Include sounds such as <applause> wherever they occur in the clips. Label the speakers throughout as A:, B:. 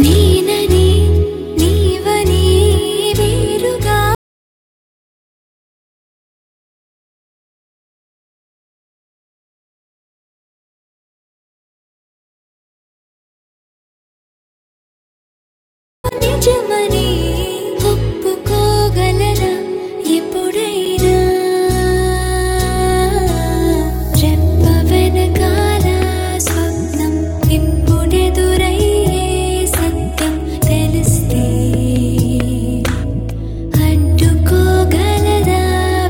A: నేనని నీవని వేరుగా నిజమని ఒప్పుకోగలరా ఎప్పుడైనా రెప్ప వెనకాల స్వప్నం ఇప్పుడెదురయ్యే సత్యం తెలిస్తే అడ్డుకోగలదా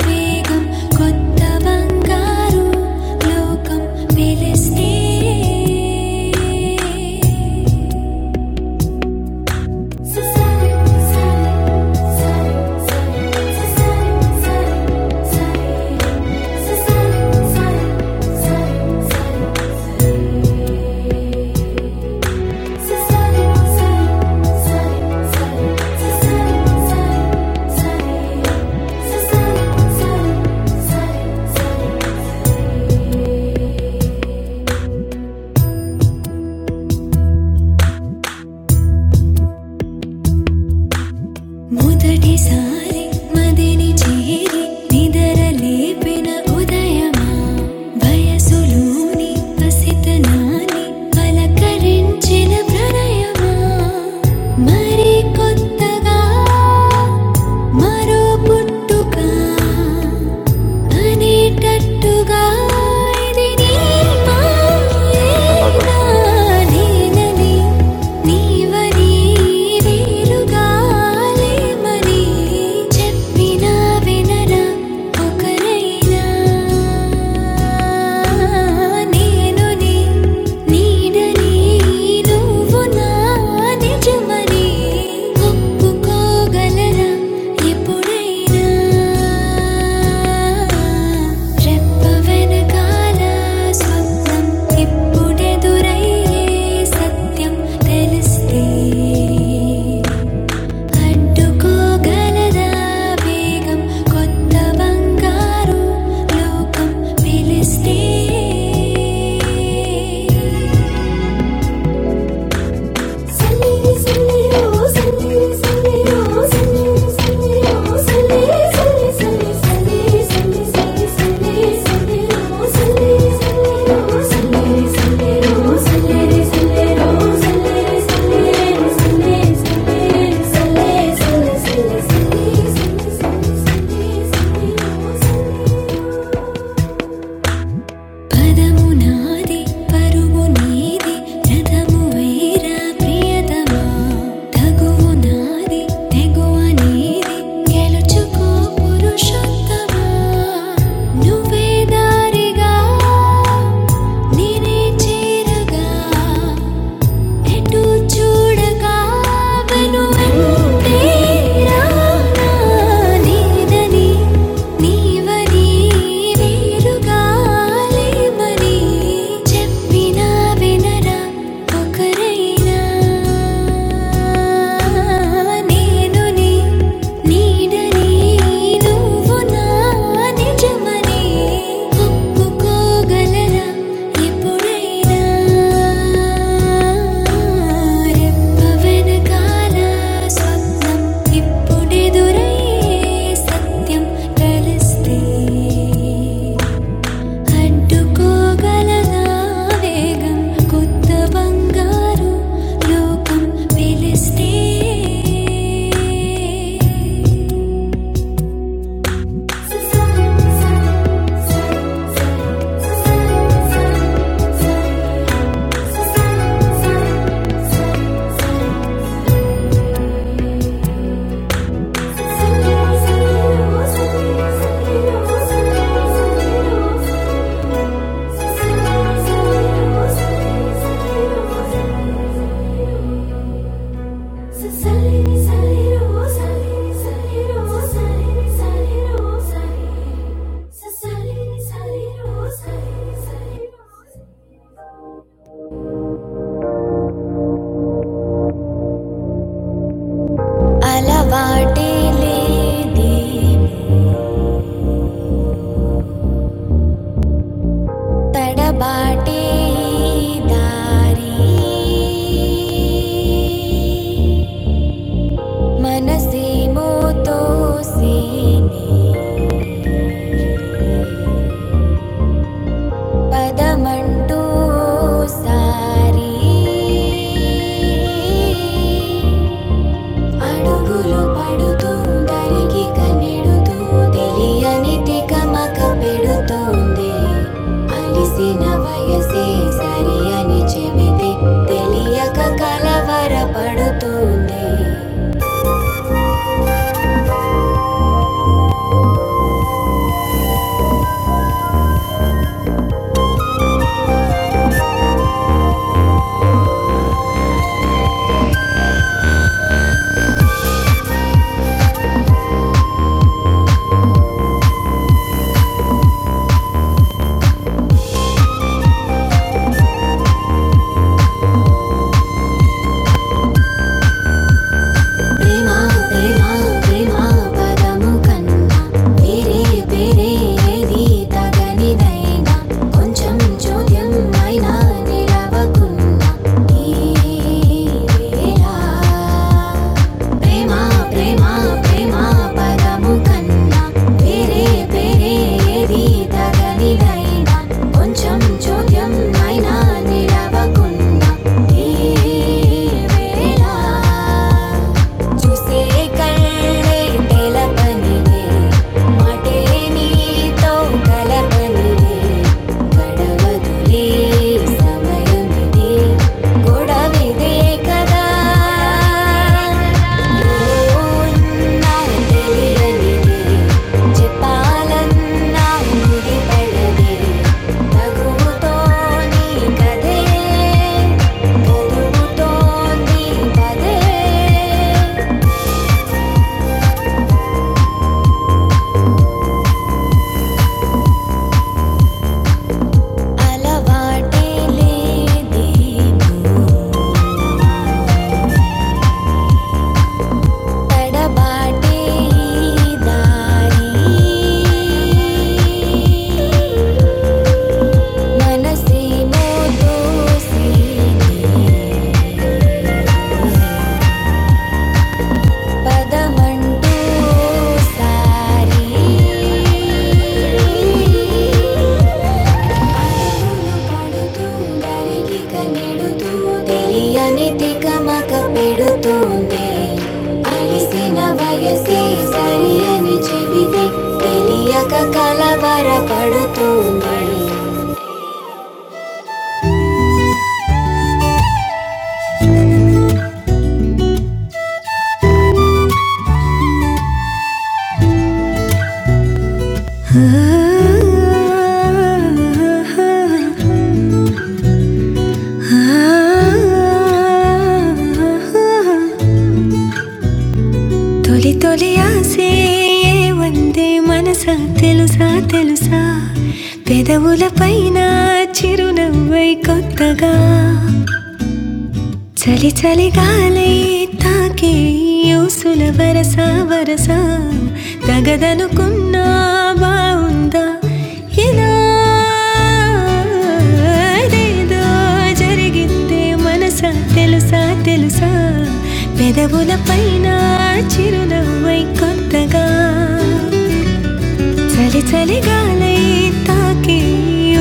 A: వేగం కొత్త బంగారు లోకం పిలిస్తే Thank you మొదటిసారి మదిని చేరి నిదరలేపిన ఉదయమా వయసులోని పసితనాన్ని పలకరించిన ప్రణయమా మరి కొత్తగా మరో పుట్టుక అనేటట్టుగా ఇది నీ
B: One second,
A: మాయేనా
B: Augustena.
A: నేనని నీవని వేరుగా లేమని చెప్పినా వినరా ఒకరైనా నేను నీ నీడని నువ్వు నా నిజమని ఒప్పుకోగలరా ఎప్పుడైనా రెప్ప వెనకాల స్వప్నం ఇప్పుడెదురయ్యే సత్యం తెలిస్తే అడ్డుకోగలదా వేగం కొత్త బంగారు లోకం పిలిస్తే Thank you. పదము నాది పరుగు నీది రథము వేరా ప్రియతమా తగువు నాది తెగువ నీది గెలుచుకో పురుషోత్తమా నువ్వే దారిగా నేనే చేరగా ఎటు చూడగా వెను వెంటే రానా నీదని నీవని వేరుగా లేమని చెప్పినా వినరా ఒకరైనా నేను నీ నీడని నువ్వు నా నిజమని ఒప్పుకోగలరా ఎప్పుడైనా రెప్ప వెనకాల స్వప్నం ఇప్పుడెదురయ్యే సత్యం కలిస్తే అడ్డుకోగలదా వేగం కొత్త బంగారు లోకం పిలిస్తే అలవాటే లేదే తడబాటే దారి వయసే సరి అని చెబితే తెలియక కలవరపడుతుంది ప్రేమ ప్రేమ ప్రేమ పదము కన్నా వేరే వేరే ఏది తగనిదైనా కొంచెం చోద్యం అయినా నిలవకున్నా ఈ వేళ ప్రేమ ప్రేమ ప్రేమ పదము కన్నా వేరే వేరే ఏది తగనిదైనా కొంచెం చోద్యం అయినా నిలవకున్నా ఈ వేళ చూసే కళ్ళే తెలపనివే మాటే నీతో కలపనివే గడవదులే సమయమిదే గొడవిదే కదా ఉన్నా తెలియనిదే చెప్పాలన్నా ముడిపడదే నగుతో నీ కదే కదుగుతోంది పదే मनसि मोदोसि पदमण्डोसारी పడుతూ గరికిక నెడుతూ తెలియని తికమక పెడుతుంది అలిసిన వయసే సరి అని చెబితే తెలియక కలవర పడుతుంది తొలి తొలి ఆసే వందే మనసా తెలుసా తెలుసా పెదవుల పైన చిరునవ్వై కొత్తగా చలి చలి గాలి తాకే యూసుల వరస వరస తగదనుకున్నా బాగుందా ఇలా ఏదో జరిగిందే మనసా తెలుసా తెలుసా పెదవుల పైన చిరునవ్వై కొత్తగా చలి చలి గాలై తాకి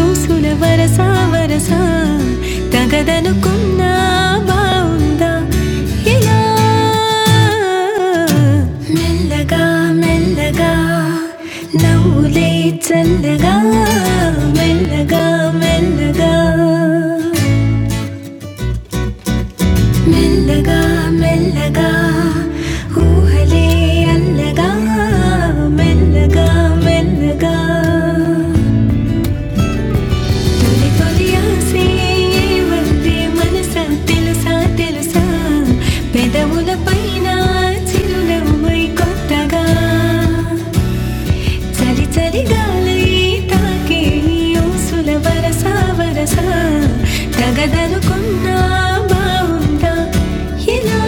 A: ఊసుల వరస వరస తగదనుకున్నా బాగుందా ఇలా మెల్లగా మెల్లగా నవ్వులే చల్లగా మెల్లగా మెల్లగా మెల్లగా మెల్లగా ఊహలే అల్లగా మెల్లగా మెల్లగా తొలి తొలి ఆసే వంటే మనస తెలుసా తెలుసా పెదవుల పైన చిరునవ్వై కొత్తగా చలి చలిగాలై తాకే యోసుల వరస వరస తగదనుకున్నా బాగుందా ఇలా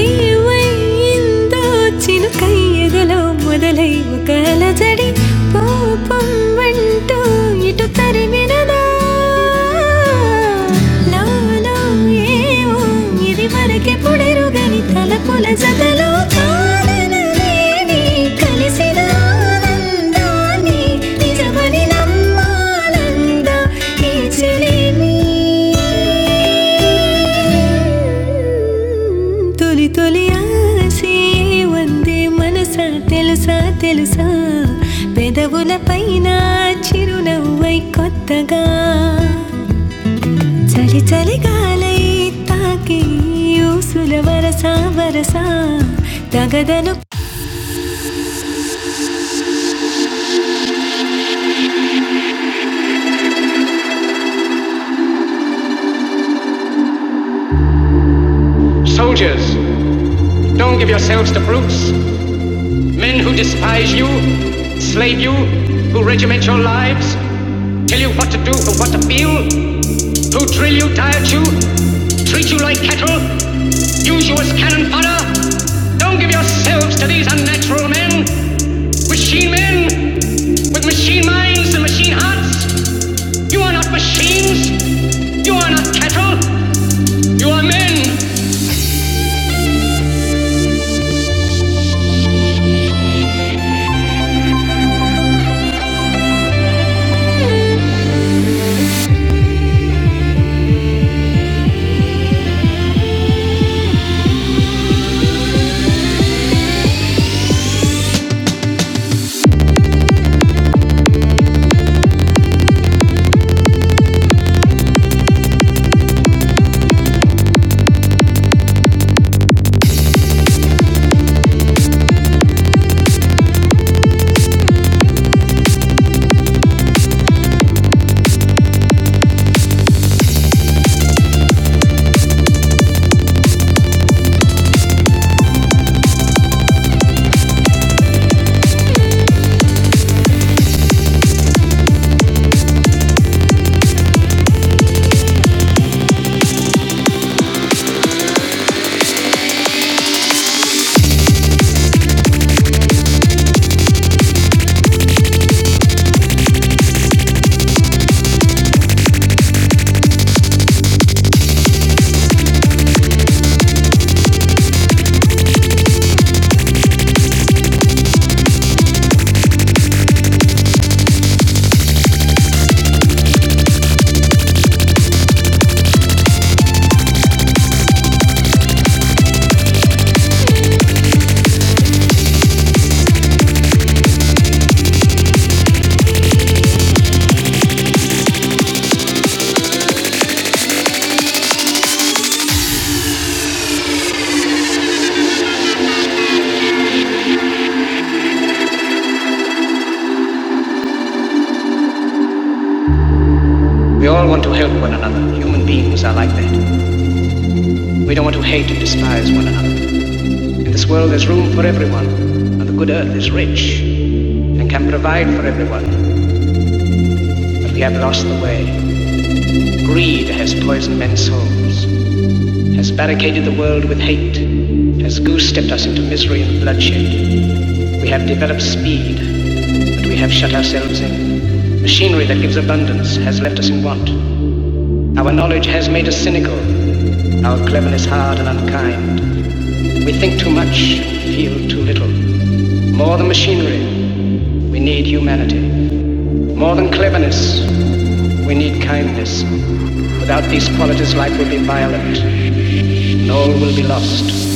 A: ఏవయ్యిందో చినుకై ఎదలో మొదలై ఒక అలజడి కోపం అంటూ ఇటు తరిమినదా లోలో ఏవో ఇది మరకెప్పుడెరుగని తలపుల జతలో కారణమేది కలిసినా అందాన్ని నిజమని నమ్మాలంద తీర్చలేని తొలి తొలి ఆసే వందే మనసా తెలుసా తెలుసా పెదవుల పైన చిరునవ్వై కొత్తగా చలి చలి గాలై తాకి ఊసుల వరసా వరసా తగదను Soldiers, don't give yourselves to brutes. Men who despise you, slave you, who regiment your lives, tell you what to do and what to feel, who drill you, diet you, treat you like cattle, use you as cannon fodder. Don't give yourselves to these unnatural men, machine men, with machine minds and machine hearts. You are not machines. You are not cattle. You are men. We all want to help one another. Human beings are like that. We don't want to hate and despise one another. In this world, there's room for everyone, and the good earth is rich and can provide for everyone but we have lost the way. Greed has poisoned men's souls, has barricaded the world with hate, has goose-stepped us into misery and bloodshed. We have developed speed, but we have shut ourselves in. Machinery that gives abundance has left us in want. Our knowledge has made us cynical, our cleverness hard and unkind. We think too much, feel too little. More than machinery, we need humanity. More than cleverness, we need kindness. Without these qualities, life will be violent, and all will be lost.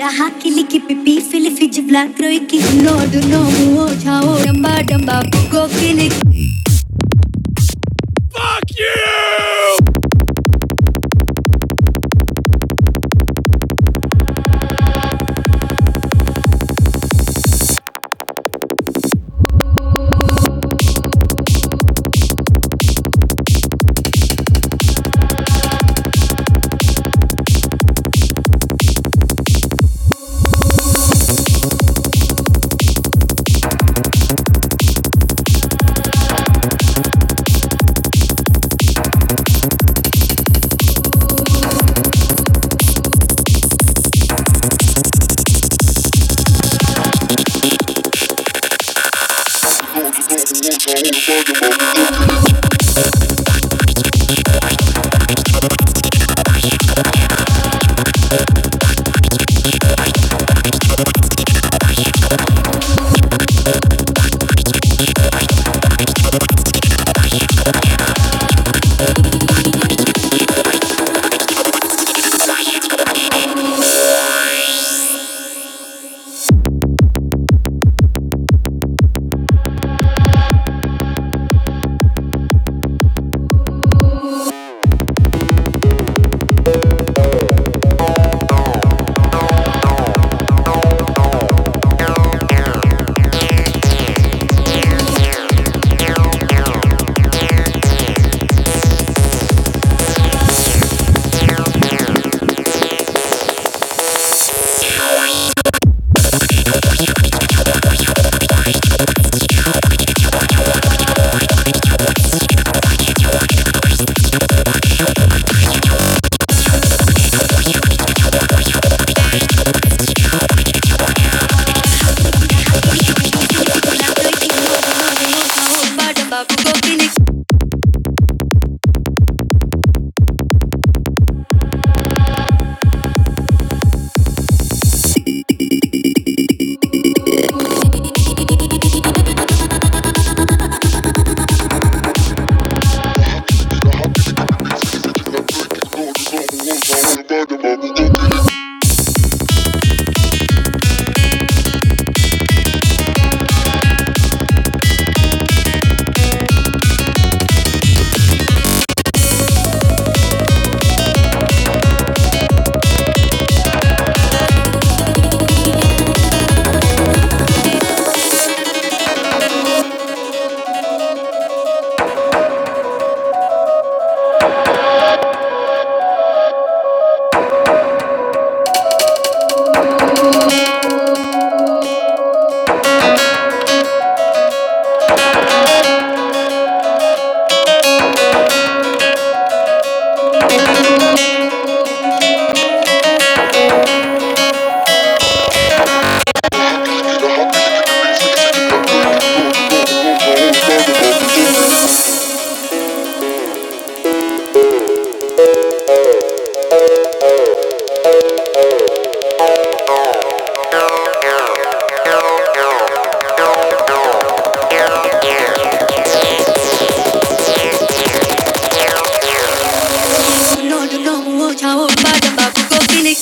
A: रहा किली की लिखी पिपी फिली फिज black रोई की know do no ओ छाओ डंबा डंबा गो किली know do no ओ छाओ डंबा डंबा गो किली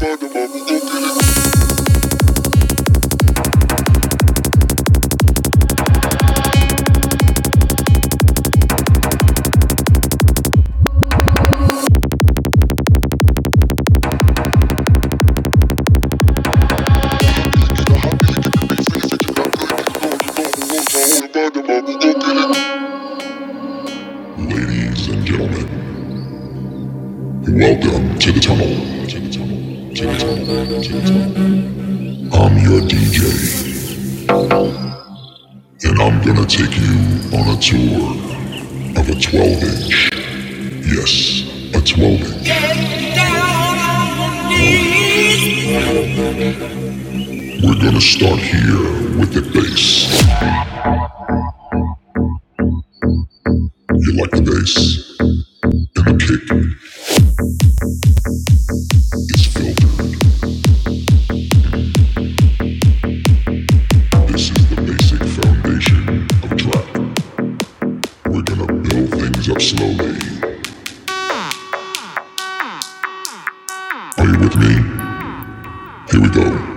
A: Ladies and gentlemen, welcome to the tunnel. I'm your DJ, and I'm gonna take you on a tour of a 12 inch. Yes, a 12 inch. We're gonna start here with the bass. You like the bass? It's filtered. This is the basic foundation of trap. We're gonna build things up slowly. Are you with me? Here we go.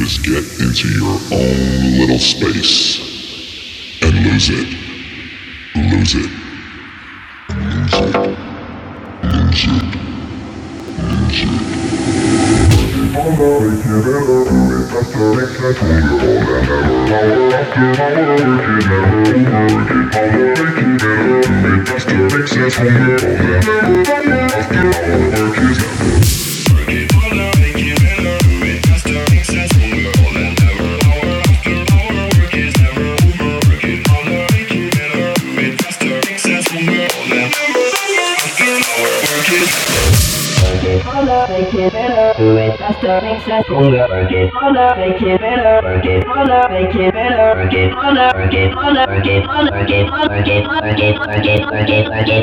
A: is get into your own little space and lose it. Lose it. Make it better, faster, makes us harder. Make it better, work it harder. Make it better, work it harder. Work it harder, work it harder, work it harder, work it harder, work it harder, work it harder, work it harder.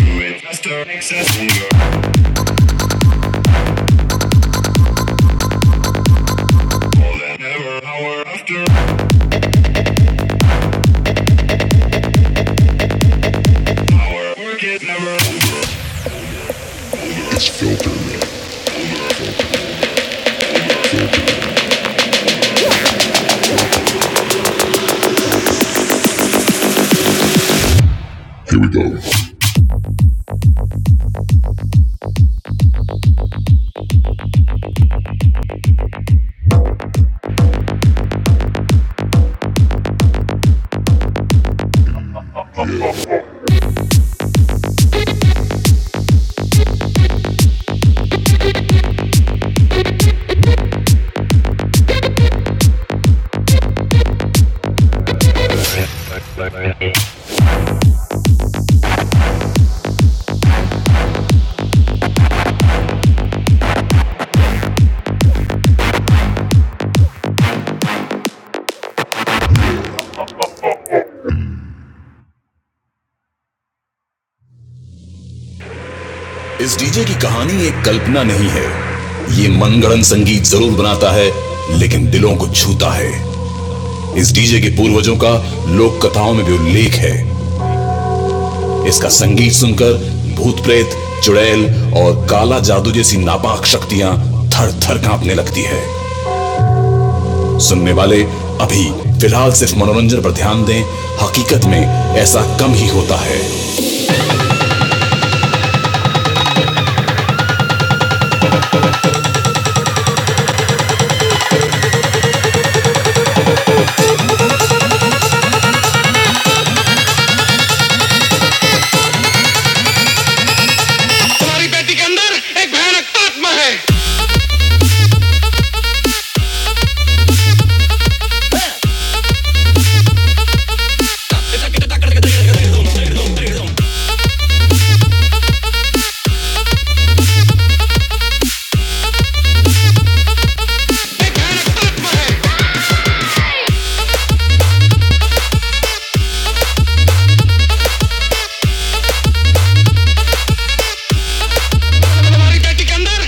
A: Do it faster, makes us stronger. Never hour after hour, work it never. It's filtered. Here we go. इस DJ की कहानी एक कल्पना नहीं है ये मनगढ़ंत संगीत जरूर है लेकिन दिलों को छूता है इस डीजे के पूर्वजों का लोक कथाओं में भी उल्लेख है इसका संगीत सुनकर भूत प्रेत चुड़ैल और काला जादू जैसी नापाक शक्तियां थर थर कांपने लगती है सुनने वाले अभी फिलहाल सिर्फ मनोरंजन पर ध्यान दें हकीकत में ऐसा कम ही होता है तुम्हारी बेटी के अंदर एक भयानक आत्मा है एक भयानक आत्मा है तुम्हारी बेटी के अंदर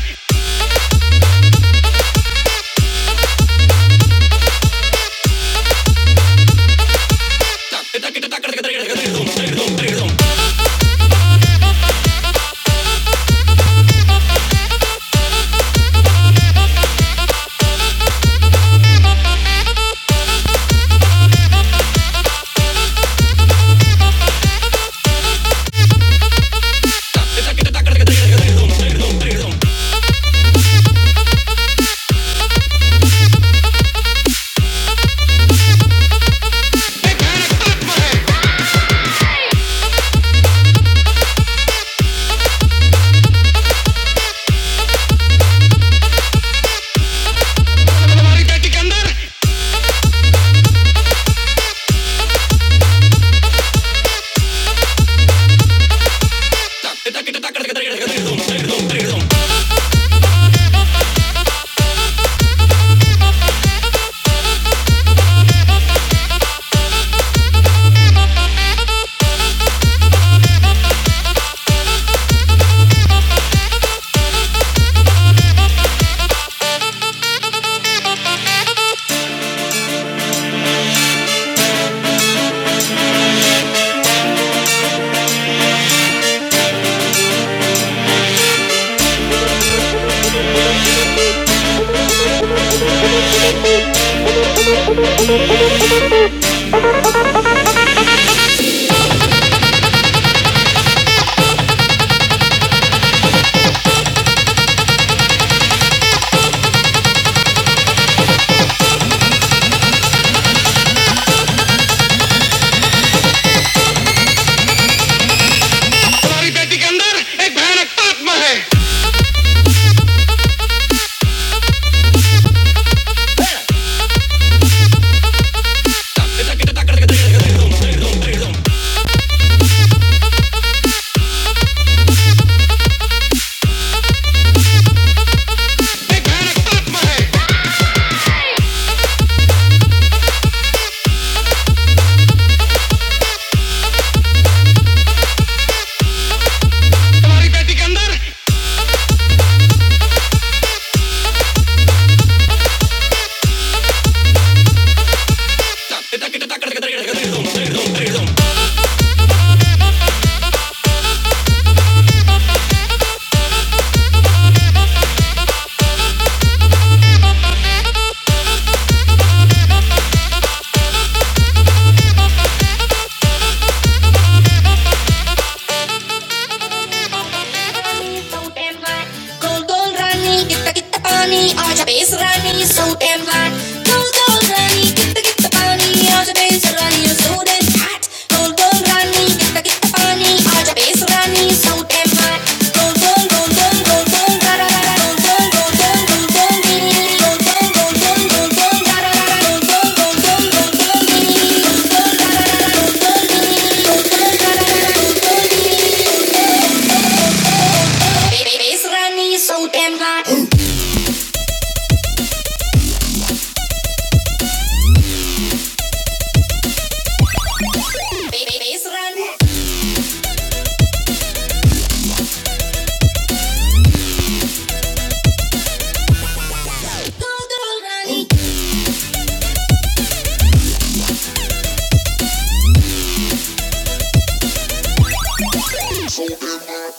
A: एक भयानक आत्मा है तुम्हारी बेटी के अंदर तुम्हारी बेटी के अंदर एक भयानक आत्मा है एक भयानक आत्मा है तुम्हारी बेटी के अंदर Base running, so damn hot. Base running, so damn hot.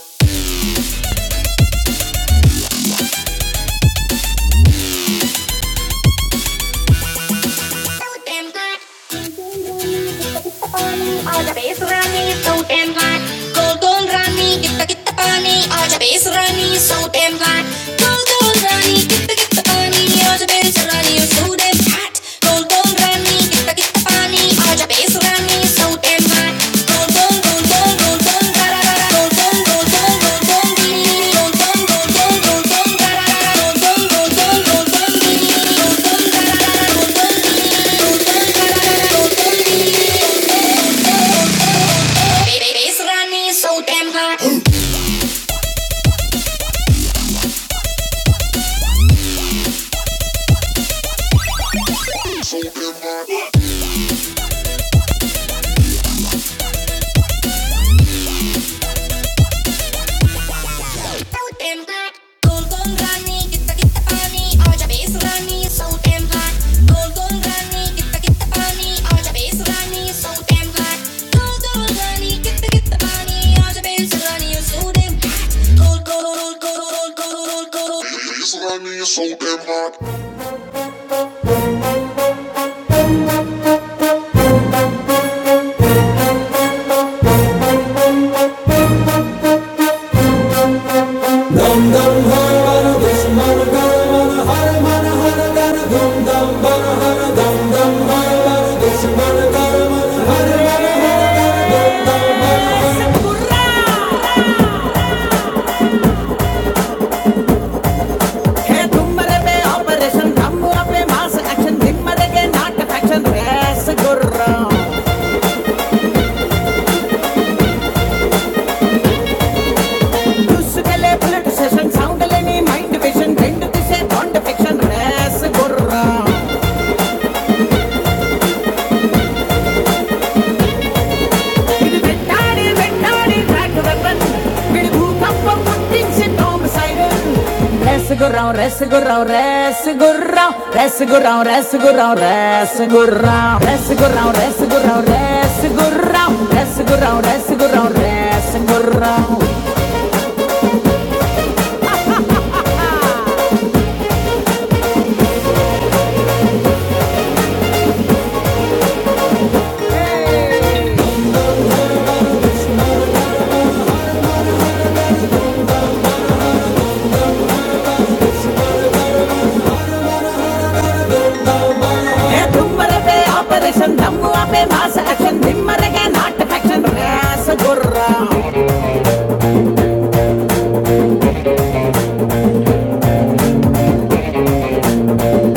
A: हे धुम्मरे पे ऑपरेशन धम्मुआ पे मास एक्शन धिम्मरे के नाट फैक्शन रेस गुर्रा दुष्कले बुलेट सेशन साउंड लेनी माइंड विजन ढिंड दिसे बॉन्ड फिक्शन रेस गुर्रा இது வெட்டாடி வெட்டாடி டிராக்டர் வெப்பன் இது பூகம்பம் முட்டிச்சு டோம் சைடு ரசகுரம் ரசகுரம் ரசகுரம் ரசகுரம் ரசகுரம் ரசகுரம் ரசகுரம் ரசகுரம் ரசகுரம் ரசகுரம் ரசகுரம் ரசகுரம் ஏ தும்மர பே ஆபரேஷன் தம்முவா பே மாச ஆக்ஷன் திம்மரக நாட்டு ஆக்ஷன் ரசகுரம்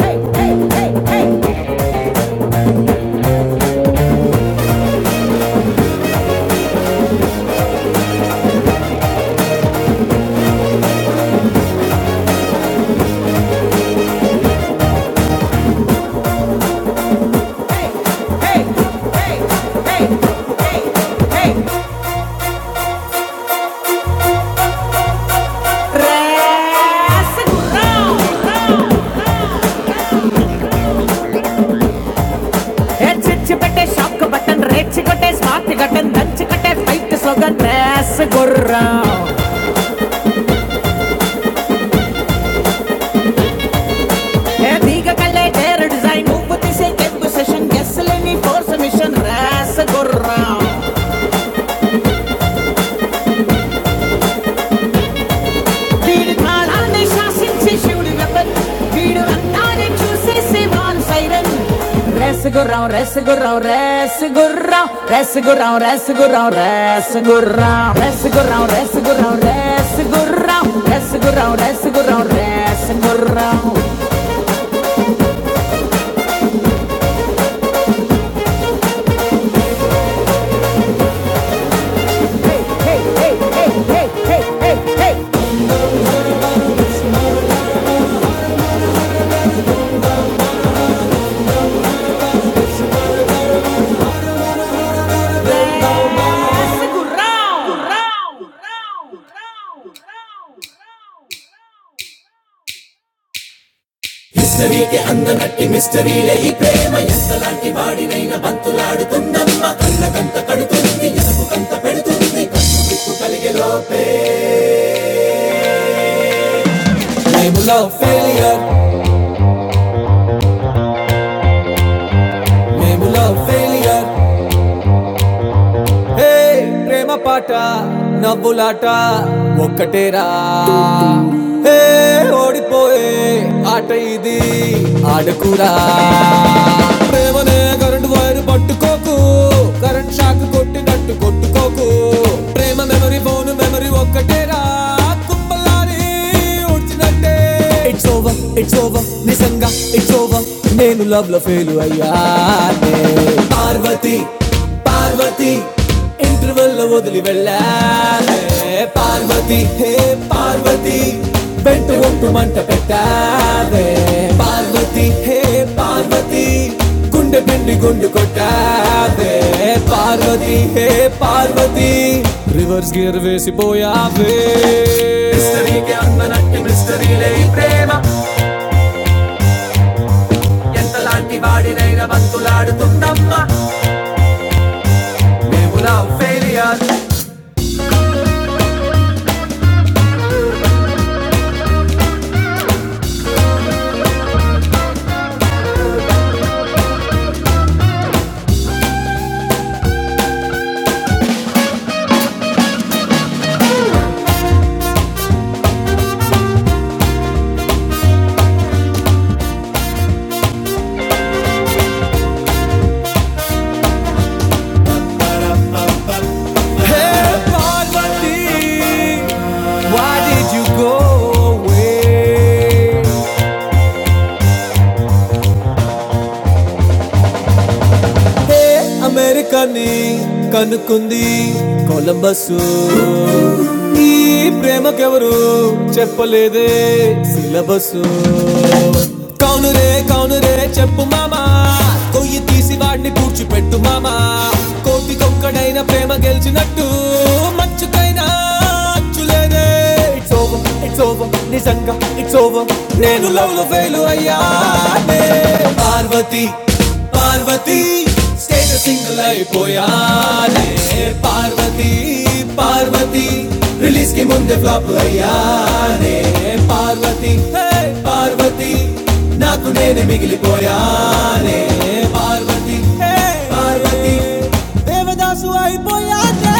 A: Hey, hey, hey, hey. Design నువ్వు తీసే సెషన్ గెస్ లేని ఫోర్స్ మిషన్ రాస గుర్రం వీడు కాలాన్ని శాసించే శివుడు ఎవరు వీడు అంతాన్ని చూసేసి వారు సైరన్ రేసుగుర్రాం రేసుగుర్రాం రేసుగుర్రాం రేసుగుర్రాం రేసుగుర్రాం రేసుగుర్రాం రేసుగుర్రాం రేసుగుర్రాం రేసుగుర్రాం రేసుగుర్రాం రేసుగుర్రాం రేసుగుర్రాం hey hey hey hey hey hey hey hey రేసుగుర్రాం గుర్రాం గుర్రాం గుర్రాం గుర్రాం label of failure. మేము లవ్ ఫెయిలియర్ హే ప్రేమ పాట నవ్వులాట ఒక్కటేరా హే ఓడిపోయే ఆట ఇది ఆడకురా ప్రేమనే కరెంట్ వైర్ పట్టుకోకు కరెంట్ షాక్ కొట్టినట్టు కొట్టుకోకు ప్రేమ మెమరీ ఫోన్ మెమరీ ఒక్కటేరా కుంభలారి ఉడిచినట్టే. ఇట్స్ ఓవర్ ఇట్స్ ఓవర్ నిజంగా ఇట్స్ ఓవర్ నేను లవ్ లో ఫెయిల్ అయ్యానే పార్వతి పార్వతి ఇంటర్ Parvati river hey Parvati why did you go away ఏ అమెరికాని కనుక్కుంది కొలంబస్సు ఈ ప్రేమకెవరు చెప్పలేదే సిలబస్సు కౌనురే కౌనురే చెప్పు మామా కొయ్యి తీసి వాడిని పూడ్చిపెట్టు మామా కోటికొక్కడైన ప్రేమ గెలిచినట్టు మంచుకైనా అచ్చులేదే ఇట్స్ ఓవర్ ఇట్స్ ఓవర్ నిజంగా ఇట్స్ ఓవర్ నేను లవ్ లో ఫెయిల్ అయ్యానే పార్వతి పార్వతి స్టేట్ సింగిల్ అయిపోయానే పార్వతి పార్వతి రిలీజ్ కి ముందే ఫ్లాప్ అయ్యా హే పార్వతి నాకు నేనే మిగిలిపోయానే పార్వతి హే పార్వతి దేవదాసు అయిపోయానే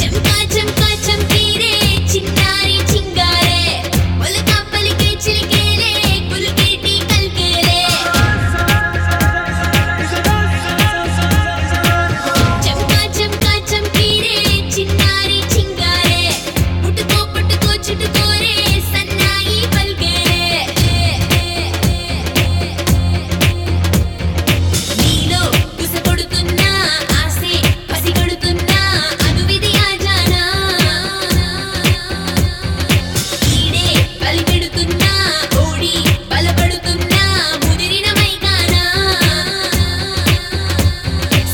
A: చంకా చంకా చంపీరే చిన్నారి చింగారే ఒలక పలికే చిలికేలే కులికేటి కల్కేలే చంకా చంకా చంకీ రే చిన్నారి చింగారే పుట్టుకో పుట్టుకో చుట్టుకో రే సన్నాయి పల్కే నీలో కుస కొడుతున్నా ఆసే పసి కొడుతున్నా అనువిధి ఆజానా ఈడే బలిపెడుతున్నా, కోడి బలపడుతున్నా, ముదిరిన మైదానా.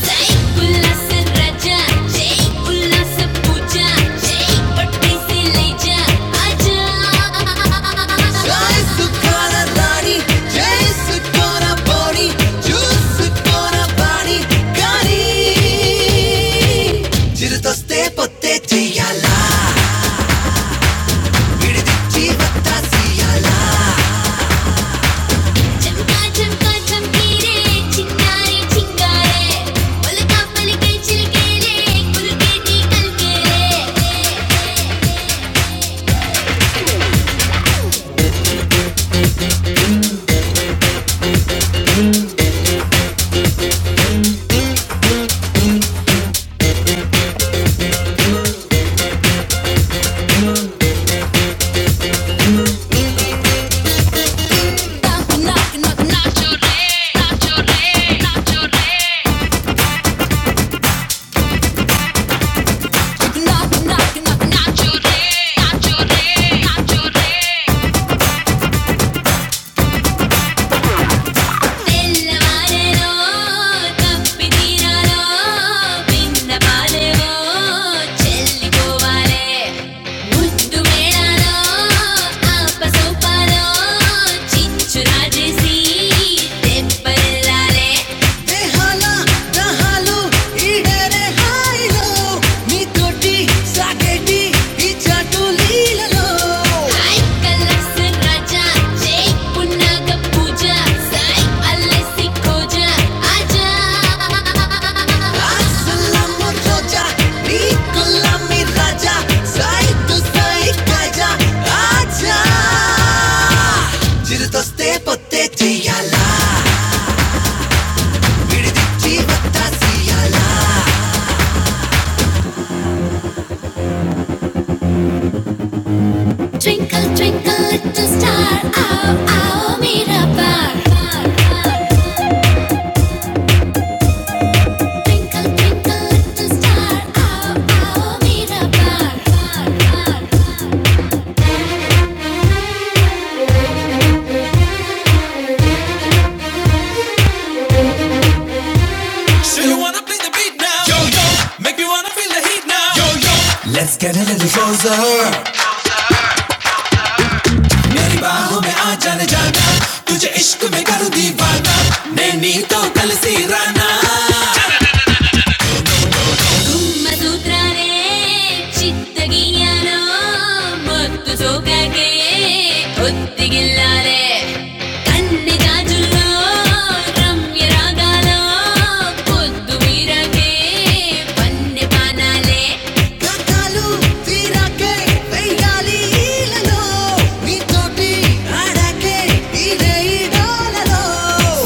A: జై ఉల్లాస రజా, జై ఉల్లాస పూజ, జై పట్టువేసే లేజా, ఆజా. జైసుకొన రాణి, జైసుకొన పోని, చూసుకొన బాణి, కానీ చిరుతొస్తే పొత్తే చెయ్యాలా విడిదిచ్చి వత్తా చెయ్యాలా சம்கா சம்கா சம்கிரே சிங்கா ஏ சிங்கா ஏ மல் காப்பலைக் கிசில் கேலே புதுக்கிற்கிறே ஏ- ஏ- ஏ- ஏ- நாம் கிச்சுரே అపసోపరో చిచ్చు రాజేసి దెబ్బలాలే దేహాల దహాలు ఈడేరే హాయిలో మీతోటి సాగేటి ఈ చాటు లీలలో హై కలర్స్ రాజా జై పున్నాగ పూజ సై అల్లసి కోజ ఆజా Twinkle, twinkle, little star, ow, ow, mera bar. Twinkle, twinkle, little star, ow, ow, mera bar. yo, yo, yo, yo. मेरी बाहु में आज जाने जाना, तुझे इश्क़ में कारु दी वादा, ने नींदों कलसीर तुम मधु तरे, चित गिया नौ मत तो कह के उत्तिगला ले, कन्ने जाजुलो रम्य रागा लो, पुत्तु बीरा के, बन्ने पाना ले, कचालु तीरा के, बियाली हिला लो, मिठोंडी, आड़े ही रही डाला लो,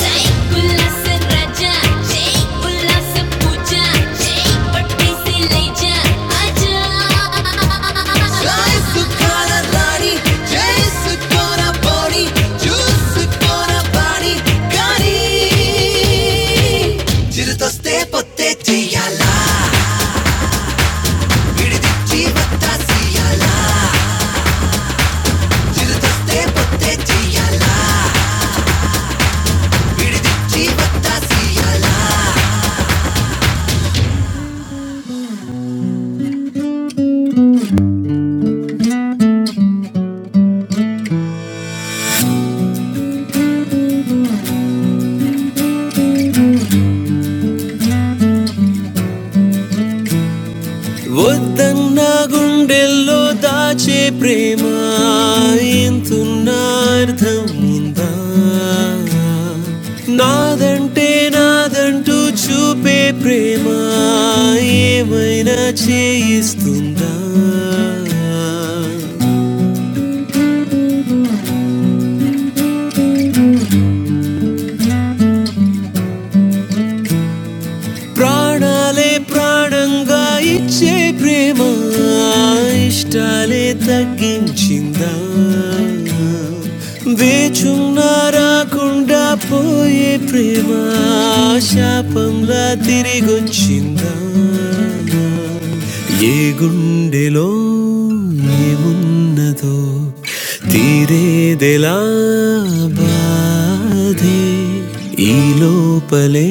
A: जय बुलास राजा, जय बुलास पूजा, जय पट्टे से ले जा, आजा, जय सुखाला लाड़ी, जय सुकोना बोनी, जूस सुकोना बाणी, कानी, जिरदस्ते पत्ते चियाला, भिड़ दिच्छी मटरा सियाला, जिरदस्ते వద్దన్న గుండెల్లో దాచే ప్రేమ ఇంతున్న అర్థం ఉందా నాదంటే నాదంటూ చూపే ప్రేమ ఏమైనా చేయిస్తుందా ప్రాణాలే ప్రాణంగా ఇచ్చే ప్రేమ ఇష్టాలే తగ్గించిందా వేచున్నా రాకుండా పోయే ప్రేమ శాపంలా తిరిగొచ్చిందా ఏ గుండెలో ఏమున్నదో తీరేదెలా బాధే ఈ లోపలే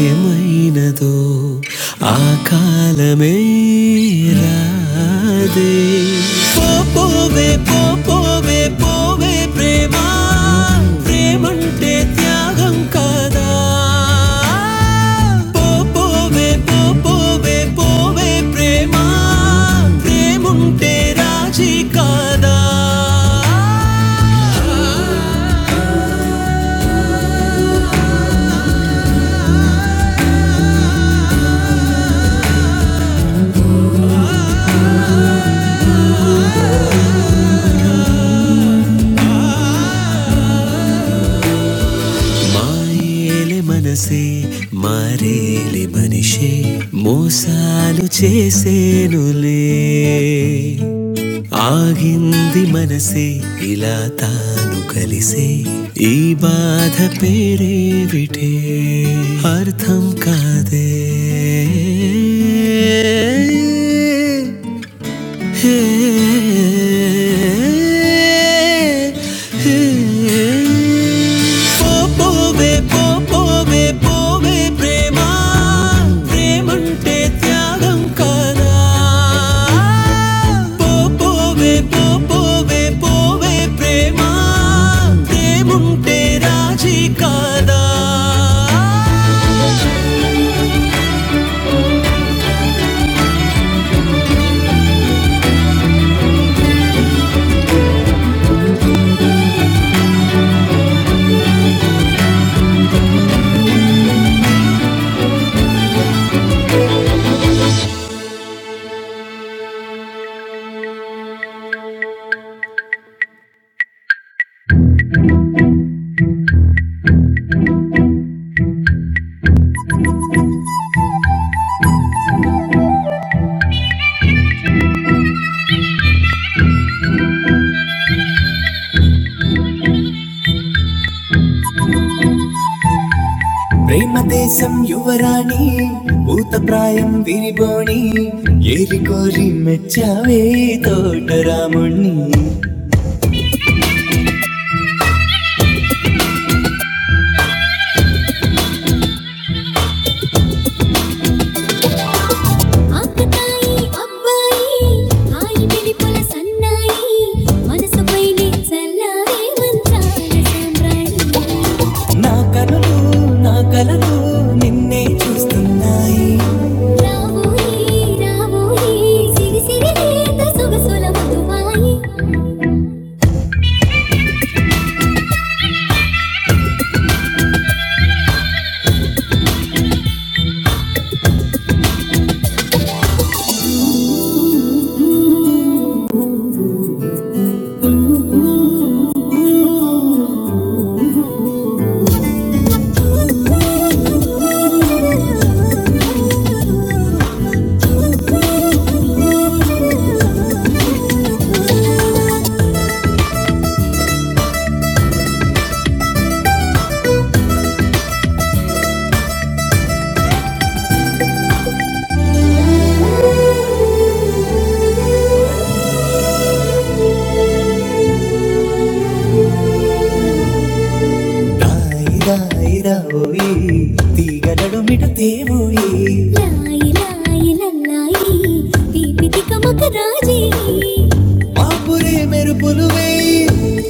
A: ఏమైనదో ఆ కాలమే రాదే పో పోవే పో పోవే పోవే ప్రేమ ప్రేమంటే త్యాగం కాదా పో పోవే పో పోవే పోవే ప్రేమ ప్రేముంటే రాజీ కాదా మాయేలే మనసే మారేలే మనిషే మోసాలు చేసేనులే ఆగింది మనసే ఇలా తాను కలిసే ఈ బాధ పేరేవిటే అర్థం కాదే పోపోవే పోపోవే పోవే ప్రేమ ప్రేమంటే త్యాగం కాదా పోపోవే పోపోవే పోవే ప్రేమ ప్రేముంటే రాజీ కాదా ప్రేమ దేశం యువరాణి భూత ప్రాయం విరిబోణి ఏరి కోరి మెచ్చావే తోటరాముణ్ణి ఆకతాయి అబ్బాయి హాయి వెలిపల సన్నాయి మనసు పైనే చల్లారే మంచాల సామ్రాణి నా కనులు నా కలలు నిన్నే చూస్తున్నాయి రావోయే రావోయే సిరిసిరి లేత సొగసుల మధువాయి తీగలడు మిడుతేవోయి లాయి లాయి లల్లాయి తీపి తికమక రాజీ మాపురే మెరుపులు వేయి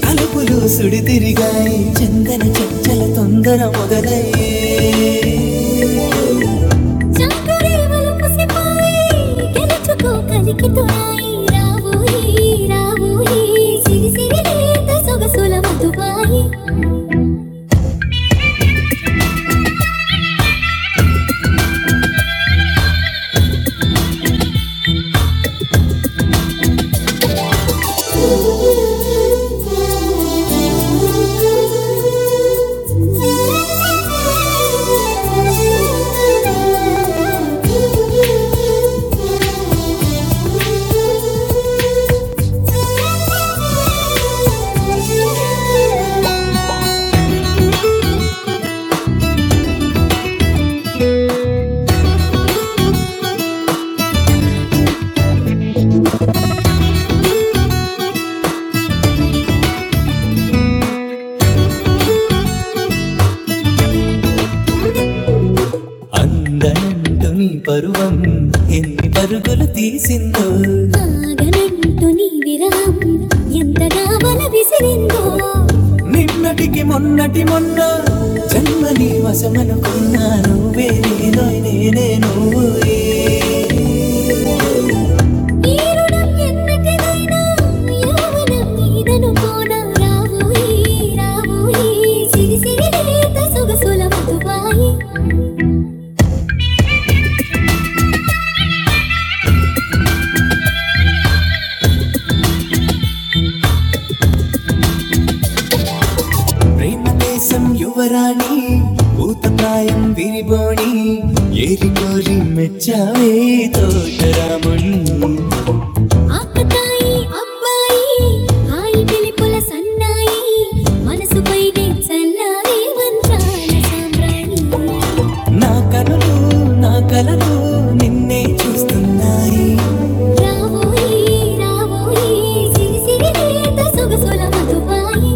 A: తలుపులు సుడి తిరిగాయి చందన చెంచల తొందర మొదలై చాకరేవలు పసిపాయి గెలుచుకో కలికి తొడాయి రావోయి రావోయి సిరి సిరి లేత సొగసుల మధుబాయి అందనంటుని పరువం ఎన్ని పరుగులు తీసిందో ఆగనంటు నీ విరహం ఎంతగా వల విసిరిందో నిన్నటికి మొన్నటి మొన్న జన్మ నీ వశమనుకున్నా నువ్వే నేను నేనే నువ్వే ఈ రుణం ఎన్నటిదైనా యౌవనం నీదనుకోనా రావోయి రావోయి సిరిసిరి లేత సొగసుల మధుపాయి ప్రేమ దేశం యువరాణి భూతప్రాయం విరిబోణి ఏరి కోరి మెచ్చావే తోటరాముని ఆకతాయి అబ్బాయి హాయి పిలిపుల సన్నాయి మనసుపై చల్లారే వంచాల సామ్రాణి నా కనులు నా కలలు నిన్నే చూస్తున్నాయి రావోయి రావోయి సిరిసిరి లేత సొగసుల మధుపాయి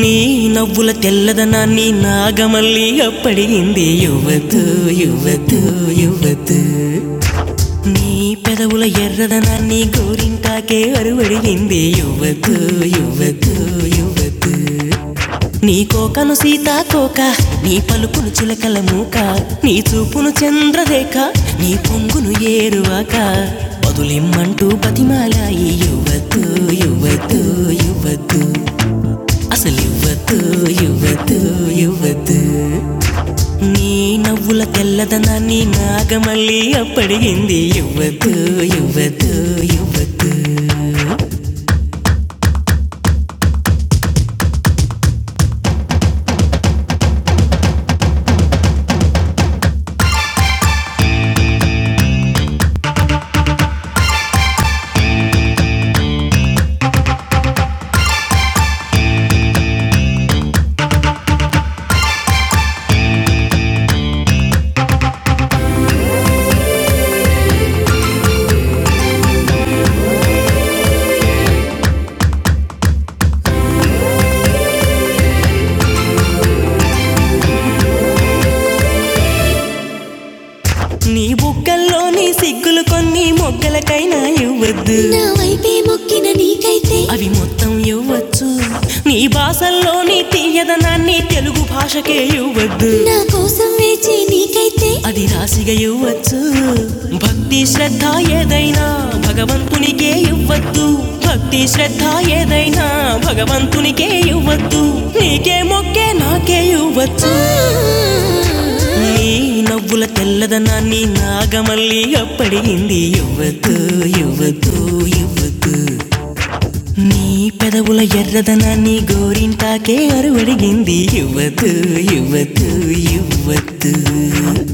A: ನೀ ನವ್ವುಲ ತೆಲ್ಲದನ ನೀ ನಾಗಮಲ್ಲಿ ಅಪ್ಪಡಿ ಹಿಂದೆ ಯುವತು ಯುವತು ಯುವತು ನೀ పెదవుల ఎర్రదన నీ గోరింటాకే అరువడి నిందే యువతు యువతు యువతు నీ కోకను సీతాకోక నీ పలుకును చిలకల మూక నీ చూపును చంద్రరేఖ నీ పొంగును ఏరువాక వదులిమ్మంటూ బతిమాలాయి యువతు యువతు యువతు అసలు యువతు యువతు యువతు నీ నవ్వుల తెల్లదనాన్ని నాగమల్లి అప్పడిగింది యువతు యువతు యువతు నీ బుగ్గల్లో నీ సిగ్గులు కొన్ని మొగ్గలకైనా ఇవ్వద్దు నా వైపే మొక్కిన నీకైతే అవి మొత్తం ఇవ్వచ్చు నీ భాషల్లో నీ తీయదనాన్ని తెలుగు భాషకే ఇవ్వద్దు నా కోసం వేచే నీకైతే అది రాశిగా ఇవ్వచ్చు భక్తి శ్రద్ధ ఏ ఏదైనా భగవంతునికే ఇవ్వద్దు భక్తి శ్రద్ధ ఏదైనా భగవంతునికే ఇవ్వద్దు నీకే మొక్కే నాకే ఇవ్వచ్చు నీ నవ్వుల తెల్లదనాన్ని నాగమల్లి అప్పడింది ఇవ్వద్దు ఇవ్వద్దు ఇవ్వద్దు నీ పెదవుల ఎర్రదనాన్ని గోరింటాకే అరువడిగింది ఇవ్వద్దు ఇవ్వద్దు ఇవ్వద్దు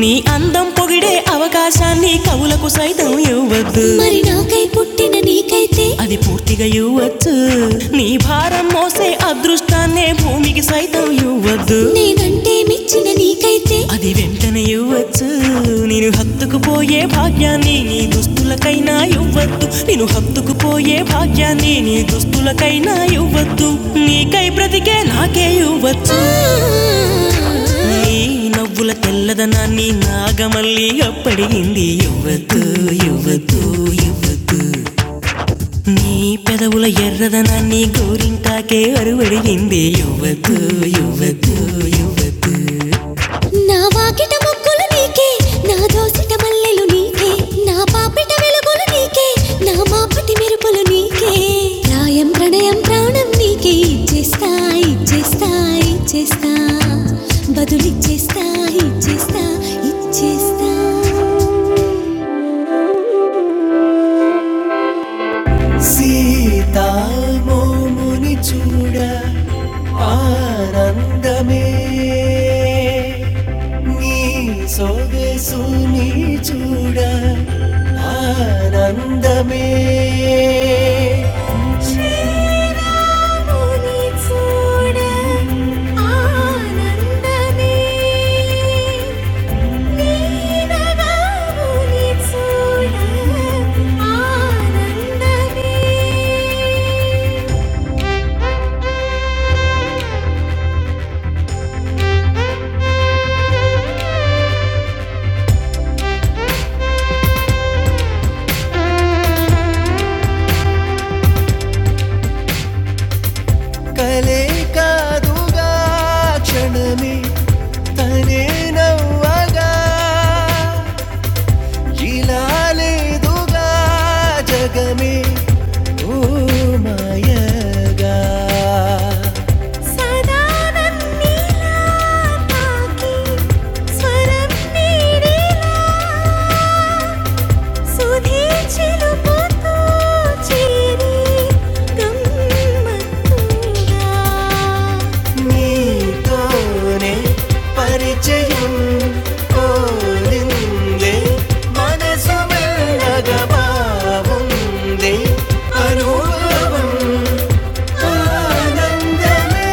A: నీ అందం పొగిడే అవకాశాన్ని కవులకు సైతం ఇవ్వద్దు మరి నాకై పుట్టిన నీకైతే అది పూర్తిగా ఇవ్వచ్చు నీ భారం మోసే అదృష్టాన్నే భూమికి సైతం ఇవ్వద్దు నేనంటే మెచ్చిన నీకైతే అది వెంటనే ఇవ్వచ్చు నేను హత్తుకుపోయే భాగ్యం భాగ్యాన్ని నీ దుస్తులకైనా ఇవ్వద్దు నేను హత్తుకు పోయే భాగ్యాన్ని నీ దుస్తులకైనా ఇవ్వద్దు నీకై బ్రతికే నాకే ఇవ్వచ్చు నీ నవ్వుల తెల్లదనాన్ని నాగమల్లి అప్పడింది ఇవ్వద్దు ఇవ్వద్దు ఇవ్వద్దు నీ పెదవుల ఎర్రదనాన్ని గోరింటాకే అరువడిగింది ఇవ్వద్దు ఇవ్వద్దు ఇవ్వద్దు నా వాకిట మొక్కులు నీకే నా దోసిట మల్లెలు నీకే నా పాపిట వెలుగులు నీకే నా మాపటి మెరుపులు నీకే ప్రాయం ప్రణయం ప్రాణం నీకే ఇచ్చేస్తా ఇచ్చేస్తా ఇచ్చేస్తా బదులిచ్చేస్తా ఇచ్చేస్తా ఇచ్చేస్తా సీతామోముని చూడ ఆనందమే నీ సొగసుని చూడ ఆనందమే శ్రీరాముని చూడ ఆనందమే నీనగావుని చూడ ఆనందమే. కలే కాదుగా క్షణమే తనే నవ్వగా ఇలాలేదుగా జగమే ఓ మాయగా சதானந்தீலா பாக்கி ஸ்வரம் நீடிலா നീതോനെ പരിചയം പോലിന്റെ മനസ്സുമെള്ളകമാവുന്നേ അനുഭവം ആനന്ദമേ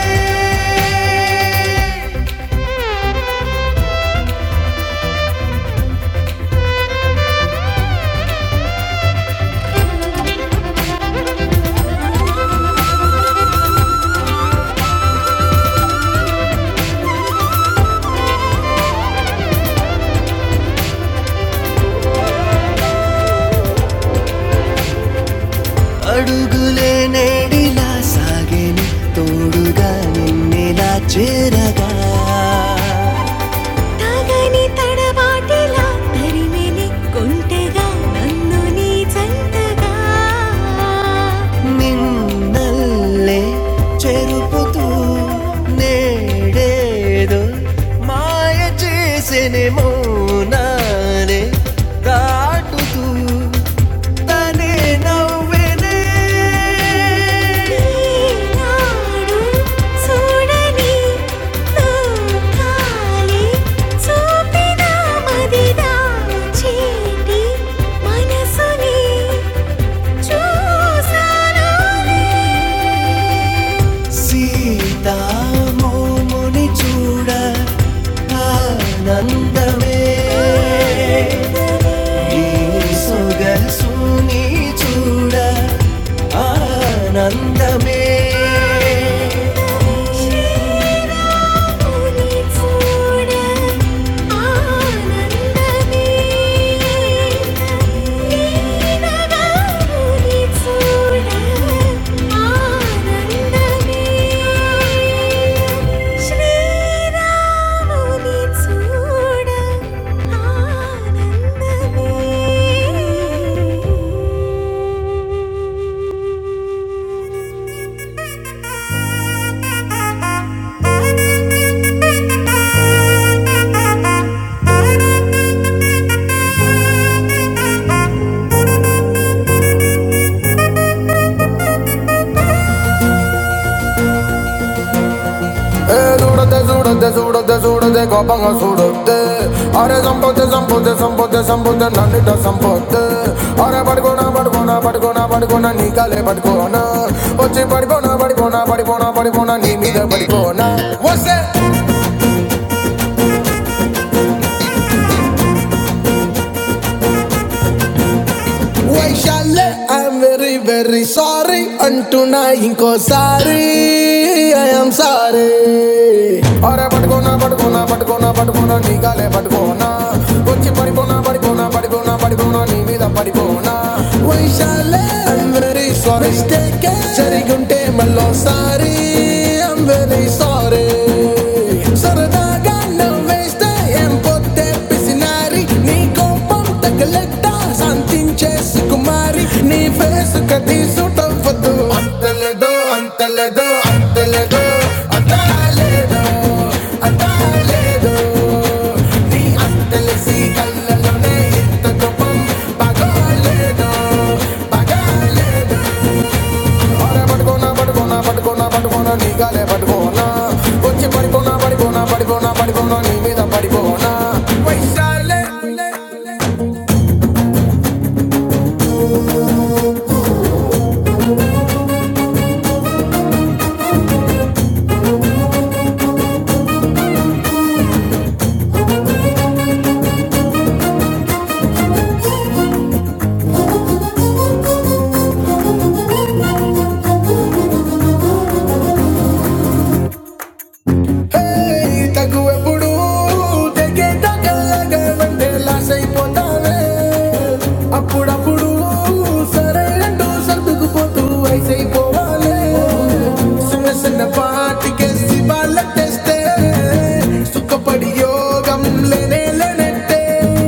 A: అడుగులే నేడిలా సాగేని తోడుగా నిన్నెలా చేరగా తాగని తడబాటిలా తరిమెని కొంటెగా నన్ను నీ జంటగా നിന്നല്ലേ ചെറുപ്പുതൂ നേടേതോ മായ చేసెనే మోనాలే దాటుతూ తనే నవ్వెనే ఈనాడు చూడని లోకాలే చూపిన మది దాచేటి మనసుని సీతామోముని చూడ ఆనందమే ఈ సొగసుని చూడ ఆనందమే ആനന്ദമേ అరే సంపొద్దు సంపొద్దు సంపొద్దు సంపొద్దు నన్ను సంపొద్దు అరే పడుకోనా పడుకోనా పడుకోనా పడుకోనా నీ కాలే పడుకోనా వచ్చి పడుకోనా పడుకోనా పడుకోనా పడుకోనా నీ మీద పడుకోనా వస్తే వైశాల్య ఐఎమ్ వెరీ వెరీ సారీ అంటున్నా ఇంకోసారి ఐఎమ్ సారీ అరే పడుకోనా పడుకోనా పట్టు పడుకోనా వచ్చి పడిపోనా పడిపోనా పడిపోనా పడిపోనా నీ మీద పడిపోనా వైశాల్య ఐఎమ్ వెరీ స్టేక్ జరిగుంటే మళ్ళీ సరదాగా నవ్వేస్తే ఏం పొద్దే పిసినారి నీ కలెక్ట శాంతించే సుకుమారి నీ కథ తలెత్తలేదు అట్టాలేదు అట్టాలేదు ఈ అత్తలసి కళ్ళలోనే తగువెప్పుడు తెగేట కళ్ళగంటే లాస్ అయిపోతావే అప్పుడప్పుడు సరే అంటూ సర్దుకుపోతూ వయసు అయిపోవాలి చిన్న చిన్న పాటికేసి వాళ్ళ తెస్తే సుఖపడియో భోగంలోనే లేనట్టే.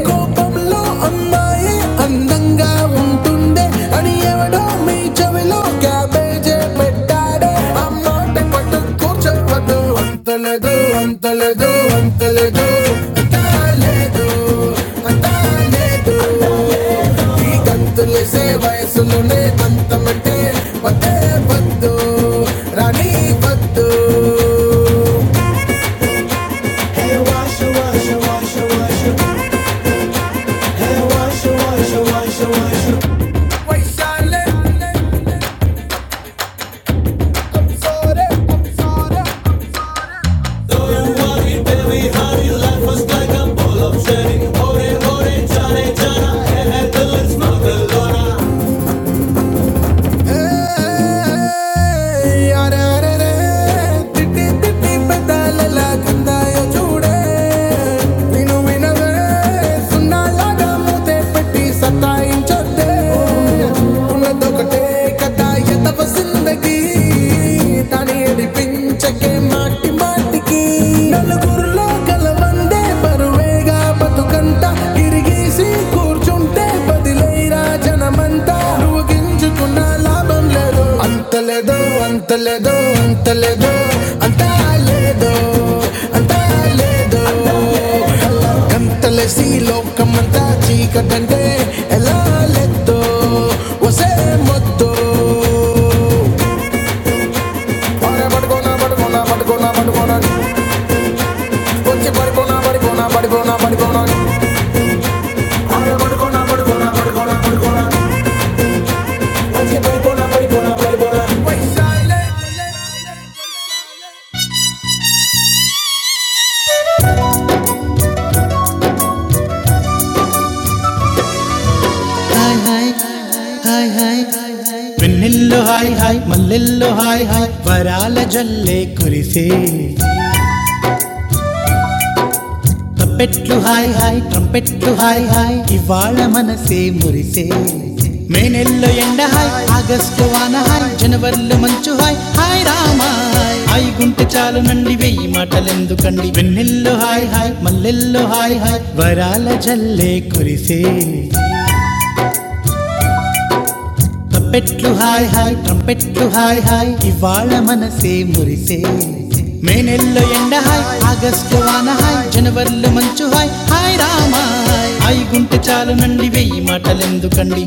A: కోపంలో అమ్మాయి అందంగా ఉంటుండే అని ఎవడో మీ చెవిలో క్యాబేజే పెట్టాడే. అమ్మోటి పట్టు కూర్చోవద్దు. అంతలేదు, అంతలేదు, అంతలేదు. అంతలేదు, అంతలేదు. ఈ గంతులు సేవే అంతమంటే వద్దే వద్దు రాయి వద్దు వైశాలి మాటి మాటికి నలుగురులో కలవందే పరపతు తిరిగేసి కుంటే బదిలై రాజంతా నువ్వు లాభం లేదు అంత లేదు అంత లేదు అంత లేదు అంత లేదు అంత లేదు గంతలేసి లోకమంతా చీకటంటే ఎలా లేదో వసే మొద్దు పడే పడుకోనా పడుకోనా పడుకోనా పడుకోనా వచ్చి పడుకోనా పడుకోనా పడుకోనా పడుకోనా వెన్నెల్లో వై, తప్పెట్లు హై, ట్రంపెట్ ఇవే మురి మే నెల్లో ఎండ హై ఆగస్ట్ ఎనవర్ల మంచు హాయ్ హాయ్ రామా హాయ్ హాయ్ గుంటె చాలు నండి వెయ్యి మాటలెందుకండి వెన్నెల్లో హాయ్ హాయ్ మల్లై వలే కురిసే తప్పెట్లు హాయ్ హాయ్ ట్రంపెట్లు హాయ్ హాయ్ ఇవాళ మనసే మురిసే మే నెలలో ఎండ హాయ్ ఆగస్టు వాన హాయ్ జనవరిలో మంచు హాయ్ హాయ్ రాయ్ హాయ్ గుంటె చాలు నండి వెయ్యి మాటదుకండి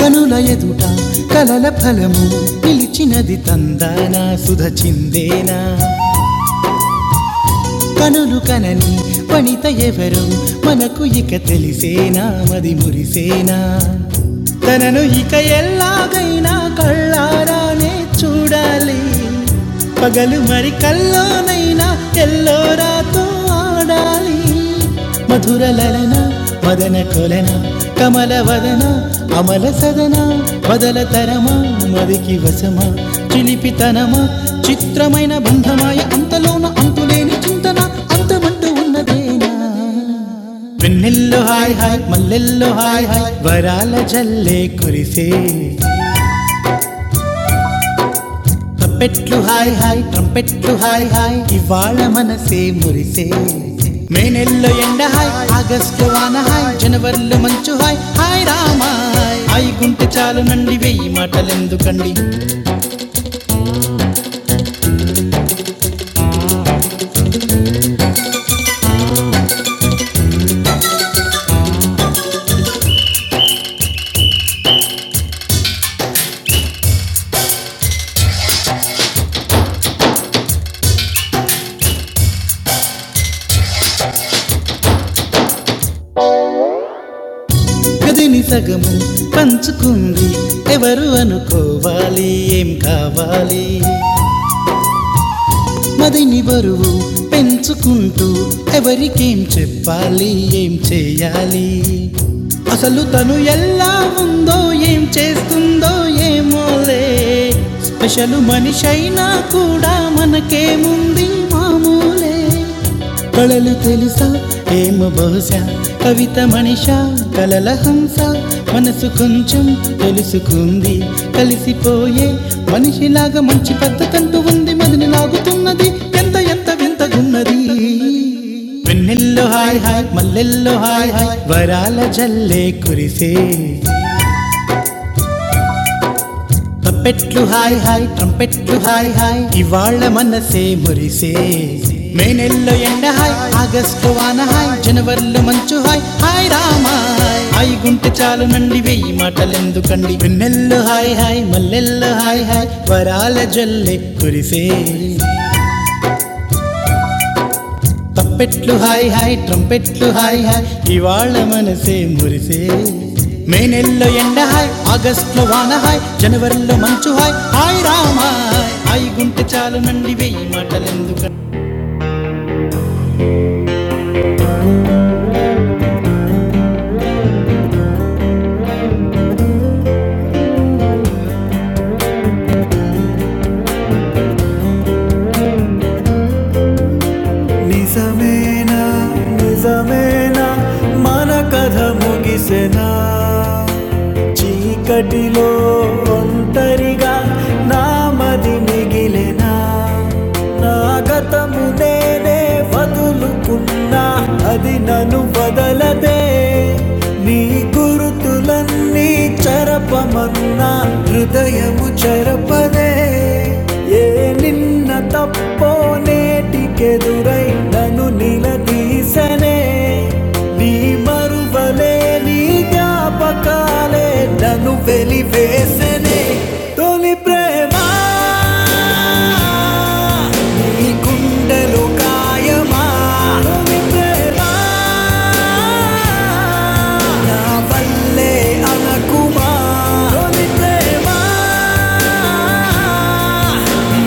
A: కనుల ఎదుట కలల ఫలము పిలిచినది తందానా సుధ చిందేనా కనులు కనని వనిత ఎవరు మనకు ఇక తెలిసేనా మది మురిసేనా తనను ఇక ఎల్లాగైనా కళ్ళారానే చూడాలి పగలు మరి కల్లోనైనా ఎల్లోరాతో ఆడాలి మధుర లలన మదన కొలన కమల వదన అమల సదన బదల తరమా మదికి వశమా చిలిపితనమా చిత్రమైన బంధమాయ అంతలోన అంతులేని చింతన అంతమంటూ ఉన్నదేనా హాయ్ హాయ్ మల్లెల్లో హాయ్ హాయ్ వరాల జల్ పెట్లు హాయ్ హాయ్ ట్రంపెట్లు హాయ్ హాయ్ ఇవాళ మనసే మురిసే మే నెల్లో ఎండ హాయ్ ఆగస్టు వాన హాయ్ జనవరిలో మంచు హాయ్ హాయ్ రామా హాయ్ హాయ్ గుంటె చాలు నండి వెయ్యి మాటలెందుకండి గదిని సగము పంచుకుంది ఎవరు అనుకోవాలి ఏం కావాలి మదిని బరువు పెంచుకుంటూ ఎవరికేం చెప్పాలి ఏం చేయాలి అసలు తను ఎలా ఉందో ఏం చేస్తుందో ఏమోలే స్పెషల్ మనిషైనా కూడా మనకేముంది మామూలే కళలు తెలుసా ఏమో బహుశా కవిత మనిష కలల హంస మనసు కొంచెం తెలుసుకుంది కలిసిపోయే మనిషిలాగా మంచి పద్ధతంటూ ఉంది మదిని లాగుతున్నది ఎంత అది హాయ్ హాయ్ మల్లెల్లో హాయ్ వరాల జల్లే కురిసే ట్రంపెట్లు హాయ్ ట్రంపెట్లు హాయ్ ఇవాళ మే. మే నెలలో ఎండ హాయ్ ఆగస్టు వాన హాయ్ జనవరిలో మంచు హాయ్ హాయ్ రామా హాయ్ హాయ్ గుంటె చాలు నండి వెయ్యి మాటలెందుకండి వెన్నెల్లో హాయ్ హాయ్ మల్లెల్లో హాయ్ హాయ్ వరాల జల్లే కురిసే తప్పెట్లు హాయ్ ట్రు హాయ్ హాయ్ మనసే మురిసే మే నెలలో ఎండ హాయ్ ఆగస్ట్ లో వాన హాయ్ జనవరిలో మంచు హాయ్ హాయ్ రామ హాయ్ హాయ్ గుంటె చాలు నండి వెయ్యి మాటలెందుకు నిజమేనా నిజమేనా మన కథ ముగిసెనా చీకటిలో ఒంటరిగా నామది మిగిలెనా నా గతము నేనే వదులునా అది నన్ను వదలదే నీ గురుతులన్నీ చరపమన్నా హృదయము చరపదే ఏ నిన్న తప్పో నేటికెదురై నన్ను నిలదీసనే నీ మరువలే నీ జ్ఞాపకాలే నన్ను వెలివేసనే తొలి ప్రేమ నీ గుండెలో గాయమా నా వల్లే అనకుమా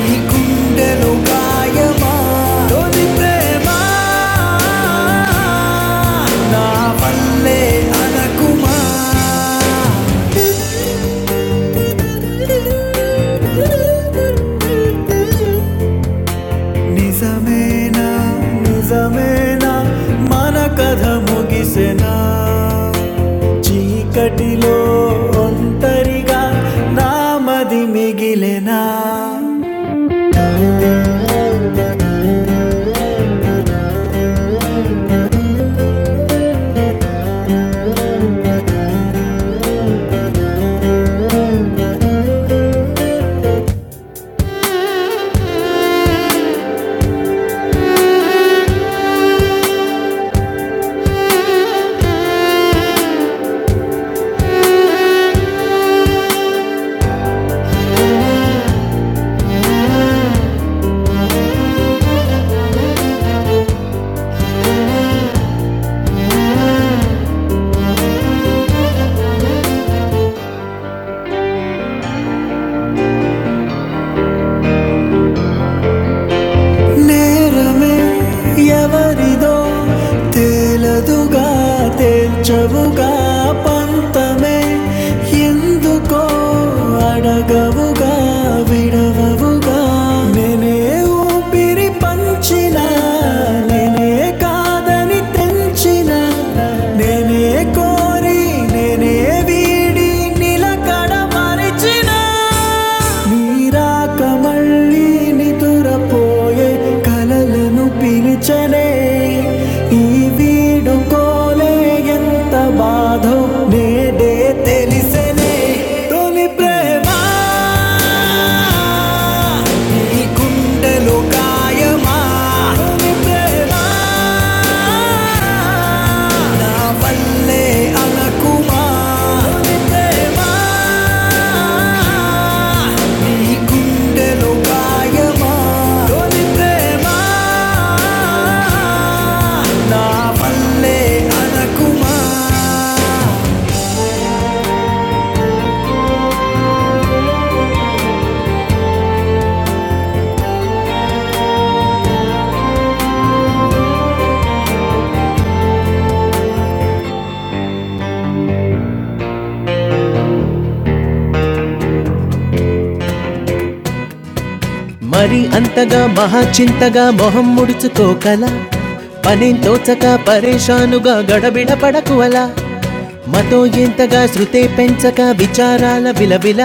A: నీ గుండెలో గాయమా నా వల్లే అనకుమా నిజమేనా నిజమేనా మన కథ ముగిసెనా చీకటిలో ఒంటరిగా నామది మిగిలెనా నే కలదుగా తేల్చవుగా పంతమే ఎందుకో అడగవుగా విడవవుగా నేనే ఊపిరి పంచిన నేనే కాదని తెంచిన నేనే కోరి నేనే వీడి నిలకడ మరిచిన నీరాక మళ్ళీ నిదురపోయే కలలను పిలిచనే ఈ వీడుకోలే ఎంత బాధో నేడే తెలిసనే తొలి ప్రేమ ఈ గుండెలో గాయమా తొలి ప్రేమ నా వల్లే అనకుమా తొలి ప్రేమ గుండెలో గాయమా తొలి ప్రేమ ఆవ్లే అనకుమా మరి అంతగా మహాచింతగా మొహం ముడుచుకోకల పనేం తోచక పరేషానుగా గడబిడ పడకు అలా మతో ఎంతగా శృతే పెంచక విచారాల విలవిల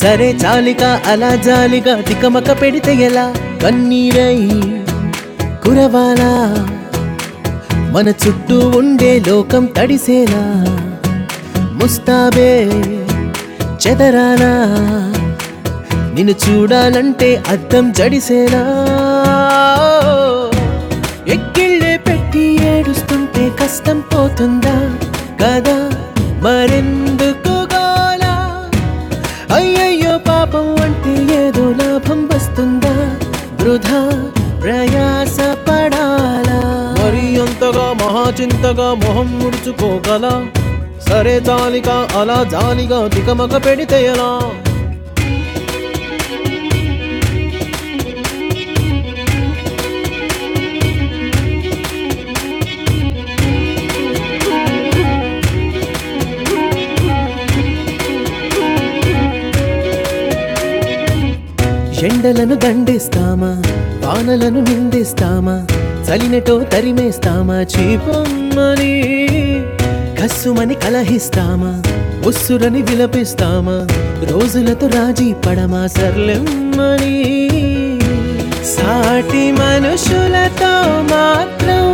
A: సరే చాలిక అలా జాలిగా తికమక పెడితే ఎలా కన్నీరై కురవాలా మన చుట్టూ ఉండే లోకం తడిసేలా ముస్తాబే చెదరానా నిన్ను చూడాలంటే అద్దం జడిసేలా ఎక్కిళ్ళే పెట్టి ఏడుస్తుంటే కష్టం పోతుందా కదా మరెందుకు గోలా అయ్యయ్యో పాపం అంటే ఏదో లాభం వస్తుందా వృధా ప్రయాస పడాలా మరి అంతగా మహాచింతగా మొహం ముడుచుకోగల సరే తాలిక అలా జాలిగా తికమక పెడితే ఎలా ఎండలను దండిస్తామా వానలను నిందిస్తామా చలినటో తరిమేస్తామా చీపమ్మని కస్సుమని కలహిస్తామా ఉస్సురని విలపిస్తామా రోజులతో రాజీ పడమా సర్లెమ్మని సాటి మనుషులతో మాత్రం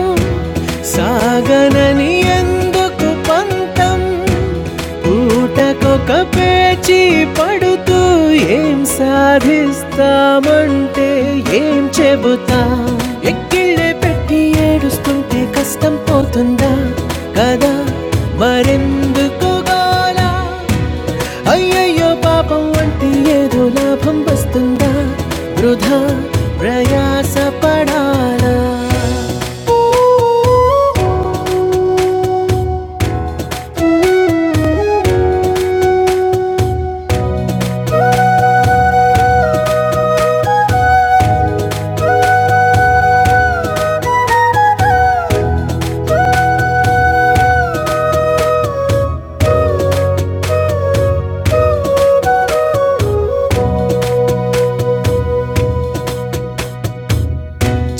A: సాగనని ఎందుకు పంతం పూటకొక పేచి పడుతూ ఏం సాధిస్తామంటే ఏం చెబుతా ఎక్కిళ్ళే పెట్టి ఉంటా కత్తుకో అయ్యయ్యో పాపం అంటే ఏదో లాభం ఉందా? బ్రో, బ్రప-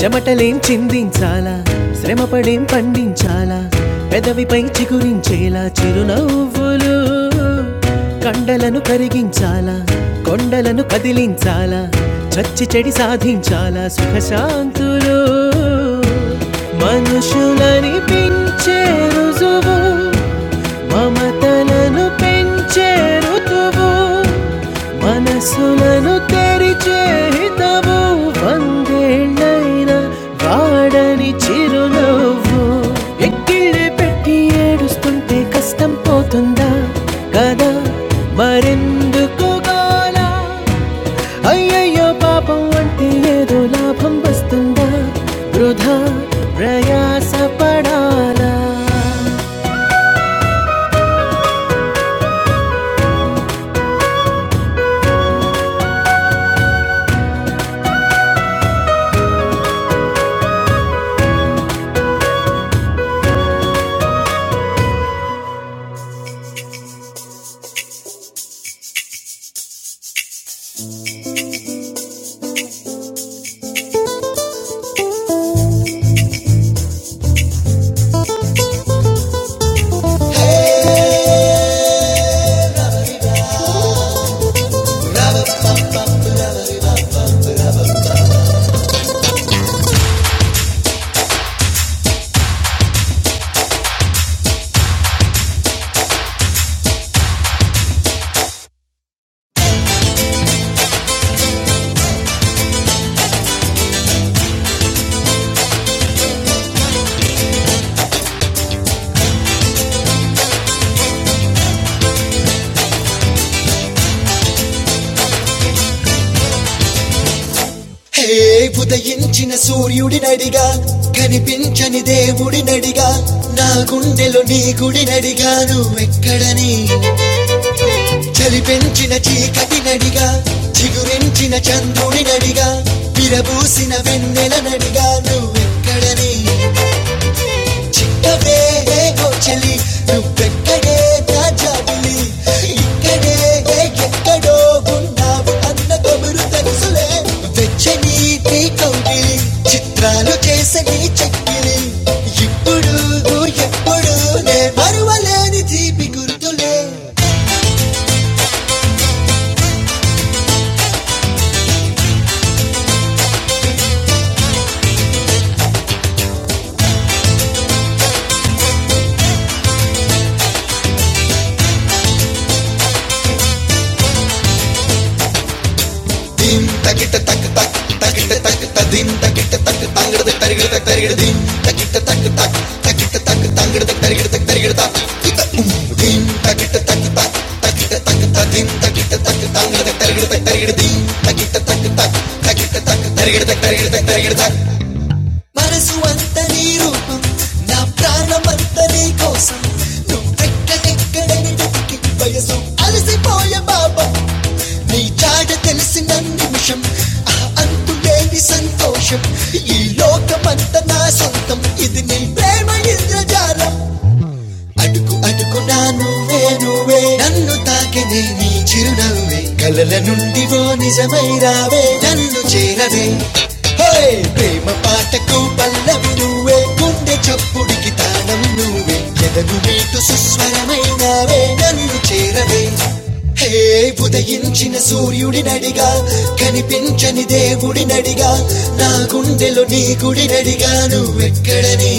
A: చెమటలేం చిందించాలా శ్రమపడేం పండించాలా పెదవిపై చిగురించేలా చిరునవ్వులు కండల చాలా, కొండలను కదిలించాలా చచ్చి చెడి సాధించాలా సుఖశాంతులు మనుషులని చేరుజువు మమతలను పెంచే ఋతువు మనసులను తెరిచే హితవు వందేళ్ళైనా వాడని చిరునవ్వు గిళ్ళె పెట్టి ఏడుస్తుంటే కష్టం పోతుందా కదా మరెందుకు గాలా అయ్యయ్యో పాపం అంటే ఏదో లాభం వస్తుందా వృధా ప్రయాస పడాలా హే ఉదయించిన సూర్యుడినడిగా కనిగా నాయకుడినడిగా నువ్వెక్కడని చలి పెంచిన చీకటినడిగా చిగురించిన చంద్రుడినడిగా విరబూసిన వేనడిగా నువ్వెక్కడని అవే ఓ చలి నువ్వెక్కడే ఇక్కడే ఎక్కడో ఉన్నావు అన్న కబురు తెలుసులే వెచ్చని నీ కౌగిలి చిత్రాలు చేసని చెక్కిలి ఇడుగు ఎప్పుడు నేటి గుర్తులే మనసు అంత నీ రూపం నాంత నీ కోసం నువ్వెక్కడెక్కడని వెతికి వయసు అలసిపోయే బాబా నీ జాడ తెలిసిన నిమిషం అంతులేని సంతోషం లోకమంత నా సొంతం ఇది నీ ప్రేమ అటుకు అటుకునా నువ్వే నువ్వే నన్ను తాకినే నీ చిరునవ్వే కలల నుండి ఓ నిజమై రావే నన్ను చేరవే హోయ్ ప్రేమ పాటకు పల్లవే కుడికి తానవే ఎటు సుస్వావే నన్ను చేరవే హే ఉదయించిన సూర్యుడిగా కనిపించని దేవుడిగా నాలో నీ గుడి నడిగా నువ్వెక్కడని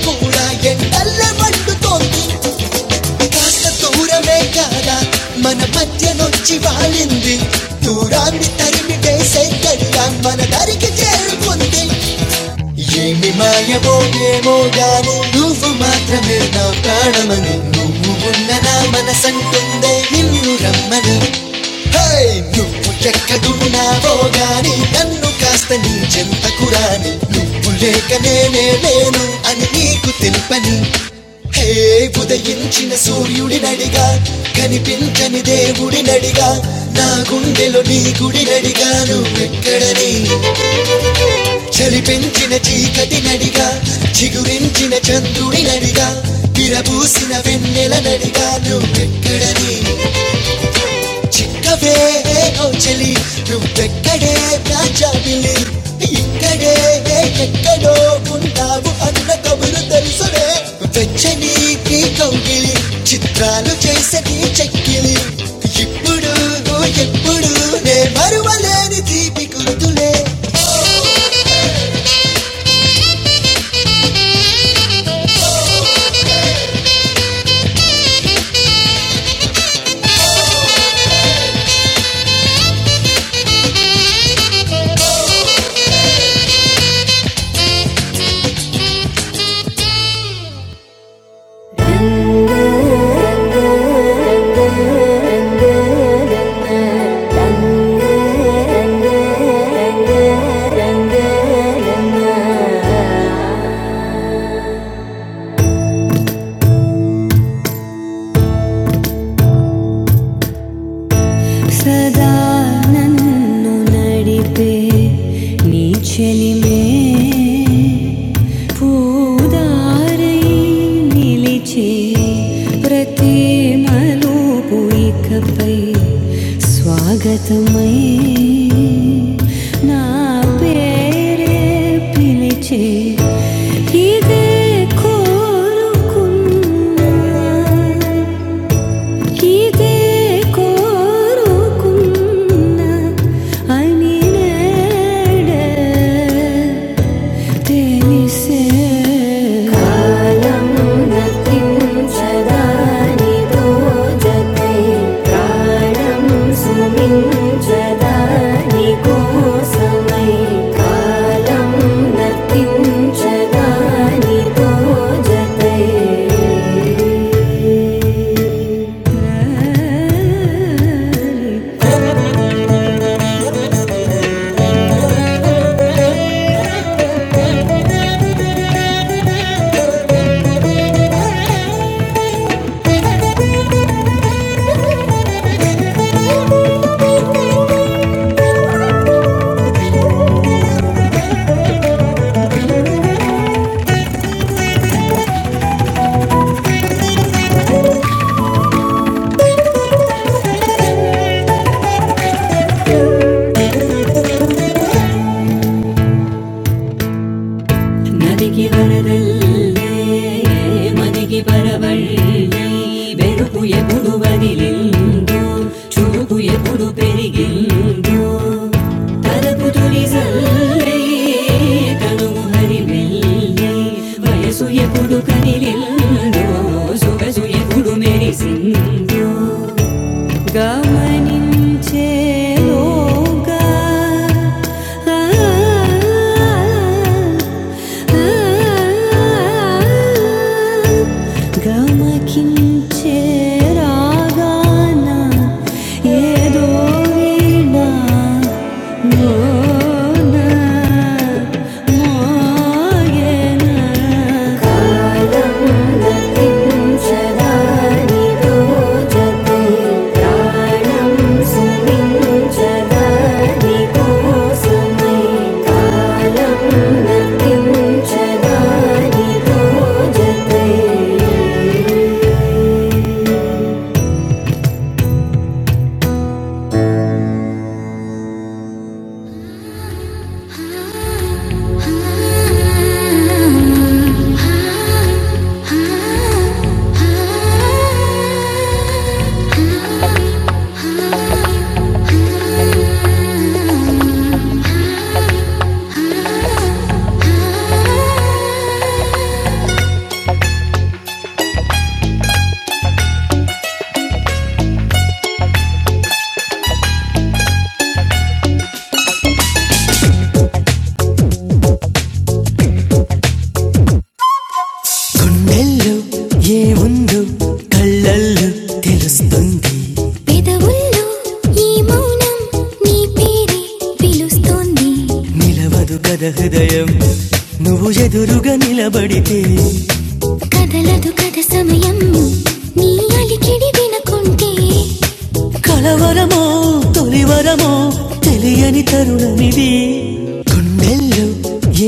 A: నువ్వు ఎంత మధ్య తూని గడియై నువ్వు మాత్రమే నా ప్రాణమని నువ్వు ఉన్న నా మనసంటుందే నిన్ను రమ్మని హై! నువ్వు ఎక్కడు నన్ను కించెంతని నువ్వు లేక నేనే లేను అని నీకు తెలుపని హైరా కనిపి దేవుడి నడిగా నా గుండెలో నీ గుడి నడిగా నువ్వెక్కడని చలిపించిన చీకటి నడిగా చిగురించిన చంద్రుడి నడిగా విరబూసిన నెల నడిగా నువ్వెక్కడని ಚಿಕ್ಕವೇ ಏನೋ ಚಲಿ ನುವ್ವೆಕ್ಕಡೆ ರಾಜಾಗಿಲಿ ಇಕ್ಕಡೆ ಎಕ್ಕಡೋ ఉంటావు అన్న కబురు తెలుసునే వెచ్చని నీ కౌగిలి చిత్రాలు చేసే నీ చెక్కిలి ఇప్పుడు ఎప్పుడు నే మరువలేని ಸದಾ ನನ್ನು ನಡಿಪೆ ನೀ ಚೆಲಿಮೆ పూదారై నిలిచే ప్రతి మలుపు స్వాగతమై पेरे फिले छे इजे कुंदल नादे की अरदन छे लोगा हाााााााााााााााााााााााााााा గమకించే రాగాన ఏదో వీణ మోన మోయన కాలము గతించదాని రోజతే ప్రాణం సుమించదాని కోసమే కాలం గతించదాని రోజతే Ah గుండెల్లో ఏముందో కళ్ళల్లో తెలుస్తుంది పెదవుల్లో ఈ మౌనం నీ పేరే పిలుస్తోంది నిలవదు కథ హృదయం నువ్వు ఎదురుగా నిలబడితే కదలదు కథ సమయం నీ అలికిడి వినకుంటే కలవరమో తొలివరమో తెలియని తరుణమిది గుండెల్లో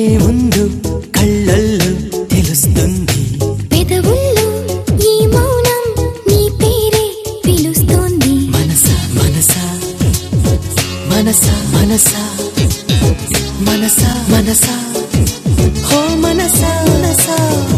A: ఏముందో కళ్ళల్లో తెలుస్తుంది పెదవుల్లో ఈ మౌనం నీ పేరే పిలుస్తోంది మనసా మనసా మనసా మనసా మనసా మనసా హో మనసా మనసా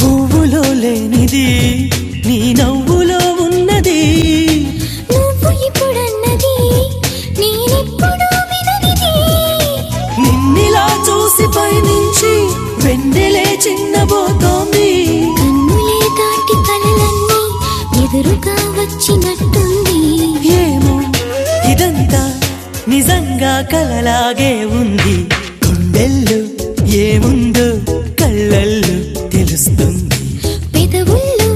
A: పువ్వులో లేనిది నీ నవ్వులో ఉన్నది నువ్వు ఇప్పుడన్నది నేనెప్పుడు విననిది నిన్నిలా చూసి పైనుంచి వెన్నెలే చిన్నబోతోంది కన్నులే దాటి కలలన్నీ ఎదురుగా వచ్చినట్టుంది ఏమో ఇదంతా నిజంగా కలలాగే ఉంది గుండెల్లో ఏముందో కళ్ళల్లో తెలుస్తుంది పెదవుల్లో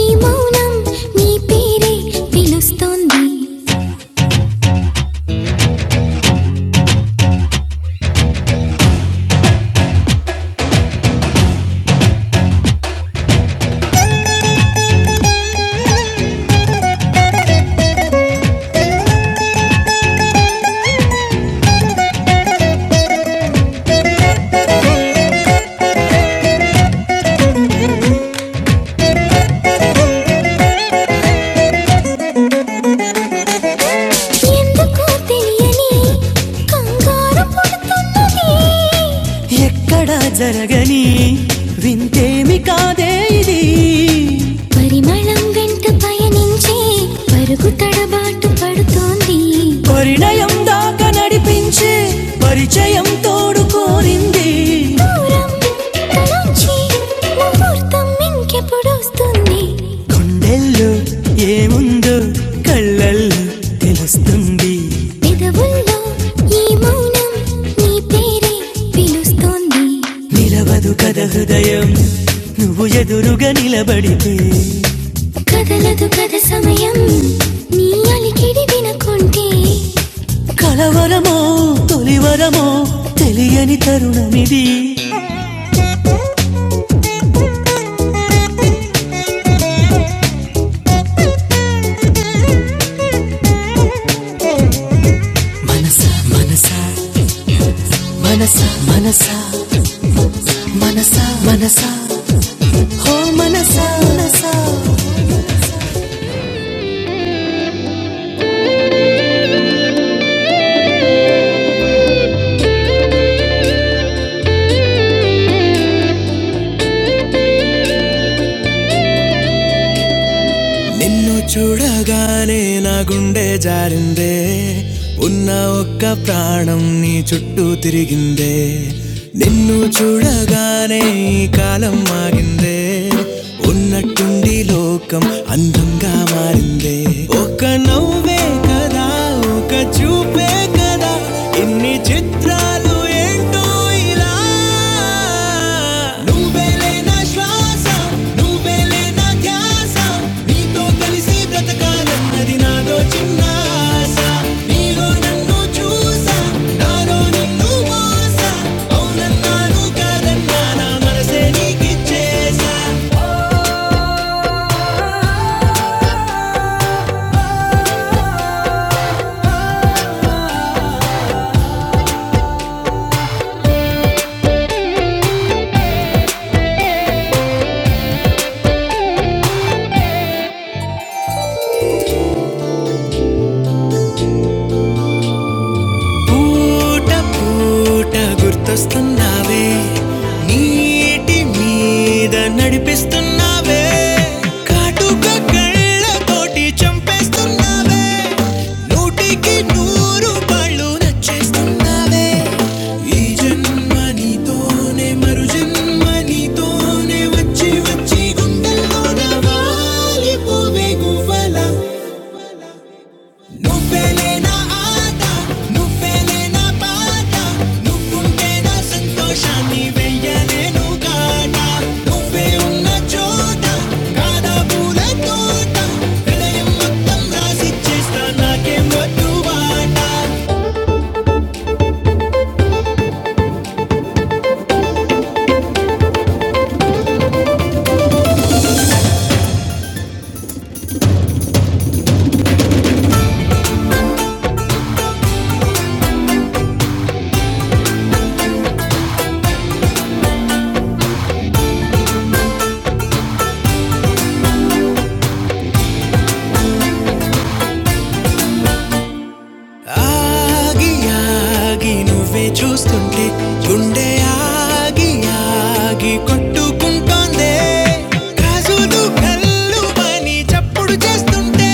A: ఈ మౌనం నీ పేరే పిలుస్తోంది ఎందుకో తెలియని కంగారు పుడుతున్నది ఎక్కడా జరగని వింతేమి కాదే ఇది పరిమళం వెంట పయనించి పరుగు తడబాటు పడుతోంది పరిణయం దాకా నడిపించే పరిచయం తోడు కోరింది దూరం తనుంచి ముహూర్తం ఇంకెప్పుడు వస్తుంది గుండెల్లో ఏముందో కళ్ళల్లో తెలుస్తుంది పెదవుల్లో ఈ మౌనం నీ పేరే పిలుస్తోంది నిలవదు కథ హృదయం నువ్వు ఎదురుగా నిలబడితే కదలదు కథ సమయం నీ అలికిడి వినకుంటే కలవరమో తొలివరమో తెలియని తరుణమిది మనసా మనసా మనసా మనసా మనసా మనసా హో మనసా మనసా నిన్ను చూడగానే నా గుండె జారిందే ఉన్న ఒక్క ప్రాణం నీ చుట్టూ తిరిగిందే నిన్ను చూడగానే ఈ కాలం మారిందే ఉన్నట్టుండి లోకం అందంగా మారిందే ఒక నవ్వే కదా ఒక చూపే కదా ఇన్ని చిత్రాలు ఏంటో ఇలా నువ్వేలే నా శ్వాస నువ్వేలే నా ధ్యాస నీతో కలిసి బ్రతకాలన్నది నాదో చిన్న ఆశ నీలో నన్ను చూసా నాలో నిన్ను మోసా అవునన్నాను కాదన్నా నా మనసే నీకిచ్చేసా పూట పూట గుర్తొస్తున్నావే నీటి మీద నడిపిస్తున్నావే కాటుక కళ్ళతోటి చంపేస్తున్నావే నూటికి నూరు పళ్ళు నచ్చేస్తున్నావే ఈ జన్మ నీతోనే మరు జన్మ నీతోనే వచ్చి వచ్చి గుండెల్లో నవాలి పోవే గువ్వలా నువ్వేలే నా ఆట నువ్వేలే నా పాట నువ్వుంటే నా సంతోషాన్ని వెయ్యలేను కాట నువ్వే ఉన్న చోట కాదా పూల తోట హృదయం మొత్తం రాసిచ్చేస్తా నాకేం వద్దు బాట ఆగి ఆగి నువ్వే చూస్తుంటే గుండె ఆగి ఆగి కొట్టుకుంటోందే రాజులు కళ్ళు అని చప్పుడు చేస్తుంటే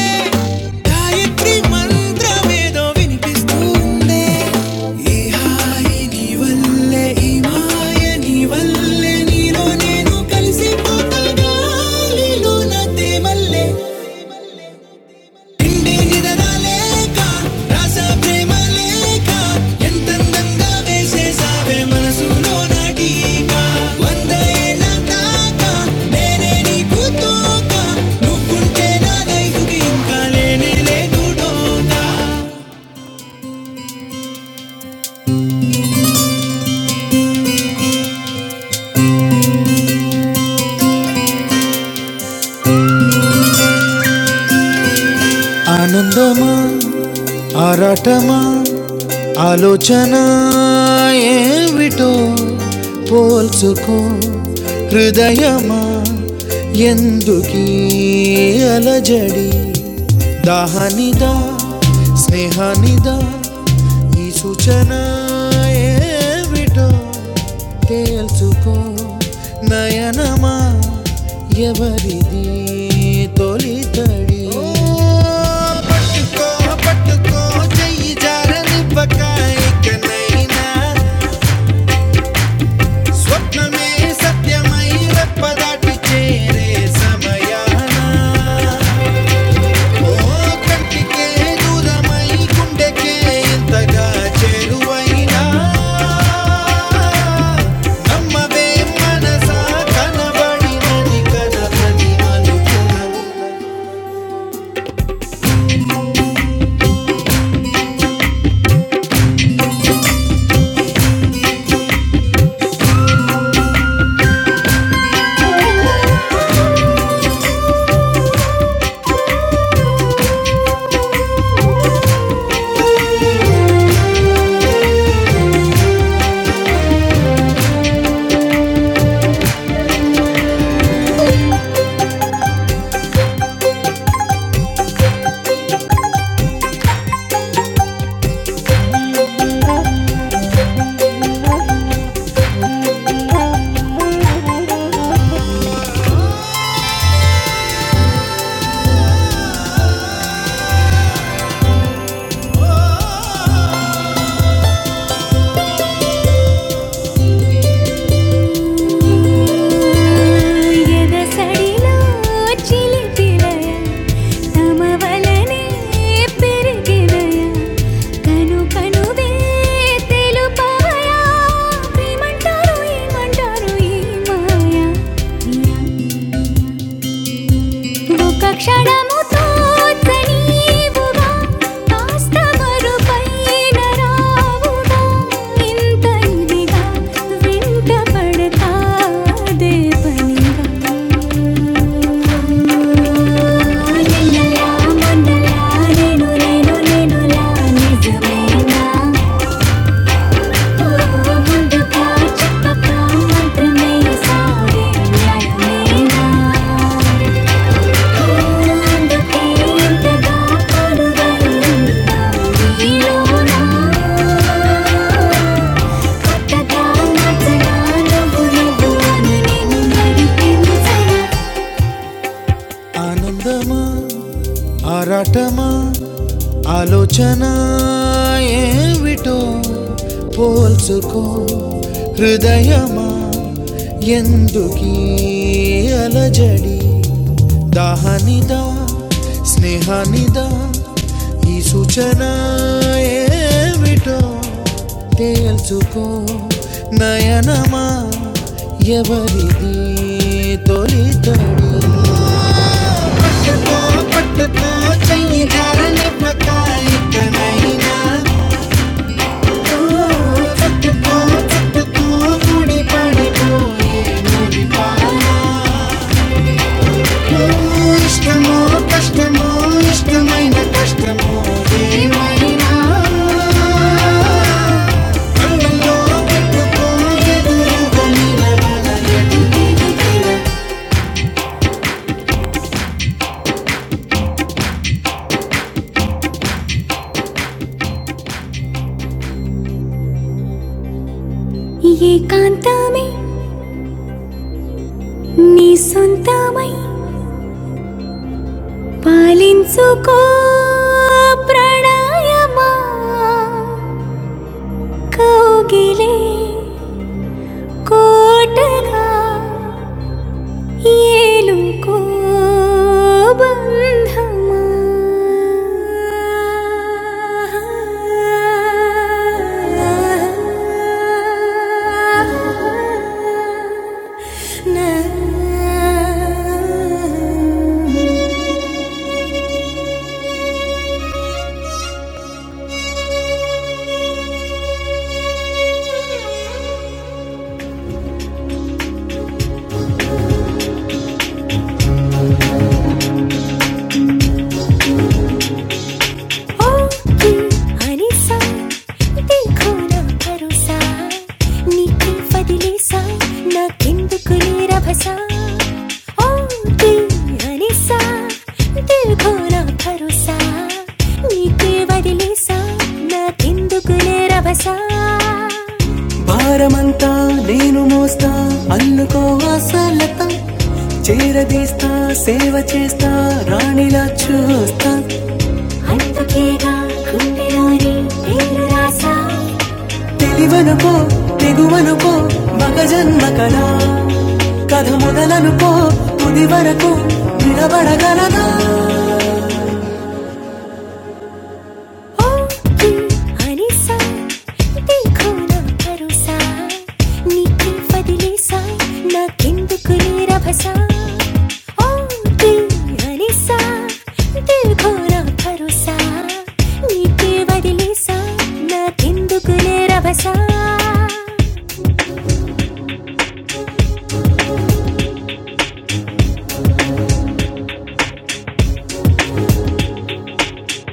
A: గాయత్రి మంత్రమేదో వినిపిస్తుందే ఈ హాయి నీ వల్లే ఈ మాయ నీ వల్లే నీలో నేను కలిసిపోతా గాలిలో నా తేమల్లే నిండే నిదరాలేక రాసా ప్రేమ లేక ఎంతందంగా వేసేసావే మనసులో నాటీక వంద ఏళ్ళ దాకా నేనే నీకు తోక నువ్వుంటే నా లైఫ్కి ఇంకా లేనే లేదు డోకా ఆనందమా ఆరాటమా ఆలోచన ఏమిటో పోల్చుకో హృదయమా ఎందుకీ అలజడి దాహనిదా స్నేహానిదా ఈ సూచన ఏమిటో తెలుసుకో నయనమా ఎవరిది తొలి తడి పట్టుకో పట్టుకో చెయ్యి జారనివ్వక ఇకనైనా స్వప్నమే సత్యమై రెప్పదాటి చేరే సమయాన ఓ కంటికే దూరమై గుండెకే ఇంతగా చేరువైనా నమ్మవే మనసా కనబడినది కదా ప్రతి మలుపున. ఎదసడిలో చిలిపినయ తమవలనే పెరిగినయ కను కనువే తెలుపవయా ప్రేమంటారు ఏమంటారు ఈ మాయ ఒక క్షణము తోచనీవుగా కాస్త మరుపైన రావుగా ఇంత ఇదిగా వెంట పడతాదే పనిగా నిన్నలా మొన్నలా నేను నేను నేనులా నిజమేనా ఓ ముందుగా చెప్పక మంత్రమే సాగే న్యాయమేనా నచ్చనా నవ్వు నవ్వు అని నేను నడిపించనా ఆనందమా ఆరాటమా ఆలోచన ఏమిటో పోల్చుకో హృదయమా ఎందుకీ అలజడి దాహనిదా స్నేహానిదా ఈ సూచన ఏమిటో తేల్చుకో నయనమా ఎవరిది తొలితడి పట్టుకో పట్టుకో చెయ్యి ధరనివ్వక ఎక్కడైనా ఓ, పట్టుకో పట్టుకో ముడి పడిపోయే ముడిపానా. ఓ, ఇష్టమో కష్టమో ఇష్టమైన కష్టమో ఏమైనా కళ్ళల్లో పెట్టుకో ఎదురుగా నిలబడ ఏకాంతమై నీ సొంతమై పాలించుకో ప్రణయమా కౌగిలే కోటగా ఏలుకో బంధమా నా భారమంత అన్న సేవ చేస్తూ వస్తా అందుకేగా గుండెలోని పేరు రాసా తేలివనకో తేగువనుకో మాగజన్బకనా కాధముదలనుకో తోదివరకో నిలా బాడా గానా ఓతి అనిసా తేఖొనా పరుసా నిక్రి ఫదిలిసా నా కిందుకునే రభ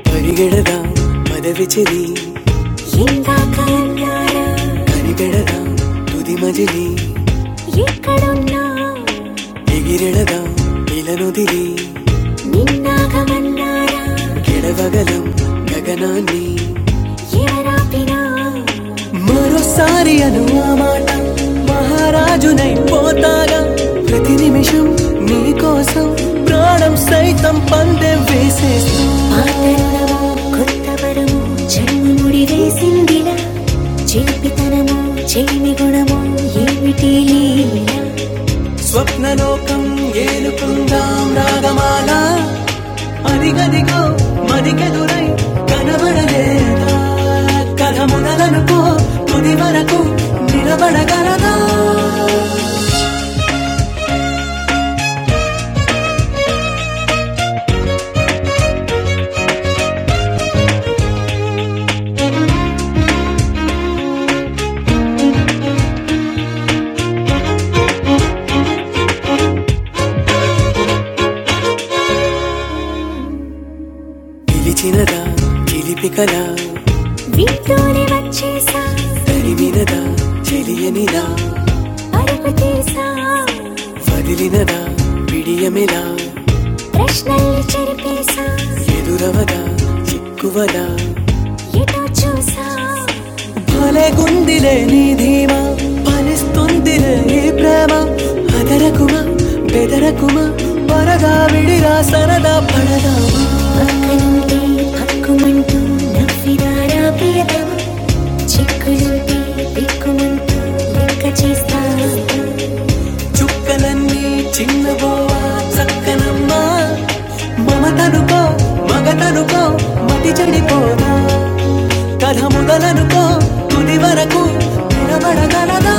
A: పరిగెడదాం పదవి చెది ఇందాకన్నారా కనిపెడదాం తుది మజిలి ఎక్కడున్నా ఎగిరెడదాం ఇలనుదిరి నిన్నాగమన్నారా గెడవగలం గగనాన్ని మరోసారి అను ఆ మాట మహారాజునై పోతాగా ప్రతి నిమిషం నీ కోసం ప్రాణం సైతం పందె వేసేస్తా చిలిపితనము చెలిమి గుణము ఏమిటి లీలా స్వప్నలోకం ఏలుకుందాం రాగమాల అరిగదిగో మరికెదురై కనబడలేదా కథ మొదలనుకో తుది వరకు నిలబడగలదా పిలిచినదా చిలిపికలా వీటూరి వచ్చేసా తరిమినదా చెలియనిదా అరుపు తీసా వదిలినదా పిడియమిలా ప్రశ్నల్ని చెరిపేసా ఎదురవదా చిక్కువదా ఎటో చూసా భలేగుందిలే నీ ధీమా ఫలిస్తుందిలే ఈ ప్రేమ అదరకుమా బెదరకుమా పరగా విడిరా సరదా పడదామా పక్కనుంటే పక్కుమంటూ నవ్వినారా ప్రియతమ చిక్కులుంటే దిక్కుమంటూ లెక్క చేస్తా చుక్కలన్నీ చిన్నబోవా చక్కనమ్మా మమతనుకో మగతనుకో మతి చెడిపోనా కథ మొదలనుకో తుది వరకు నిలబడగలదా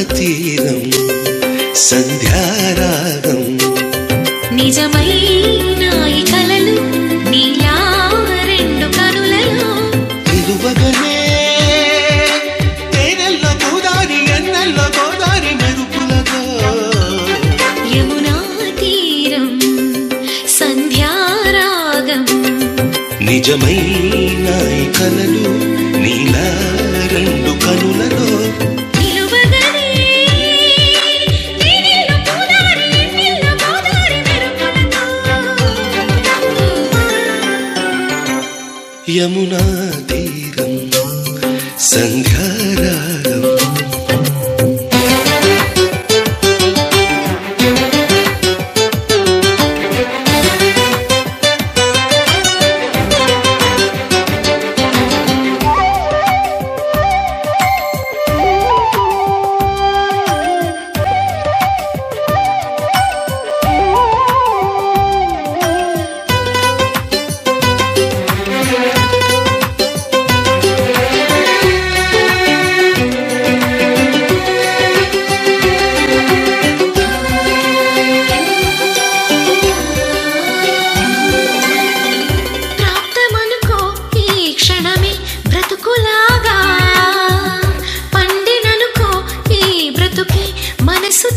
A: అతి నిజమైన ఈ కలలు నీలా రెండు కనులలో నిలువగనే తేనెల్లో గోదారి ఎన్నెల్లో గోదారి మెరుపులతో యమునా తీరం సంధ్యారాగం నిజమైన ఈ కలలు నీలా రెండు కనులలో నిలువగనే ప్రాప్తమనుకో ఈ క్షణమే బ్రతుకులాగా పండి ఈ బ్రతుకి మనసు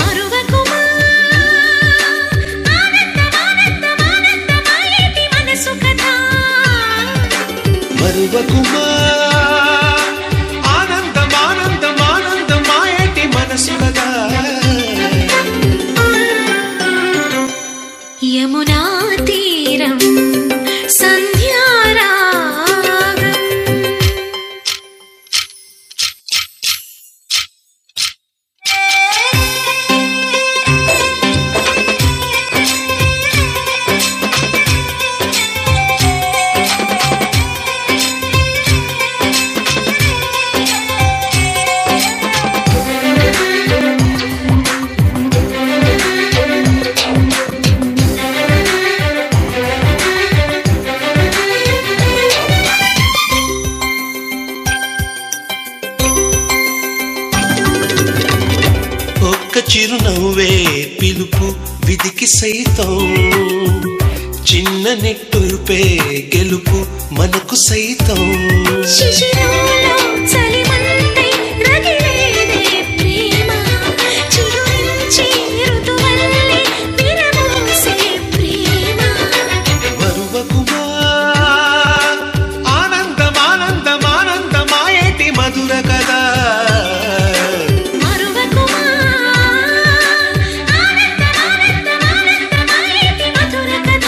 A: మరువకుమా మనసు కథ యమునా తీరం సంధ్యారాగం ఒక్క చిరునవ్వే పిలుపు విధికి సైతం చిన్న నిట్టూర్పే గెలుపు మనకు సైతం శిశిరంలో చలిమంది రగిలేదే ప్రేమ చిగురించి ఋతువల్లే విరబూసే ప్రేమ మరువకుమా ఆనందమానందమానందమాయేటి మధుర కదా మరువకుమా ఆనంద ఆనంద ఆనందమైతి మధుర కథ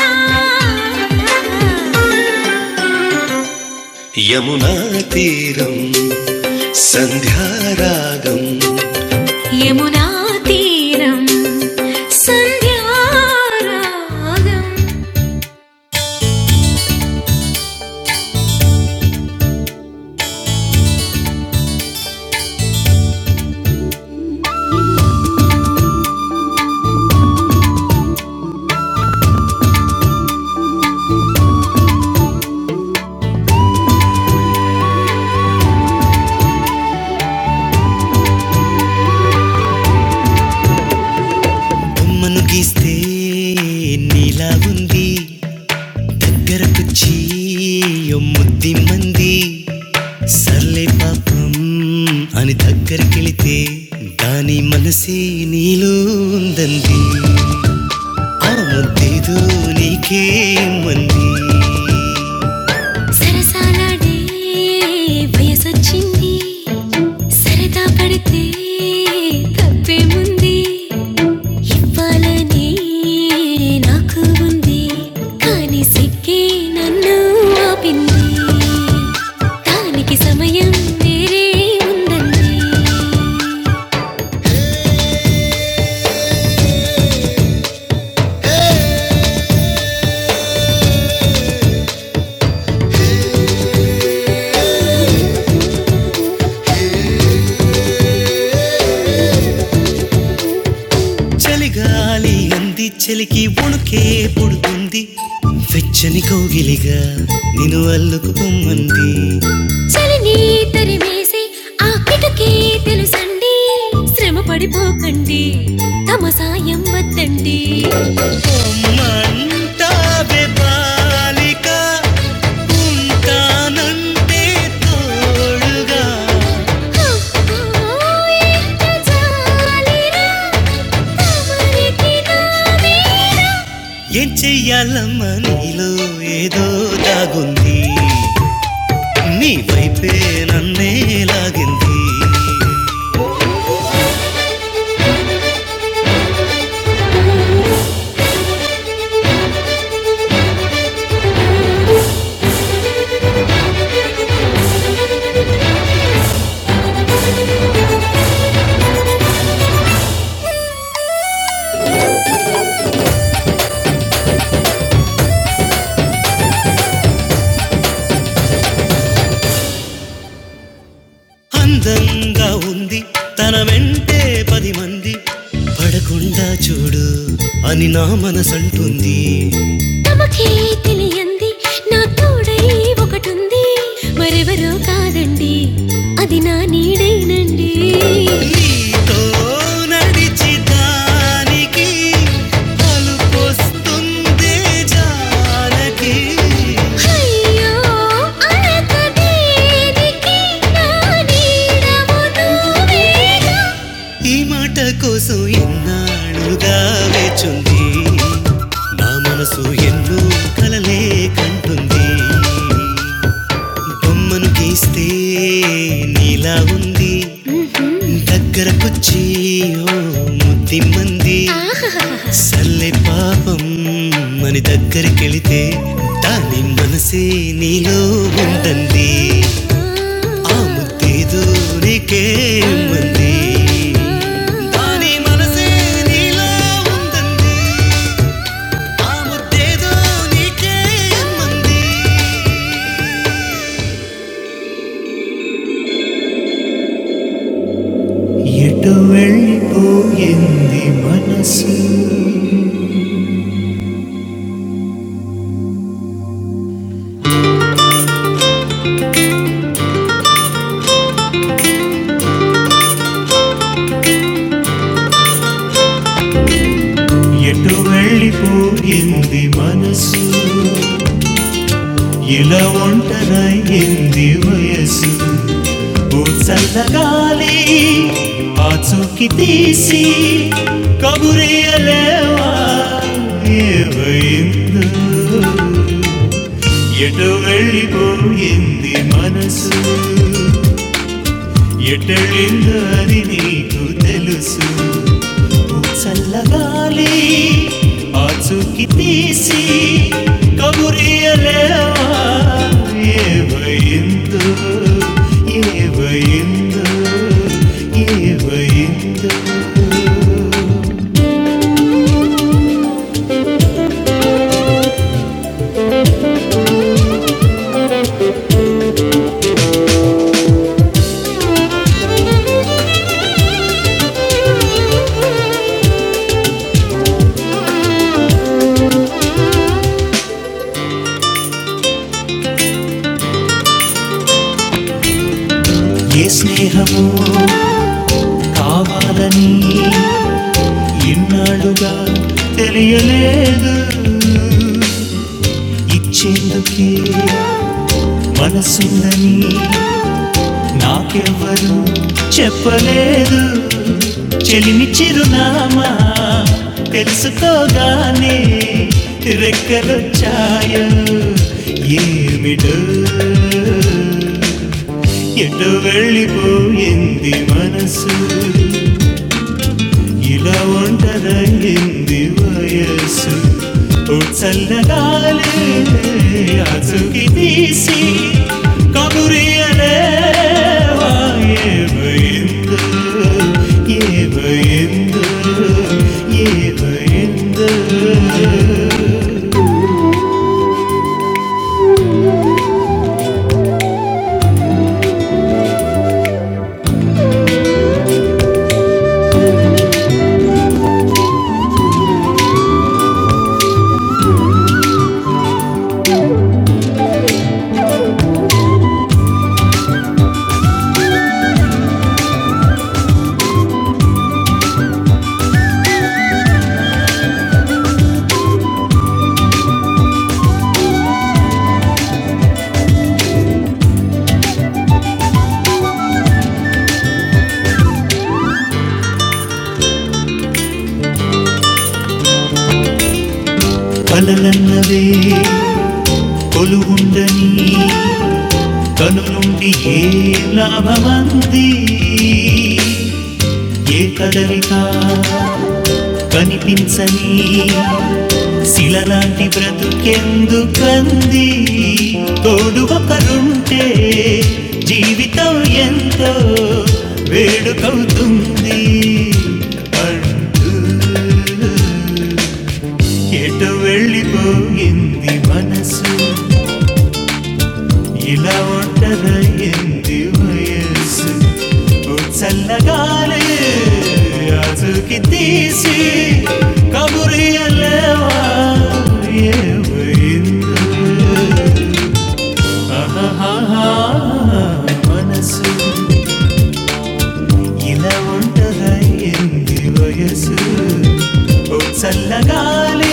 A: యమునా తీరం సంధ్యారాగం ఏ నీలా ఉంది గరపుచ్చి ఓ ముద్ది మంది సర్లే పాపం అని దగ్గరికెళితే దాని మనసే నీలో ఉందంది ఆ ముద్దేదో నీకే మంది సరసాలాడే వయసొచ్చింది సరదా పడితే తప్పేముంది వాళ్ళని నాకు ఉంది కానీ సిగ్గే నన్ను ఆపింది దానికి సమయం వేరే ఉందండి చలిగాలి అంది చలికి ఉణుకే పుడుతుంది వెచ్చని కోగిలిగా నిన్ను అల్లుకు పొమ్మంది చలిని తరిమేసి ఆ పిటకే తెలుసండి శ్రమ పడిపోకండి తమ సాయం వద్దండి మంటావే బాలిక ఉంటానంటే తోడుగా ఎంత జాలిరా, తమరికి నాదే అందంగా ఉంది తన వెంటే పది మంది పడకుండా చూడు అని నా మనసంటుంది తమకే తెలియంది నా తోడై ఒకటుంది మరెవరో కాదండి అది నా నీడేనండి నీతో అయ్యో, అలక దేనికి నా నీడవు నువ్వేగా. ఈ మాట కోసం ఎన్నాళ్ళుగా వేచుంది నా మనసు ఎన్నో కలలే కంటుంది బొమ్మి దగ్గరకొచ్చియో ముద్దిమ్మని దగ్గరే దాని నిందన్ ఆ ముద్ది ఏమంది దాని మనసే నీలో ఉందంది ఆ ముద్దేదో నీకే ఇమ్మంది మనస్ ఇలా ఒంటరాయింది వయసేవ ఎటనస్ ఎటెళ్ళిందో అది నీకు తెలుసు చల్లగాలి ఆచూకి తీసి కబురియలేవా ఏవైందో ఏవైందో ఏవైందో నాకెవ్వరు చెప్పలేదు చెలిమి చిరునామా తెలుసుకోగానే రెక్కలొచ్చాయో ఏమిటో ఎటు వెళ్ళిపోయింది మనసు ఇలా ఒంటరయింది వయసు ఓ చల్లగాలి అతుకి తీసి కబురియలే ఏవైందో ఏవైందో ఏవైందో అలలన్నవే కొలువుండని కను నుండి ఏ లాభమంది ఏ కదలిక కనిపించని శిలలాంటి బ్రతుకెందుకంది తోడు ఒకరుంటే జీవితం ఎంతో వేడుకవుతుంది అంటూ ఎటు వెళ్ళిపోయింది మనసు ఇలా ఒంటరైంది వయస్సు ఓ చల్లగాలి అదుకి తీసి కబురియలేవా మనసు ఇలా ఉంటాయి చల్లగాలి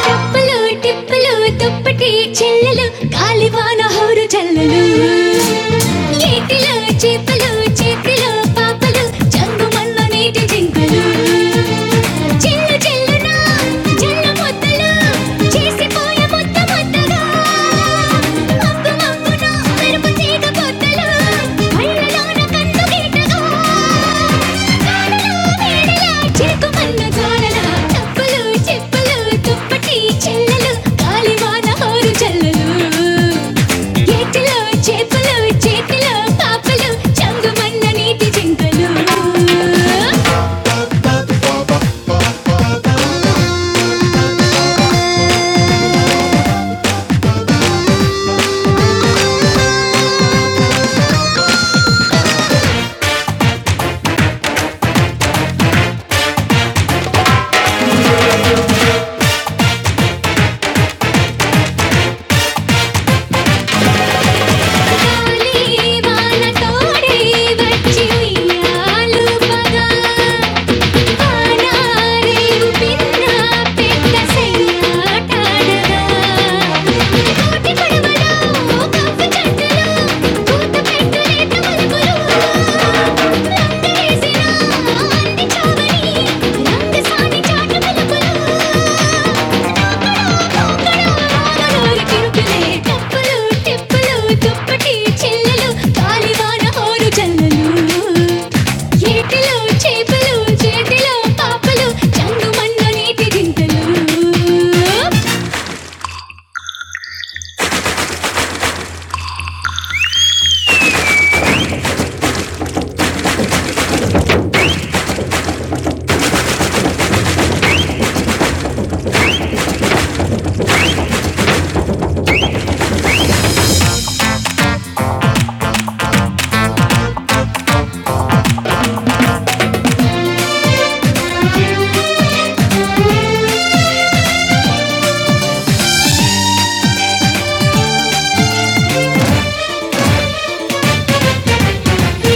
A: టప్పలు టిప్పలు దుప్పటి చెల్లెలు కాలివాన హోరు చెల్లెలు చేతిలో చేపలు చేతిలో పాపలు జంగుమన్న నీటి జింకలు చెల్లు చెల్లున జల్లు ముద్దలు చేసిపోయే ముద్ద ముద్దగా మబ్బు మబ్బున మెరుపు తీగ పొద్దలు కళ్ళలోన కన్ను గీటగా కాడలో వేడలా చిలుకు మన్న గోడల తప్పలు చెప్పులు దుప్పటి చెల్లలు కాలివాన హోరు చెల్లలు ఏకలు చేపలు చేతిలో పాపలు చంగుమన్న నీటి జింకలు ఆరనూరు కిరుకులే తప్పులు తిప్పులు దుప్పటి చిల్లలు గాలివాన హోరు జల్లలు ఏకలు చేపలు చేతిలో పాపలు చంగుమన్న నీటి జింకలు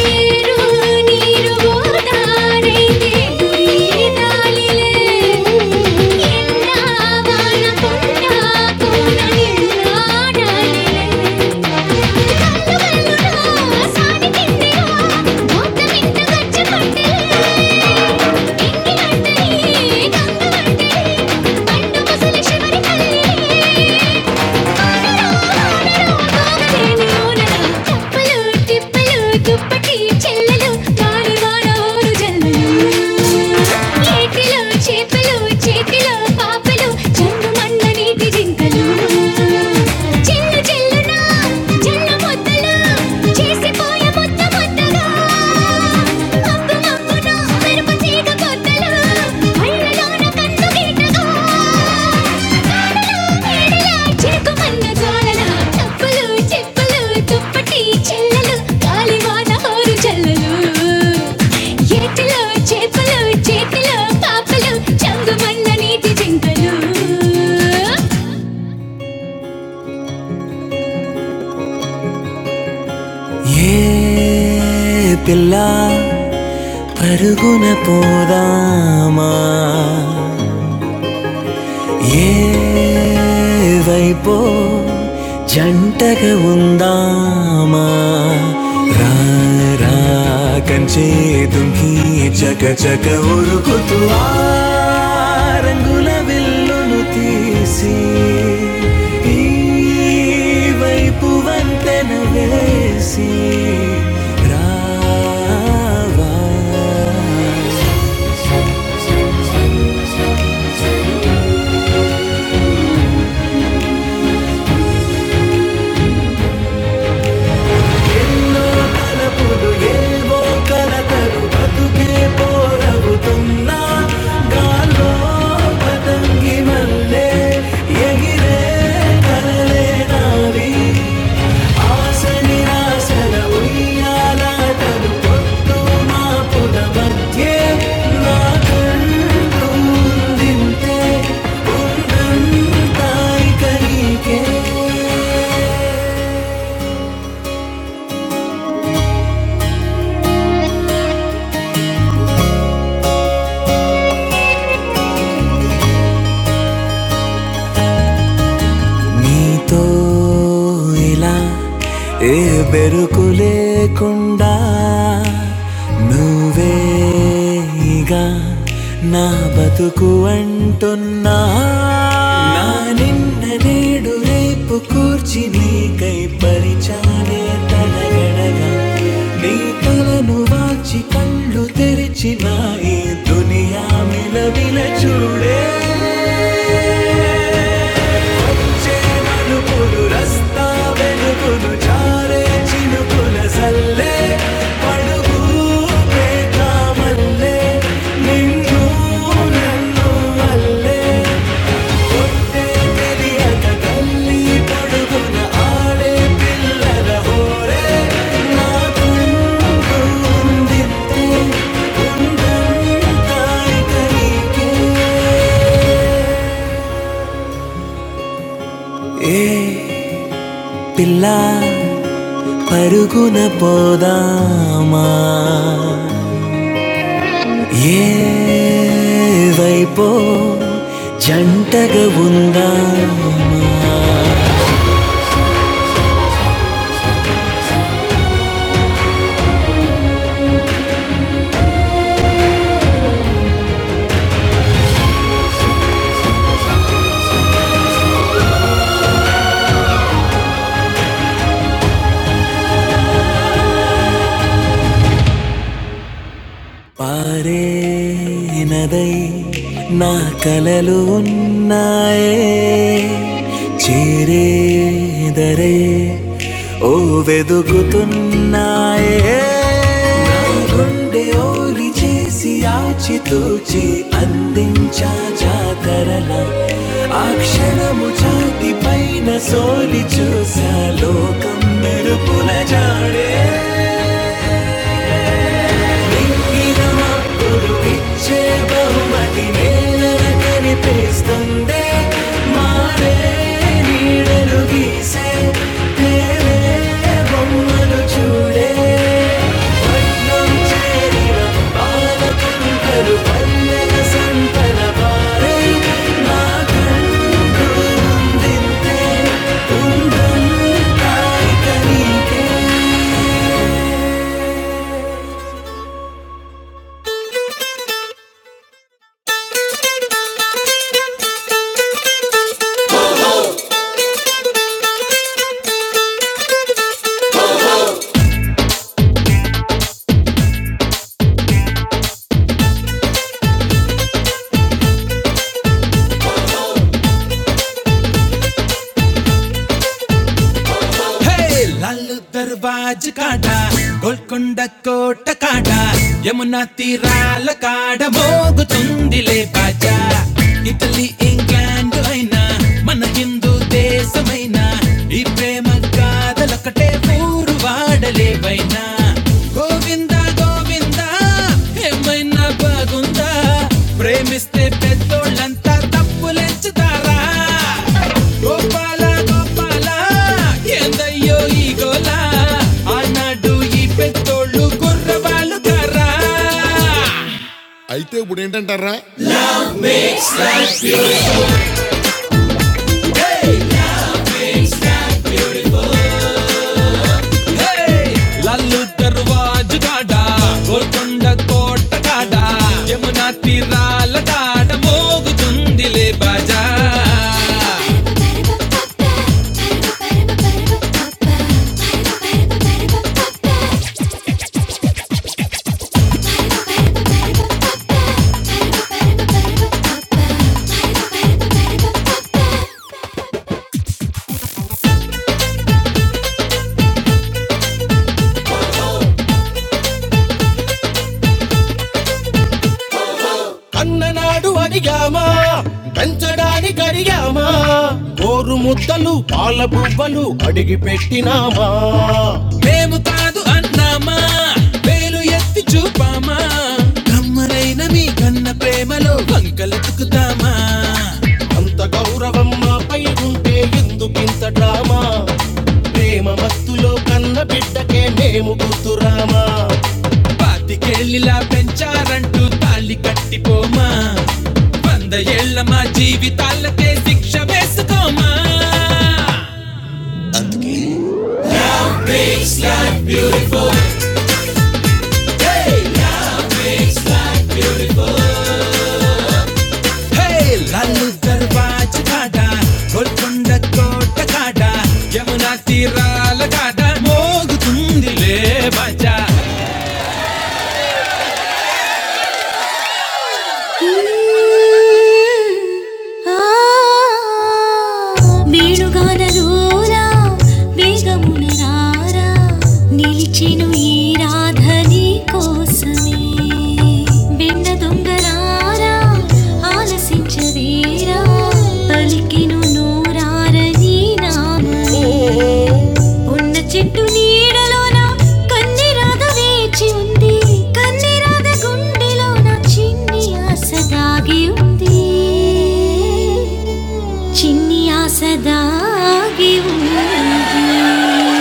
A: నీరు నీరు ఓదారైతే గురి దాలిలే ఎన్నా వాన కొన్నా చేతిలో పాపలు చెండు మన్న నీటి జింకలు చెల్లు చెల్లునా జల్లు ముద్దలు చేసిపోయే ముద్ద ముద్దగా ఆ ఏ పిల్ల పరుగున పోదామా ఏవైపో జంటగా ఉందామా రా రా కంచే దుంకి చక చక ఉరుకుతూ ఆ రంగుల విల్లును తీసి ఈ వైపు వంతెన వేసి రావా పతంగిలే ఎగి ും నీతో ఇలా ఏ బెరుకు లేకుండా నువ్వేగా నా బతుకు అంటున్నా నా నిన్న నేడు రేపు కూర్చి నీకై పరిచాలే తడగడగా నీ తలను వాచి కళ్ళు తెరిచిన ఈ దునియా మిలవిల చూడే చేమలుపులు రస్తా వెలుగులు జారే చినుకుల జల్లే పడుగు ప్రేమల్లే నిన్ను నన్ను అల్లే కొట్టే తెలియక తల్లి పడుగున ఆడే పిల్లల హోరే నా గుండు ఉందిత్తే ఉందంతా ఇక నీకే ఏ పిల్ల పరుగున పోదామా ఏవైపో జంటగా ఉందామా పారే నదై నా కలలు ఉన్నాయే చేరే దరే ఓ వెదుగుతున్నాయే నా గుండె ఓలి చేసి ఆచితూచి అందించా జాతరల ఆ క్షణము ఛాతి పైన సోలి చూసా లోకం మెరుపుల జాడే మింగినమప్పుడు ఇచ్చే బహుమతి నేలన కనిపిస్తుందే మారే నీడలు గీసే తేలే బొమ్మలు చూడే పట్నం చేరిన బాలకంటలు పల్లెల సంతన వారే నా కన్నులు తాయి కనీకే హే లాల్ దర్వాజ్ కాడ గోల్కొండ కోట కాడ యమునా తీరాల కాడ మోగుతుందిలే బాజా ఇటలీ ఇంగ్లాండ్ అయినా మన హిందూ దేశమైనా ఈ ప్రేమ కాదలొకటే ఊరు వాడలేవైనా గోవింద గోవింద ఏమైనా బాగుందా ప్రేమిస్తే పెద్దోళ్ళంతా తప్పులెచ్చుతారా గోపాల గోపాల ఏందయ్యో ఈ గోల ఆనాడు ఈ పెద్దోళ్ళు కుర్రవాళ్ళు కర్రా Bye. మేము కాదు అన్నామా వేలు ఎత్తి చూపామా కమ్మనైన మీ కన్న ప్రేమలో వంకలెత్తుకుతామా ప్రేమ మత్తులో కన్న బిడ్డకే మేము గుర్తురామా పాతికేళ్ళిలా పెంచారంటూ తాళి కట్టిపోమా వంద ఏళ్ళ మా జీవితాలకే శిక్ష వేసుకోమా మోగుతుందిలే మజా వేణుగానరూరా వేగమున రారా నిలిచెను ఈ రాధని కోసమే వెన్న దొంగరారా ఆలసించవేరా పలికెను నోరారని నీ నామమే ఉన్న చెట్టు నీడలోన కన్ని రాధ వేచి ఉంది కన్ని రాధ గుండెలోన చిన్ని ఆశ దాగి ఉంది చిన్ని ఆశ దాగి ఉంది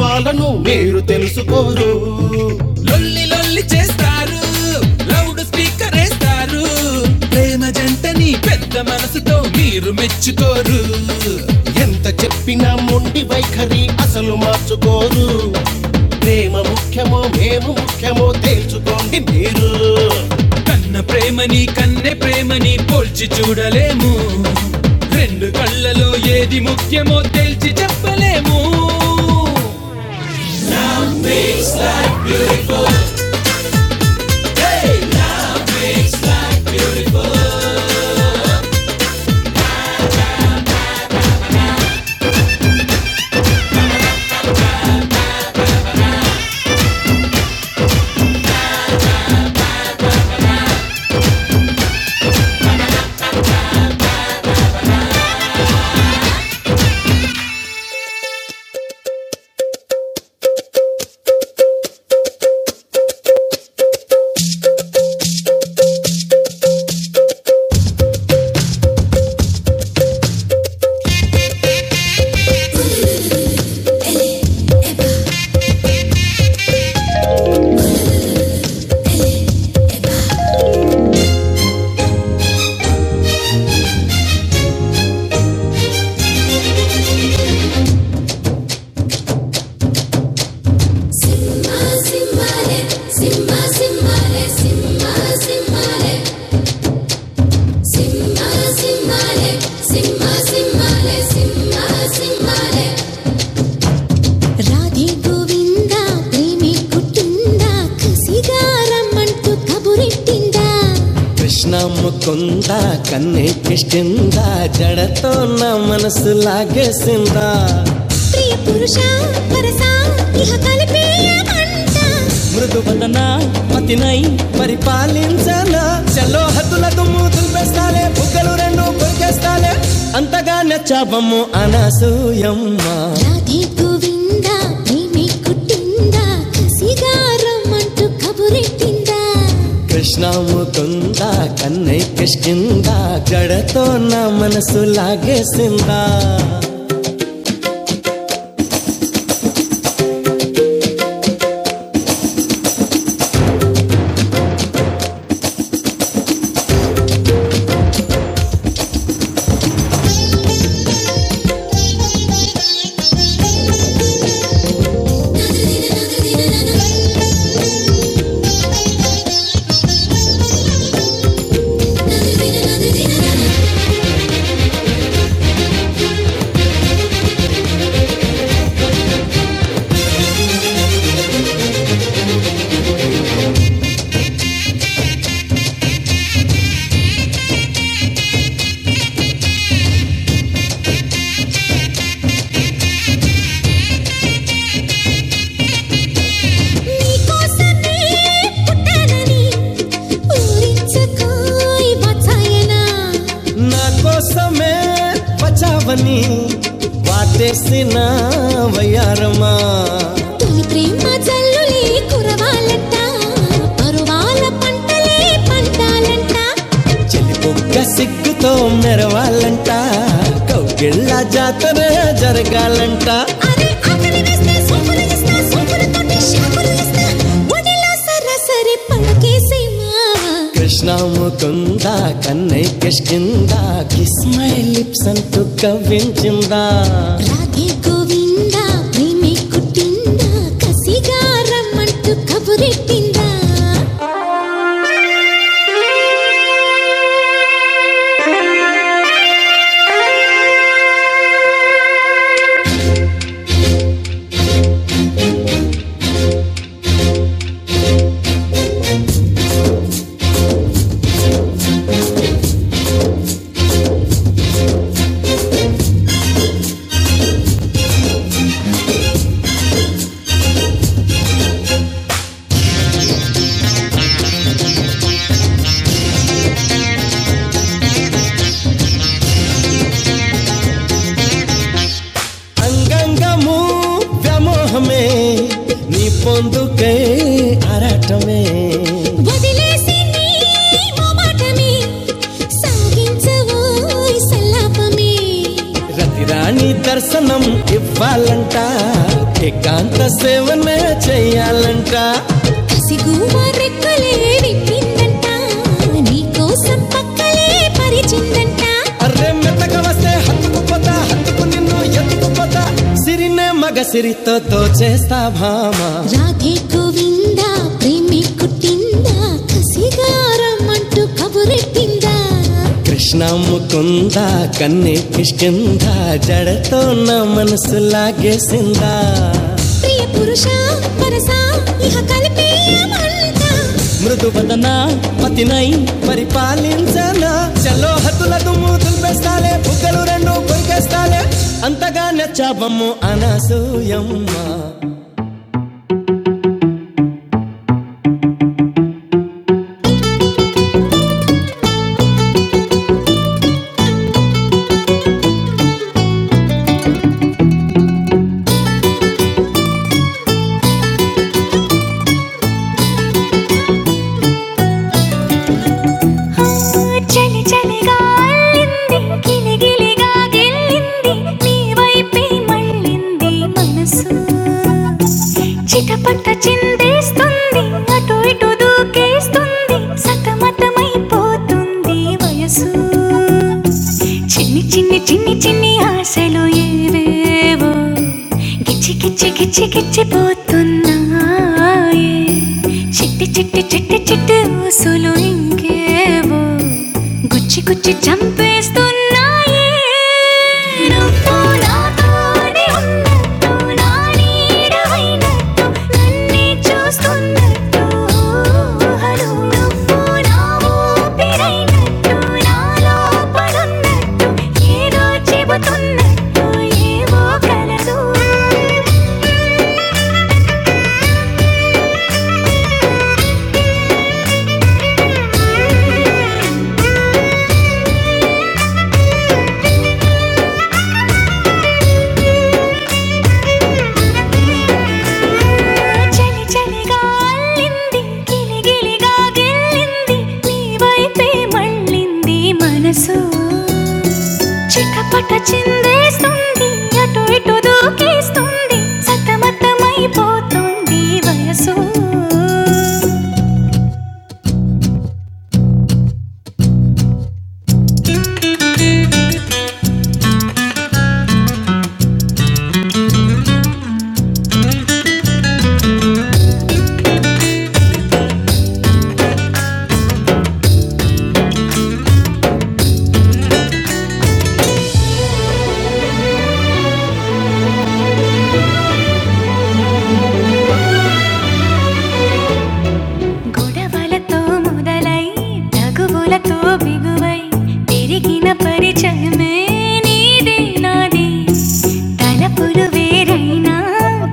A: భావాలను మీరు తెలుసుకోరు లొల్లి లొల్లి చేస్తారు లౌడ్ స్పీకర్ వేస్తారు ప్రేమ జంటని పెద్ద మనసుతో మీరు మెచ్చుకోరు ఎంత చెప్పినా మొండి వైఖరి అసలు మార్చుకోరు ప్రేమ ముఖ్యమో మేము ముఖ్యమో తేల్చుకోండి మీరు నన్నే ప్రేమని పోల్చి చూడలేము Simba, simba, simba, simba, simba, simba, simba. Radhe Govinda ప్రేమి పుట్టిందా కసిగా రమ్మంటూ కబురెట్టిందా కృష్ణ ముకుంద కన్నె కిష్టింద జడతో నా మనసు లాగే ప్రియ పురుష పరసా ఇహ కలిపేయ మంట మృదు వదన మతినై పరిపాలించన చల్లో హద్దుల దుమ్ము దులిపేస్తాలే బుగ్గలు రెండు కొరికేస్తాలే అంతగా నచ్చావమ్ము అనసూయమ్మ రాధే గోవింద ప్రేమే కుట్టింద కసిగా రమ్మంటూ కబురెట్టిందా కృష్ణ ముకుల కన్నై కిష్కిందా జడతో నా మనసు లాగేసిందా నీకోసమే పుట్టానని పూరించకోయ్ బచాయనా నా కోసమే పచావని వాటేసిన వయ్యారమా తొలి ప్రేమ జల్లులే కురవాలంట పరువాల పంటలే పంటాలంట చెలిపో అరే ఆకలి వేస్తే సోపులు ఇస్తా సోపులతోటి షాపులు ఇస్తా ఒడిలో సరాసరి పడకేసేమా కృష్ణముకు కన్నై రాధే గోవింద ప్రేమే కుట్టింద కసిగా రమ్మంటూ కబురెట్టిందా అంగంగము వ్యామోహమే నీ పొందుకే అరటమే వదిలేసి నీ మోమాటమే సాగించవోయ్ సల్లాపమే రతిరాణి దర్శనం ఇవ్వాలంట ఏకాంత సేవనే చేయాలంట సిగుమ రెక్కలే విప్పిందంట నీకోసం పక్కలే పరిచిందంట అర్రే మెత్తక వస్తే హత్తుకుపోతా హత్తుకు నిన్ను ఎత్తుకుపోతా సిరినే మగ సిరితో దోచేస్తా భామా రాధే గోవిందా ప్రేమే కుట్టిందా కసిగారమ్మంటూ కబురెట్టిందా కృష్ణ ముకుంద కన్నే కిష్కింద జడ ప్రియ పురుష వరస ఇహ కలిపేయమంట మృదు వదన పతినై పరిపాలించన చలో హతుల దుమ్ము దుల్పేస్తాలే బుగ్గలు పొంగలే అంతగా నచ్చావమ్ము అనూయమ్మ చలి చలిగా అల్లింది గిలిగిలిగా గిల్లింది నీ వైపే మళ్ళింది మనసు చిటపట చిందేస్తుంది అటు ఇటు దూకేస్తుంది సతమతమైపోతుంది వయసు చిన్ని చిన్ని చిన్ని చిన్ని ఆశలు ఏవేవో గిచ్చి గిచ్చి గిచ్చి గిచ్చిపోతున్నాయే చిట్టి చిట్టి చిట్టి చిట్టి ఊసులు ఇంకేవో గుచ్చి గుచ్చి చంపేస్తున్నాయి నువ్వు నాతోనే ఉన్నట్టు, నా నీడవైనట్టు, నన్నే చూస్తున్నట్టు ఊహలు. నువ్వు నా ఊపిరైనట్టు, నా లోపలున్నట్టు, ఏదో చెబుతున్నట్టు ఏవో కలలు చలి చలిగా అల్లింది గిలిగిలిగా గిల్లింది నీ వైపే మళ్ళింది మనసు చిటపట చిందేస్తుంది అటు ఇటు దూకేస్తుంది సతమతమైపోతుంది వయసు మనసే నీదే నాదే తలపులు వేరైనా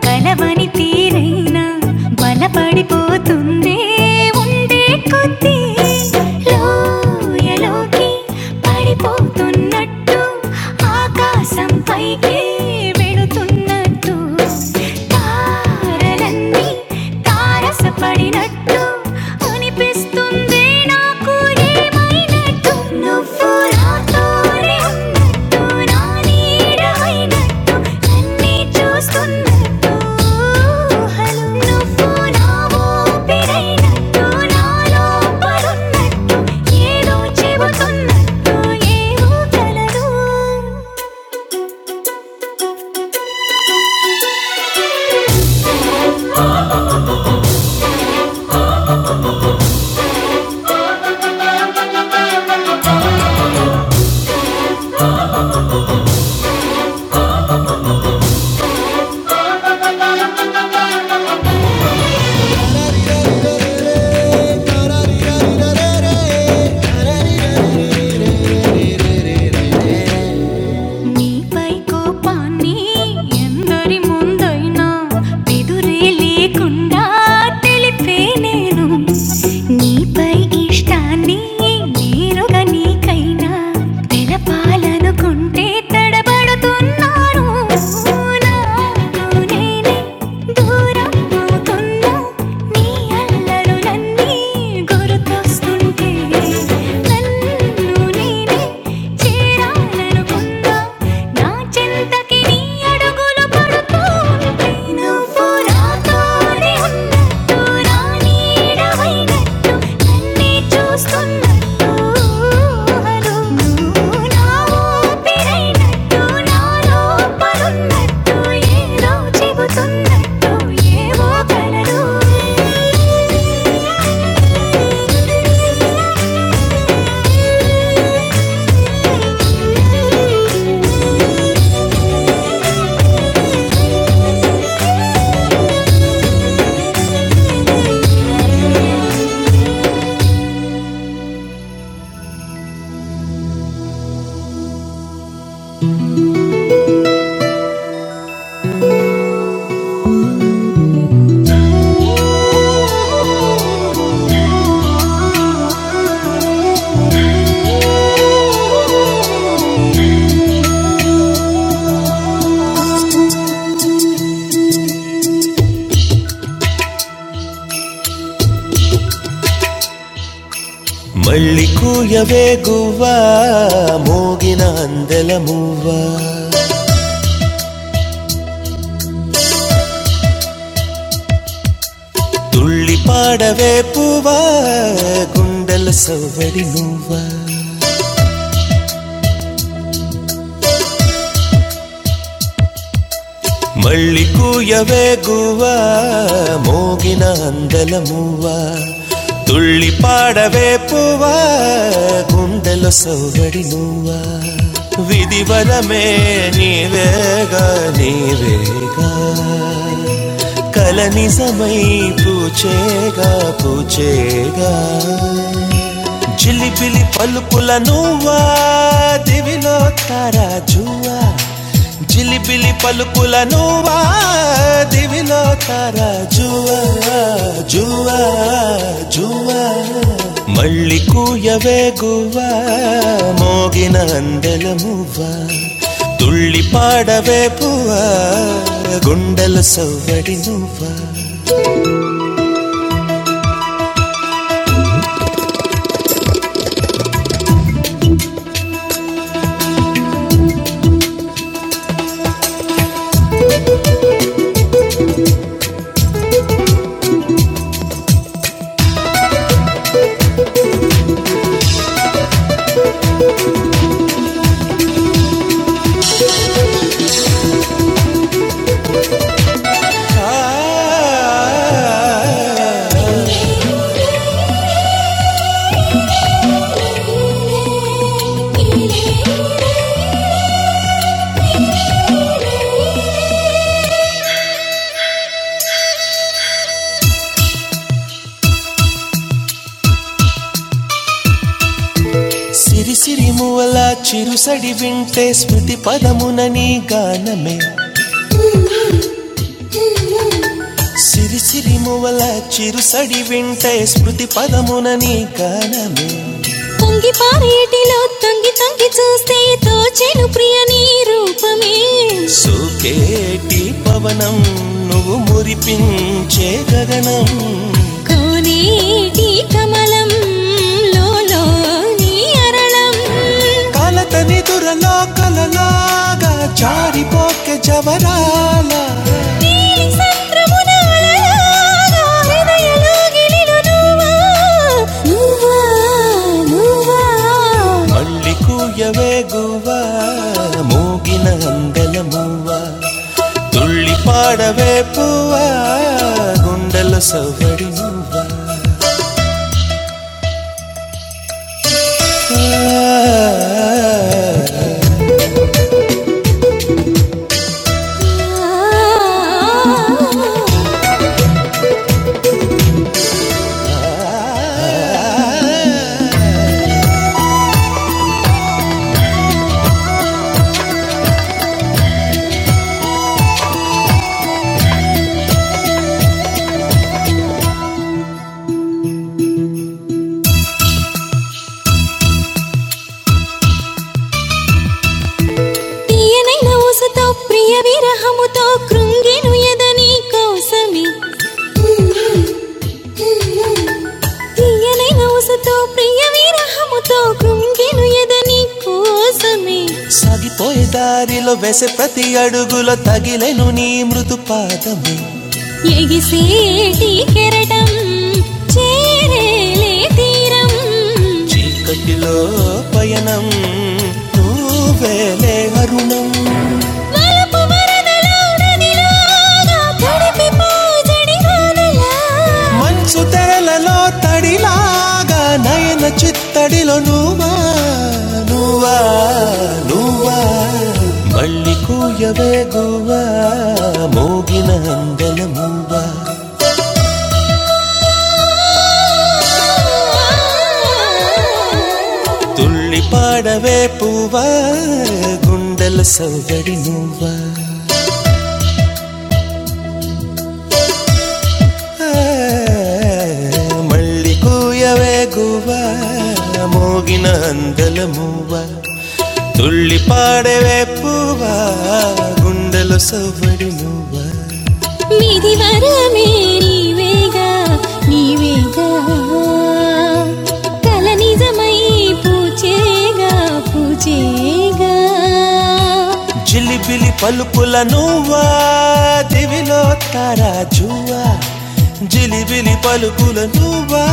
A: కలవని తీరైనా బలపడిపోతుందే ఉండే కొద్దీ లోయలోకి పడిపోతున్నట్టు ఆకాశం పైకి వెళుతున్నట్టు తారలన్నీ తారస పడినట్టు అనిపిస్తుంది నాకు ఏమైనట్టు నువ్వు నాతోనే ఉన్నట్టు నా నీడ అయినట్టు నన్నే చూస్తున్నట్టు ఊహలు నువ్వు నా ఊపిరైనట్టు నా లోపలున్నట్టు ఏదో చెబుతున్నట్టు ఏవో కలలు నీపై కోపాన్ని ఎందరి ముందైనా ఎదురే లేకుండా తెలిపే నేను నీపై ఇష్టాన్ని నేరుగా నీకైనా తెలపాలనుకుంటే తడబడుతున్నాను చెంతకి నీ అడుగులు పడుతూ నువ్వు రాత్రి నిడవైన నిన్నే చూస్తున్నట్టు ఊహలు నా ఊపిరైనట్టు నా లోపలున్నట్టు ఏదో చెబుతున్నట్టు ఏవో కలలు గుండెల సవ్వడి నువ్వ మళ్ళీ అంద తుడవే పువ్వా గుండెల సవ్వడి నువ్వ విధివనే నీవేగా నీ కలనిజమై పూచేగా పూచేగా చిలిపిలి పలుకుల నువ్వా దివిలో జిలువా జువా జువా జువా మళ్ళీ కూయవే గువ్వా మోగిన అందెలమువ్వా తుళ్ళి పాడవే పువ్వా గుండెల సౌవ్వా తడి వింటే స్మృతి పదమున నీ గానమే సిరి సిరి మువల చిరుసడి వింటే స్మృతి పదమున నీ గానమే పొంగి పారేటిలో తొంగి తొంగి చూస్తే తోచెను ప్రియ నీ రూపమే సోకేటి పవనం నువ్వు మురిపించే గగనం కోనేటి కమలం లోలో నీ అరణం నీలి సంద్రమున అలలా నా హృదయలో గిలిన నువ్వా నువ్వా నువ్వా తీయనైన ఊసతో ప్రియ విరహముతో కృంగెను ఎదని కోసమే తీయనైన ఊసతో ప్రియ విరహముతో కృంగెను ఎదని కోసమే నేను నీ మృదు పాదం ఎగిసేటి కెరటం చేరేలే తీరం చీకటిలో పయనం నువ్వేలే అరుణం మలపు వరదలో నదిలాగా తడిపిపోజడి వానలా. మంచు తెరలలో తడిలాగా నయన చిత్తడిలో నువ్వా నువ్వా నువ్వా ఆ, ఆ, ఆ, ఆ. ಗುಂಡಲು ಸವವಡಿನುವ ಮಳ್ಳಿ ಕೂಯವೇ ಗೂವ ಮೋಗಿನ ಅಂದಲಮುವ ತುಳ್ಳಿ ಪಾಡೆ ವೇಪ್ಪುವ ಗುಂಡಲು ಸವವಡಿನುವ విధి వరమే నీవేగా నీవేగా కల నిజమై పూచేగా పూచేగా జిలిబిలి పలుపుల నువ్వా దివిలో తారాజువా జిలిబిలి పలుపుల నువ్వా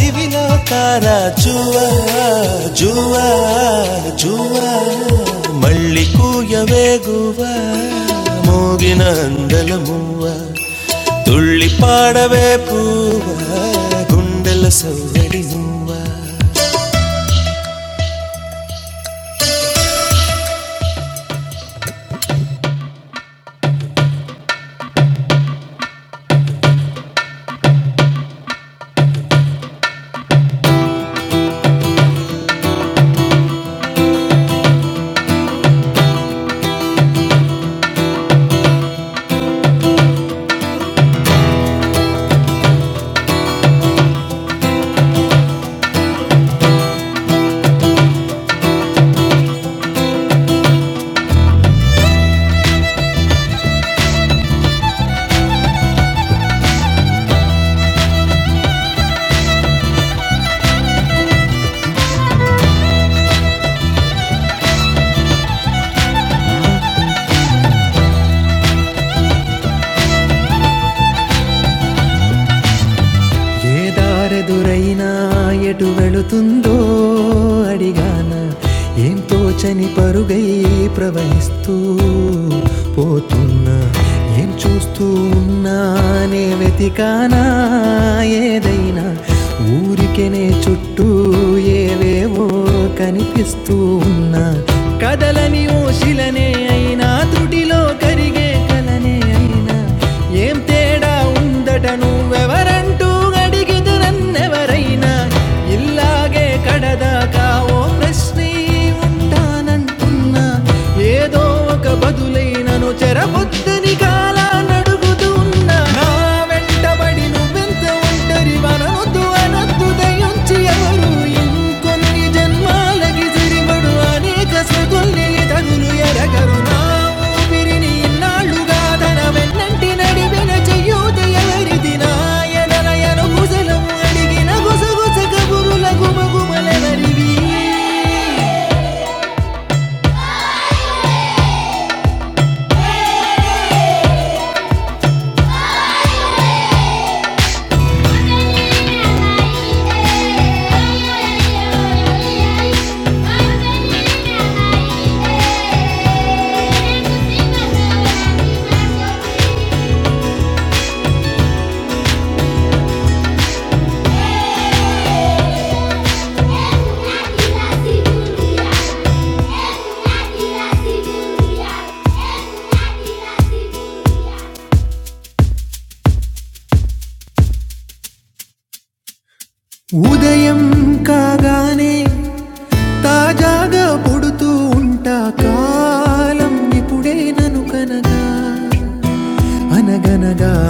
A: దివిలో తారాజువా జువా జువా మళ్ళీ కూయవేగువా నిన గుండెల సౌదడి నువ్వా ఎంచున్నానే వెతికానా ఏదైనా ఊరికెనే చుట్టే కదోశిలనే అయినా త్రుటిలో కరిగే కలనే అయినా ఏం తేడా ఉందట నువ్వెవరంటూ అడిగితే నన్నెవరైనా ఇల్లాగే కడదాకా ఓ ప్రశ్నే ఉంటానంటున్నా ఏ నన్ను చెరపొద్దని కాలా నడుగుతూ ఉన్న నా వెంటబడి నువ్వెంత ఒంటరి మనవద్దు అనద్దు దయించి ఎవరు ఇంకొన్ని జన్మి సిరిమడు అనేక సృతుల్ని తగులు ఎరగరు నా ఊపిరినాళ్ళుగా తన వెన్నంటి నడిపిది నాయన గుసలము అడిగిన గుసగుస కబురుల గుమగుమలెవరి ఆ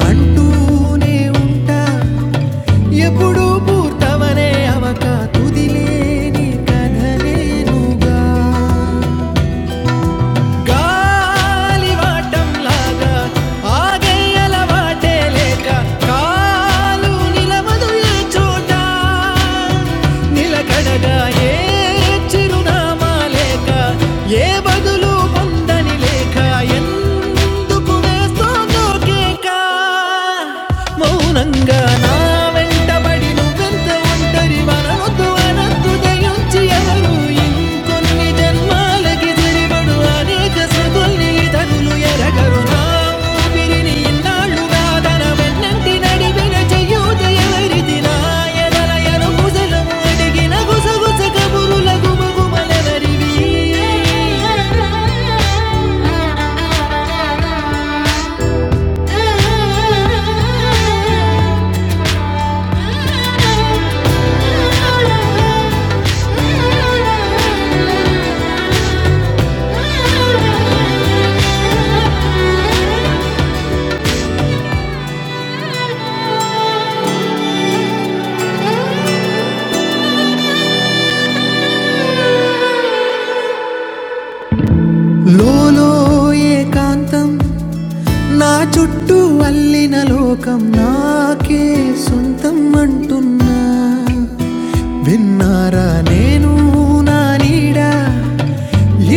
A: అంటూనే ఉంటా ఎప్పుడూ పూర్తవనే అవక తుదిలేని కథలే నువ్వుగా లాగా ఆగయ్యల వాటే లేక కాలు నిలవదు ఏ చోట నిలకడగా ఏ చిరునామా లేక ఏ బదులు పొందని లేక ఎందుకు వేస్తోందో కేక మౌనంగా నా వెంటబడి నువ్వెంత ఒంటరి మధు అనద్దు దయించి ఎవరు ఇంకో జనం నిలబడు అనేక సతుల్ని ఇతరులు ఎరగరు నా ఊపిరిని ఇన్నాళ్ళుగా తన వెన్నంటి నడిపిన చెయ్యూత ఎవరిది నా ఎదల ఎనుగుసలడిగిన గుసగుస కబురుల గుమగుమలెవరివి? చుట్టూ కాకే సొంతం అంటున్నా విన్నారా నేను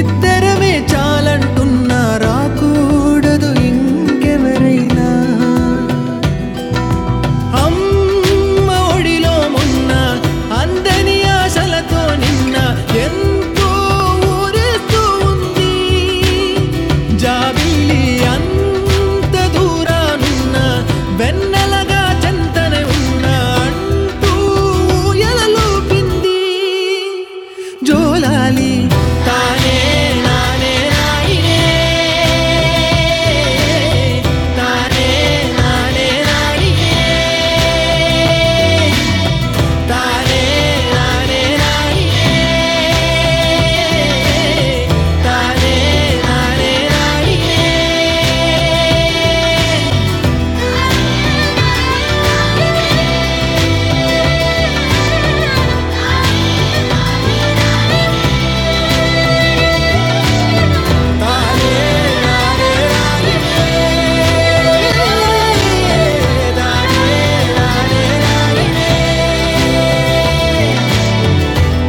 A: ఇద్దరమే చంటు నాకు ఇంకెవరైనా మొన్న అందని ఆశలతో నిన్న ఎంతో ఊరేస్తూ ఉంది జాబి అంత దూరానున్న లక్షంతనే ఉన్నాడు ఎలలో పింది జోలాలి తానే నానే నాయనే తానే నానే నాయి తానే నానే నాయి తానే నానే ఆ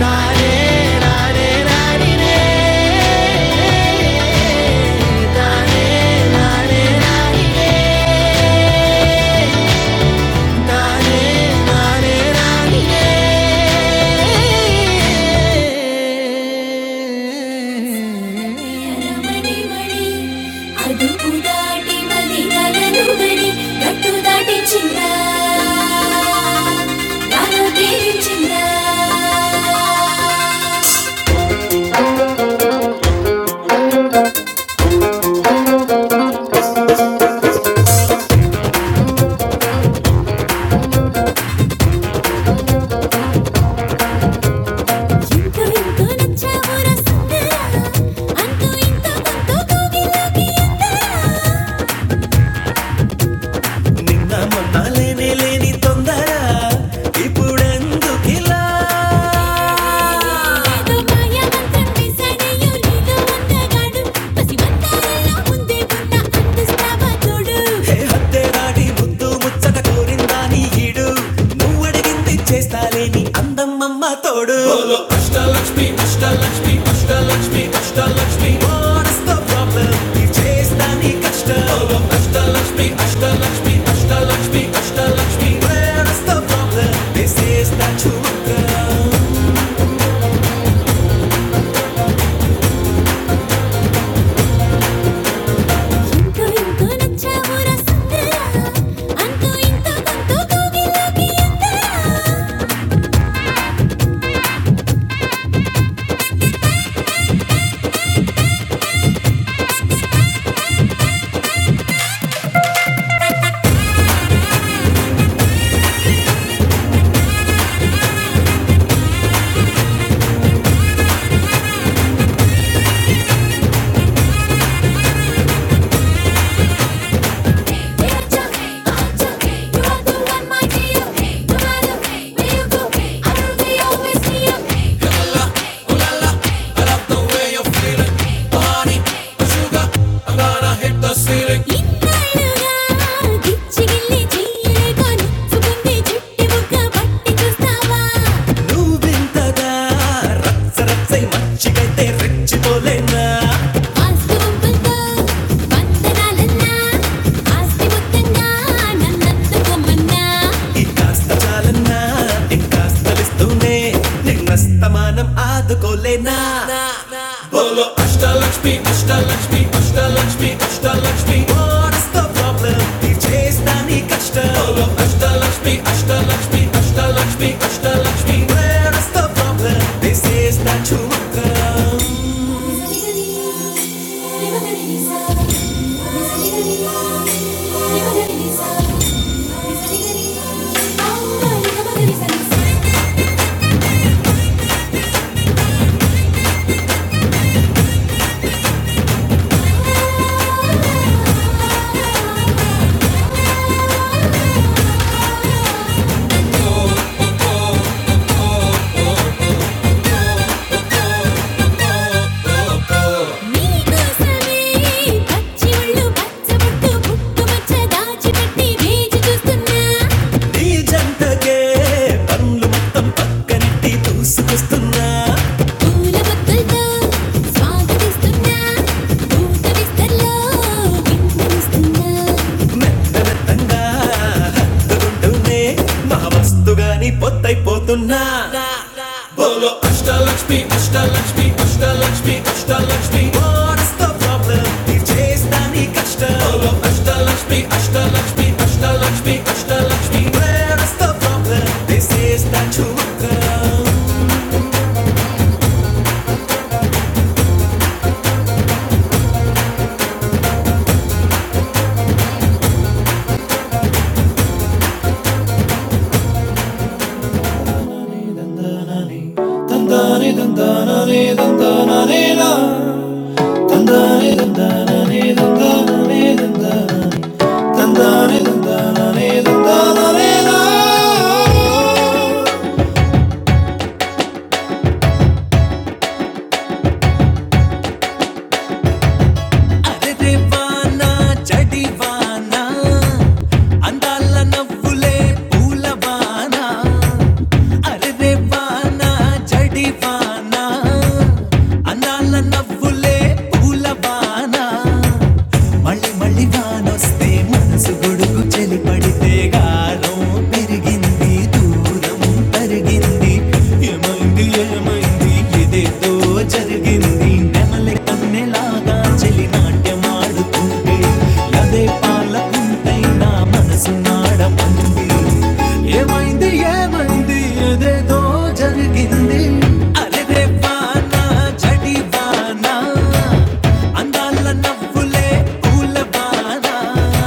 A: நானே ఎరమణిమణి, అదుపు దాటి మదినలను గని, గట్టు దాటించిందా? నాలో తీరించిందా? ఇంతో ఇంతో నచ్చావు రసంతా, అంతో ఇంతో కొంతో కోగిలోకి అంతా. నిన్న మొన్న లేనే లేని తొందర ఇప్పుడే ఏదో మాయమంత్రం వేసాడయ్యో నీలో అందగాడు పసిమంతాలలో ముందే ఉన్న అంతస్తావా చూడు హే హత్తే దాటి ముద్దు ముచ్చట కోరిందా నీ ఈడు నువ్వడిగింది చేస్తాలేని అందమ్మమ్మ తోడు ఇంకో ఇంకో నచ్చావురా సుందరా అంతూ ఇంతో కొంత దూగిలోకి ఎంతరా నువ్వింతగా రచ్చ రచ్చై మచ్చికైతే రెచ్చిపోరా ఇంకా స్థలిస్తూనే నిన్నస్తమానం ఆదుకో కృషి కష్టాలు పచ్చి ఒళ్ళు పచ్చబుట్టు పుట్టుమచ్చ దాచిపెట్టి వేచి చూస్తున్నా. పూలబొక్కలతో స్వాగతిస్తున్నా పూత విస్తర్లో వింటనిస్తున్నా ఒత్తిడి చేస్తాని కష్ట అరే వానా చడివానా అందాల నవ్వులే పూలవానా అరే వానా జడి వానా అన్నాల నవ్వులే పూల వానా మళ్ళీ మళ్ళీ వానొస్తే మనసు గొడుగు చెలి పడితే గాలం పెరిగింది దూరం తరిగింది ఏమైంది ఏమైంది ఇదేదో జరిగింది నెమలి కన్నెలాగా చెలి నాట్యమాడుతుంటే అదే పాలకుంటై నా మనసు నాడమంటే ఏమైంది ఏమైంది ఏదేదో జరిగింది అరెరే వాన, చడి వాన, అందాల నవ్వులే పూల వాన.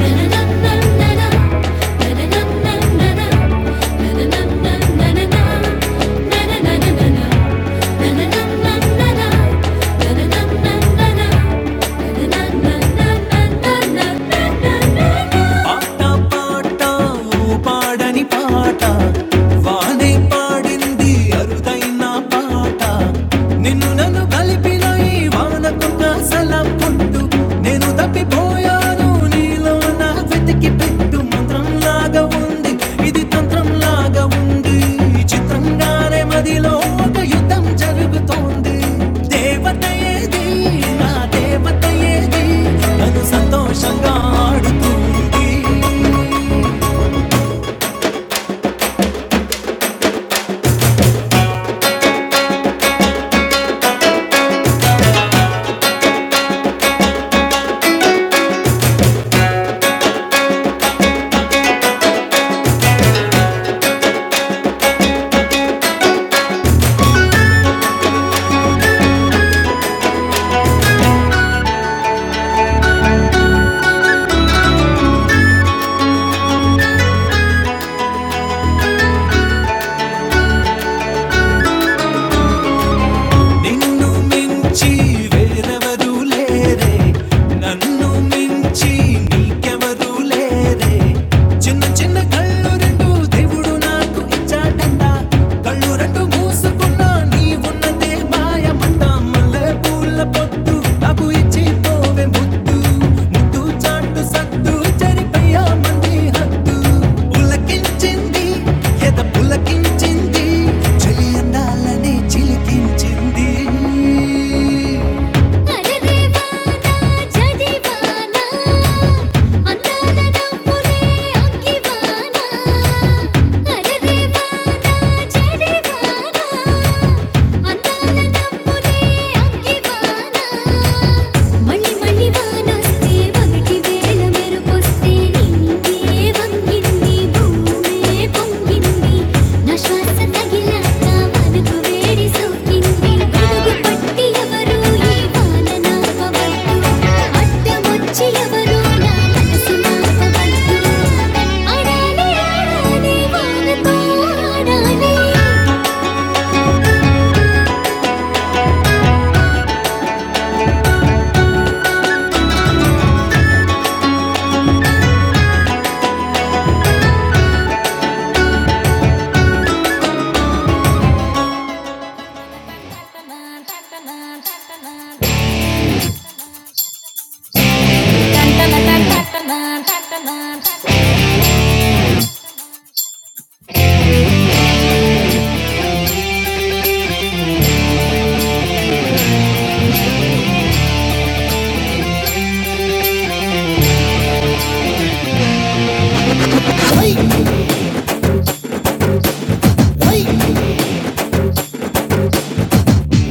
A: పాట పాట ఓ పాడని పాట వానే పాడింది అరుదైన పాట నిన్ను కలిపి తున్న పుట్టు నేను తప్పిపోయాను నీలో నా వెతికి పెట్టు మంత్రం లాగా ఉంది ఇది తంత్రంగా ఉంది చిదిలో ఒక యుద్ధం జరుగుతోంది దేవత ఏది నా దేవత ఏది అన్నాడు నిన్ను మించి వేరెవరు లేరే నన్ను మించి నీకెవరు లేరే చిన్న చిన్న కళ్ళు రెండు దేవుడు నాకు ఇచ్చాడంట కళ్ళు రెండు మూసుకున్నా నీ ఉన్నదే మాయమంట జంట మల్లె పూల పొట్టు నాకు ఇచ్చి పోవే ముద్దు ముద్దు చాటు సత్తు జరిపయ్యా మంది హద్దు పులకించింది ఎద పులకించింది చెలి అందాలని చిలికించింది అరే దేవానా జడివానా అందాల నవ్వులే అంకివానా అరే దేవానా జడివానా అందాల నవ్వులే అంకివానా మళ్ళీ మళ్ళీ వానొస్తే మొదటి వేళ మెరుపొస్తే నీ నీవే వంగింది భూమే పొంగింది నా శ్వాస తగిలాక మనకు వేడి సోకింది అడుగు పట్టి ఎవరు ఈ వాన నాపవద్దు అడ్డమొచ్చి ఎవరు నా మనసు నాపవద్దు అడాలి అడాలి వానతో ఆడాలి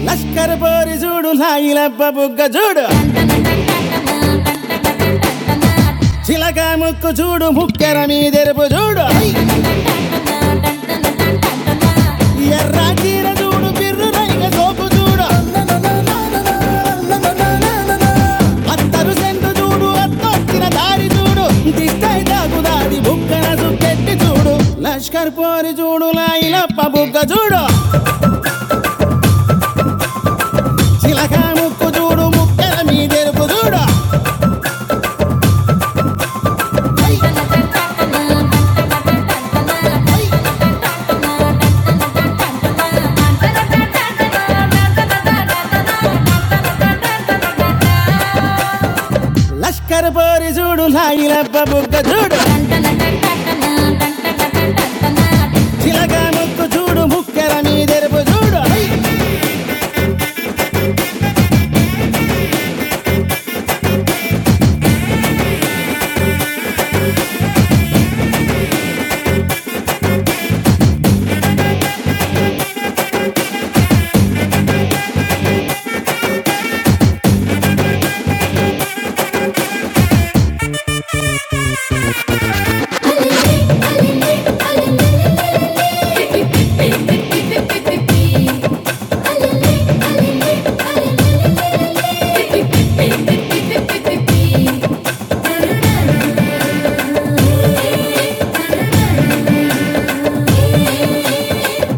A: లష్కర్ పోరి చూడు లాయిలబ్బ బుగ్గ చూడు టంటన చిలక ముక్కు చూడు ముక్కెర మీదెరుపు చూడు ఎర్ర చీర చూడు బిర్రు రైగ సోపు చూడు అత్తరు సెంటు చూడు అత్తొచ్చిన దారి చూడు దిష్టై దాగుదాది బుక్కన సుక్కెట్టి చూడు లష్కర్ పోరి చూడు లాయిలప్ప బుగ్గ చూడు చిలక ముక్కు చూడు ముక్కెర మీదెరుపు చూడు లష్కర్ పోరి చూడు లాయిలప్ప బుగ్గ చూడు చిలక ముక్కు చూడు ముక్కెర మీదెరుపు చూడు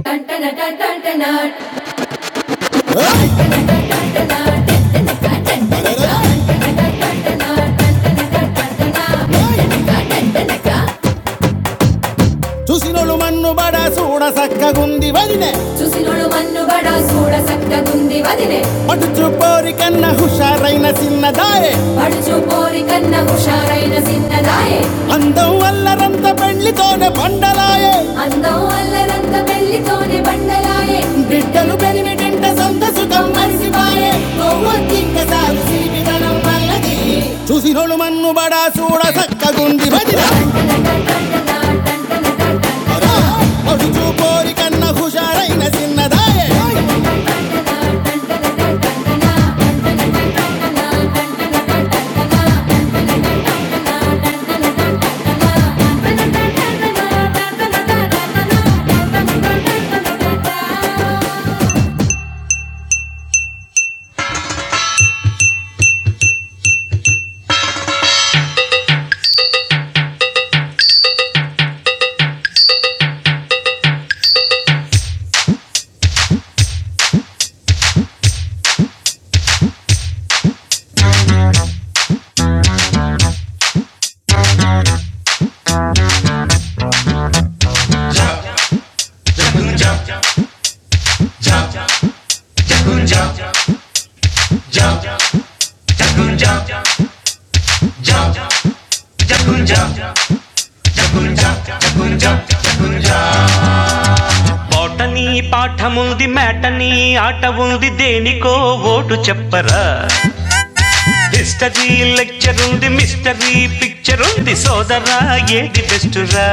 A: టంటన టంటన చూసినోళ్ళు మన్ను బడ సూడ సక్కగుంది వదినే చూసినోడు మన్ను బడ చూడ చక్కగుంది వదిలే పటుచు పోరి కన్న హుషారైన చిన్నదాయే పడుచు పోరి కన్న హుషారైన సిన్నదాయే అందం వల్లరంత పెళ్లితోనే పండలాయే అందం అల్లరంత పెళ్లితోనే బండలాయే బిడ్డలాయ చూసినోడు మన్ను బడా చూడ చక్కగుంది భజన అరా, అడుచు పోరి కన్న హుషారైన చిన్నదాయే పాటని పాఠముంది మేటని ఆట ఉంది దేనికో ఓటు చెప్పరా హిస్టరీ లెక్చర్ ఉంది మిస్టరీ పిక్చర్ ఉంది సోదరా ఏది బెస్ట్ రా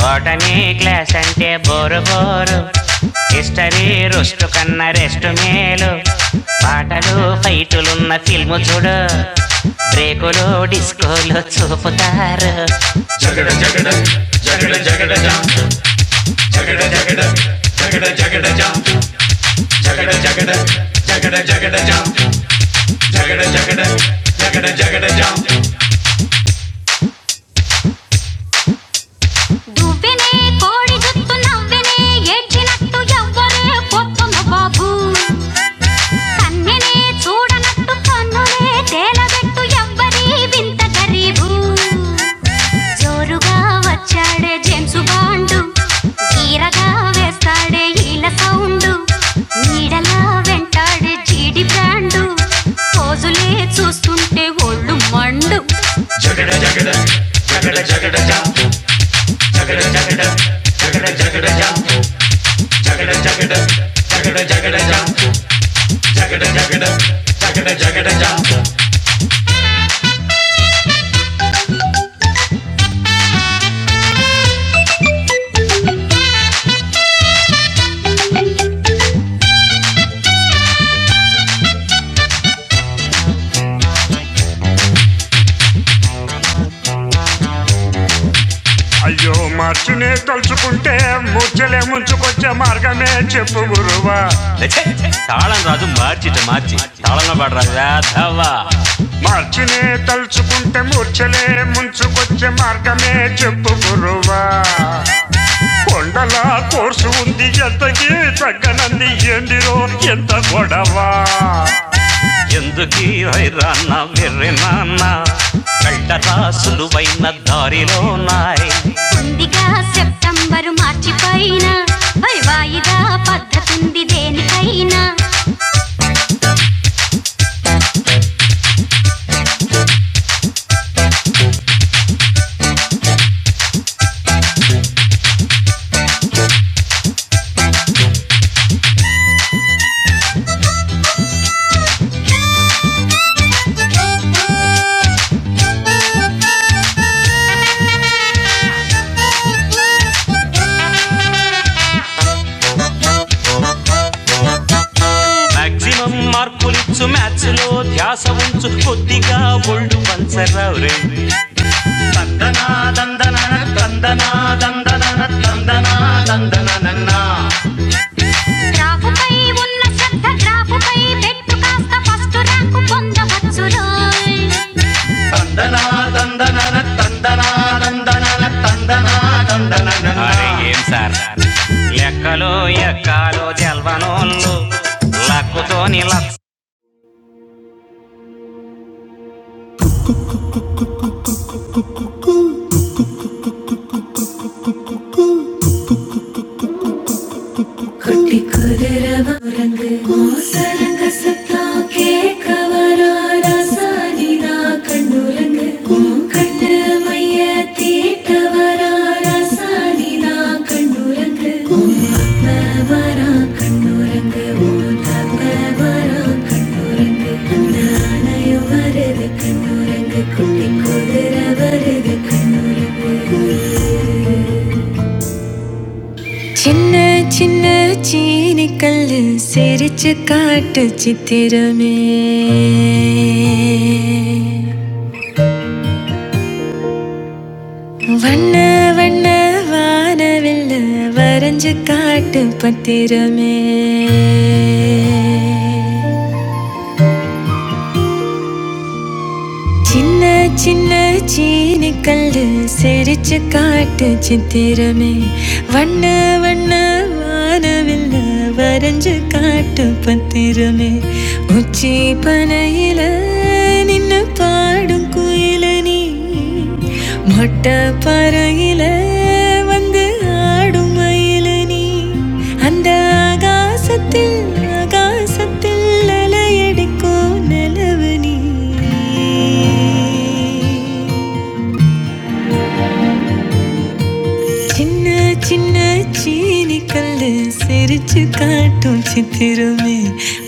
A: బోటనీ క్లాస్ అంటే బోరు బోరు హిస్టరీ రుష్టు కన్నా రెస్ట్ మేలు పాటలు ఫైటులున్న ఫిల్ము చూడు బ్రేకులు డిస్కోలు చూపుతారు నువ్వెనే కోడి గుత్తు నవ్వెనే ఏడ్చినట్టు ఎవ్వరే పొద్దున బాబు కన్నెనే చూడనట్టు కన్నులే తేలబెట్టు ఎవ్వరి వింత గరీబు జోరుగా వచ్చాడే జేమ్స్ బాండు కీరగా వేస్తాడే ఈల సౌండు నీడలా వెంటాడే చీడి బ్రాండు పోజులే చూస్తుంటే ఒళ్ళు మండు ముచ్చలే ముంచు నే చెప్పు గురువా ఛే, ఛే, తాళం రాదు మార్చిట మార్చి తాళంలో పాడరా వేధవా. కూర్చలే ముందా ఆ కోర్సు ఉంది ఎంతకి తంది ఏందిరో ఎంత గొడవా ఇరవై రన్నవరిలో ఉన్నాయి మాక్సిమం మార్కులిచ్చు మ్యాచ్ లో ధ్యాస ఉంచు కొద్దిగా ఒళ్ళు పంచరావు రే దందనా దందన దందనా దందన దందనా சின்ன சின்ன சீனிக்கல்லு சிரிச்சு காட்டு சித்திரமே வண்ண வண்ண வானவில் வரைஞ்சு காட்டு பத்திரமே சின்ன சின்ன சீனி கல்லு சிரிச்சு காட்டு சித்திரமே வண்ண வண்ண வானவில் வரைஞ்சு காட்டு பத்திரமே உச்சி பனையில நின்னு பாடும் குயில நீ மொட்டை பறையில வந்து ஆடும் மயிலு நீ அந்த ஆகாசத்தில் ஆகாசத்தில் அலையடிக்கும் நிலவு நீ சின்ன சின்ன சீனி கல்லு சிரிச்சு காட்டும் சித்திரமே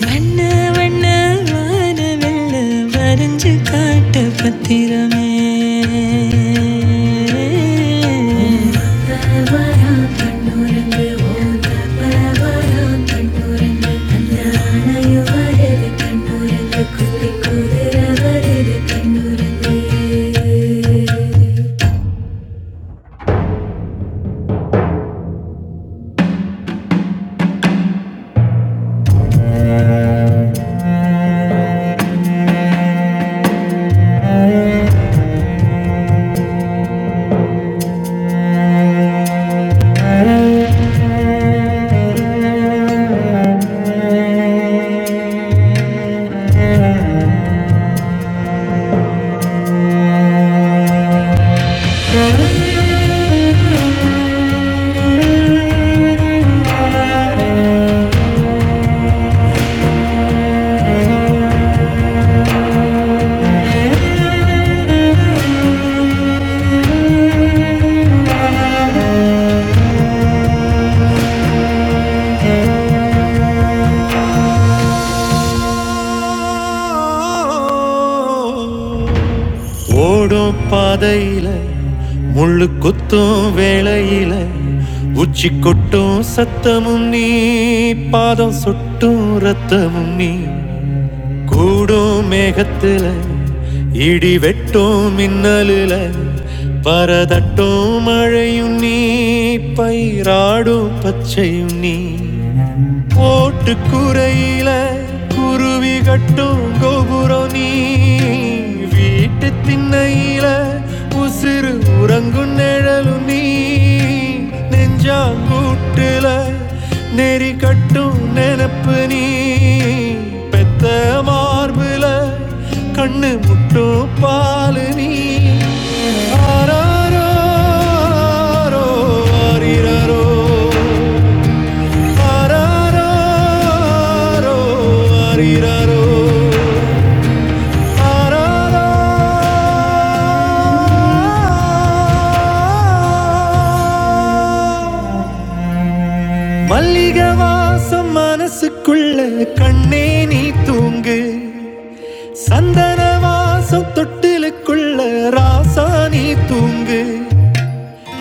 A: வண்ண வண்ண வான வெள்ள வரைஞ்சு காட்ட பத்திரமே தினமும் நீ பா ரத்தமும் நீ கூடும் மேகத்தில பரதட்டும் மழையும் நீ பயிராட்டு திண்ணையில உசிறு உரலும் நீ நெஞ்சாங்கூட்டுல நெறி கட்டும் நெனப்பு நீ பெத்த கண்ணு முட்டும் பாலு நீ மல்லிக வாசம் மனசுக்கும் கண்ணே நீ தூங்கு நீ தூங்கு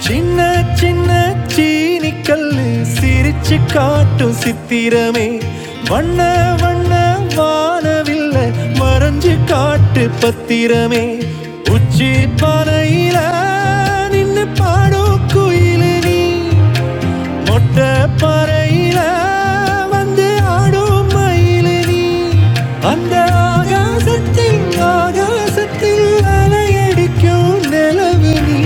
A: சின்ன சின்ன சீனி கல்லுமே காட்டிரமே கையிலாடுடன் திடிக்கும் நிலவு நீ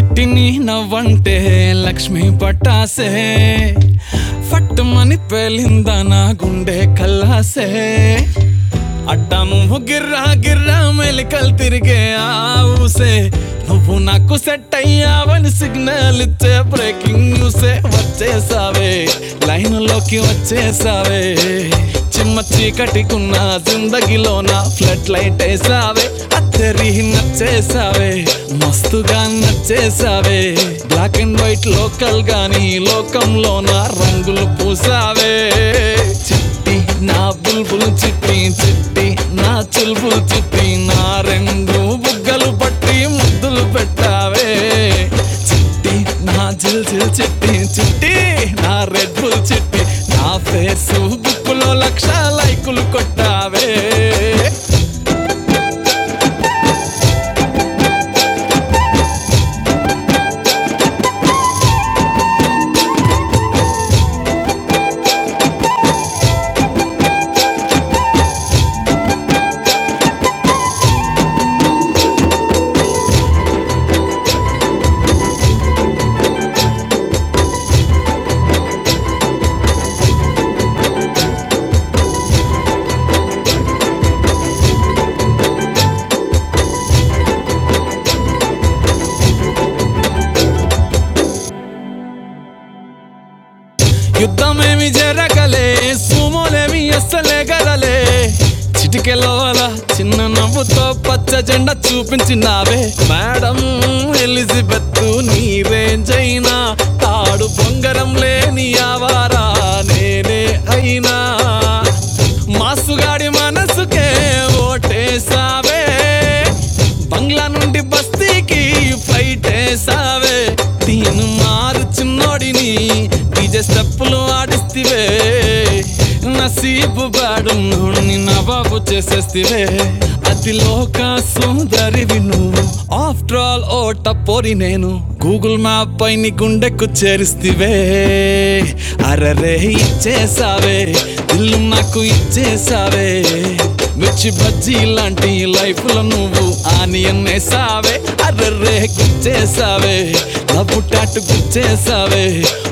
A: చిట్టి నీ నవట సిగ్నల్ ఇచ్చే బ్రేక్ లే వచ్చే లైన్ లోకి వచ్చేసావే ఉన్న జిందగీలోన ఫ్లడ్ లైట్ వేసావే అత్తరి నచ్చేసావే మస్తుగా నచ్చేసావే బ్లాక్ అండ్ వైట్ లోకంలోన రంగులు పూసావే చిట్టి నా బుల్బుల్ చిట్టి చిట్టి నా చుల్బుల్ చిట్టి నా రెండు బుగ్గలు పట్టి ముద్దులు పెట్టాయి చిట్టి నా చిట్టి చిట్టి నా చిట్టి నా ఫేసు బుక్కులో లక్ష లైకులు కొట్టావే లేగరలే చిటికెలోల చిన్న నవ్వుతో పచ్చ జెండా చూపించినావే మేడం ఎలిజలేనా తాడు బొంగరమా మాసుగాడి మనసుకే ఓటేసావే నుండి బస్తీవే మారు చిన్నోడిని డీజే స్టెప్పులు ఆడిస్తే నీపు నా బాబుతే అతి లోకా నువ్వు ఆఫ్టర్ ఆల్ ఓ టపోరి నేను గూగుల్ మ్యాప్ పై నీ గుండెకు చేరిస్తివే అరే ఇచ్చే ఇల్లు ఇచ్చే మిర్చి బజ్జీ లైఫ్ లో నువ్వు ఆనియన్ సావే అర్రే గుచ్చే నా పుట్టాటు గుచ్చేసావే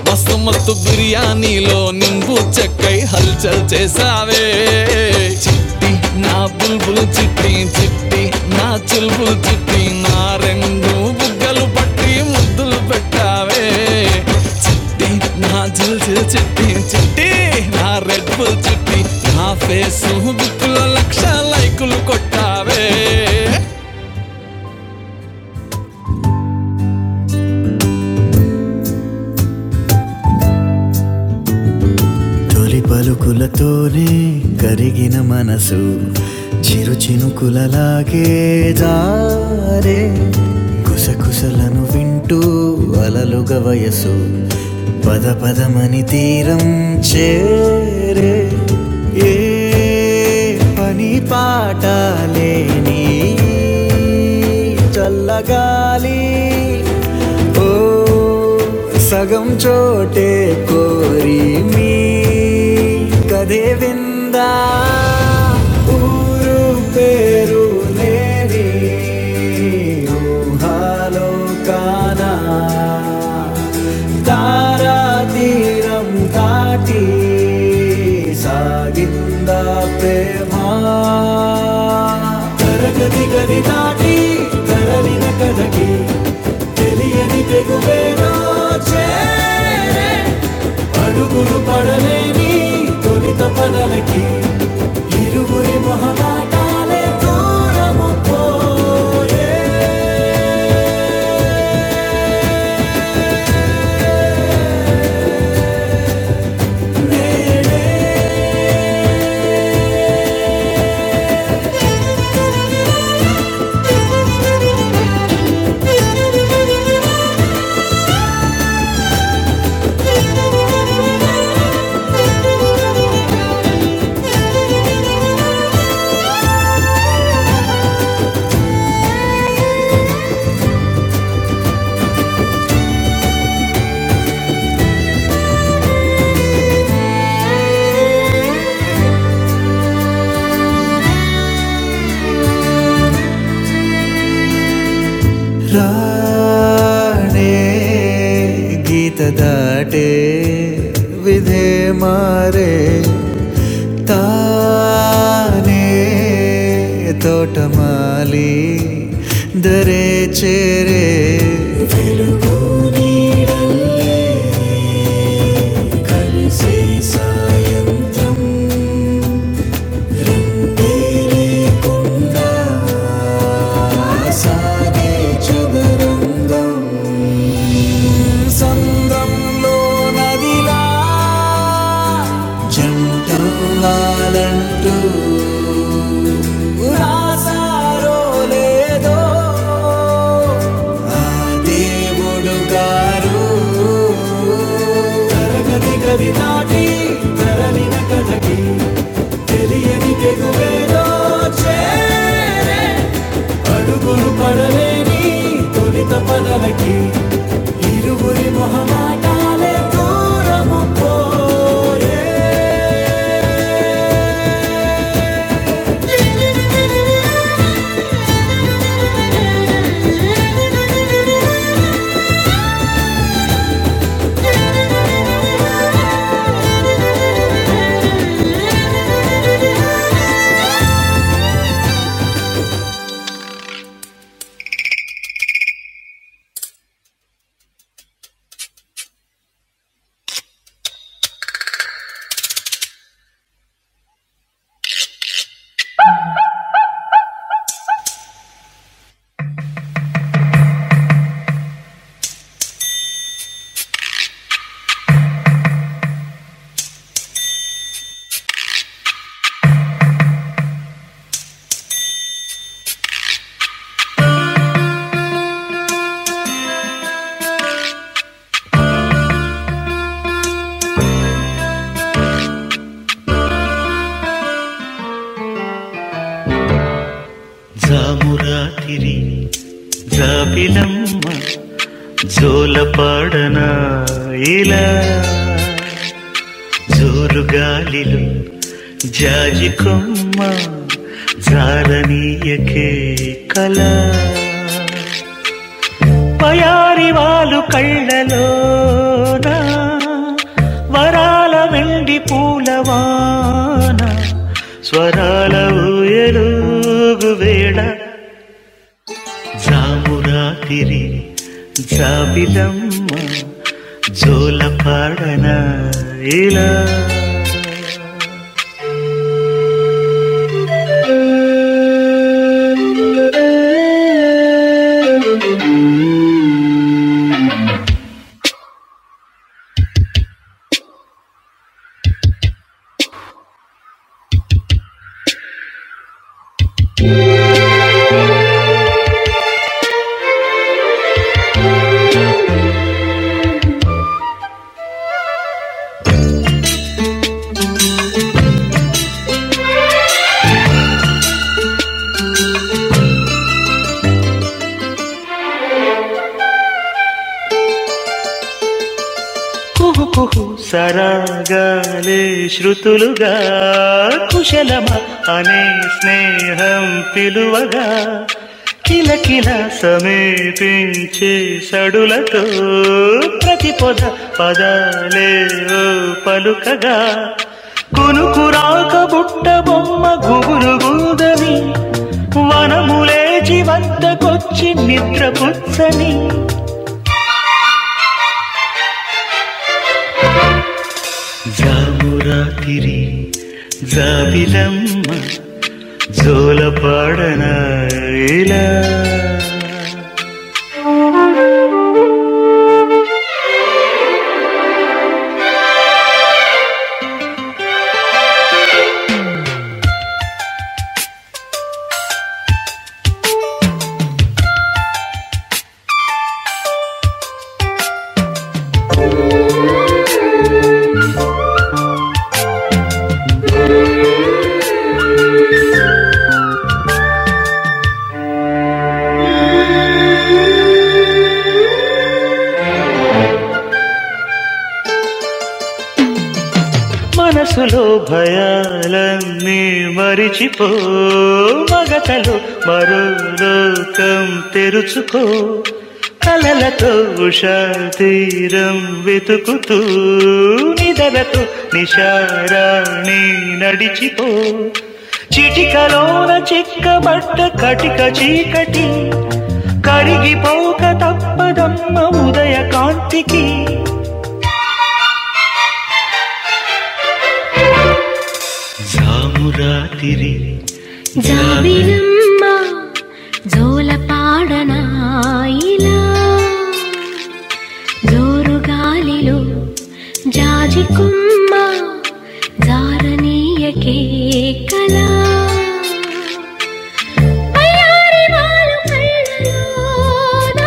A: మస్తు మస్తు బిర్యానీలో నింబు చెక్కై హల్చల్ చేసావే చిట్టి నా బుల్బుల్ చిట్టి చిట్టి నా చిల్బుల్ చిట్టి నా రెండు బుగ్గలు పట్టి ముద్దులు పెట్టావే చిట్టి నా జిల్ జిల్ చిట్టి చిట్టి నా రెడ్ బుల్ చిట్టి నా ఫేస్ బుక్కులో లక్ష లైకులు కొట్టావే పలుకుల కరిగిన మనసు చిరు చినుకులలాగే కుసకుసయసు సోటే కోరి మీ కదే విందా ఊరు పేరు నేరి ఊహాలోకన తారా తీరం దాటి సాగిందా ప్రేమ అడుగులు పడలేని తొలగలే రాణే గీత దాటే విధే మారే తానే తోటమాలి దరే చేరే వెలుగు నీడల్లే కలిసే సాయంత్రం సాగే చదరంగం సందంలో నదిలా జంటంగాలంటూ రాసారో లేదో దేవుడు గారు తరగతి గది దాటి తరలిన కథకి తెలియని తెగువేదో చేరే అడుగులు పడలేని తొలిత పదలకి ఇరువురి మొహమాటాలే దూరము పోయే మనసులు మగతలు మరో లోకం తెరుచుకో కలలతో ఉషా తీరం వెతు నిషారాణి నడిచితో చిక్కుక తప్ప జాబిలమ్మ జోలపాడనాయిలా జోరు గాలిలో జాజికుమ్మ జారనీయకే కలా అయ్యారి వాలు కళ్ళలోన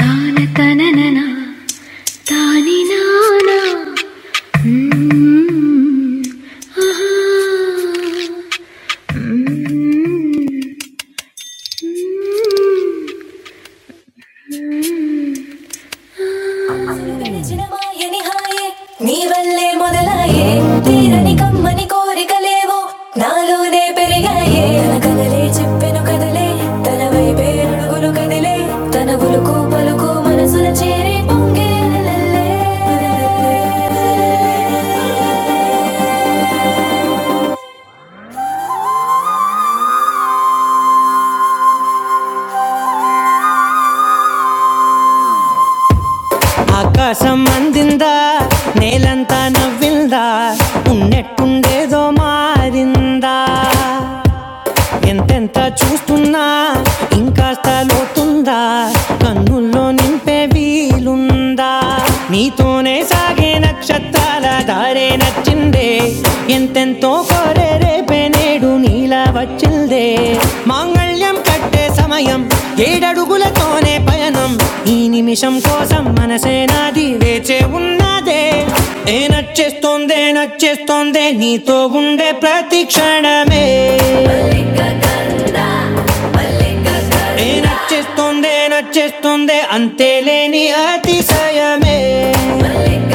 A: తాన తననన తాని నానా మ్మ్. జనమాయని హాయే నీ వల్లే మొదలాయే తీరని కమ్మని కోరికలేవో నాలోనే పెరిగాయే తన కదలే చెప్పెను కదలే తన వైపే అడుగులు కదిలే తన ఉలుకు పలుకు మనసుల చేరే పొంగే లల్లే, లల్లే. ఆకాశం అందిందా నేలంతా నవ్విందా ఉన్నట్టుండేదో మారిందా ఎంతెంత చూస్తున్నా ఇంకాస్త లోతుందా కన్నుల్లో నింపే వీలుందా నీతోనే సాగే నక్షత్రాల దారే నచ్చిందే ఎంతెంతో కోరే రేపే నేడు నీలా వచ్చిందే మాంగళ్యం కట్టే సమయం ఏడడుగులతోనే పయనం ఈ నిమిషం కోసం మనసే నాది వేచే ఉన్నదే ఏ నచ్చేస్తోందే నచ్చేస్తోందే నీతో ఉండే ప్రతి క్షణమే ఏ నచ్చేస్తుందే నచ్చేస్తుందే అంతేలేని అతిశయమే మల్లిక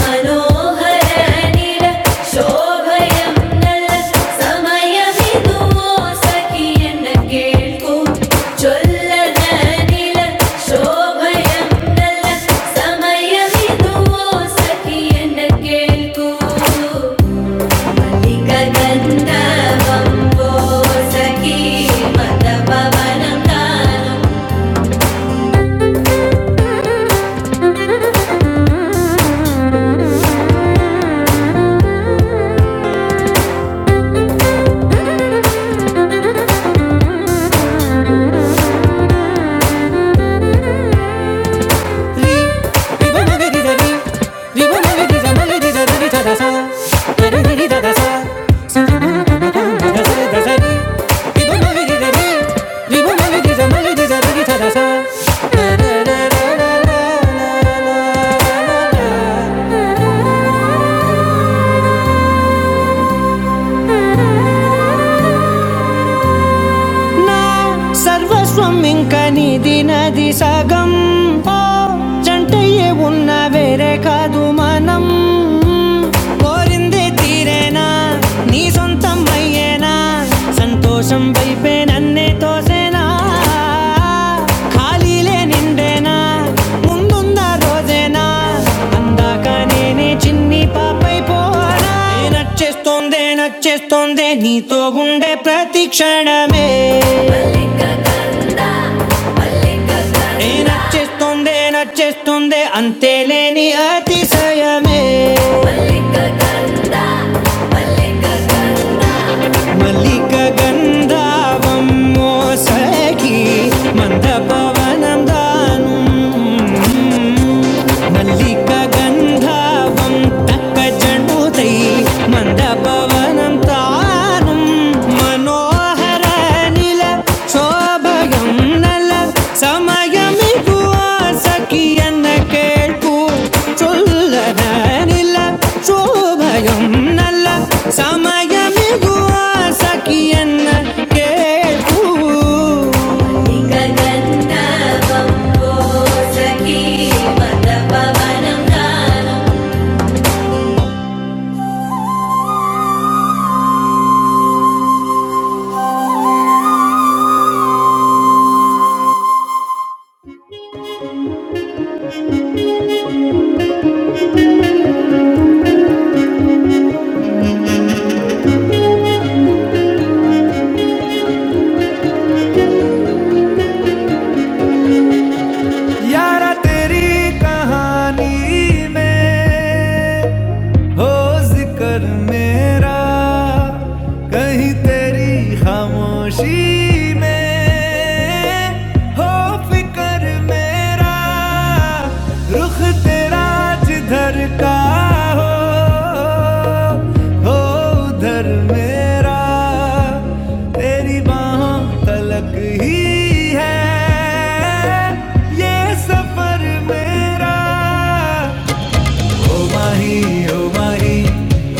A: मनोहर अनील शोभयम नल्ल समय अमी दो सकी ये नकेल कू चोल्लर अनील शोभयम नल्ल समय अमी दो सकी ये नकेल कू इका गंदा बंदो सकी मत बाबा ना నా సర్వస్వం ఇంక నీది నది సగం ఓ జంటయ్యే ఉన్న వేరే కాదు మనం కోరింది తీరేనా నీ సొంతం అయ్యేనా సంతోషం వైపే నన్నే తోసేనా ఖాళీలే నిండేనా ముందుందా రోజేనా అందాక నేనే చిన్ని పాపైపోనా నచ్చేస్తోందే నచ్చేస్తోందే నీతో ఉండే ప్రతి క్షణమే ఏ నచ్చేస్తోందే నచ్చేస్తోందే అంతేలేని అతిశయమే మల్లిక కంద మల్లిక కంద மல்லிக கந்தாவம் மோசகி மந்த பவனம் தானும் Malika ganda vam takka janu dayi mandapa vam taanam mano harani la sobhayam nala samayamigwa sakiyan kepo chollani la sobhayam nala samayamigwa sakiyan kepo. यारा तेरी कहानी में हो जिक्र मेरा कहीं तेरी खामोशी में हो फिक्र मेरा रुख तेरा जिधर का हो हो उधर मेरा तेरी बाहों तलक ही है ये सफर मेरा ओ माही ओ माही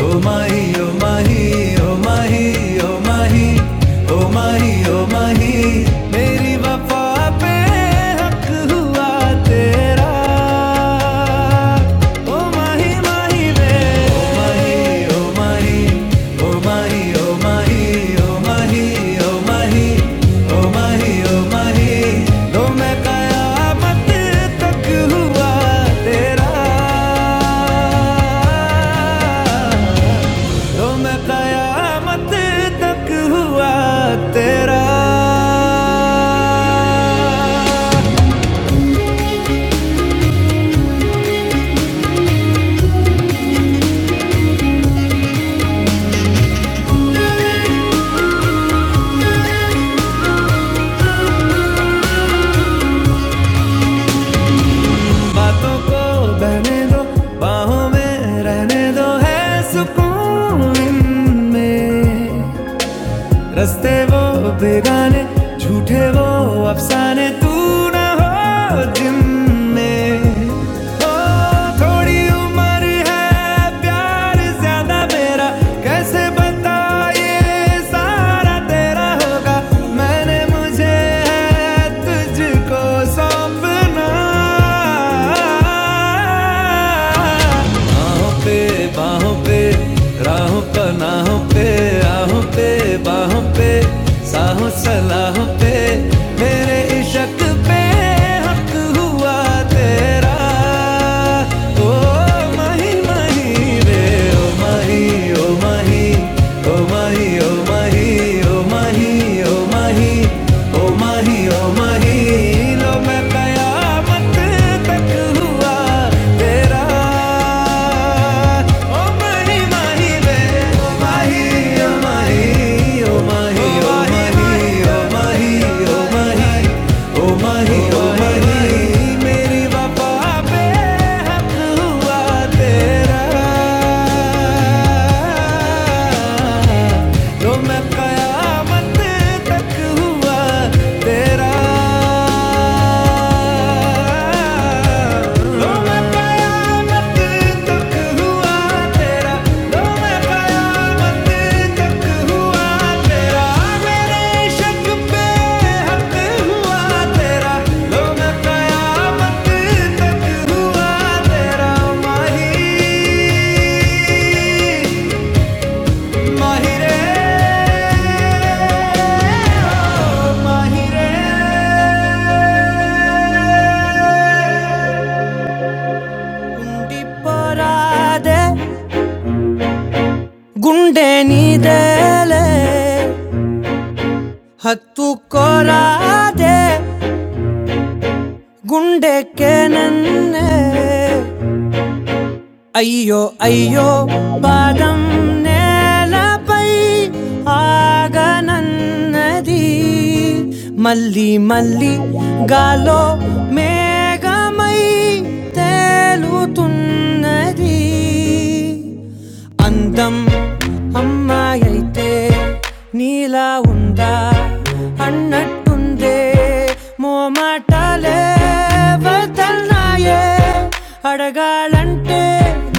A: ओ माही ओ माही ओ माही ओ माही ओ माही ओ माही मेरी वफा पे हक हुआ तेरा ओ माही माही वे तेरा बातों को बहने दो बाहों में रहने दो है सुकून इनमें रस्ते वो बेगाने झूठे वो अफसाने तू ना हो जिनमें ओ थोड़ी उम्र है प्यार ज्यादा मेरा कैसे बता ये सारा तेरा होगा मैंने मुझे है तुझको सौंपना आहों पे बाहों पे राहों पनाहों पे आहों पे बाहों पे साहों सलाहों पे मेरे इशक पे हक हुआ तेरा ओ माही माही रे ओ माही ओ माही ओ माही mahi, oh mahi, oh mahi, oh mahi, oh mahi, oh mahi, लो मैं कयामत तक हुआ तेरा। Oh mahi, mahi वे, oh mahi, oh mahi, oh mahi, oh mahi, oh mahi, oh mahi, ओ माही ओ माही मेरी वफा पे हक हुआ तेरा तो मैं कयामत तक हुआ तेरा तो मैं कयामत तक हुआ तेरा लो मैं कयामत तक हुआ तेरा मेरे शक पे हक हुआ तेरा लो मैं कयामत तक हुआ तेरा माही माही रे ओ माही रे ఉండిపోరాదే గుండె నీదేలే హత్తుకోరాదే గుండెకే నన్నే అయ్యో అయ్యో పాదం నేలపై ఆగనన్నది మళ్ళీ మళ్ళీ గాలో మేఘమై తేలుతున్నది అందం అమ్మాయైతే నీలా ఉందా అన్నట్టుందే మోమాటాలే వదల్నాయే అడగాలంటే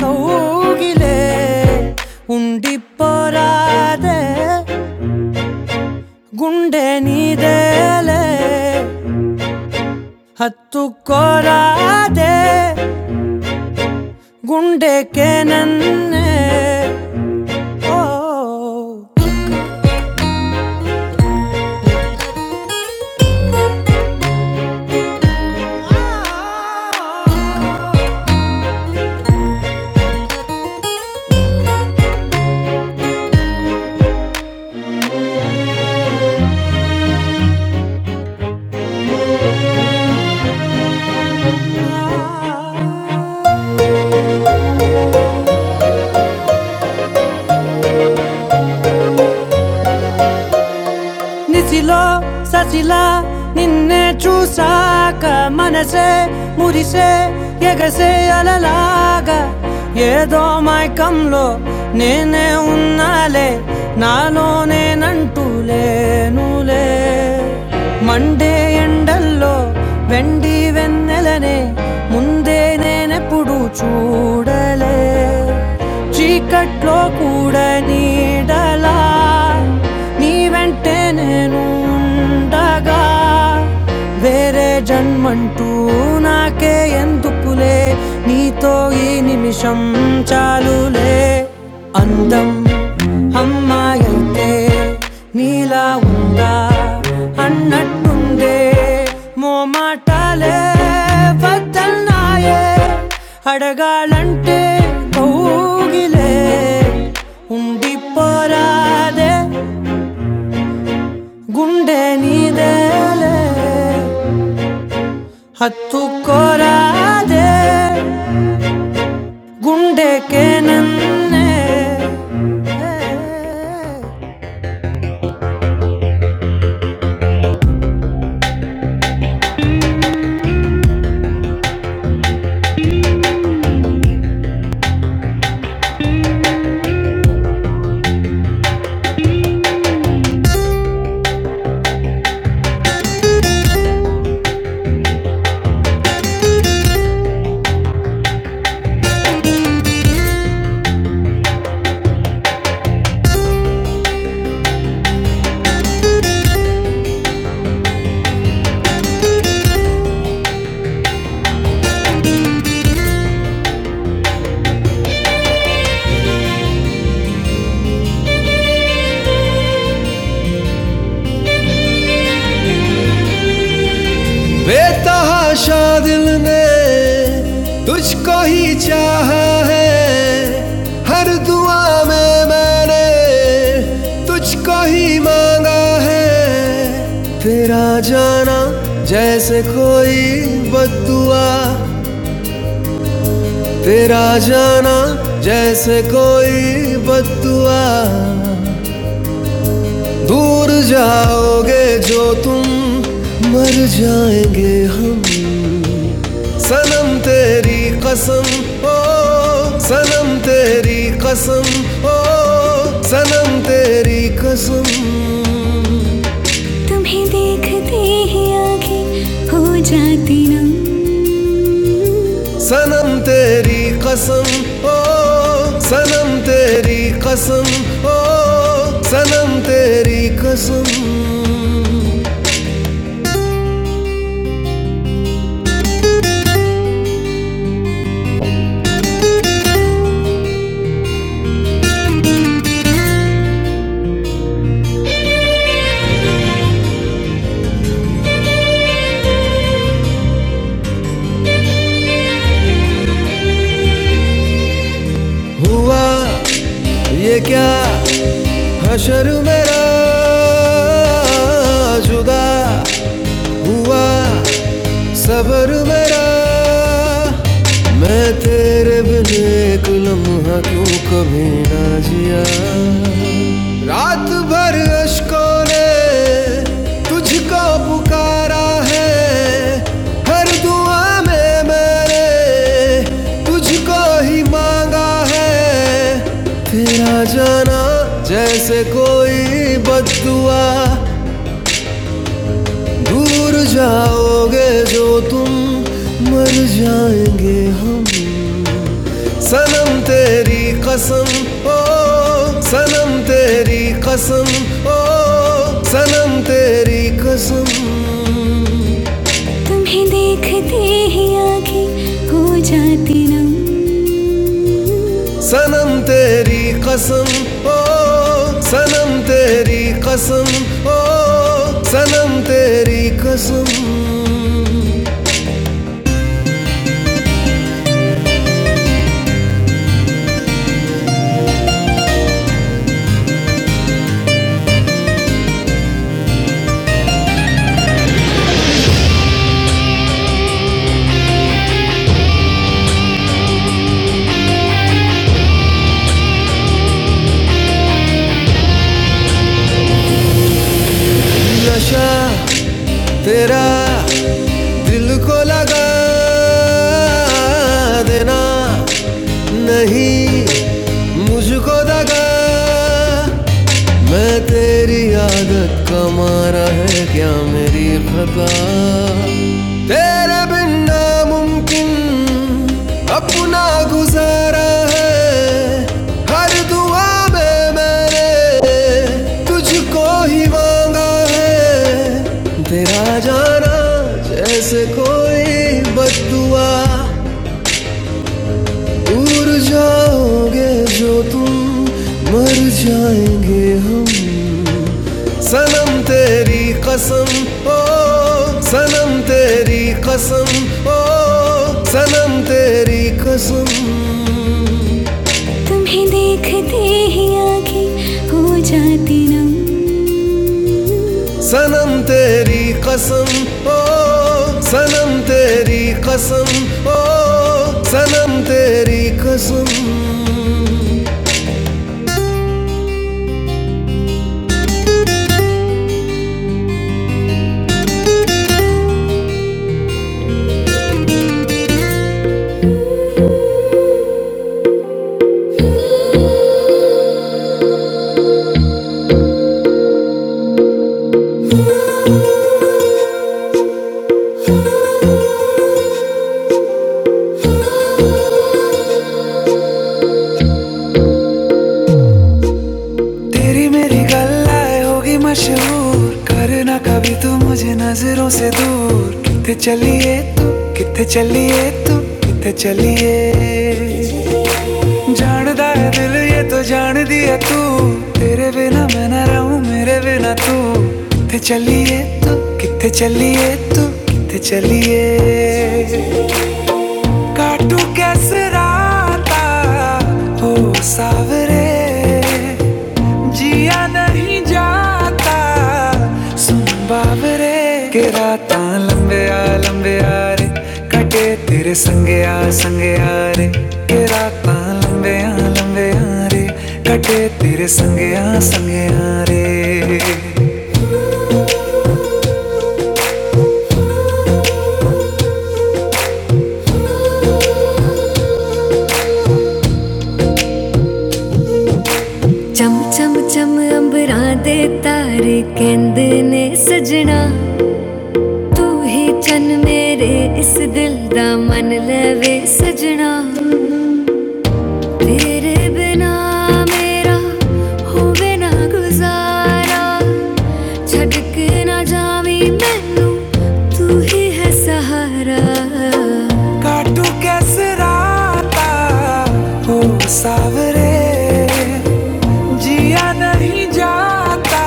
A: కౌగిలే ఉండిపోరాదే గుండె నీదేలే హత్తుకోరాదే గుండెకే నన్నే ఓ Oh, oh, oh, oh. నిసిలో ససిలా నిన్నే చూసాక మనసే మురిసే ఎగసే అలలాగా ఏదో మైకంలో నేనే ఉన్నాలే నాలోనేనంటూ లేనులే మండే ఎండల్లో వెండి వెన్నెలనే ముందే నేనెప్పుడు చూడలే చీకట్లో కూడా నీడలా నీవే వెంటే నేను ఉండగా వేరే జన్మంటూ నాకే ఎందుకులే నీతో ఈ నిమిషం చాలులే అందం అమ్మాయైతే నీలా ఉందా అన్నట్టుందే మో మాటలే వద్దన్నాయే అడగాలంటే కౌగిలే ఉండి పోరాదే ಗುಂಡೆ ನೀದಲೆ ಹತ್ತು ಕೋರಾದೆ ಗುಂಡೆಕೆ ನನ್ನೆ हाँ, मैं तुझको ही मांगा है बिना जैसे कोई बदुआ क्या जाना जैसे कोई बदुआ मांगे हम सलीकन ओ सलीकन ओ सनम तेरी कसम तुम्हें देखते ही आंखें हो जाती नम कसम ओ ओ सनम तेरी कसम अशकों ने तुझको पुकारा है हर दुआ में मैंने तुझको ही मांगा है तेरा जाना जैसे कोई बददुआ दूर जाओगे जो तुम मर जाएंगे हम सनम तेरी कसम ओ तेरी कसम ओ सनम तेरी कसम तुम्हें देखते ही आगे हो जाती नम सनम तेरी कसम ओ सनम तेरी कसम ओ सनम तेरी कसम देना नहीं मुझको दगा मैं ते याद मारा है क्या मतलब तेरे बिन नामुमकिन अपना गुजारा है हर दुआ में मैंने तुझ मांगा है आ जाना जैसे कोई बदुआ उड़ जाओगे जो तुम मर जाएंगे हम सनम तेरी कसम ओ सनम तेरी कसम ओ सनम तेरी कसम तुम्हें देखते ही आंखें हो जाती नम तेरी मेरी गल्लाए होगी मशहूर करना कभी तू मुझे नजरों से दूर कितने चलिए तू कितने चलिए तू कितने चलिए ਜਾਣਦਾ ਹੈ ਦਿਲ ਇਹ ਤੋ ਜਾਣਦੀ ਹੈ ਤੂੰ ਤੇਰੇ ਬਿਨਾ ਮੈਂ ਨਾ ਰਹੂੰ ਮੇਰੇ ਬਿਨਾ ਤੂੰ ਕਿੱਥੇ ਚੱਲੀਏ ਤੂੰ ਕਿੱਥੇ ਚੱਲੀਏ ਤੂੰ ਕਿੱਥੇ ਚੱਲੀਏ काटू कैसे राता हो सावरे जिया नहीं जाता सुन बावरे के राता लंबे आ लंबे आ रे कटे तेरे संगे आ संगे आ रे के राता लंबे आ लंबे आ रे कटे तेरे संगे आ संगे आ रे ਚਮ ਚਮ ਚਮ ਅੰਬਰਾਂ ਦੇ ਤਾਰੇ ਕਹਿੰਦੇ ਨੇ ਸਜਣਾ ਤੂੰ ਹੀ ਚੰਨ ਮੇਰੇ ਇਸ ਦਿਲ ਦਾ ਮਨ ਲਵੇ ਸਜਣਾ ਤੇਰੇ ਬਿਨਾ ਮੇਰਾ ਹੋਵੇ ਨਾ ਗੁਜ਼ਾਰਾ ਛੱਡ ਕੇ ਨਾ ਜਾਵੀਂ ਮੈਨੂੰ ਤੂੰ ਹੀ ਹੈ ਸਹਾਰਾ काटू कैसे राता हो सावरे जिया नहीं जाता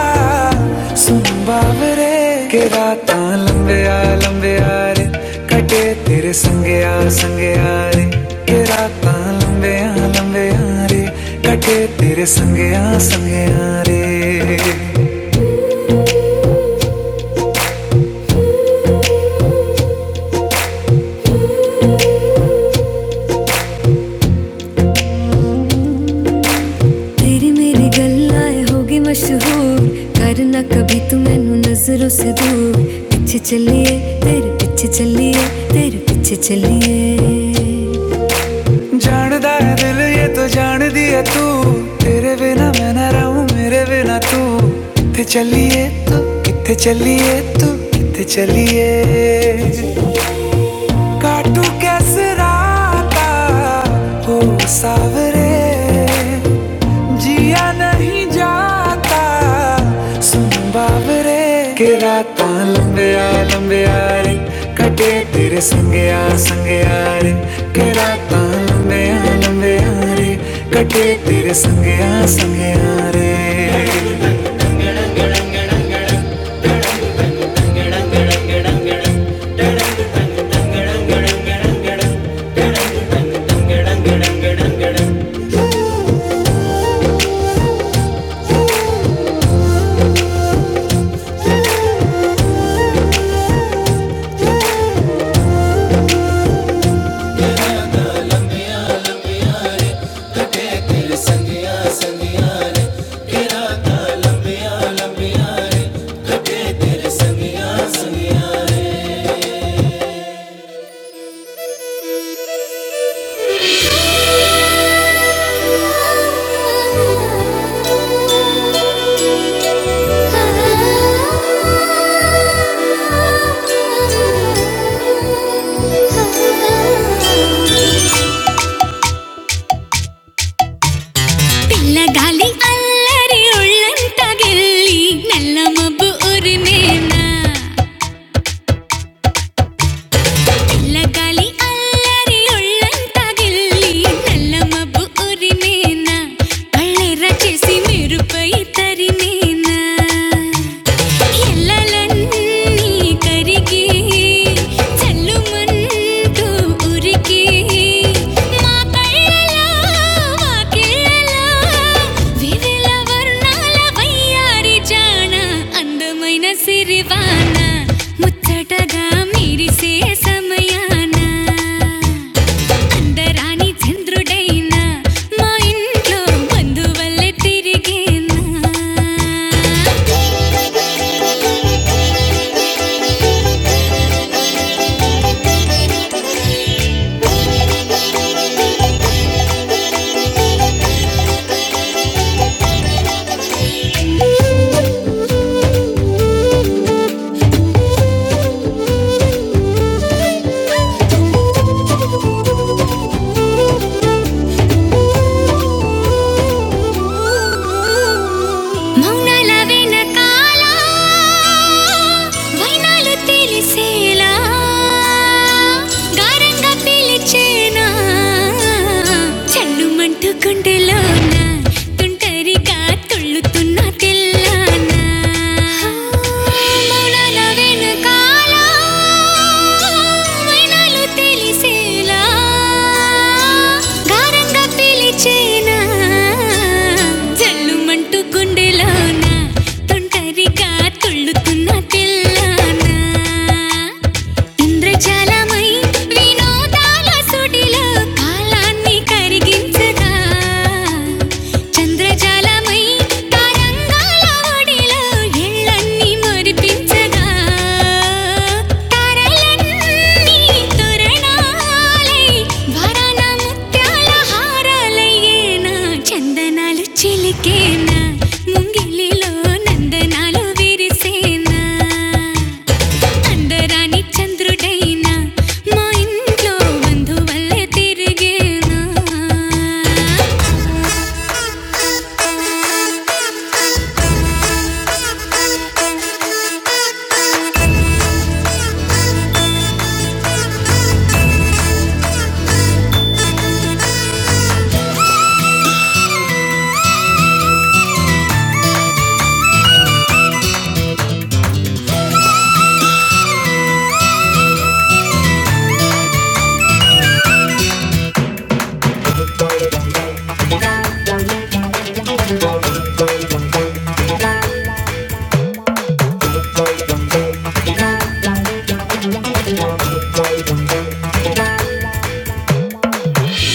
A: सुन बावरे के राता लंबे आ लंबे आ रे कटे तेरे संगे आ संगे आ रे के राता लंबे आ लंबे आ रे कटे तेरे संगे आ संगे आ रे तेरी मेरी गल्लाएं होगी मशहूर करना कभी तू मैनू नजरों से दूर पीछे चलिए तेरे पीछे चलिए तेरे पीछे चलिए ਜਾਣਦਾ ਹੈ ਦਿਲ ਇਹ ਤੋ ਜਾਣਦੀ ਹੈ ਤੂੰ ਤੇਰੇ ਬਿਨਾ ਮੈਂ ਨਾ ਰਹੂੰ ਮੇਰੇ ਬਿਨਾ ਤੂੰ ਕਿੱਥੇ ਚੱਲੀਏ ਤੂੰ ਕਿੱਥੇ ਚੱਲੀਏ ਤੂੰ ਕਿੱਥੇ ਚੱਲੀਏ काटू कैसे राता हो सावरे जिया नहीं जाता सुन बाबरे के राता लंबिया लंबिया रे कटे तेरे संगया संगया रे के राता लंबिया लंबिया रे कटे तेरे संगया संगया रे പിള്ളകാലി അല്ലരി ഉള്ളം തകില്ലി നല്ല മബ് ഒരു നേന చల్లగాలి అల్లరి ఒళ్ళంతా గిల్లి నల్ల మబ్బు ఉరిమేనా కళ్ళెర్ర చేసి మెరుపై తరిమేనా ఎల్లలన్నీ కరిగి చల్లుమంటూ ఉరికి మా కళ్ళలో వాకిళ్ళలో వివిల వర్ణాల వయ్యారి జాన అందమైన సిరివాన ముచ్చటగా మిరిసే సమయాన అందరాని చంద్రుడైన మా ఇంట్లో బంధువల్లే తిరిగేనా మౌనాల వెనకాల వైనాలు తెలిసేలా గారంగా పిలిచేనా చల్లుమంటూ గుండెలోన తుంటరిగా తుళ్ళుతున్న తెల్లానా మౌనాల వెనకాల వైనాలు తెలిసేలా గారంగా పిలిచేనా జల్లుమంటూ గుండెలోన తొంటరిగా తుళ్ళుతున్న తెల్లానా ఇంద్రజాలమై వినోదాల సుడిలో కాలాన్ని కరిగించగా చంద్రజాలమై తరంగాల ఒడిలో ఎళ్ళన్నీ మురిపించగా తారలన్నీ తోరణాలై వరాన ముత్యాల హారాలయ్యే నా చందనాలు చిలికేనా ముంగిలిలో నందనాలు విరిసేనా అందరాని చంద్రుడైనా మా ఇంట్లో బంధువల్లే తిరిగేనా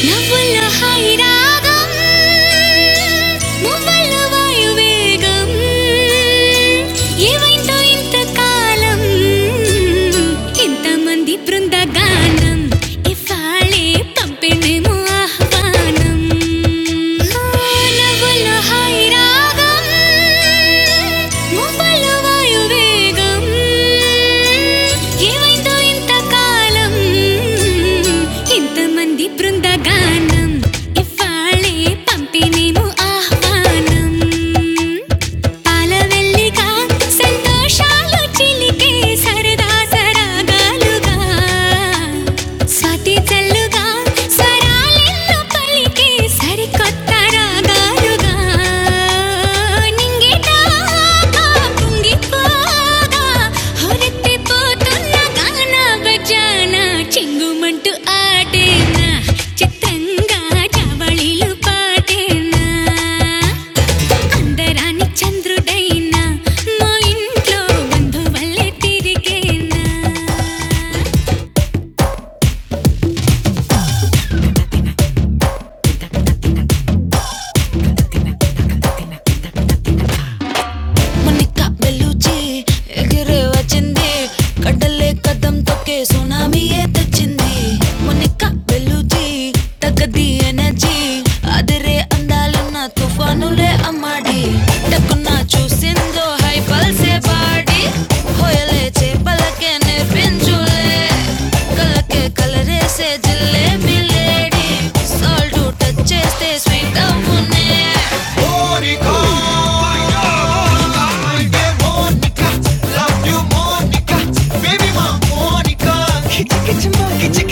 A: నవ్వుల్లో హాయి రాగం మువ్వల వాయువేగం ఏవైందో ఇంతకాలం ఇంతమంది బృందగానం ఇవాళే పంపిణేమో ఆహ్వానం మానవుల హైరాగం మువ్వల వాయువేగం ఏమైందో ఇంతకాలం ఇంతమంది బృందగానం ఇవ్వాళే పంపినేము ఆహ్వానం పాలవెల్లిగా సంతోషాలు చిలికే సరదా సరాగాలుగా స్వాతి చల్లు ಸ್ವರಾಲೆಲ್ಲ ಪಲಿಕೆ ಸರಿಕೊತ್ತ ರಾಗಾರುಗ ನಿಂಗೆ ದಾಹ కుంగిపోగా హొరెత్తిపోతున్న గాన భజన చింగుమంటూ ఆటేనా చిత్రంగా జవళిలు పాటేనా అందరాని చంద్రుడైనా మా ఇంట్లో బంధువల్లే తిరిగేనా మునిక బెలుచి ఎగిరే వచ్చింది కడలే కదం తొక్కే సునామీయే తెచ్చింది మునిక బెలుచి తగ్గది ఎనర్జీ అదిరే అందాలున్న తుఫానులే అమ్మాడి టక్కున చూసిందో హై పల్సే బాడి హోయలే చేపలకే నేర్పించులే కలకే కలరేసే జిల్లే మిలేడి సాల్ట్ టచ్ చేస్తే స్వీట్ అవునే Kick, kick, kick,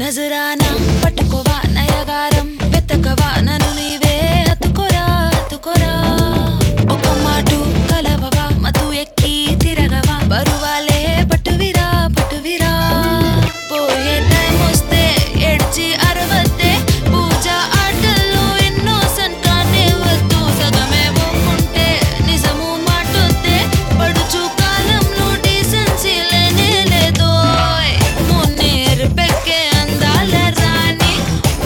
A: నజరాన పట్టుకోవా నయగారం వెతకవా నన్ను నీవే అతుకోరా అతుకోరా ఒక మాటు కలవవా మతు ఎక్కి తిరగవా బరువాలే పట్టువిరా పట్టువిరా పోయే టైం వస్తే ఎడ్చి అరవతే పూజ ఆటల్లో ఎన్నో సంతానే వద్దు गमे वो घंटे निजमु माटुंते पढ़चु कालम लोडी संचिले ने लेतो उन्होंने रबे के अंदालर रानी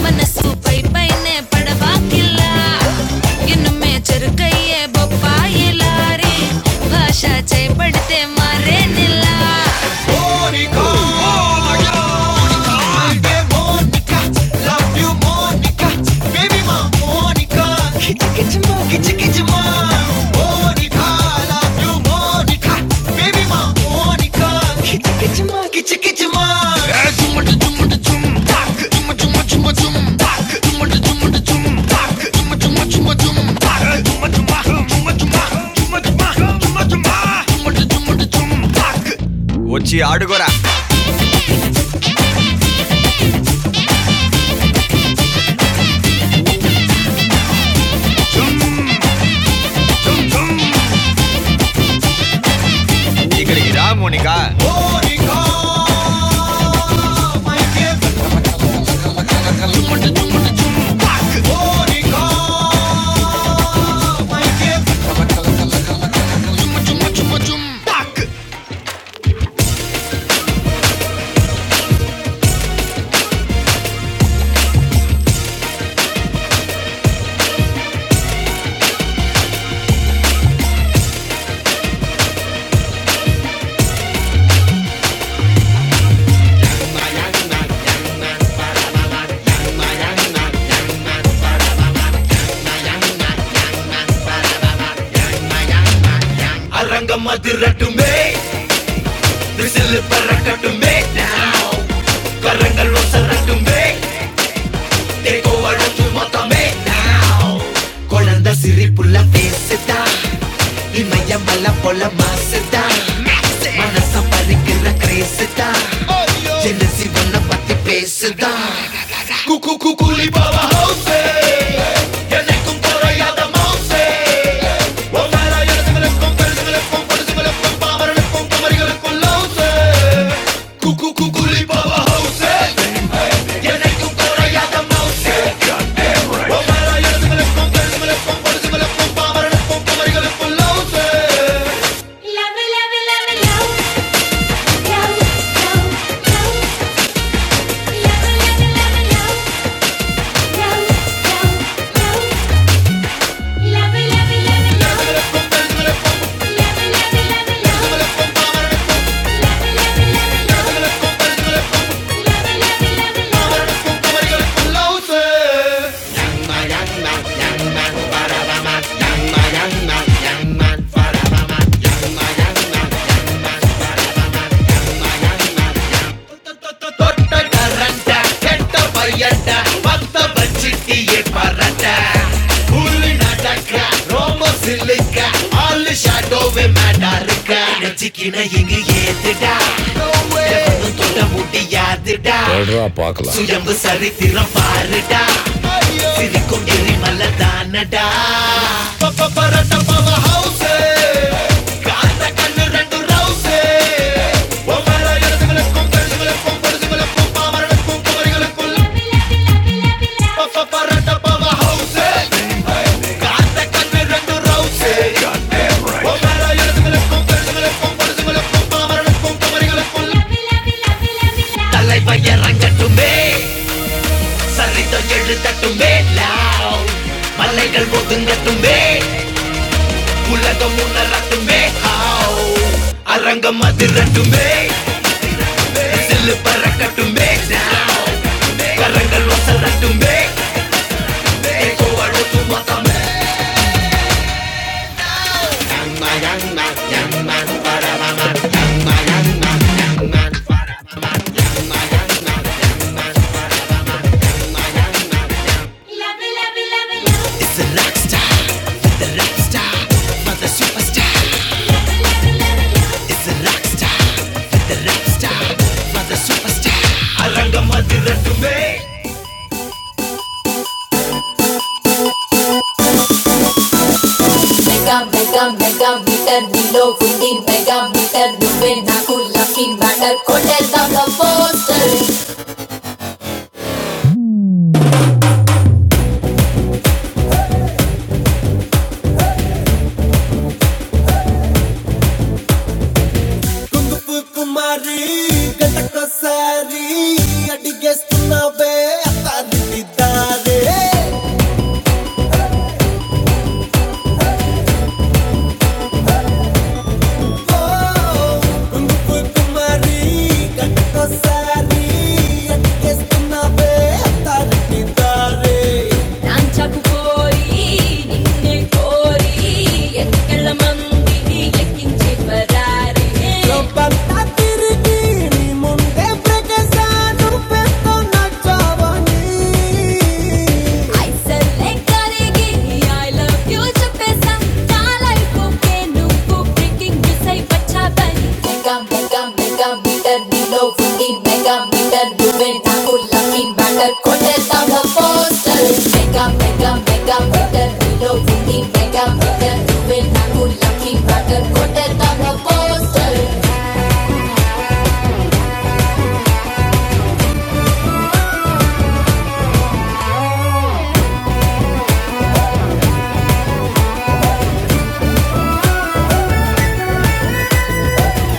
A: मनसु पाई पाई ने पढ़बाकिल्ला यून में चरकई ये बोपाई लारी भाषा चे पढ़ते मरे निल्ला ओ निखाला यू ओ निखा ओ निखित निखित करंगल टेको वरुण तुम्हारे குழந்தை சிரிப்புள்ள பேசுதா, இமயமலை போல மாசுதா, மனச பறிக்கிற கிரேசுதா, ஜெனசி பண்ண பத்தி பேசுதா. குக்கு குக்குலி பாவா Silly, silly. சிக்கின இங்கு ஏத்துடா உன் தொட முடியாதுடா சுயம்பு சரித்திரம் பாருடா உன் எரிமல தானடா தலைவையவே அலைகள் mega mega mega meter below ఉంది మెగా మీటర్ నువ్వే నాకు లక్కీ మ్యాటర్ కొట్టేద్దాం పోస్టర్ நொடியண்டே அத்தாடி நீந்தாள் Love, love, love. ఐసల్లే కరిగి ఐ లవ్ యు చెప్పేసా నా లైఫ్ ఓకే నువ్వు బ్రేకింగ్ మిస్ అయి బచ్చా బని mega mega mega meter below फुटी मेगा मीटर डूबे ठाकुर लकी बैटर कोटे तब poster mega mega mega meter below फुटी मेगा मीटर डूबे ठाकुर लकी बैटर कोटे तब poster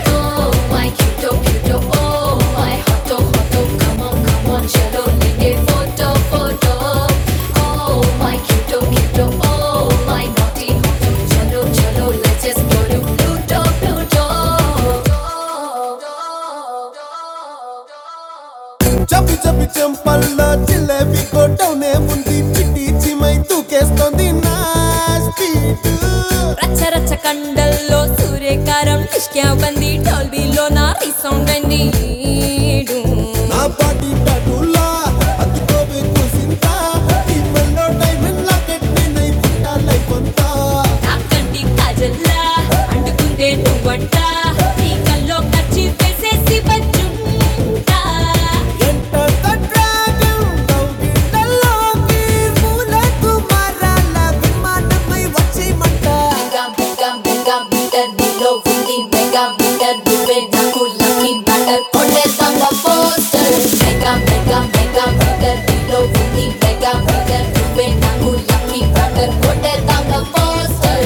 A: Oh my cute do cute do Oh my hot do hot do Come on come on chơi đôi lên đi ô do ô do Oh my cute do cute do Oh my naughty hot do chơi đôi chơi đôi Let's just go do do do do Javi Javi jump alla chilla vì cô ta ôn em vẫn đi chít chít chít mà ít tu case to రచ్చ రచ్చ కండల్లో సూర్యకారం నిష్క్యావ్ బంది డోల్బీలో నా resound అంది నా కంటి కాజల్లా అంటుకుంటే నువ్వంట నీ కల్లో ఖర్చు వేసేసి బజ్జుంటా The dragon, don't you Bé cá bé cá bự cá bự cá đi lô vui đi bé cá bự cá đuôi nâu lucky bạt cá cột đèn thằng ngốc chơi. Bé cá bé cá bé cá bự cá đi lô vui đi bé cá bự cá đuôi nâu lucky bạt cá cột đèn thằng ngốc chơi.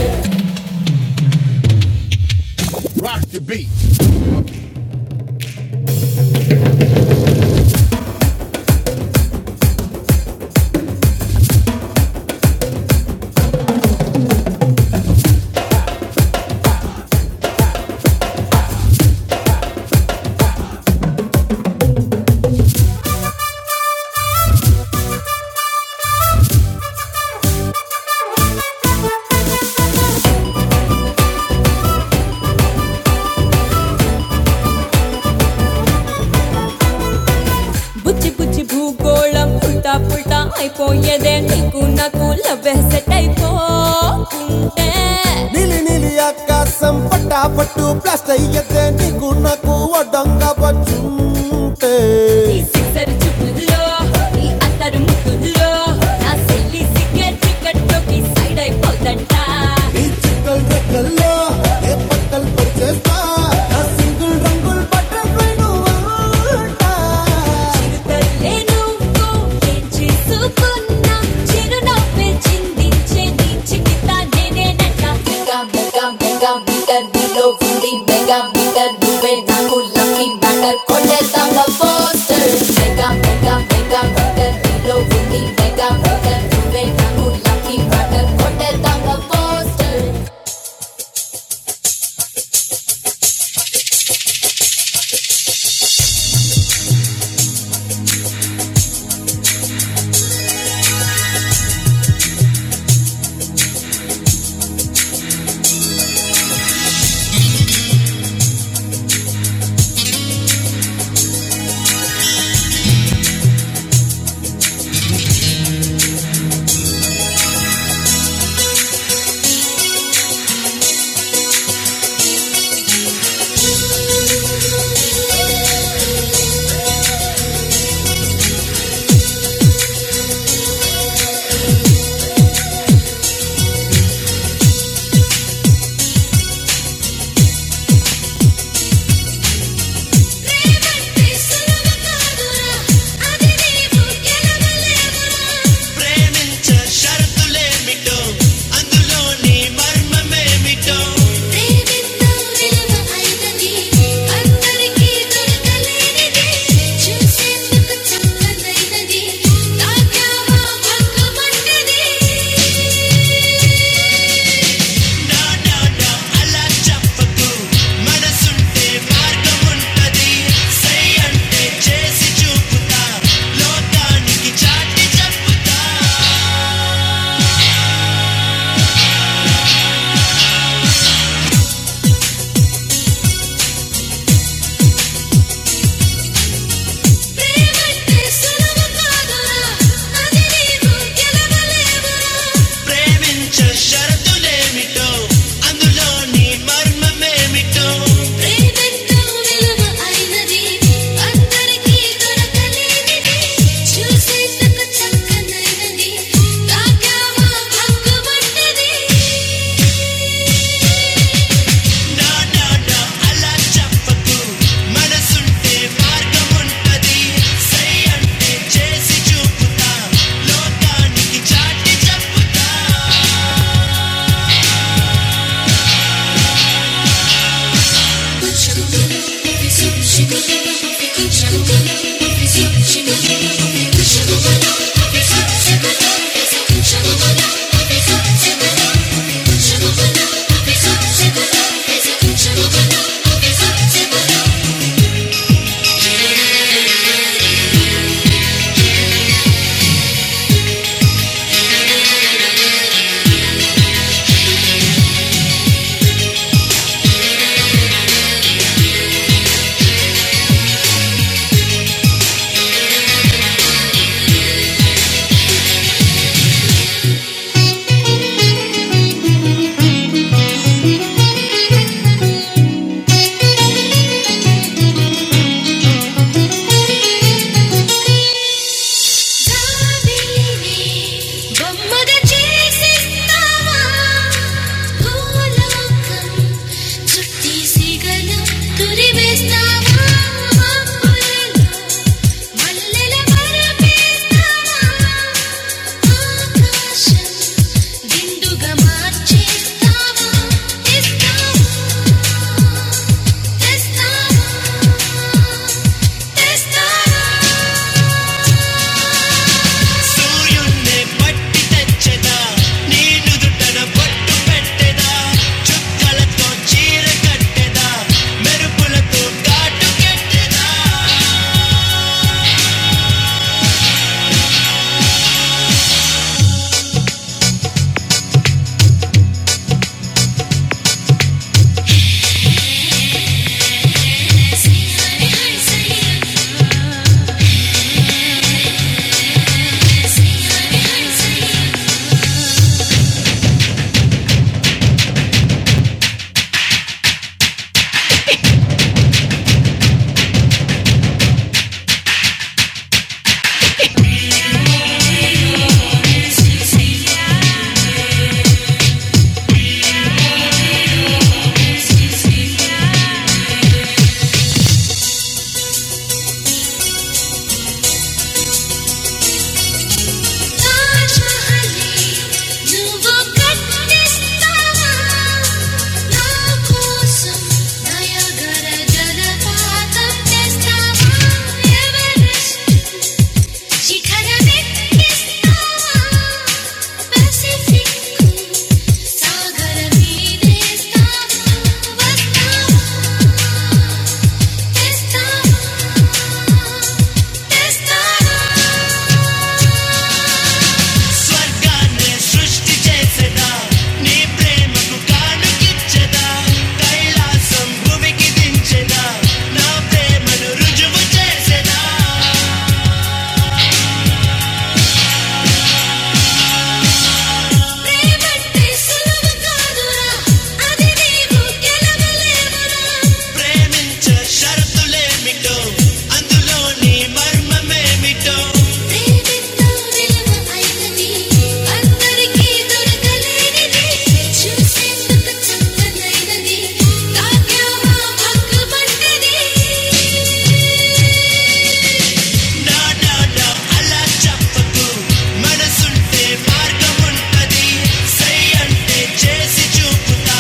A: Bụt chi bụt chi bù gõ lâm phốt ta phốt ta ai cô ye đây này cô nâu lụa bé xe tây cô. నీ sixer చుట్టులో నీ అత్తరు ముట్టులో నా silly సిగ్గర్ చిక్కట్లోకి side అయిపోతంట తల్లే నువ్వు ఏం చేసుకున్నా చిరునవ్వే చిందించే నీ చికిత నేనేనట మెగా మెగా మెగా మీటర్ నీలో ఉంది మెగా మీటర్ నువ్వే నాకు లక్కీ మ్యాటర్ కొట్టేద్దాం poster mega mega mega meter నీలో ఉంది మెగా మీటర్ నువ్వే నాకు లక్కీ మ్యాటర్ కొట్టేద్దాం పోస్టర్ ప్రేమంటే సులువు కాదురా అది నీవు గెలవలేవురా దేవితో విలువ అయినది అందరికీ దొరకలేనిది చూసేందుకు చక్కనైనది తాకావా భంగమంటది మంటది సై అంటే చేసి చూపుతా లోకానికి చాటి చెప్పుతా ప్రేమంటే సులువు కాదురా అది నీవు గెలవలేవురా ప్రేమ అందులోని ప్రేమెంతో విలువ అయినది అందరికీ దొరకలేనిది చూసేందుకు చక్కనైనది తాకావా భంగుమంటది చెదరచు ముఖను విసుగు చెదర విసుగు చెదర విసుగు చెదర చాదిని బొమ్మగ చేసిస్తావా భూలోకం చుట్టి సిగల తురివేస్తావా అప్పులలో మల్లెల పరపేస్తావా ఆకాశం దిండుగా మార్చేస్తావా తెస్తావా తెస్తావా తెస్తావా తాజ్మహల్ని నువ్వు కట్టిస్తావా? నా కోసం నయగర జలపాతం తెస్తావా? ఎవరెస్ట్ శిఖరమెక్కిస్తావా? పసిఫిక్కు సాగర మీదేస్తావా? వస్తావా? తెస్తావా? తెస్తావా? ప్రేమంటే సులువు కాదురా, అది నీవు గెలవలేవురా. ప్రేమితో విలువ అయినది, అందరికీ దొరకలేనిది. చూసేందుకు చక్కనైనది, తాకావా పక్కపట్టది. మళ్ళీ చూపుతా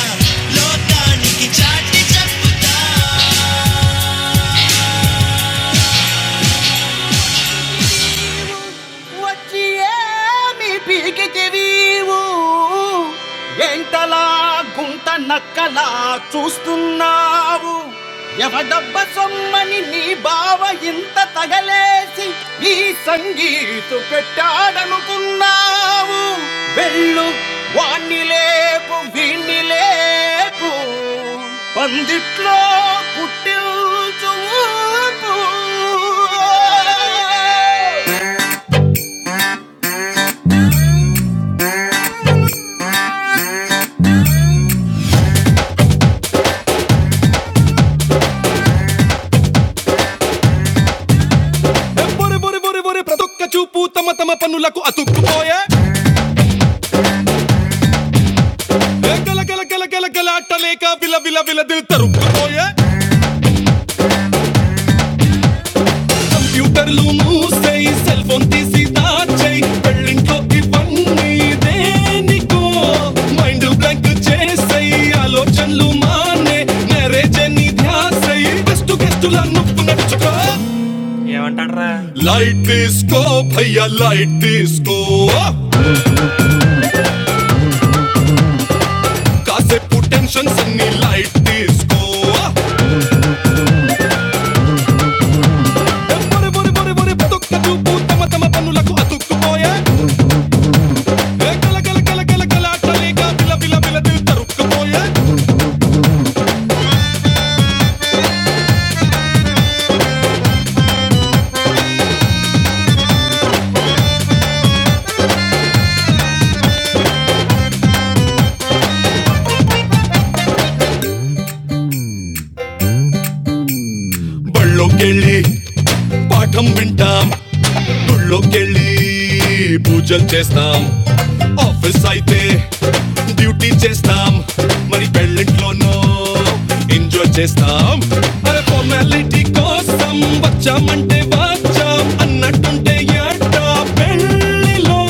A: లోకానికి చాటి చెప్పుతా మని నీ బావ ఇందలేంగి వెళ్ళు వాణ్ణి లేపు వీణ్ణి లేపు పందిట్లో పుట్టి ఒక్క చూపు తమ తమ పనులకు అతుక్కుపోయే గల గల గల గల గలాటలేక విల విల విల దిల్ తరుక్కుపోయే కంప్యూటర్లు మూసేయి సెల్ ఫోన్ తీసి దాచేయి పెళ్ళింట్లో ఇవన్నీ దేనికో మైండ్ బ్లాంక్ చేసేయి ఆలోచనలు మానే మ్యారేజ్ అని ధ్యాసేయి బెస్ట్ గెస్టుల లైట్ తీసుకో భయ్యా లైట్ తీసుకో కాసేపు టెన్షన్స్ అన్ని లైట్ తీసుకో బొరి బొరి బొరి బొరి తొక్క చూపు తమ తమ పనులకు అతుక్కుపోయా బళ్ళోకెళ్ళి పాఠం వింటాం గుళ్ళోకెళ్ళి పూజలు చేస్తాం ఆఫీస్ అయితే డ్యూటీ చేస్తాం మరి పెళ్ళింట్లోనో ఎంజాయ్ చేస్తాం అరే ఫార్మాలిటీ కోసం వచ్చామంటే వచ్చాం అన్నట్టుంటే ఏటా పెళ్ళిలో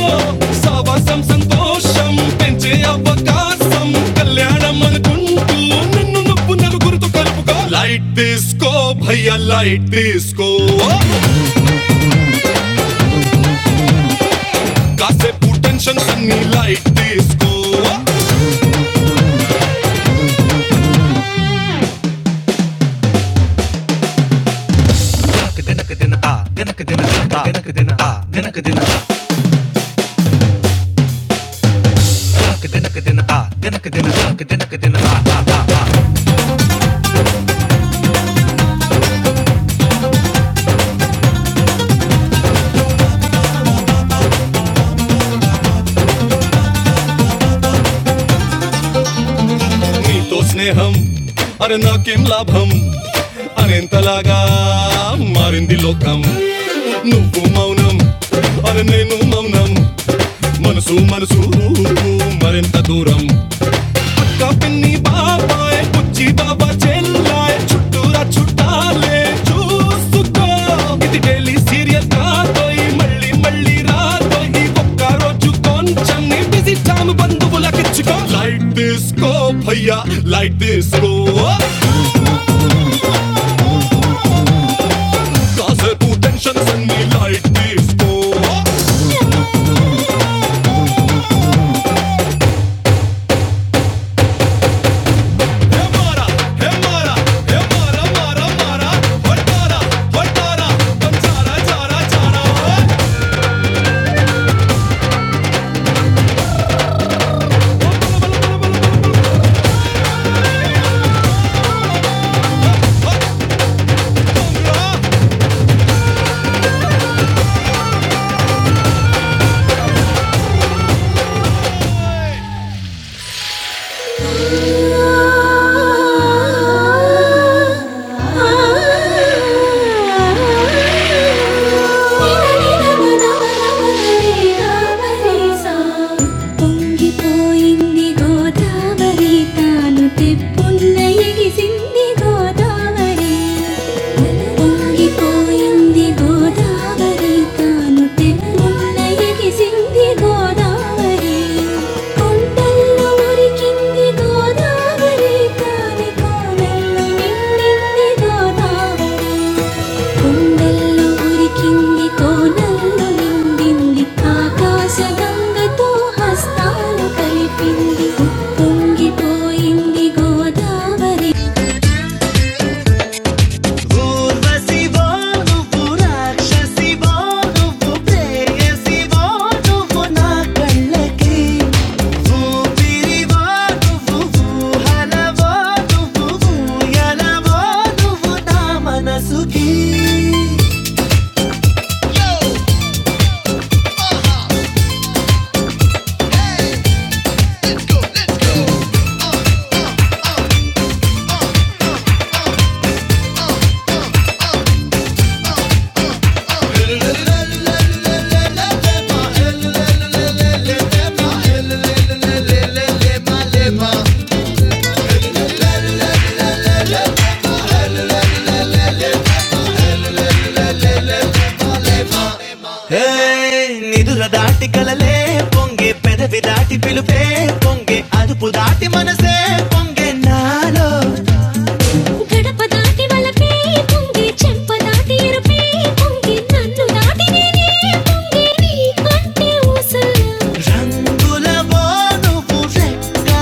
A: సావాసం సంతోషం పెంచే అవకాశం కళ్యాణం అనుకుంటూ నిన్ను నువ్వు నలుగురితో కలుపుకో లైట్ తీసుకో భయ్యా లైట్ తీసుకో అసే లైట్ తీసుకో దినక దిన ఆ దినక దిన దినక దిన ఆ దినక దిన దినక దిన ఆ దినక దిన దినక దిన నీతో స్నేహం అరే నాకేం లాభం అనేంతలాగా మారింది లోకం నువ్వు మౌనం అరే నేను మౌనం మనసు మనసు మరింత దూరం का पनी बाबा है, कुची बाबा चल लाए, छुट्टूरा छुट्टा ले, चूस चुका। किती daily serious रात तो ही मली मली रात तो ही बकारो चुकों। चम्मी busy time बंदो बोला किचका। Light disco भैया, light disco। काज़ेर पुतन्नशन सन में light disco। పొంగిపోయింది గోదావరి తాను తెప్పున్న ఎగిసింది గోదావరి పొంగిపోయింది గోదావరి తాను తెప్పున్న ఎగిసింది గోదావరి కొండల్లో మురికింది గోదావరి కాని కోనల్లో నిండింది గోదావరి కొండల్లో మురికింది కోనల్లో నిండింది ఆకాశ గంగతో హస్తాలు కలిపింది పొంగిపోయింది గోదావరి పూర్వశివో నువ్వు ప్రేయసివో నువ్వు హే, నిదుర దాటి కలలే పొంగే పెదవి దాటి పిలుపే పొంగే అదుపు దాటి మనసే పొంగే నాలో గడప దాటి వలపే పొంగి చెంప దాటి ఎరుపే పొంగి నన్ను దాటి నేనే పొంగి నీ కంటే ఊసలు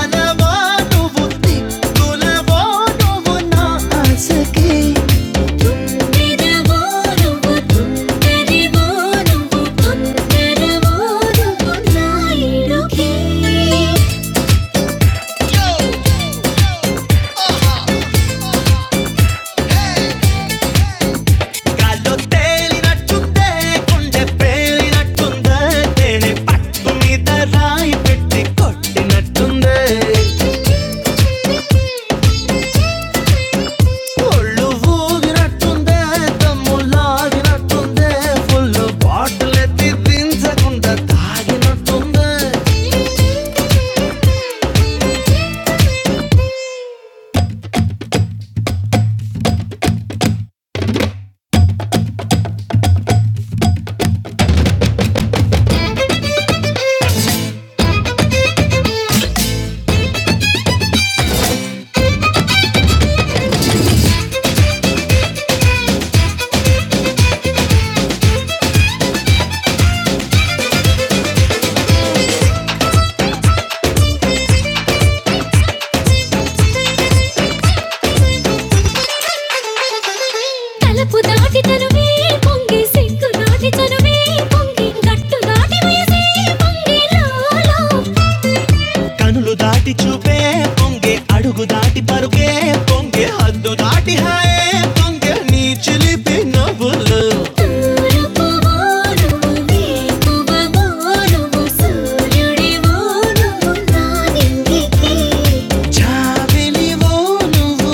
A: మనవో నువ్వు తులవో నువ్వు సఖీ. పెదవో నువ్వు తుందరివో నువ్వు తొందరవో నువ్వు నా ఇడుకే గాల్లో తేలినట్టుందే గుండె పేలినట్టుందే తేనె పట్టు మీద రాయి పెట్టి కొట్టినట్టుందే ఒళ్ళు ఊగినట్టుందే దమ్ము లాగినట్టుందే ఫుల్ బాటిల్ ఎత్తి దించకుండా తా- Thank you. తలుపు దాటి తనువే పొంగి సిగ్గు దాటి తనువే పొంగి గట్టు దాటి వేసే పొంగి లోలో కనులు దాటి చూపే పొంగే అడుగు దాటి పరుగే పొంగే హద్దు దాటి హాయే పొంగే నీ చిలిపి నవ్వులు తూర్పు వానువు నీకువ వానువు సూర్యుడివో నువ్వు నా నింగికి విలివో నువ్వో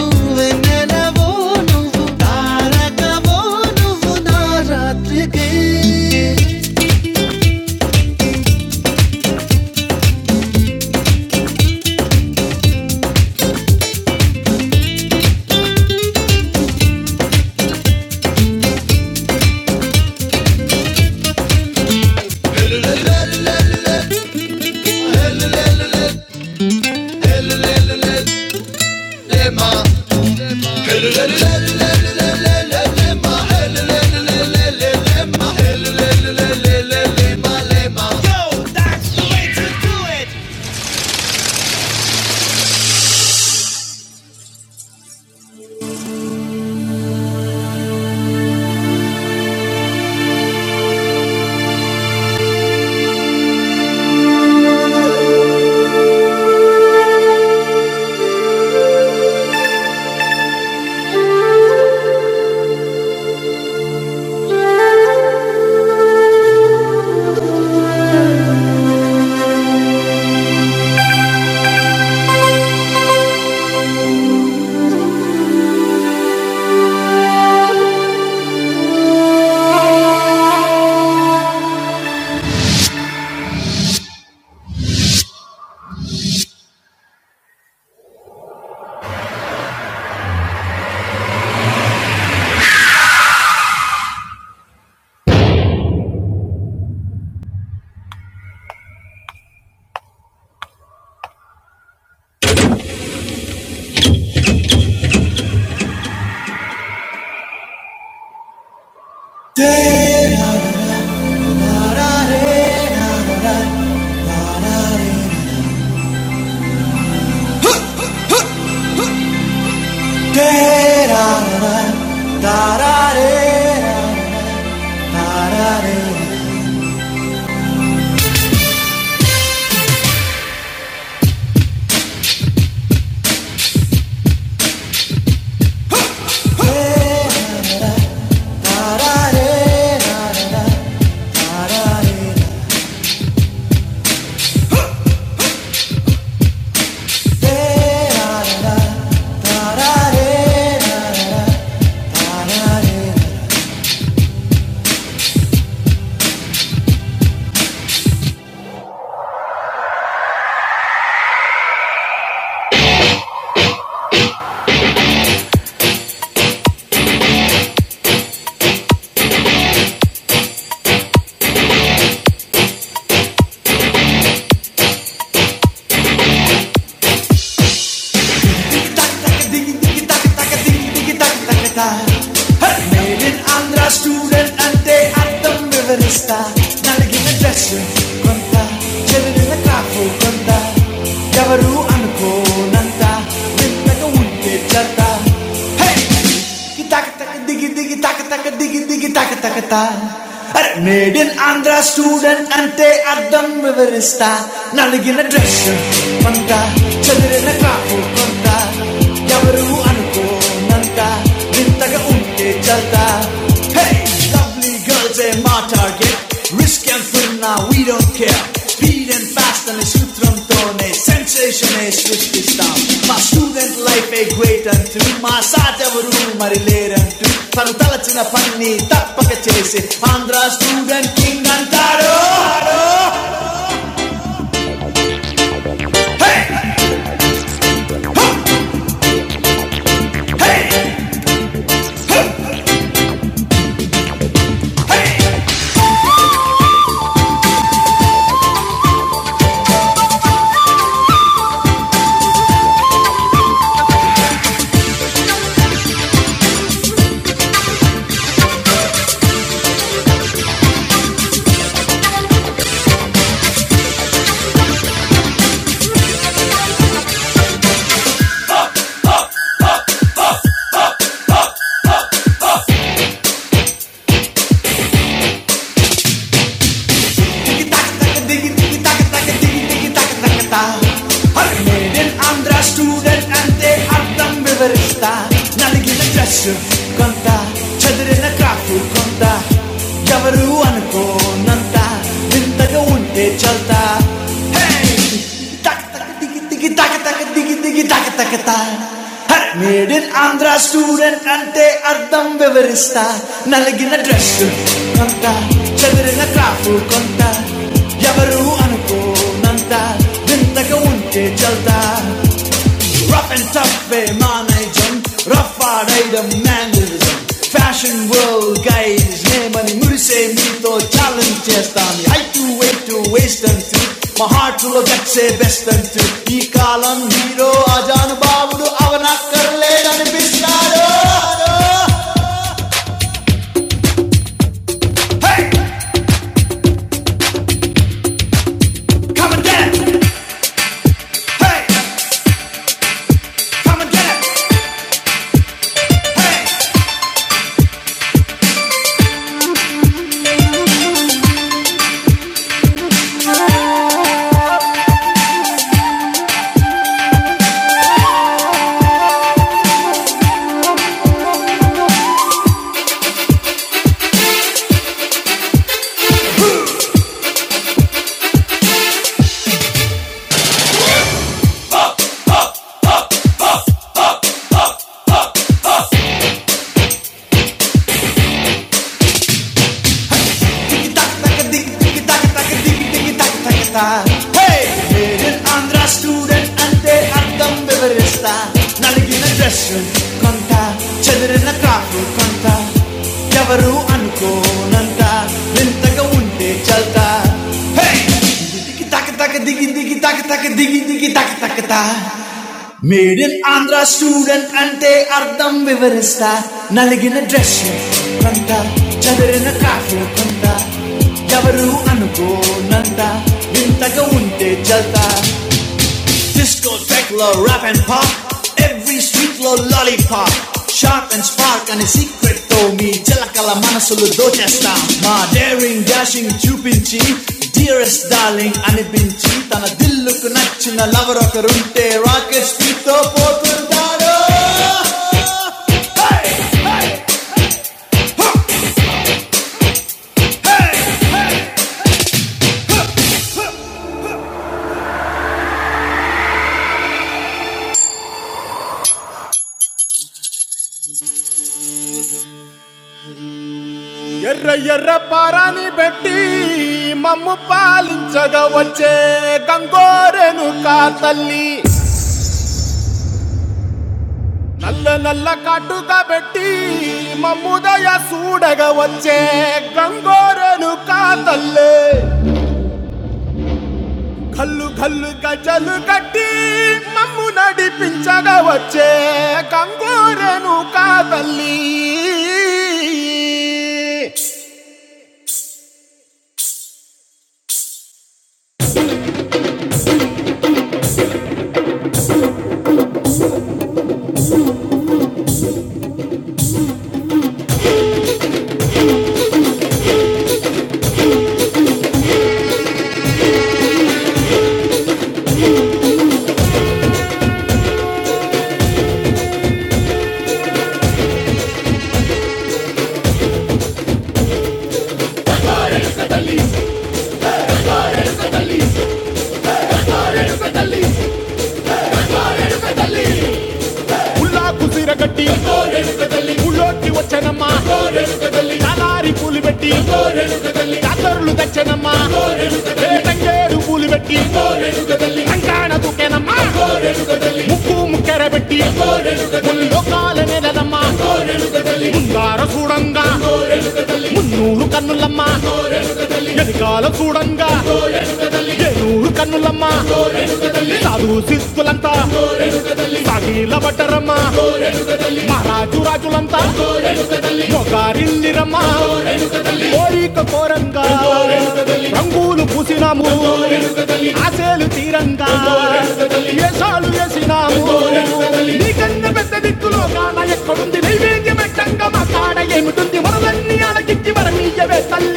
A: నువ్వు నా రాత్రికి దారారే Maybe andra student and they at the riverista. నలిగిన డ్రెస్ కొంత చెదిరిన కాపు కొంత ఎవరు అనుకోనంత నిన్నగా ఉంటే చెత్త Hey! దిగి తాక తాక దిగి దిగి తాక తాక దిగి దిగి తాక తాక తా. అరే మేడ్ ఇన్ ఆంధ్ర స్టూడెంట్ అంటే అర్థం వివరిస్తా నలిగిన డ్రెస్ కొంత చదిరిన కాపు కొంత ఎవరు అనుకోనంత వింతగా ఉంటే చల్తా హే లవ్లీ గర్ల్స్ ఏ మా టార్గెట్ రిస్క్ అండ్ ఫిల్ నా we don't care speed and fast అనే సూత్రంతోనే సెన్సేషన్ ఏ సృష్టిస్తాం మా స్టూడెంట్ లైఫ్ ఏ గ్రేట్ అంటూ మా సాట్ ఎవరు మరి లేరంటూ తను తలచిన పని తప్పక చేసి ఆంధ్ర స్టూడెంట్ కింగ్ అంటారు హే तू किताके तकेदिगी तू किताके तकेदिगी तू किताके तकेता हर मेडेन अंद्रा स्टूडेंट एंड ए आर्ट्स बेवरिस्टा नाली की न ट्रेस्स कौंटा चेदरे न काफू कौंटा क्या वरु आने को नंता मिंता को उन्हें चलता Itak itak itig itig itak itak itig itig itak itak itar. Har medinandra suren ante ardam beverista na lagi na dresser konta cendera na klawu konta ya baru ano ko nanta bentaka unte celta. Rough and tough emanation, rough ఆడైడం mannerism fashion world guides నేమని మురిసే మీతో challenge చేస్తాను ఐ టు వే టు వేస్ట్ అంటూ మా హార్ట్ లో గచ్చే బెస్ట్ అంటూ ఈ కాలం హీరో అజాను బాబుడు అవనక్కర్లేదనిపిస్తాడు Hey, come and get it. Hey, come and get it. Hey, నలిగిన డ్రెస్సు కొంత, చెదిరిన కాపు కొంత, ఎవరు అనుకోనంత వింతగా ఉంటే చల్తా. Digi taka taka digi digi taka taka digi digi taka taka ta. Made in Andhra student అంటే అర్థం వివరిస్తా నలిగిన డ్రెస్ కొంత చదిరిన కాఫీ కొంత ఎవరు అనుకోనంత వింతగా ఉంటే చల్తా Disco, techno, rap and pop. Every street లో lollipop. Sharp and spark అనే secret తో మీ జలకల మనసులు దోచేస్తాం మా డేరింగ్ డాషింగ్ చూపించి డియరెస్ట్ డార్లింగ్ అనిపించి తన దిల్లుకు నచ్చిన లవర్ ఒకరుంటే రాకెట్ స్పీడ్ తో పోతుంటారు గజలు కట్టి మమ్ము నడిపించగా వచ్చే కంగోరెను కాదల్లి పూలు పెట్టి కాతరులు తెచ్చనమ్మా వేటంగేడు పూలు పెట్టి కంకాణ దుకేనమ్మా ముక్కు ముక్కెర పెట్టి ముళ్ళు కాల నెలదమ్మా ముందార చూడంగా మున్నూరు కన్నులమ్మా మహారాజు రాజు వరద వరమీయవే తల్లి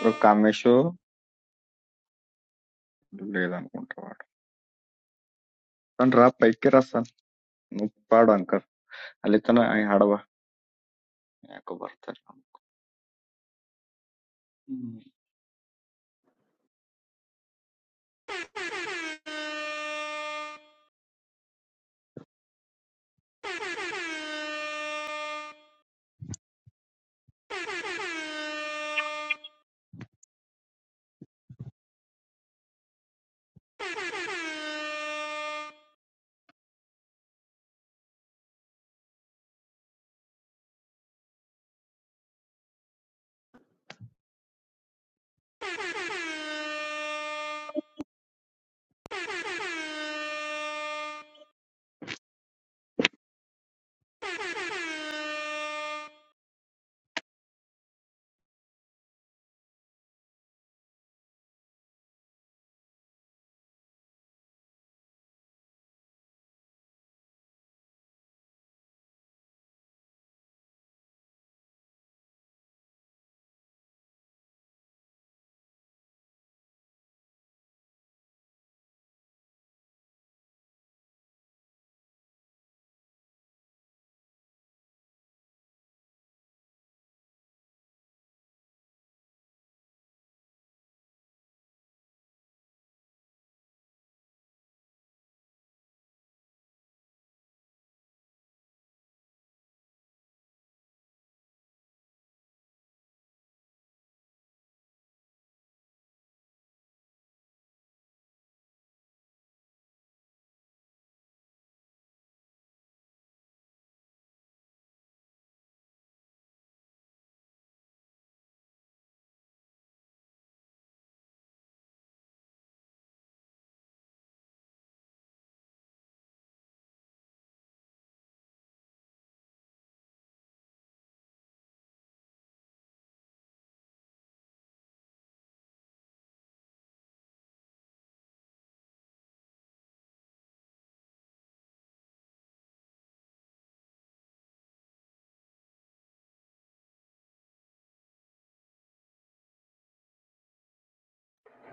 C: Prokāmēšo, leidan kunta var. Tandrāpēikkērasā nu pārānkar. Alietāna iharava. Jāko var tālām.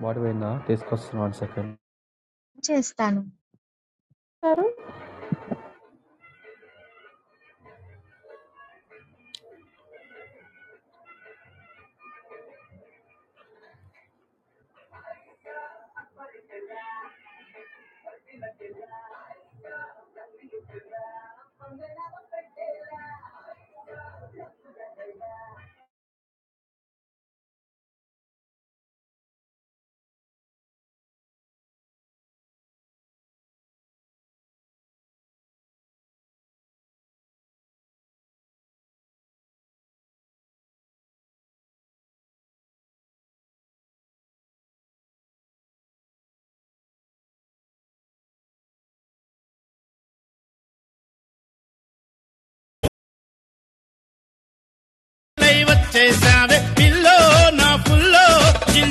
B: What we na? This question one second.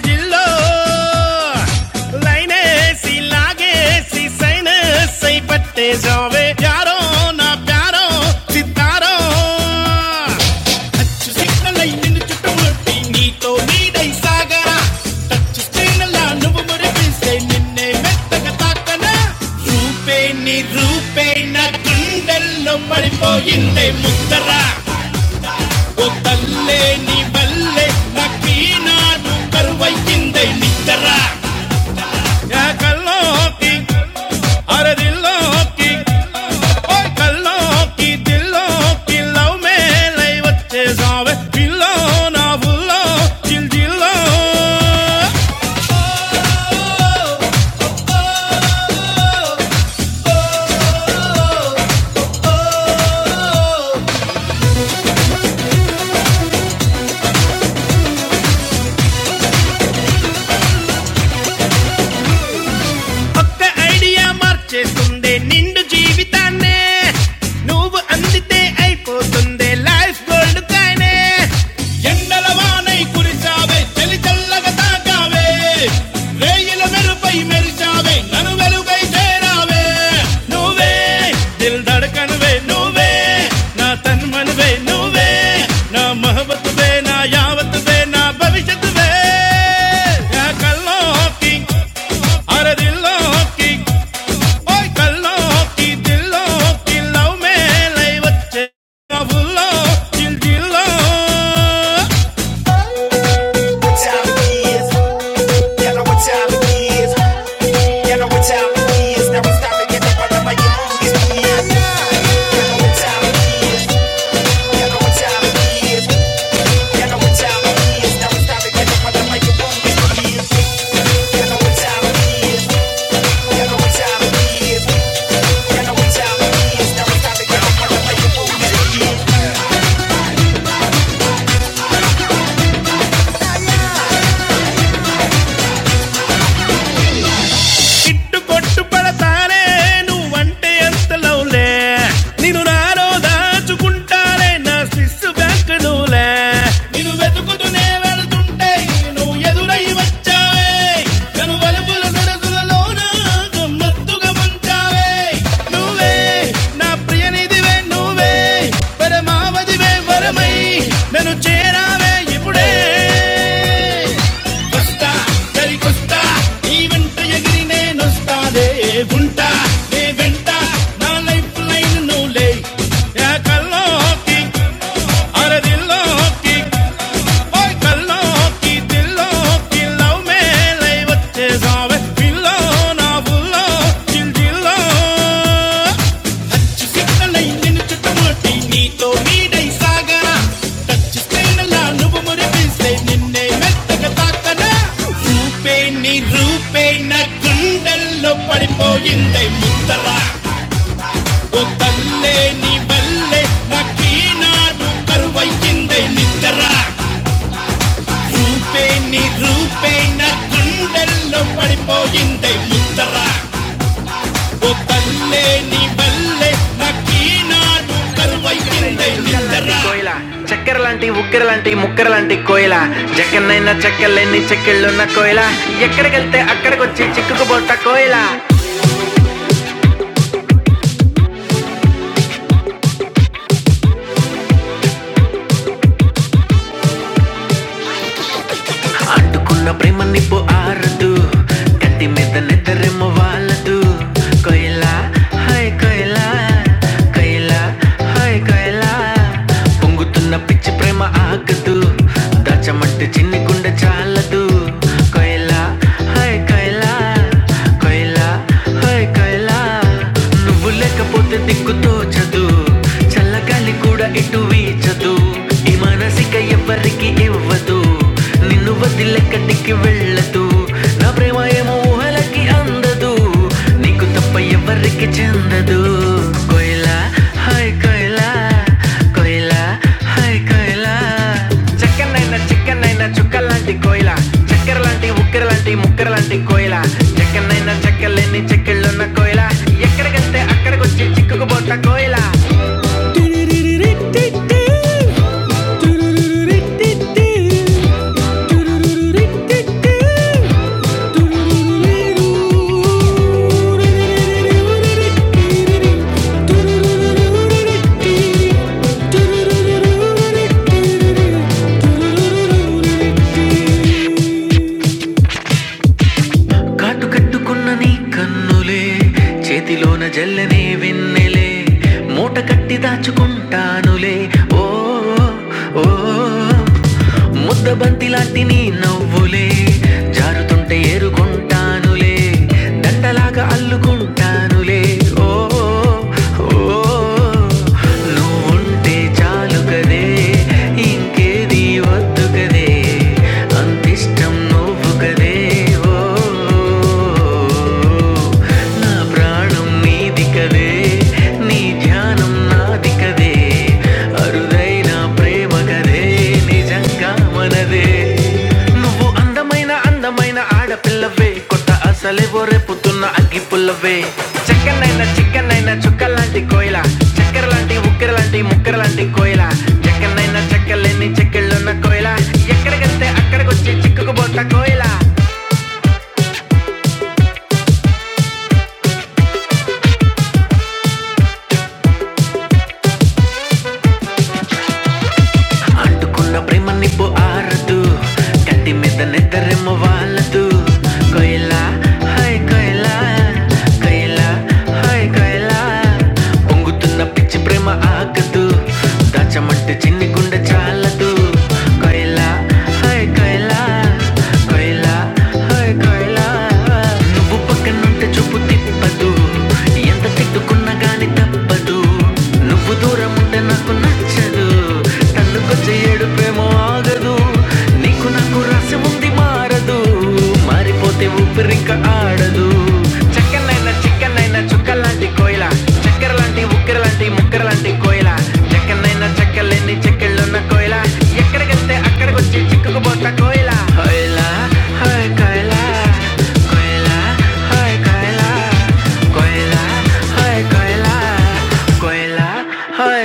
A: కాలేజీల్లో లైనేసి లాగేసి సైనస్ అయి పట్టేసావే యారో నా ప్యారో సితారో టచ్ సిగ్నల్ అయి నిన్ను చుట్టుముట్టి నీతో నీడై సాగరా టచ్ స్క్రీన్ లా నువ్వు మురిపిస్తే నిన్నే మెత్తగా తాకనా రూపే నీ రూపే నా గుండెల్లో పడిపోయిందే ముద్దరా Tale ni balle nakina do karwa yindi ni darra ya kaloki har diloki hoy kaloki diloki love me lay vache zame millo na vulo dil dillo. ఒక్క ఐడియా మార్చేస్తుంది నిండు జీవితాన్నే నువ్వు అందితే అయిపోతుంది లైఫ్ గోల్డ్ కాయనే ఎండల వానై కురిసావే చలి చల్లగా తాకావే రేయిల మెరుపై మెరిచావే నన్ను వెలుగై చేరావే నువ్వే Dil ధడకనువే Na tanmanve, na mahabatve, na yavatve, na bavishatve. Ya kallo ki, har dillo ki, oi kallo ki, dillo ki, lau me laye bachche. Dil dil lo. What time is it? Ya no what time is it? Ya no what time is it? Now we're starting at the bottom of my youngest years. Ya no what time is it? Yeah. ఇట్టు కొట్టు పడతానే నువ్వంటే ఎంత లవ్లే నేను నాలో దాచుకుంటానే నా శిస్సు bank నువ్వులే నేను వెతుకుతూనే వెళ్తుంటే నువ్వు ఎదురై వచ్చావే కను వలుపుల సరసులలోన గమ్మత్తుగా ముంచావే నువ్వే నా ప్రియనిధివే నువ్వే పరమావధివే వరమై నన్ను చేరావే వస్తానే ఇప్పుడే వస్తా సరికొస్తా నీ వెంట ఎగిరి నేనొస్తానే ఉంటా నీ వెంట నా లైఫ్ లైన్ నువ్వులే యా కల్లోకి అరదిల్లోకి ఓయ్ కల్లోకి దిల్లోకి లవ్ మే లై వచ్చేసావే పిల్లో నా బుల్లో చిల్ జిల్లో సిగ్నలై నిన్ను చుట్టుముట్టి నీతో నీడై సాగనా టచ్చిస్తేనలా నువ్వు మురిపిస్తే నిన్నే మెత్తగా తాకనా రూపే నీ రూపే నా గుండెల్లో పడిపోయిందే ముద్దరా ఓ తల్లే నీ వల్లే నాకీనాడు కరువయ్యిందే నిద్రా రూపే నీ రూపే నా గుండెల్లో పడిపోయిందే ముద్దరా పొద్దన్నే నీ వల్లే నాకీనాడు కరువైందే నిద్ర చిక్కు ఆరెమ్మ వాళ్ళదు कैला हाय कैला कैला హాయ్ కైలా పొంగుతున్న పిచ్చి ప్రేమ ఆగదు దాచమంటే చిన్ని గుండె చాలదు కైలా హాయ్ కైలా కైలా హాయ్ కైలా నువ్వు లేకపోతే దిక్కు తోచదు చల్లగాలి కూడా ఇటు వీచదు ఈ మానసిక ఎవ్వరికి ఇవ్వదు నిన్ను నువ్వదిల్లెక్కడికి వెళ్ళదు నా ప్రేమ ఏమో ఊహలకి అందదు నీకు తప్ప ఎవరికి చెందదు కోయిలా హాయ్ కోయిలా కోయిలా హాయ్ కోయిలా చక్కనైన చిక్కనైన చుక్క లాంటి కోయిలా చక్కెర లాంటి ఉక్కర లాంటి ముక్కర లాంటి కోయిలా చక్కనైన చెక్కలేని చెక్కిళ్ళున్న కోయిలా ఎక్కడికంటే అక్కడికొచ్చి చిక్కుకుపోతా కోయిలా టిరిరిరిరిటిటి, టిరిరిరిరిటిటి. Thank you. ముద్దబంతి లాంటి నీ నవ్వులే జారుతుంటే ఏరుకుంటానులే దండలాగా అల్లుకుంటానులే ఓ ఓ నువ్వుంటే చాలు కదే ఇంకేది వద్దు కదే అంతిష్టం నువ్వు కదే ఓ నా ప్రాణం నీది కదే నీ ధ్యానం నాది కదే ప్రేమకనే నిజంగా మనదే నువ్వు అందమైన అందమైన ఆడపిల్లవే కొడే చెక్కనైన చిక్కనైన చుక్క లాంటి కోయిల చక్కెర లాంటి ఉక్కెర లాంటి ముక్కెర లాంటి కోయిల చెక్కనైన చెక్కలేని చెక్కెళ్ళున్న కోయిల ఎక్కడికెళ్తే అక్కడికొచ్చి చిక్కుకుపోత కోయిల నీ మీద నిద్రేమో వాళ్ళదు కోయిల హాయ్ కోయిల కోయిల హాయ్ కోయిల పొంగుతున్న చుక్క లాంటి కోయిల చక్కెర లాంటి ఉక్కెర లాంటి ముక్కెర లాంటి Lên đi check luôn na coi la, Yak ra gắt thế akar gót chi chikku ko bota coi la, coi la, coi coi la, coi la, coi coi la, coi la, coi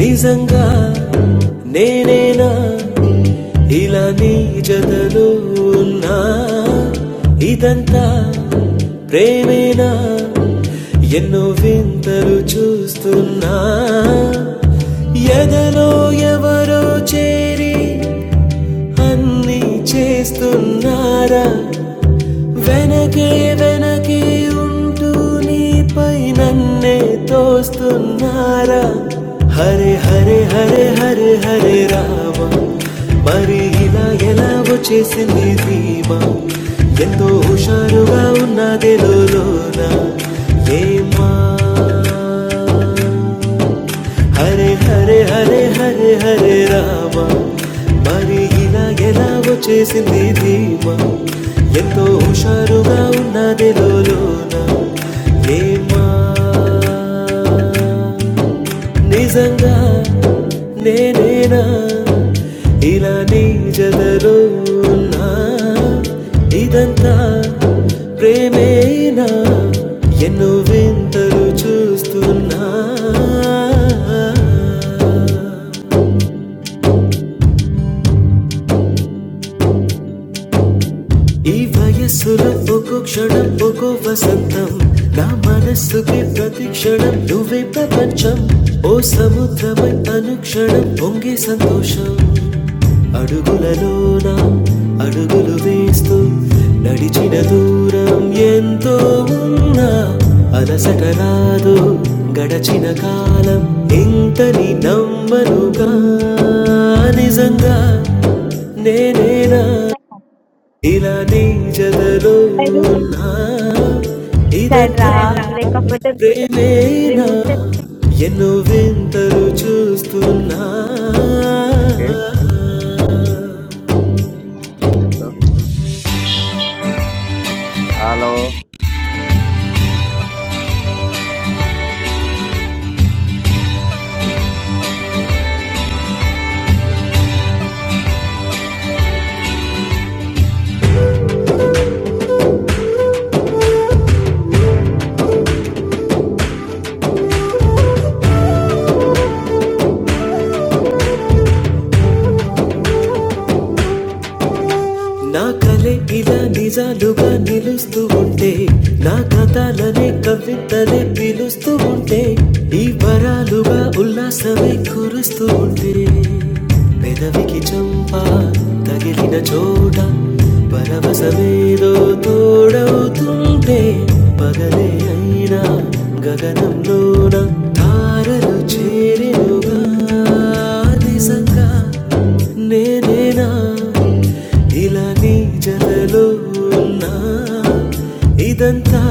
A: నిజంగా నేనేనా ఇలా నీ జతలో ఉన్నా ఇదంతా ప్రేమేనా ఎన్నో వింతలు చూస్తున్నా ఎదలో ఎవరో చేరి అన్నీ చేస్తున్నారా వెనకే వెనకే ఉంటూ నీపై నన్నే తోస్తున్నారా హరే హరే హరే హరే హరే రామ మరి ఇలా ఎలా వచ్చేసింది ధీమ ఎంతో హుషారుగా ఉన్నదే లోన ఏమా హరే హరే హరే హరే హరే రామ మరి ఇలా ఎలా వచ్చేసింది ధీమా ఎంతో హుషారుగా ఉన్నది లోన ఏమా నిజంగా నేనేనా ఇలా నీ జదలో ఉన్నా ఇదంతా ప్రేమేనా ఎన్నో వింతలు చూస్తున్నా ఈ వయస్సులో ఒక్కో క్షణం ఒక్కో వసంతం నా మనస్సుకి ప్రతి క్షణం నువ్వే ప్రపంచం ఓ సముద్రమై అనుక్షణం పొంగే సంతోషం అడుగులలోన అడుగులు వేస్తూ నడిచిన దూరం ఎంతో ఉన్నా అలసట రాదు గడచిన కాలం ఇంతని నమ్మనుగా నిజంగా నేనేనా ఇలా నీ జలలో ఉన్నా
D: Can
A: ఇదంతా ప్రేమేనా ఎన్నో వింతలు చూస్తున్నా
C: Enke? Enketo. Alo.
A: నా కలే ఇలా నిజాలుగా నిలుస్తూ ఉంటే నా కథలనే కవితలే పిలుస్తూ ఉంటే ఈ వరాలుగా ఉల్లాసమే కురుస్తూ ఉంటే పెదవికి చంప తగిలిన చోట పరవై రే పగలే అయినా గగనంలోన తారలు చేరినుగా దిశగా నేనేనా ఇలా నీ జలలో ఉన్నా ఇదంతా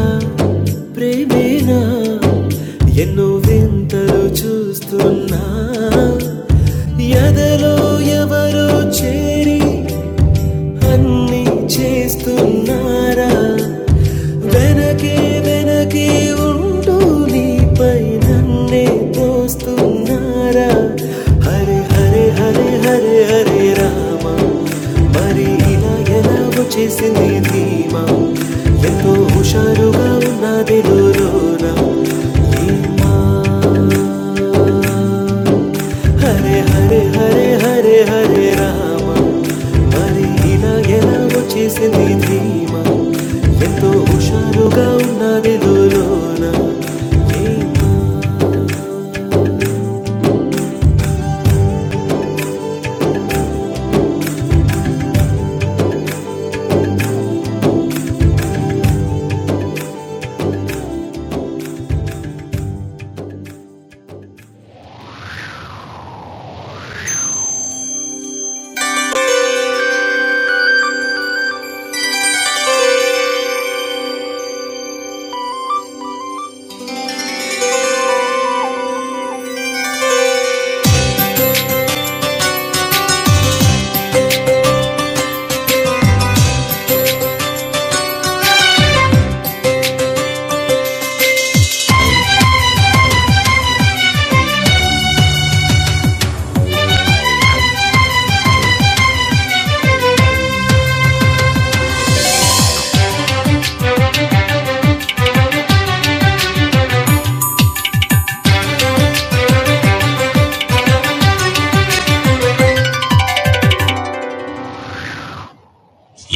A: ప్రేమేనా ఎన్నో వింతలు చూస్తున్నా ఎదలో ఎవరో చేరి అన్ని చేస్తున్నారా వెనకే వెనకే ఉంటూ నీపై నన్నే తోస్తున్నారా హరే హరే హరే హరే హరే రామ మరి ఇలా ఎలా వచ్చేసింది ధీమా ఎంతో హుషారుగా ఉన్నది రోన హరే హరే హరే హరే హరే రామ మరి ఇలా ఎలా వచ్చేసింది ధీమా ఎంతో హుషారుగా ఉన్నది లోన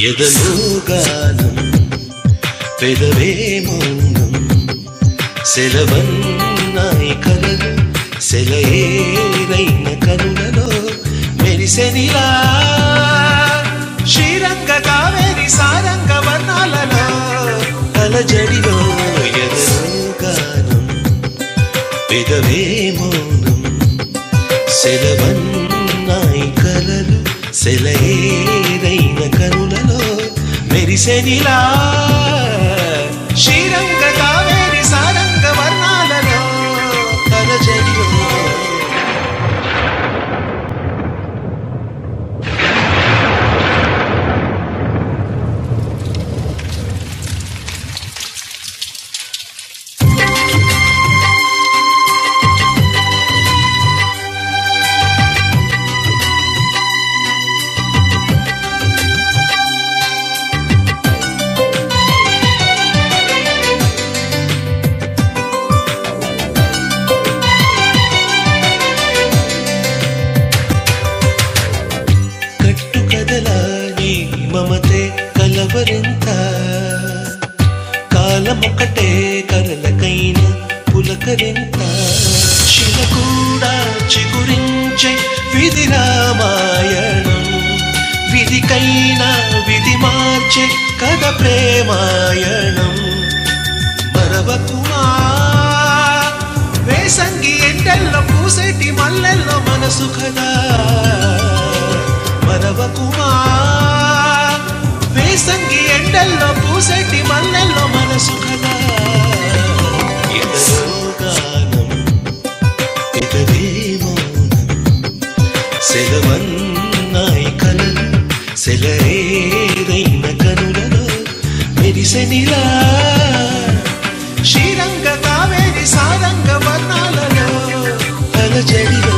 A: ఎదలోగానం పెదవే మౌనం సెలవన్నాయి కలలు సెలయేరైన కనులలో మెరిసెనిలా శ్రీరంగ కావేరి సారంగ వర్ణాలలో కలజడిలో ఎదలోగానం పెదవే మౌనం సెలవన్నాయి కలలు సెలయేరైన కనులలో మెరిసెనిలా శ్రీరంగ కావేరి సారంగ వర్ణాలలో కలజడియో కట్టు కదలా నీ మమతే కలవరింత కాలమొకటే కలలకైన పులకరింత శిల కూడా చిగురించే విధి రామాయణం విధికైనా విధి మార్చే కథ ప్రేమాయణం మరవకుమా వేసంగి ఎండల్లో పూసేటి మల్లెల్లో మనసు కదా మరవకుమా వేసంగి ఎండల్లో పూసేటి మల్లెల్లో మనసు కదా ఎదరో గానం ఎదరే మౌనం సెలవన్నాయి కలలు సెలరేదైన కనులలో మెరిసెనిలా శ్రీరంగ కావేరి సారంగ వర్ణాలలో అలజడిలో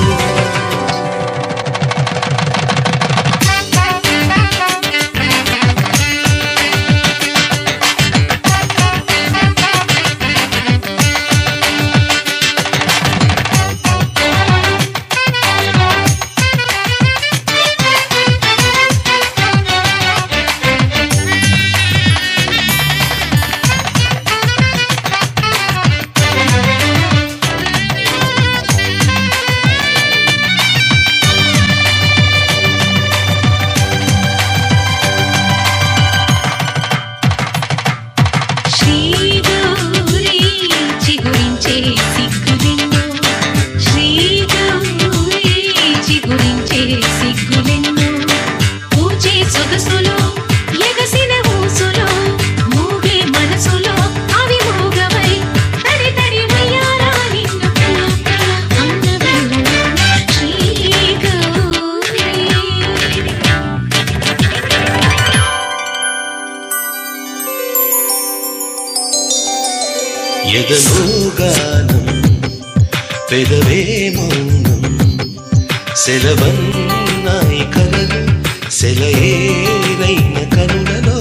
A: ఎదలోగానం పెదవే మౌనం సెలవన్నాయి కలలు సెలయేరైన కనులలో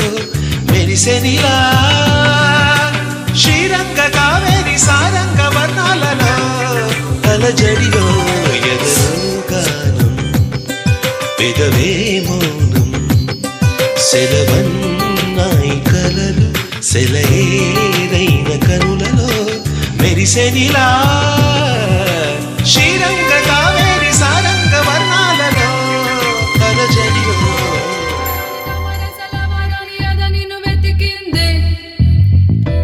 A: మెరిసెనిలా శ్రీరంగ కావేరి సారంగ వర్ణాలలో తలజడిలో ఎదరో కాను పెదవేమోను సెలవన్నాయి కలలు సెలయేరైన కనులలో మెరిసెనిలా శ్రీరంగ కావేరి సారంగ వర్ణాలలో కలజడిలో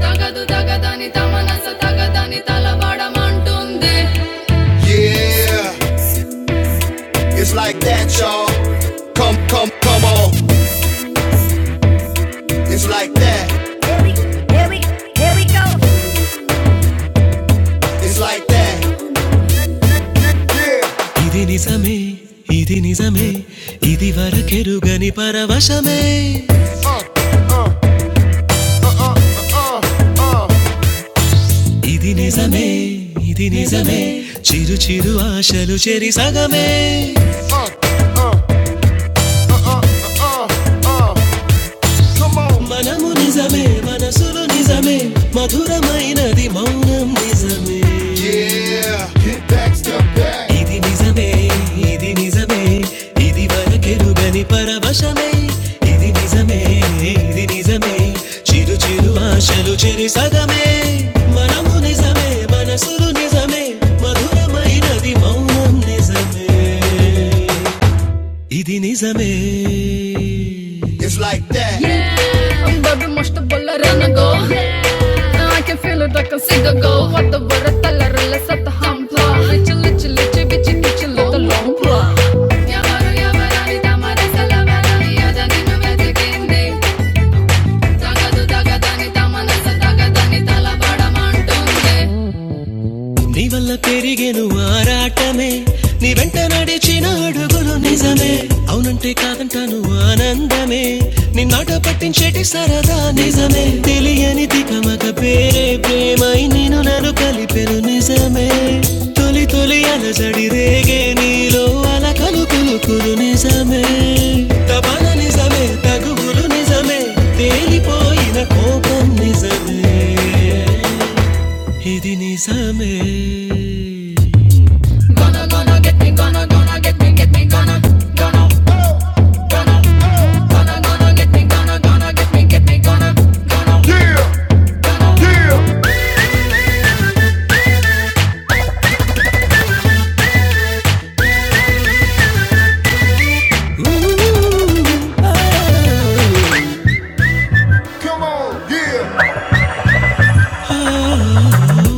A: తగదు తగదని తమనస తగదని తలబడమంటుంది Yeah, it's like that, y'all. Come, come, come on. It's like that. Here we, here we go. It's like that. ఇది నిజమే ఇది నిజమే ఇది వరకెరుగని పరవశమే ఇది నిజమే ఇది నిజమే చిరు చిరు ఆశలు చెరి సగమే మనము నిజమే మనసులు నిజమే మధురమైనది మౌనం నిజమే ఇది నిజమే ఇది నిజమే ఇది వరకెరుగని పరవశమే ఇది నిజమే ఇది నిజమే చిరు చిరు ఆశలు చెరి సగమే మనము నిజమే మనసులు నిజమే మధురమైనది మౌనం నిజమే ఇది నిజమే Yeah, I'm very much the baller and I go. And I can feel it like a cigar go. What the word at the larilla set the hampla. Little, little, little, bitchy, kitchen, lot the long pla. Yavaru, yavarani, tamara, salavara, yadani, nu vetikindi. Tagadu, tagadani, tamanasa, tagadani, talabadamantundi. నీ వల్ల నిత్త బాధ నిజమే తగువులు నిజమే తేలిపోయిన కోపం నిజమే ఇది నిజమే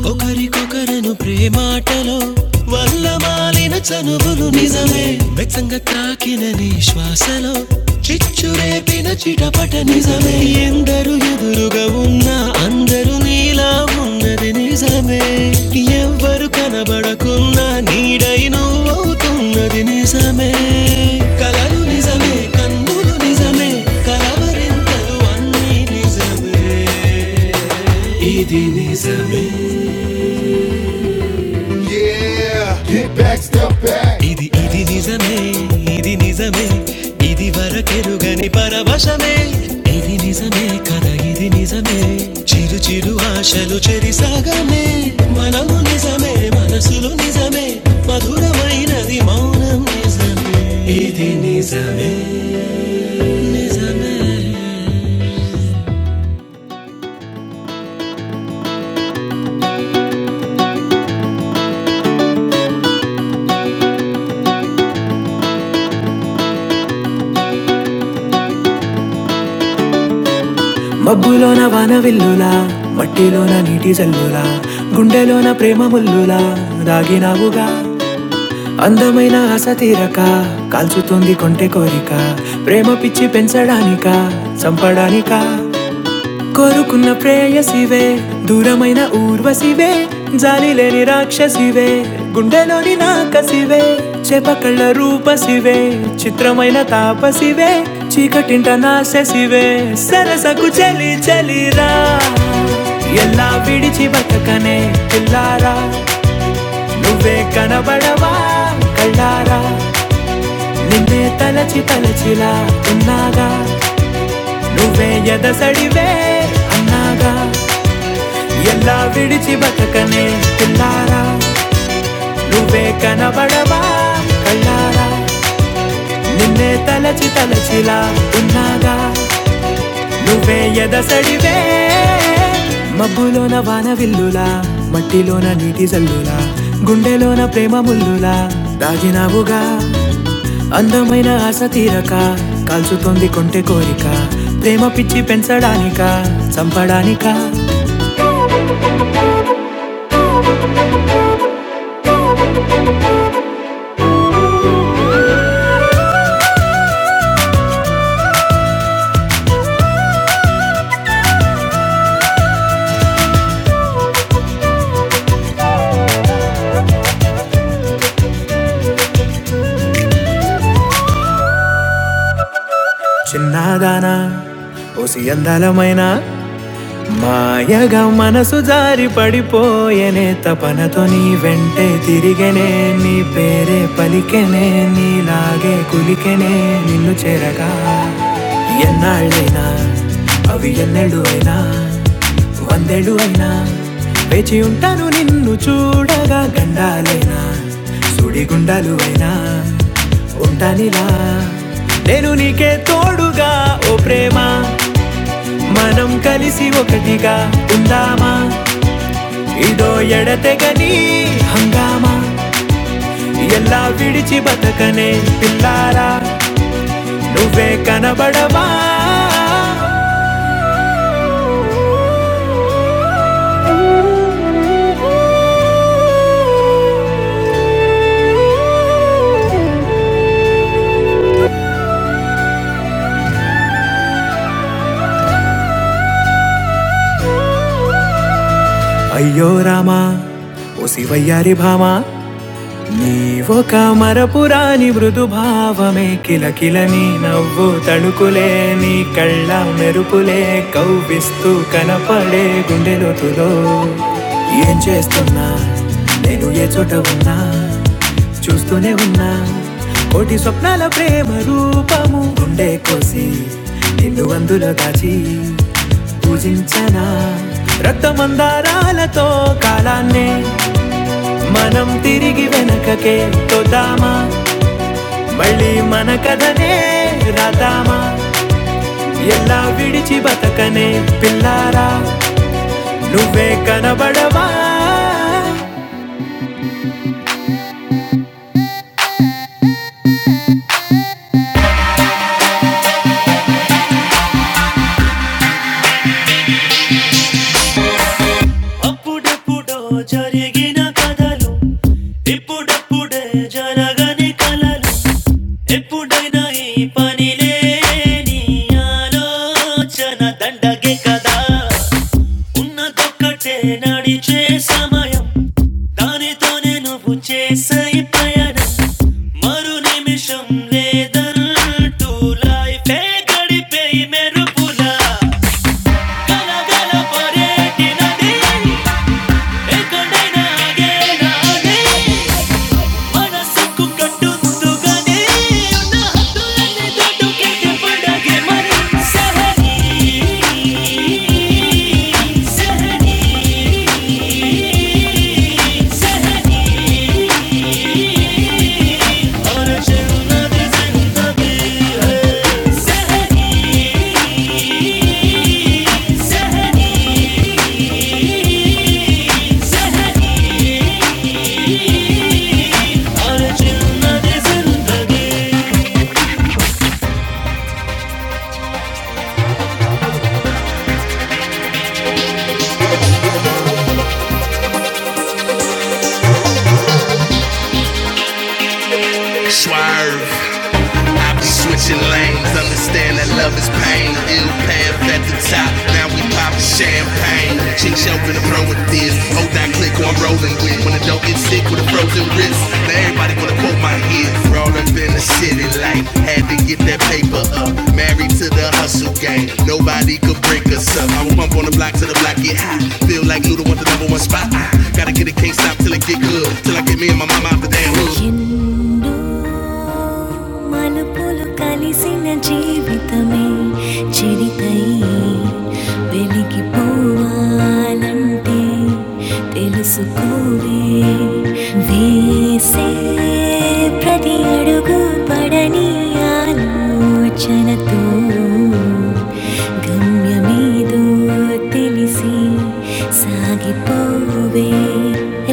A: ఒకరికొకరును ప్రేమాటలో వల్ల మాలిన చనువులు నిజమే వ్యక్తంగా తాకిన నీ శ్వాసలో చిచ్చు రేపిన చిటపట నిజమే ఎందరు ఎదురుగా ఉన్నా అందరూ నీలా ఉన్నది నీ కనబడకున్నా నీడై నువ్వవుతున్నది నిజమే కలలు నిజమే కన్నులు నిజమే కలవరింతలు అన్నీ నిజమే ఇది నిజమే ఇది ఇది నిజమే ఇది నిజమే ఇది వరకెరుగని పరవశమే ఇది నిజమే కథ ఇది నిజమే చిరు చిరు ఆశలు చెరిసాగమే మనము నిజమే మనసులు నిజమే మధురమైనది మౌనం నిజమే ఇది నిజమే నిజమే మబ్బులోన వానవిల్లులా మట్టిలోన నీటి జల్లులా గుండెలోన ప్రేమ ಗಂಟ ನಾಶಸಿವೆ ಸರಸಕು ಚಲಿ ಚಲಿರಾ ಎಲ್ಲ ಬಿಡಿಚಿ ಬತಕನೆ ಪಿಲ್ಲಾರ నువ్వే కనబడవా కళ్ళారా నిన్నే తలచి తలచిలా ఉన్నాగా నువ్వే ఎదసడివే అన్నాగా ఎలా విడిచి బతకనే పిల్లారా నువ్వే కనబడవా కళ్ళారా నిన్నే తలచి తలచిలా ఉన్నాగా నువ్వే ఎదసడివే మబ్బులోన వాన విల్లులా మట్టిలోన నీటి జల్లులా గుండెలోన ప్రేమ ముల్లులా దాగినావుగా అందమైన ఆశ తీరక కాల్చుతోంది కొంటె కోరిక ప్రేమ పిచ్చి పెంచడానిక చంపడానిక చిన్నదానా ఓసి అందలమైన మాయగా మనసు జారి పడిపోయనే తపనతో నీ వెంటే తిరిగనే నీ పేరే పలికెనే నీలాగే కులికెనే నిన్ను చేరగా ఎన్నాళ్ళైనా అవి ఎన్నెళ్ళు అయినా వందేళ్ళు అయినా వేచి ఉంటాను నిన్ను చూడగా గండాలైనా సుడిగుండాలు అయినా ఉంటానిలా నేను నీకే తోడుగా ఓ ప్రేమ మనం కలిసి ఒకటిగా ఉందామా ఇదో ఎడతెగని హంగామా ఎలా విడిచి బతకనే పిల్లారా నువ్వే కనబడవా అయ్యో రామా ఓ శివయ్యారి భామా నీ ఒక మరపురాని మృదు భావమే కిలకిల నీ నవ్వు తళుకులే నీ కళ్ళ మెరుపులే కవ్విస్తూ కనపడే గుండె లోతులో ఏం చేస్తున్నా నేను ఏ చోట ఉన్నా చూస్తూనే ఉన్నా కోటి స్వప్నాల ప్రేమ రూపము గుండె కోసి నిన్ను అందులో దాచి పూజించనా రక్తమందారాలతో కాలాన్నే మనం తిరిగి వెనకకే తొద్దామా మళ్ళీ మన కథనే రాదామా ఎలా విడిచి బతకనే పిల్లారా నువ్వే కనబడవా అప్పుడెప్పుడో జరిగిన కథలు ఇప్పుడప్పుడే జరగని కలలు ఎప్పుడైనా ఈ పనిలే నీ ఆలోచన దండగే కదా ఉన్నదొక్కటే నడిచే సమయం దానితోనే నువ్వు చేసే ప్రయాణం మరు నిమిషం లేదంటూ లైఫే గడిపే మెరుపులా కలపరేటి నది మనసుకు కట్టుతుందిగానే ఉన్న హద్దులన్నీ దాటుకెళ్ళి పడగే మరి సహజ ఎన్నో మలుపులు కలిసిన జీవితమే చెరితై వెలిగి పోవాలంటే తెలుసుకోవే వేసే ప్రతి అడుగు పడని ఆలోచనతో గమ్యమేదో తెలిసి సాగిపోవే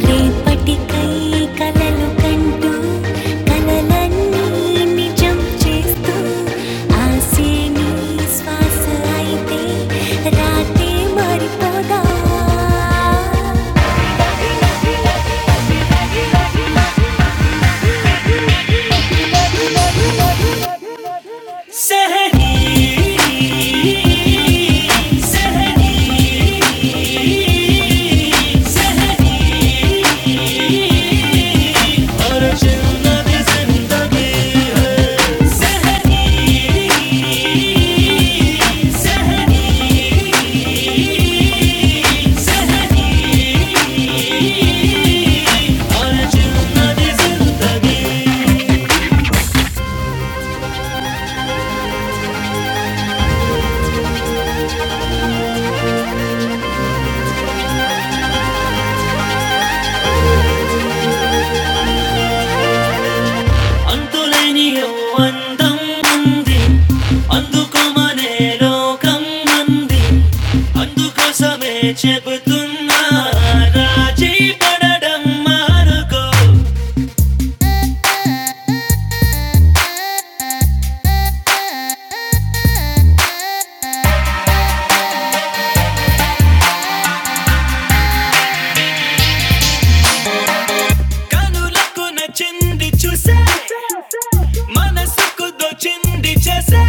A: రేపటికై కలలు కంటూ కలలన్నీ నిజం చేస్తూ ఆశే నీ శ్వాస అయితే రాతే మారిపోదా తులనియో అందం దుఃఖమనే లోకం అందుకోసమే చెబుతున్నా రాజీ పడడం మానుకో కనులకు నచ్చింది చూసే మనసుకు దోచింది చేసే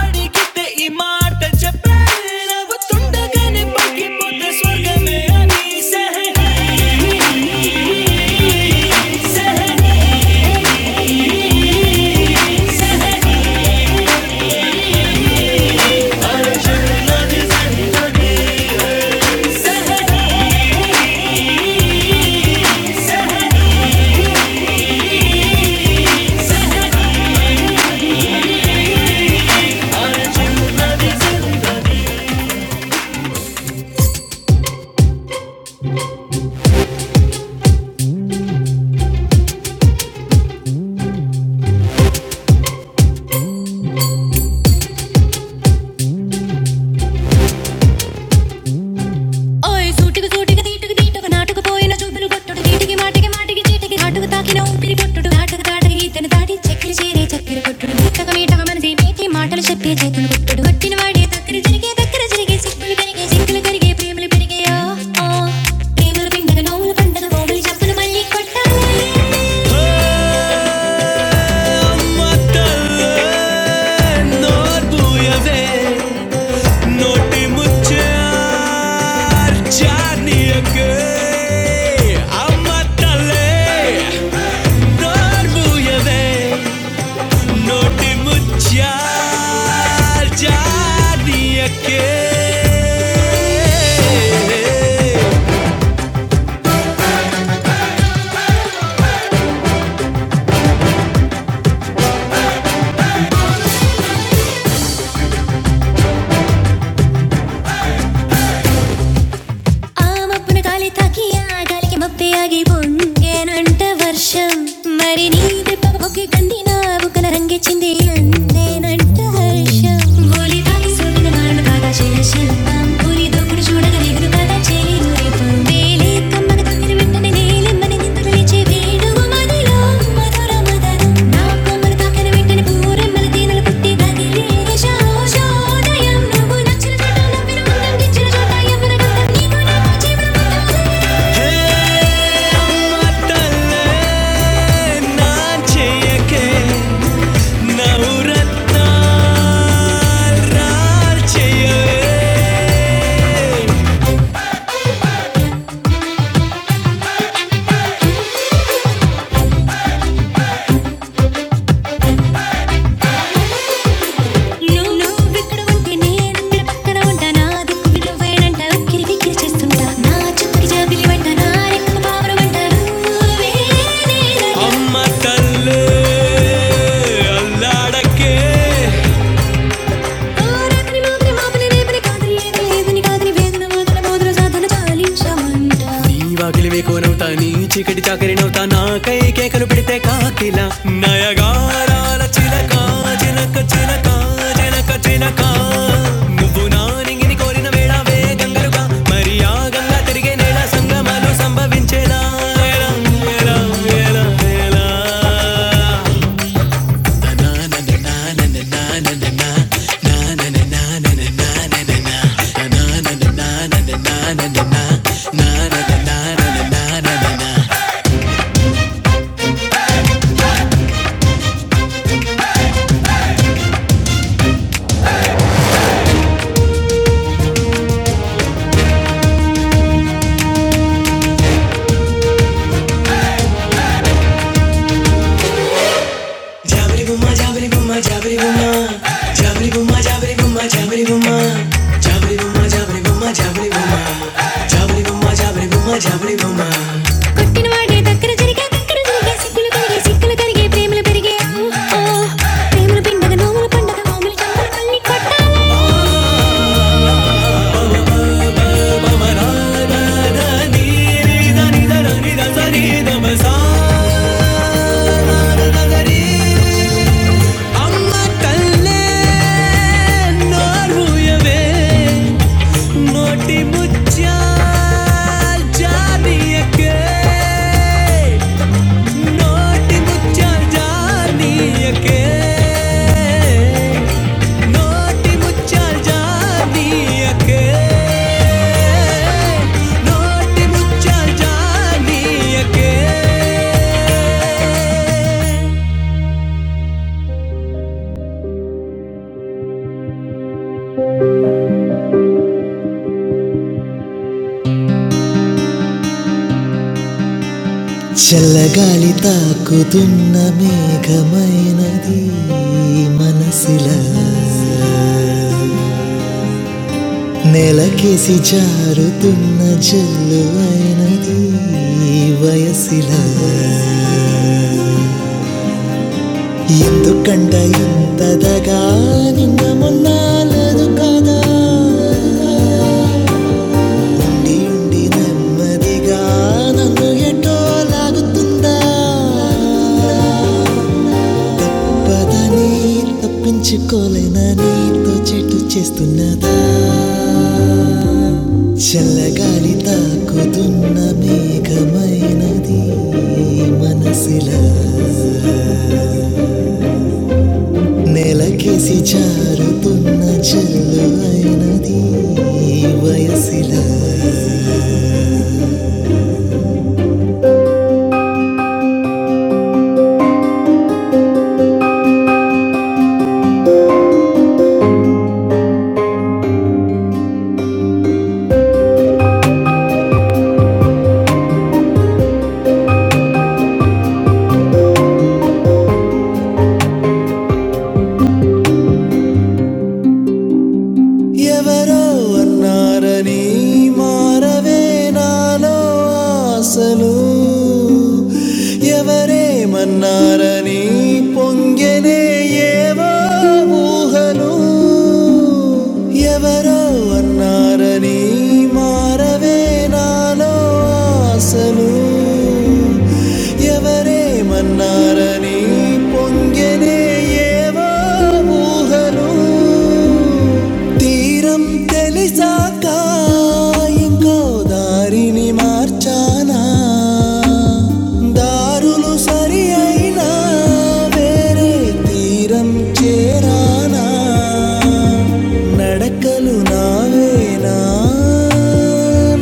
A: అడిగితే ఈ మాట చెప్పే నవ్వుతుండగానే పక్కిపోతే స్వర్గమే అని సహే ఓయ్ సూటికి సూటికి తీటుకు తీటుకు నాటుకు పోయిన చూపులు కొట్టుడు తీటికి మాటికి మాటికి చీటికి నాటుకు తాకిన ఊపిరి పొట్టుడు నాటకు తాటకి ఇతను తాటి చక్కెర చేరే చక్కెర కొట్టుడు మీటక మీటక మనసి మేటి మాటలు చెప్పే చేతులు కొట్టుడు కొట్టిన వాడే దగ్గర జరిగే దగ్గర జరిగే సిగ్గులు కరిగే సిగ్గులు కరిగే ప్రేమలు పెరిగే ఆ, ఆ. ప్రేమలు పిండగ నవ్వులు పండగ పోగులు జబ్బులు మళ్ళీ కొట్టాలి హే Yeah. ಆ ಮಬ್ಬನ ಗಾಳಿ ತಾಕಿ ಆ ಗಾಳಿಗೆ ಮಬ್ಬೆಯಾಗಿ ಬೊಂಗೇನಂಟ ವರ್ಷ మరి నీ దెబ్బ బొగ్గి కంది నా బుగ్గల రంగే చింది అందేనంట హర్ష బోలి తాకి సోదిన మారణ కాగా చేయ శిల్పం పులి దొక్కుడు చూడగా నిగురు కదా చేయి దూరి దేవతలే నా చెయ్యకే నవరత్నాలు చేయవే నువ్విక్కడ ఉంటే నేనక్కడ పక్కన ఉంటా నా దిక్కు విలువేనంట ఉక్కిరి బిక్కిరి చేస్తుంటా నా చుక్కకి జాబిలి వంట నా రెక్కల పావురం వంట నువ్వే నేనంట. అమ్మ తల్లే అల్లాడకే రాత్రి మాత్రం ఆపని రేపని కాదని ఏది లేదని కాదని వేదన మాటల మోదుల సాధన చాలించమంట నీ వాకిలి వేకోనవుతా నీ చీకటి చాకరినవుతా నా కై కేకలు పెడితే కాకిల నయగారాల చిలక చిలక చిలక చిలక చిలక నువ్వు నా నింగిని కోరిన వేళ వేగంగరుగా మరి ఆ జాబరి బుమ్మ జాబరి బుమ్మ జాబరి బుమ్మ జాబరి బుమ్మ జాబరి బుమ్మ జాబరి బుమ్మ జాబరి బుమ్మ జాబరి బుమ్మ జాబరి బుమ్మ జాబరి బుమ్మ జాబరి బుమ్మ జాబరి బుమ్మ కొట్టిన వాడే దగ్గర జరిగే దగ్గర జరిగే సిక్కులు కరిగే సిక్కులు కరిగే ప్రేమలు పెరిగే ఓ ప్రేమలు పిండగ నోములు పండగ నోములు చంపలు కళ్ళి కొట్టాలి పవనాల నీరి దని దని దని దమ సా अम्मा तल्ले नौरु ये बोटी मुच्छल जानी अकें नौटी मुच्छल जानी अकें नौटी मुच्छल जानी अकें नौटी मुच्छल చల్లగాలి తాకుతున్న మేఘమైనది మనసిలా నెలకేసి జారుతున్న జల్లువైనది వయసిలా ఎందుకంట ఇంతదగా నిన్న మొన్నాలదు కాండి ఉండి నెమ్మదిగా నన్ను ఎటో లాగుతుందా పదని తప్పించేతో చెట్టు చేస్తున్నదా చల్లగాలి తాకుతున్న మేఘమైనది ముల నెలకిందు అయినది వయసిలా ఎవరో అన్నారని మారవే నాలో ఆశలు ఎవరేమన్నారని పొంగనే ఏవో ఊహలు ఎవరో అన్నారని మారవే నాలో ఆశలు ఎవరేమన్నారని పొంగనే ఏవో ఊహలు తీరం తెలిసాక ఇంకో దారిని మార్చానా దారులు సరి అయినా వేరే తీరం చేరానా నడకలు నావేనా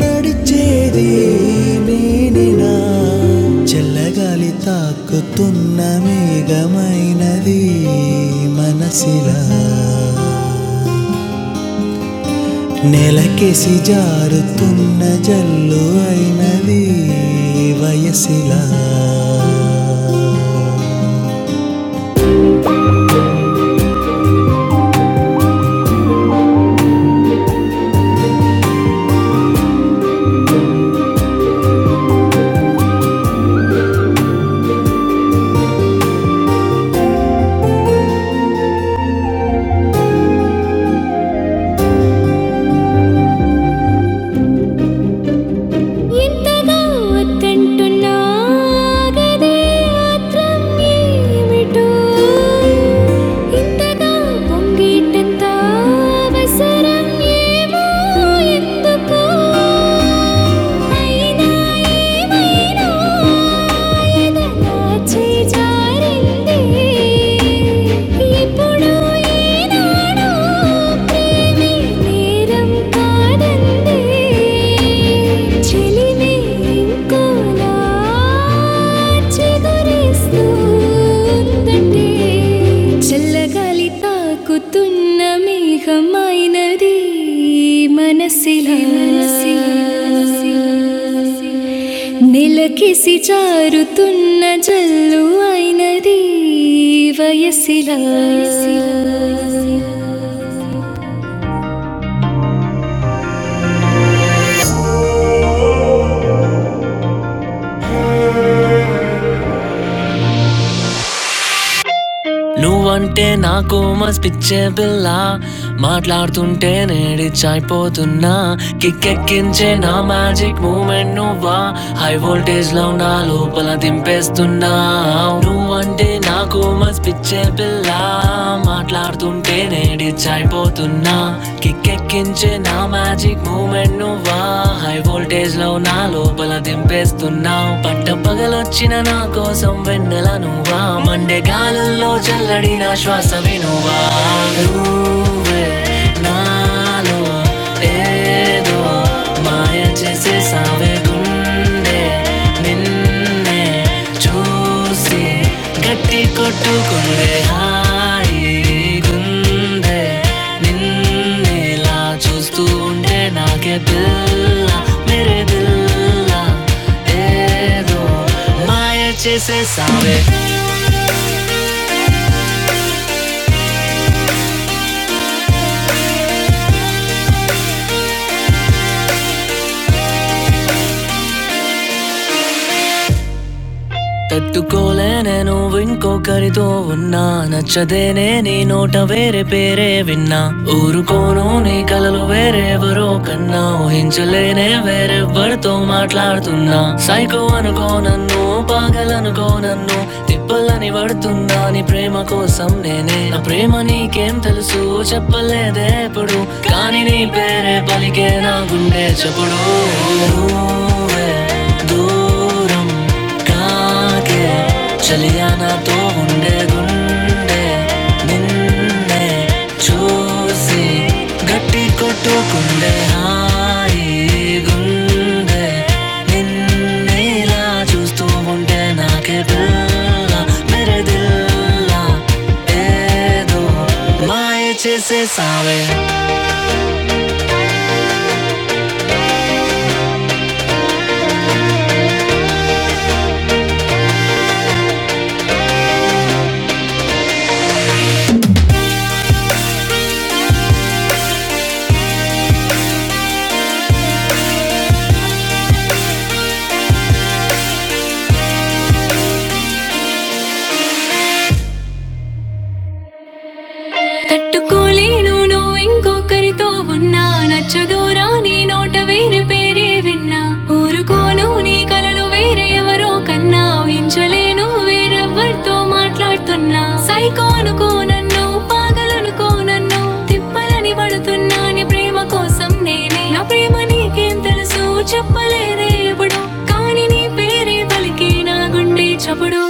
A: నడిచేది నేనేనా చల్లగాలి తాకుతున్న మేఘమైనది మనసిలా నెలకేసి జారుతున్న జల్లు అయినది వయసిలా ఇంతగా వద్దంటున్నాగదే ఆత్రం ఏమిటో ఇంతగా పొంగిటంత అవసరం ఏమో ఎందుకో అయినా ఏమైనా ఎదలా చేజారింది ఇప్పుడు ఈనాడు ప్రేమే తీరం కాదంది చెలిమే ఇంకోలా చిగురిస్తుందండి చల్లగాలి తాకుతున్న మేఘమైనది మనసిలా నిలకిసి జారుతున్న జల్లు అయినది వయసిలా నా కిక్కెక్కించే నా మ్యాజిక్ మూమెంట్ నువ్వా హై వోల్టేజ్ లో నా లోపల దింపేస్తున్నావు నువ్వంటే నాకు మస్ పిచ్చే పిల్ల మాట్లాడుతుంటే నేడిచ్ అయిపోతున్నా కిక్కెక్కించే నా మ్యాజిక్ మూమెంట్ నువ్వా హై వోల్టేజ్ లో నా లోపల దింపేస్తున్నావు పట్ట పగలొచ్చిన నా కోసం వెన్నెల నువ్వా మండే గాలుల్లో చల్లడి నా శ్వాస వినువా నువ్వే నాలో ఏదో మాయ చేసే సావే గుండె నిన్నే చూసి గట్టి కొట్టుకుందే హాయి గుండె నిన్నేలా చూస్తూ ఉంటే నాకే పిల్ల మేరే పిల్ల ఏదో మాయ చేసేసావే తట్టుకోలే నేను ఇంకొకరితో ఉన్నా నచ్చదేనే నీ నోట వేరే పేరే విన్నా ఊరుకోను నీ కలలు వేరెవరో కన్నా ఊహించలేనే వేరెవ్వరితో మాట్లాడుతున్నా సైకో అనుకో నన్ను పాగలనుకో నన్ను తిప్పలని పడుతున్నా నీ ప్రేమ కోసం నేనే నా ప్రేమ నీకేం తెలుసు చెప్పలేదే ఎప్పుడు కానీ నీ పేరే పలికే నా గుండె చెప్పుడు దూరం कहाँ के चले आना तो गुंडे गुंडे निन्ने चूसी गट्टी को तो गुंडे हाई गुंडे निन्ने ला चूस तो गुंडे ना के बिल्ला मेरे दिल्ला ए दो माए छे से सावे తట్టుకోలేను నువ్వు ఇంకొకరితో ఉన్నా నచ్చదూరా నీ నోట వేరే పేరే విన్నా ఊరుకోను నీ కలలు వేరే ఎవరో కన్నా ఊహించలేను వేరెవ్వరితో మాట్లాడుతున్నా సైకోనుకో నన్ను పాగలనుకో నన్ను తిప్పలని పడుతున్నా నీ ప్రేమ కోసం నేనే నా ప్రేమ నీకేం తెలుసు చెప్పలేదే ఎప్పుడు కానీ నీ పేరే పలికి నా గుండె చప్పుడు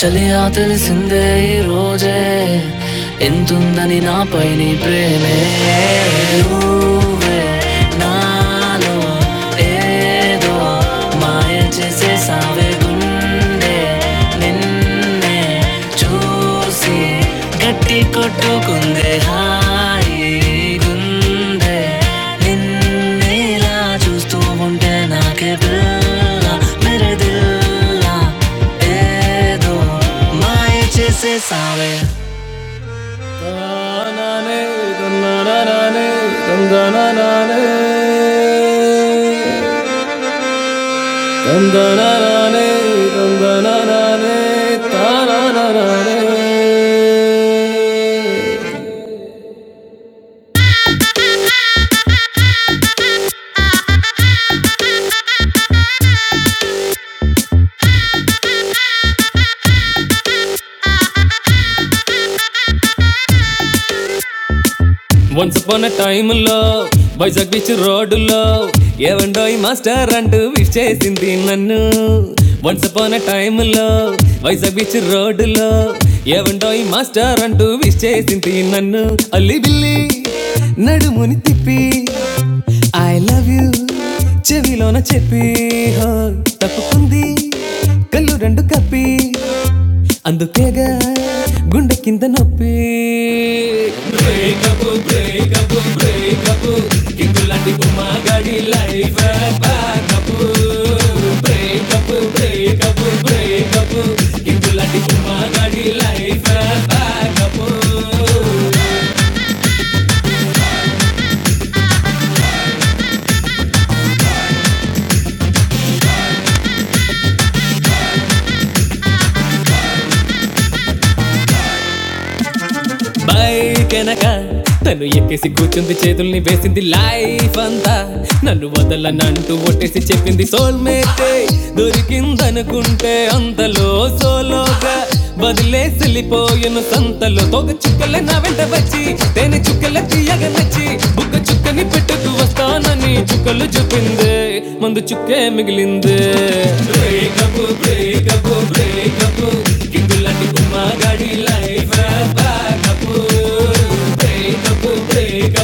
A: చలియా తెలిసిందే ఈ రోజే ఎంతుందని నాపై నీ ప్రేమే నువ్వే నాలో ఏదో మాయ చేసే సావే గుండె నిన్నే చూసి గట్టి కొట్టుకుందే హాయి గుండె నిన్నేలా చూస్తూ ఉంటే నాకే పిల్ల మెరదిల్లా ఏదో మాయ చేసే సావే వన్స్ upon a time లో వైజాగ్ బీచ్ రోడ్డులో ఏవండోయ్ మాస్టర్ అంటూ విష్ చేసింది నన్ను వన్స్ upon a time లో వైజాగ్ బీచ్ రోడ్డులో ఏవండోయ్ మాస్టర్ అంటూ విష్ చేసింది నన్ను అల్లి బిల్లి నడుముని తిప్పి ఐ లవ్ యూ చెవిలోన చెప్పి హో, తప్పుకుంది కళ్ళు రెండు కప్పి అందుకేగా గుండె కింద నొప్పి బ్రేకప్ బ్రేకప్ బైకెనక తను ఎక్కేసి కూర్చుంది చేతుల్ని వేసింది లైఫ్ అంతా నన్ను వదలనంటూ ఒట్టేసి చెప్పింది సోల్మేటే దొరికిందనుకుంటే అంతలో సోలోగా వదిలేసి వెళ్ళిపోయాను సంతలో తోక చుక్కల నా వెంట వచ్చి తేనె చుక్కల తీయగా నచ్చి బుక్క చుక్కని పెట్టుకు వస్తానని చుక్కలు చూపింది మందు చుక్కే మిగిలింది Breakup, breakup, break, గాడి break,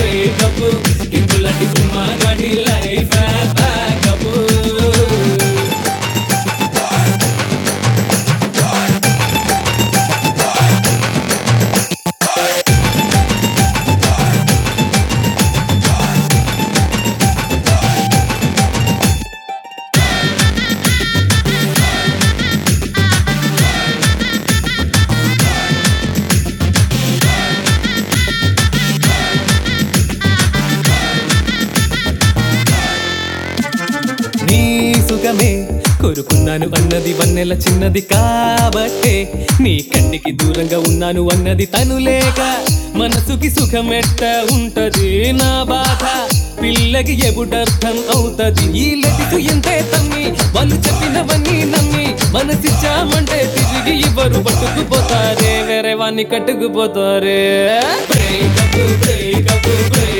A: breakup. ఇందులాంటి సినిమా గాడి life. కబూరే. కాబట్టే నీ కంటికి దూరంగా ఉన్నాను అన్నది తను లేక మనసుకి సుఖమెట్ట ఉంటది నా బాధ పిల్లకి ఎబుడర్థం అవుతది ఈ లటికు ఎంతే తమ్మి వాళ్ళు చెప్పినవన్నీ నమ్మి మనసిచ్చామంటే తిరిగి ఇవ్వరు పట్టుకుపోతారే వేరే వాణ్ణి కట్టుకుపోతారే Break up, break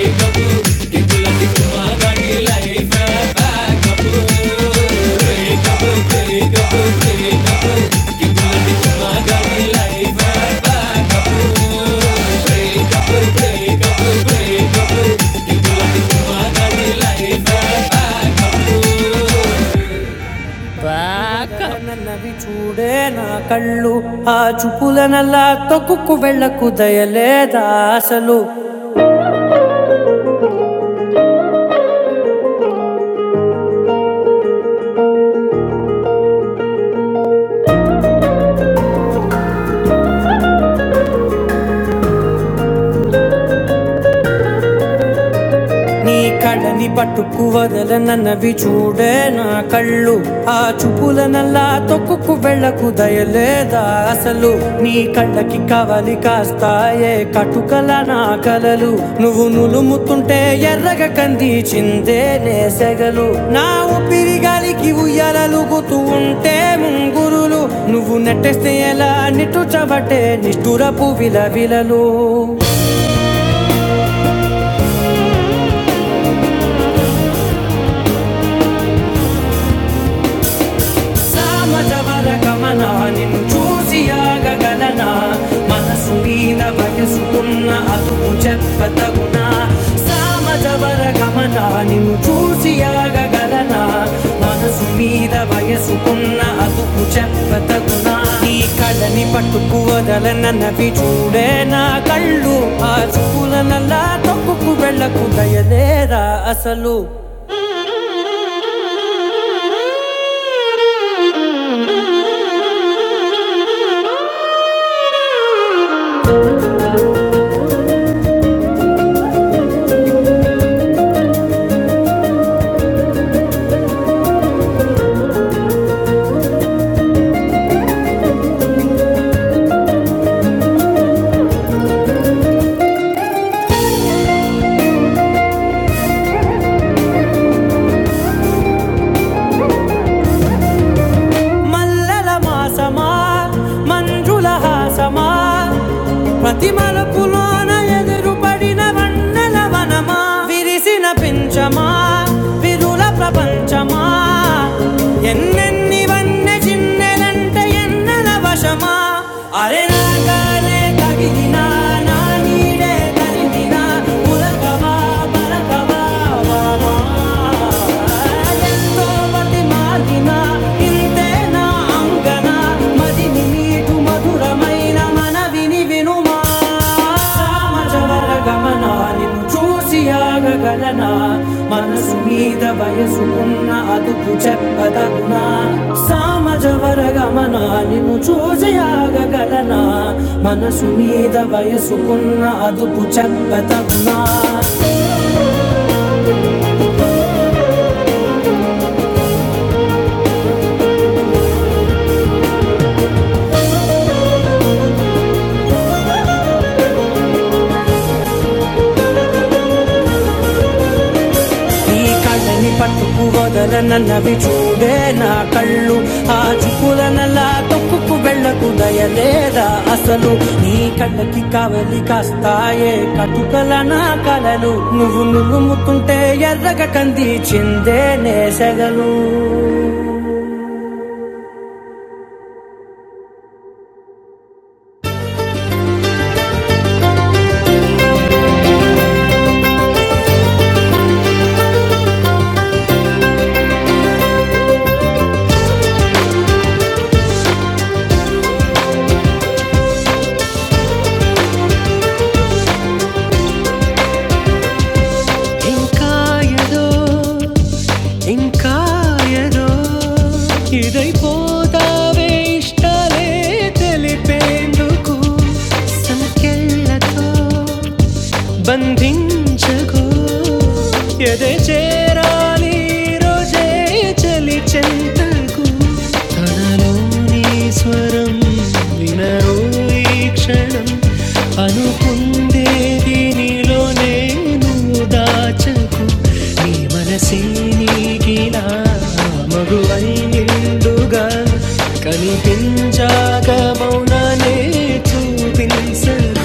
A: నన్నవి చూడే నా కళ్ళు ఆ చూపుల నల్లా తొక్కుకు వెళ్ళకు దయలేదా అసలు నీ కళని పట్టుకు వదలనన్నవి చూడే నా కళ్ళు ఆ చూపుల నల్లా తొక్కుకు వెళ్ళకు దయలేదా అసలు నీ కళ్ళకి కవలి కాస్తాయే కటుకల నా కలలు నువ్వు నులుముతుంటే ఎర్రగ కందిచిందే నే సెగలు నా ఊపిరి గాలికి ఉయ్యాలలుగుతూ ఉంటే ముంగురులు నువ్వు నెట్టేస్తే ఎలా నిట్టుచబట్టే నిష్ఠురపు విలవిలలు సమాజవర గమన నిన్ను చూసి ఆగగలనా మనసు మీద వయసు ఉన్న అదుపు చెప్పతగునా సమాజవర గమన నిన్ను చూసి ఆగగలనా మనసు మీద వయసు ఉన్న అదుపు చెప్పతగునా నీ కళ్ళని పట్టుకు వదలనవి చూడే నా కళ్ళు ఆ చూపుల నల్లా తొక్కుకు వెళ్ళకు దయలేరా అసలు మల్లెల మాసమా మంజుల హాసమా ప్రతి మలుపులోన ఎదురుపడిన వన్నెల వనమా విరిసిన పించమా విరుల ప్రపంచమా ఎన్నెన్ని వన్నె చిన్నెలంటే ఎన్నెల వశమా అరే వెనకాలే తగిలినా నా నీడే తరిమినా ఉలకవా పలకవా వామా. ఎంతో బతిమాలినా ఇంతే నా అంగన మదిని మీటు మధురమైన మనవిని వినుమా రామ జవ గమన నిన్ను చూసి ఆగగలనా మనసు మీద వయసుకున్న అదుపు చెప్పదగునా సామజవర గమన నిన్ను చూసి ఆగగలనా మనసు మీద వయసుకున్న అదుపు చెప్పదగునా ఈ కళ్ళని పట్టుకు వదలనన్నవి చూడే నా కళ్ళు ఆ చూపులనలా తొక్కుకు వెళ్ళకు దయలేదా అసలు నీ కళ్ళకి కావలి కాస్తాయే కటుకల నా కలలు నువ్వు నులుముతుంటే ఎర్రగ కంది చిందే నేసెగలు ఇంకా ఏదో ఇంకా ఏదో ఇదైపోతావే ఇష్టాలే తెలిపేందుకు సంఖ్యలతో బంధించకు ఎదే చేరాలి రోజే చలి చెంతకు తనలోని స్వరం వినరు ఈ క్షణం అనుకుందేది నీలో నేను దాచకు నీ మనసే నీకిలా మగువై నిండుగా కనిపించాక మౌననే చూపించకు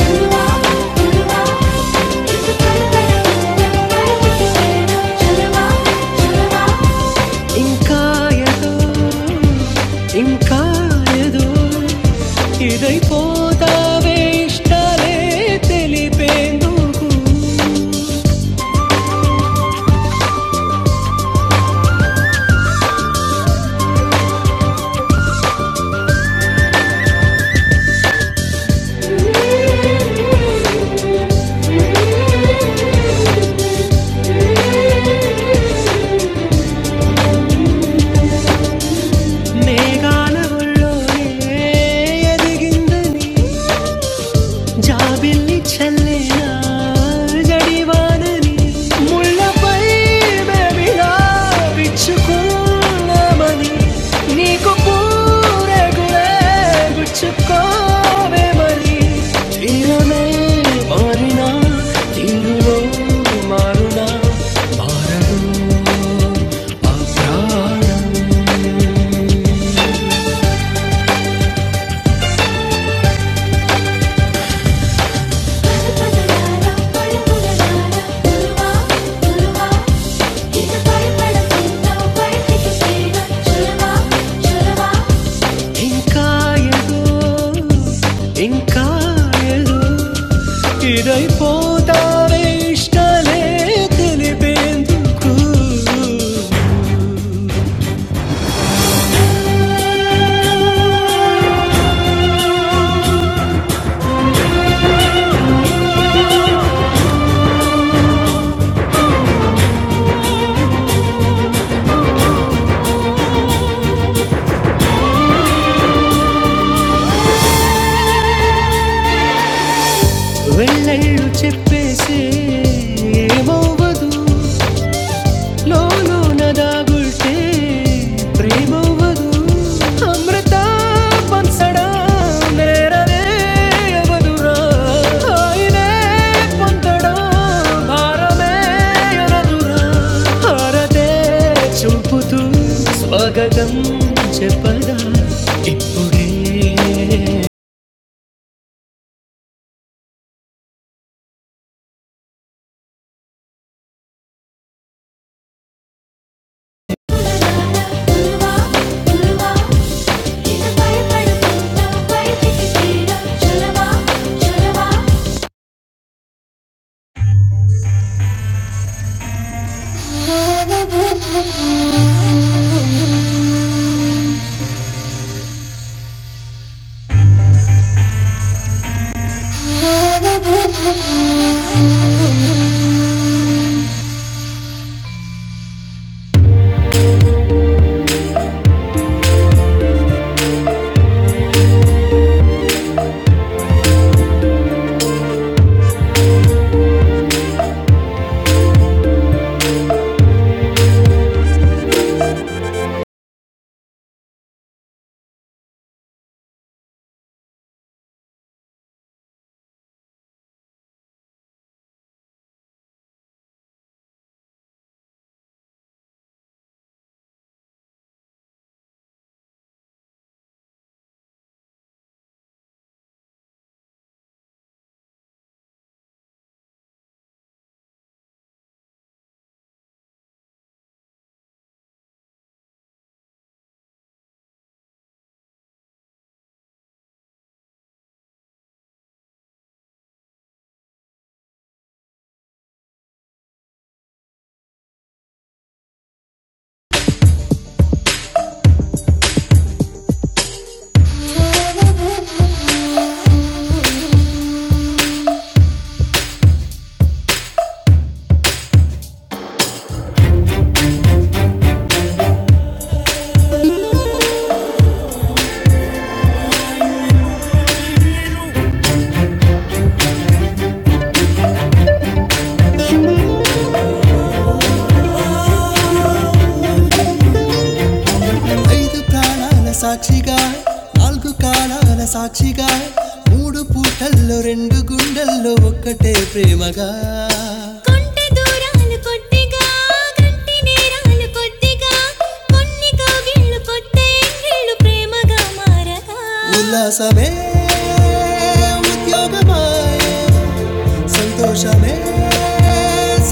A: తిరువా తిరువా ఇంకా ఏదో ఇంకా ఏదో ఇదైపోతావే ఇష్టాలే తెలిపేందుకు మేఘాల ఒళ్ళోనే ఎదిగిందని జాబిల్లి చల్లిన జడివానని ముళ్ళపై విచ్చుకున్నామని నీకు పూరగులే గుచ్చుకోవే మరి ఆ ఏదో, ఇంకా ఏదో ఇదైపోతావే ఇష్టాలే తెలిపేందుకు చూపుతూ స్వాగతం చెప్పదా ఒరే ఐదు ప్రాణాల సాక్షిగా నాలుగు కాలాల సాక్షిగా మూడు పూటల్లో రెండు గుండెల్లో ఒక్కటే ప్రేమగా కొంటె దూరాలు కొద్దిగా కంటి నేరాలు కొద్దిగా కొన్ని కౌగిళ్ళు కొత్త ఎంగిళ్ళు ప్రేమగా మారగా ఉల్లాసమే ఉద్యోగమాయ సంతోషమే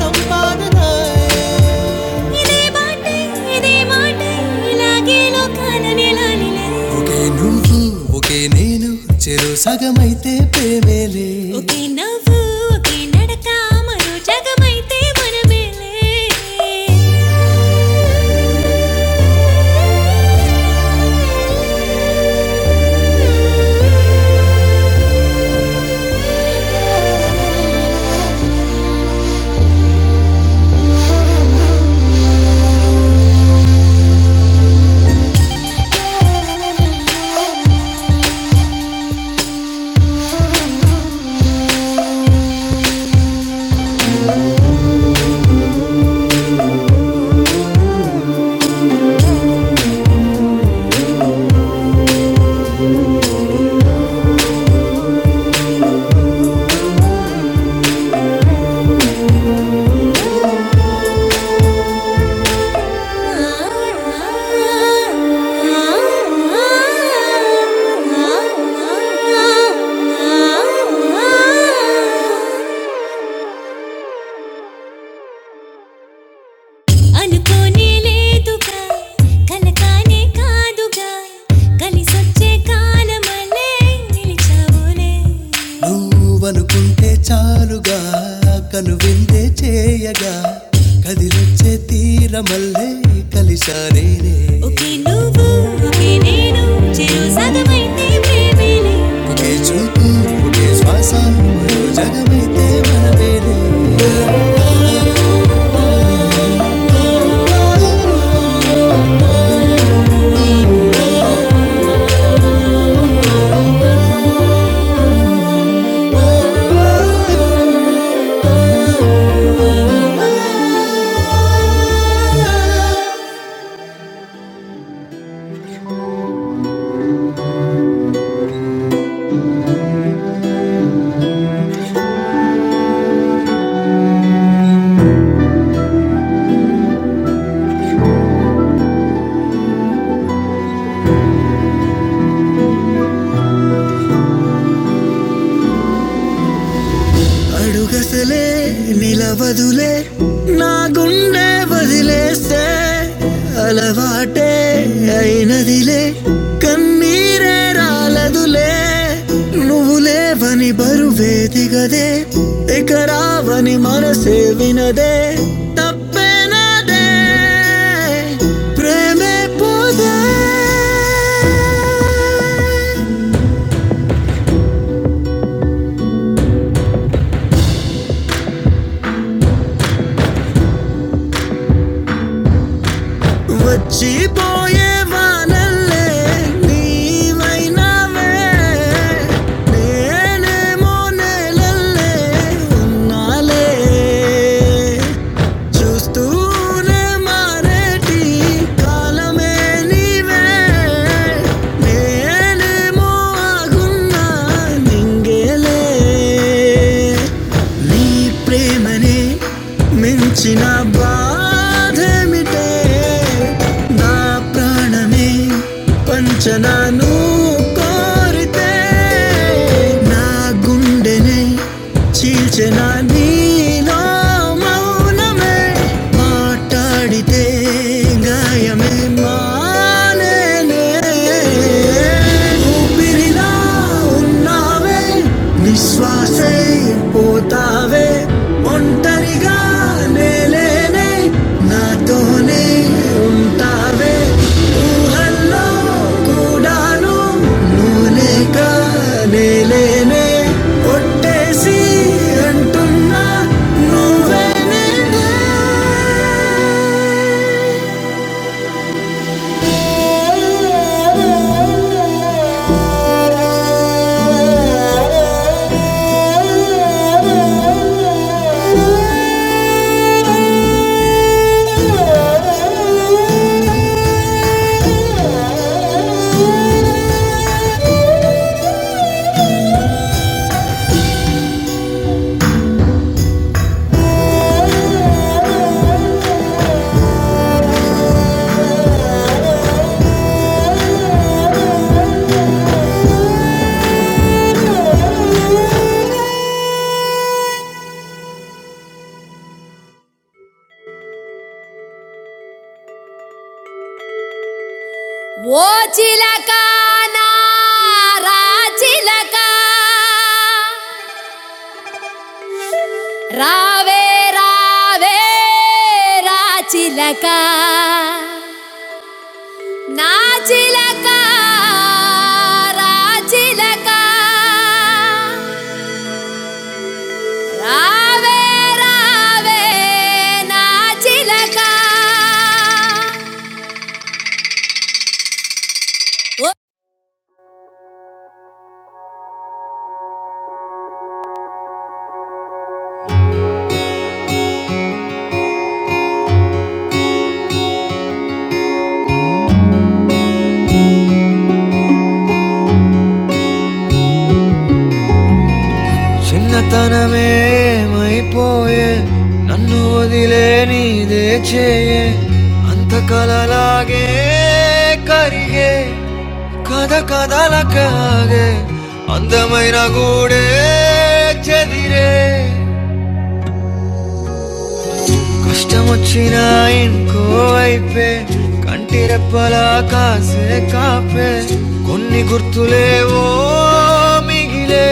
A: సంపాదనాయ ఇదే బాటే ఇదే మాటే ఇలాగే లోకాలనిలా నిలే ఒకే నువ్వు ఒకే నేను చెరు సగమైతే ప్రేమేలే ఒకే నవ్వు ఒకే నడక మరో జగమైతే మనమేలే అనుకోనే లేదుగా కలకానే కాదుగా కలిసొచ్చే కాలమలే నిలిచావులే నువ్వనుకుంటే చాలుగా కనువిందే చేయగా కదిలొచ్చే తీరమల్లే కలిశానేనే ఒకే నువ్వు ఒకే నేను చెరు సగమైతే ప్రేమేలే ఒకే చూపు ఒకే శ్వాస మరో జగమైతే మనమేనే నా గుండె వదిలేస్తే అలవాటే అయినదిలే కన్నీరే రాలదులే నువ్వు లేవని బరువే దిగదే ఇక రావని మనసే వినదే తప్పే నాదే ప్రేమే పోదే వచ్చి పోయే వానల్లే నీవైనావే నేనేమో నేలల్లే ఉన్నాలే చూస్తూనే మారేటి కాలమే నీవే నేనేమో ఆగున్నా మింగేలే నీ ప్రేమనే మించిన బాధేమిటే నా ప్రాణమే పంచన నువ్వు కోరితే నా గుండెనే చీల్చిన నీలో మౌనమే మాట్లాడితే గాయమే మా ఊపిరిలా ఉన్నావే నిశ్వాసే పోతావే ఒంటరిగా నేలేనే నాతోనే ఉంటావే ఊహల్లో అంటున్న ఓ చిలక నారా చిలక రావే రావే రా చిలక నా చిలక రా చిలక రావే రావే నా చిలక ఓ చిన్నతనమేమైపోయే నన్ను వదిలే నీదే చేయే అంత కలలాగే కరిగే కథ కథల కాగే అందమైన గూడే చెదిరే కష్టమొచ్చినా ఇంకో వైపే కంటి రెప్పలా కాసే కాపే కొన్ని గుర్తులే ఓ మిగిలే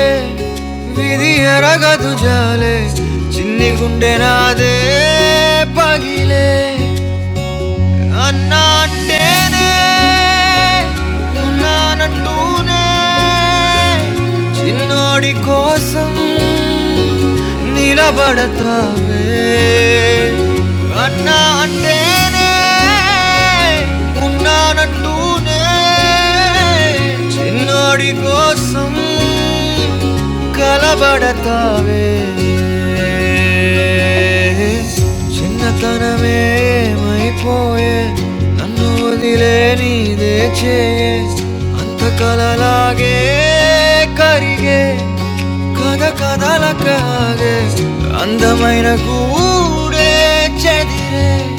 A: విధి ఎరగదు జా చిన్ని గుండె నాదే పగిలే అన్నా అంటేనే ఉన్నానంటూనే చిన్నోడి కోసం నిలబడతావే అన్నా అంటేనే చిన్నోడి కలబడతావే చిన్నతనమేమైపోయే నన్ను అంతాగే కరిగే కథ కథల కాగే అందమైన గుజెదిరే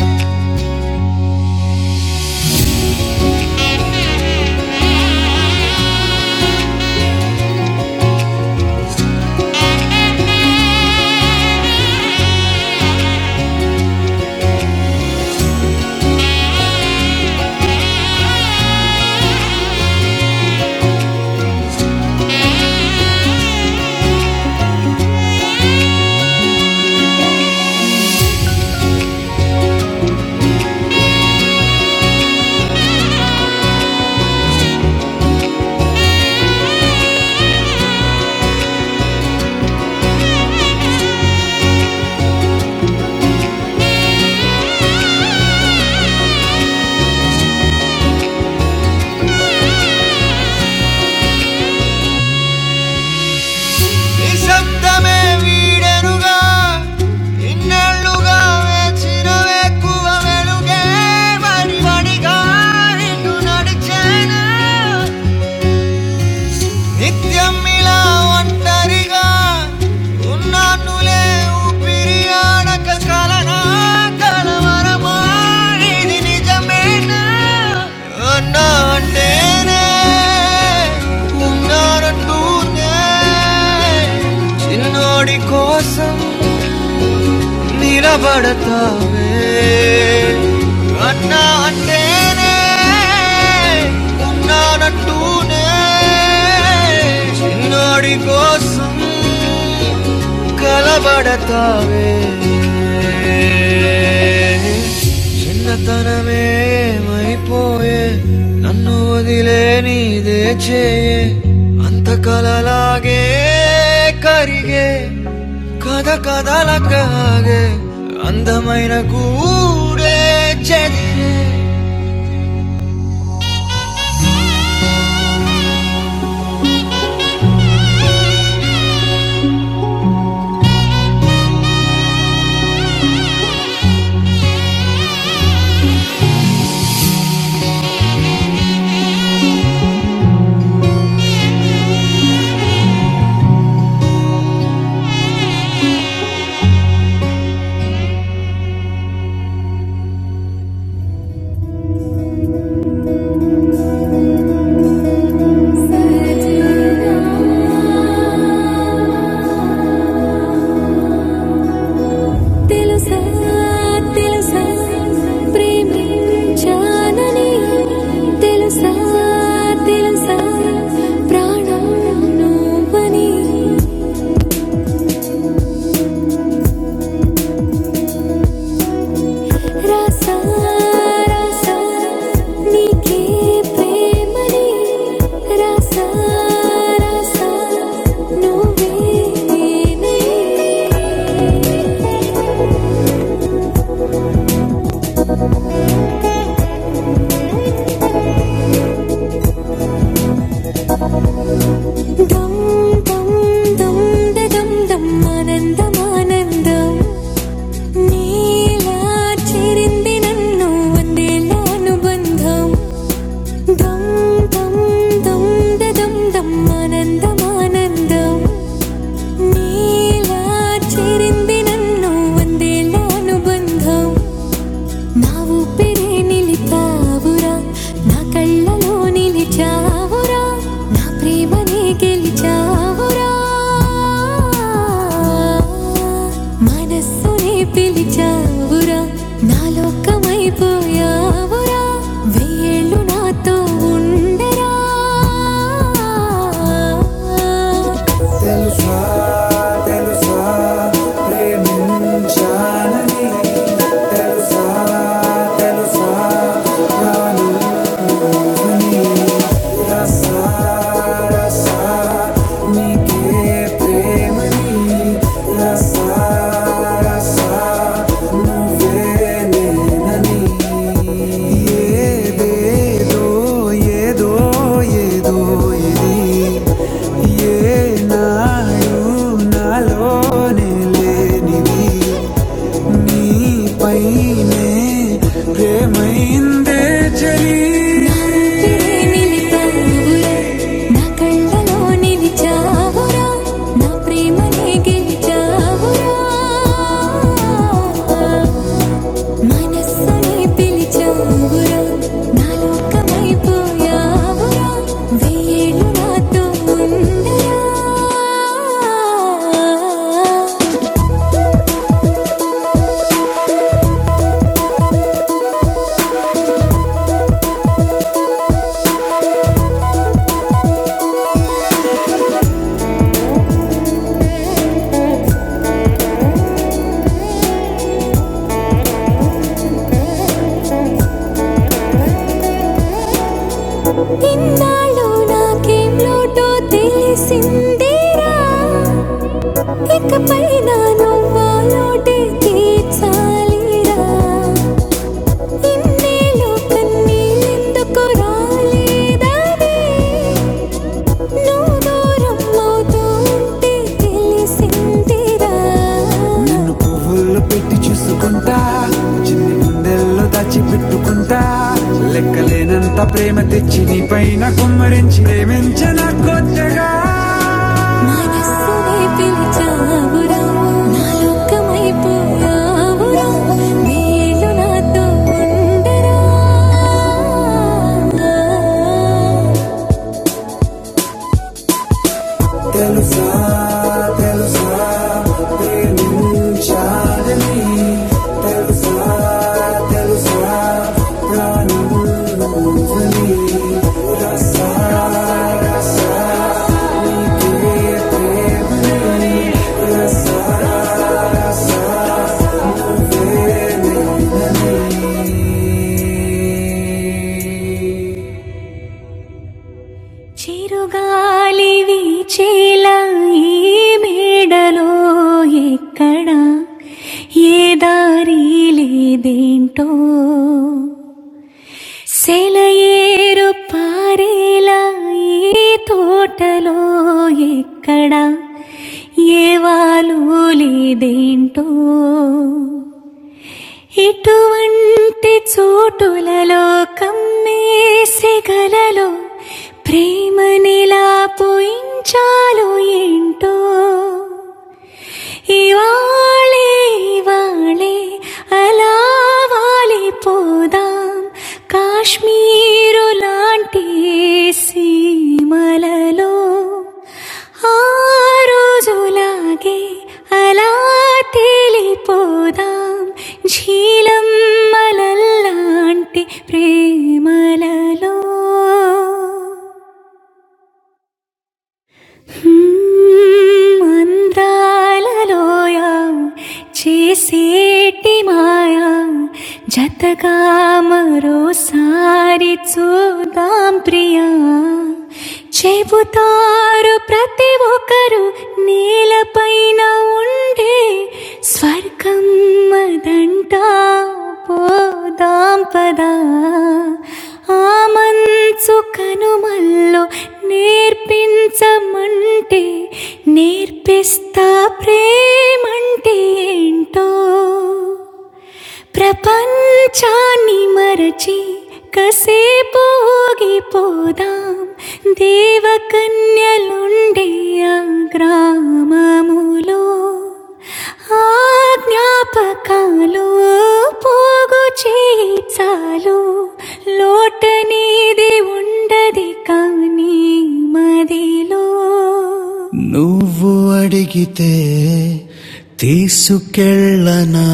A: నిశ్శబ్దమే వీడెనుగా ఇన్నాళ్ళుగా వేచిన వెక్కువ వెలుగే మరి వడిగా నిన్ను నడిచాను నిత్యం ఇలా ఒంటరిగా ఉన్నానులే ఊపిరియాడక కలనా కలవరమా ఇది నిజమేనా అన్నా అంటేనే ఉన్నానంటూనే చిన్నోడి కోసం నిలబడతావే అన్నా అంటేనే ఉన్నానంటూనే చిన్నాడి కోసం కలబడతావే చిన్నతనమేమైపోయే నన్ను వదిలే నీదే చేయే అంత కలలాగే కరిగే కథ కథలకాగే అందమైన గూడే చెదిరే తెలుసా తెలుసా ప్రేమించానని తెలుసా తెలుసా ప్రాణం నువ్వని రాసా రాసా నీకే ప్రేమని రాసా రాసా నువ్వేనే దమ్ దమ్ దమ్ ద దమ్ దమ్ ఆనందం ఆనందం నీలా చేరింది నన్ను వందేళ్ళ అనుబంధం దమ్ దమ్ దమ్ ద దమ్ దమ్ ఆనందం ఆనందం Nila chirindi nannu vande lanu bandham, na u piri nili chavura, na kallaloni nili chavura, na premane ke li chavura, manasuni pili chavura, naalokamai poya vira, veelu na to undara. నా కళ్ళలో నిలిచావురా నా ప్రేమనే గెలిచావురా మనస్సునే పిలిచావురా నా లోకమైపోయావురా వెయ్యేళ్ళు నాతో ఉండురా ఇన్నాళ్ళు నాకేం లోటో తెలిసిందిరా ఇకపై నా నువ్వాలోటే తీర్చాలిరా ఇన్నేళ్ళు కన్నీళ్ళెందుకు రాలేదని నువ్వు దూరం అవుతుంటే తెలిసిందిరా మనస్సునే పిలిచావురా నా లోకమైపోయావురా వేళ్ళు నాతో ఉండరా చిరుగాలి వీచేలా ఈ మేడలో ఎక్కడ ఏ దారి లేదేంటో సెలయేరు పారేలా ఈ తోటలో ఎక్కడ ఏ వాలు లేదేంటో ఇటువంటి చోటులలో కమ్మేసి గలలో ప్రేమనిలా పోయించాలో ఏంటో ఇవాళే ఇవాళే అలా వాలిపోదాం కాశ్మీరు లాంటి సీమలలో ఆ రోజులాగే అలా తేలిపోదాం ఝీలం మలల్లాంటి ప్రేమలలో అందాలలోయ చేసేటి మాయా జతగా మరోసారి చూద్దాం ప్రియా చెబుతారు ప్రతి ఒక్కరు నేలపైన ఉన్న ఉండే స్వర్గం అదంటా పోదాం పదా ఆ మనసు కనుమల్లో నేర్పించమంటే నేర్పిస్తా ప్రేమంటే ఏంటో ప్రపంచాన్ని మరచి కసేపు పోదాం దేవకన్యలుండే ఆ గ్రామములో ఆ జ్ఞాపకాలు పోగు చేయి చాలు లోటనేది ఉండది కానీ మదిలో నువ్వు అడిగితే తీసుకెళ్ళనా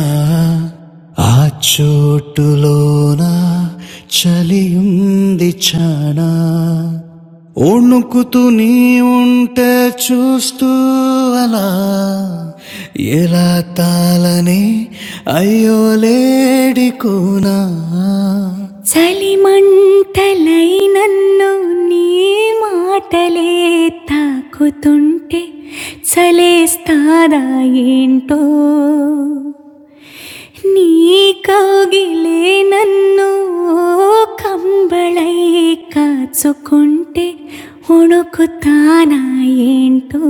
A: ఆ చోటులోన చలి ఉంది చానా ఒణుకుతూ నీ ఉంటే చూస్తూ అలా ఎలా తాళని అయ్యో లేడి కూనా చలిమంటలై నన్ను నీ మాటలే తాకుతుంటే చలేస్తాదా ఏంటో ನೀ ಕೌಗಿಲೆ ನನ್ನು ಕಂಬಳೈ ಕಾಚುಕೊಂಟೆ ಹುಣುಕುತ್ತಾನ ఏంటో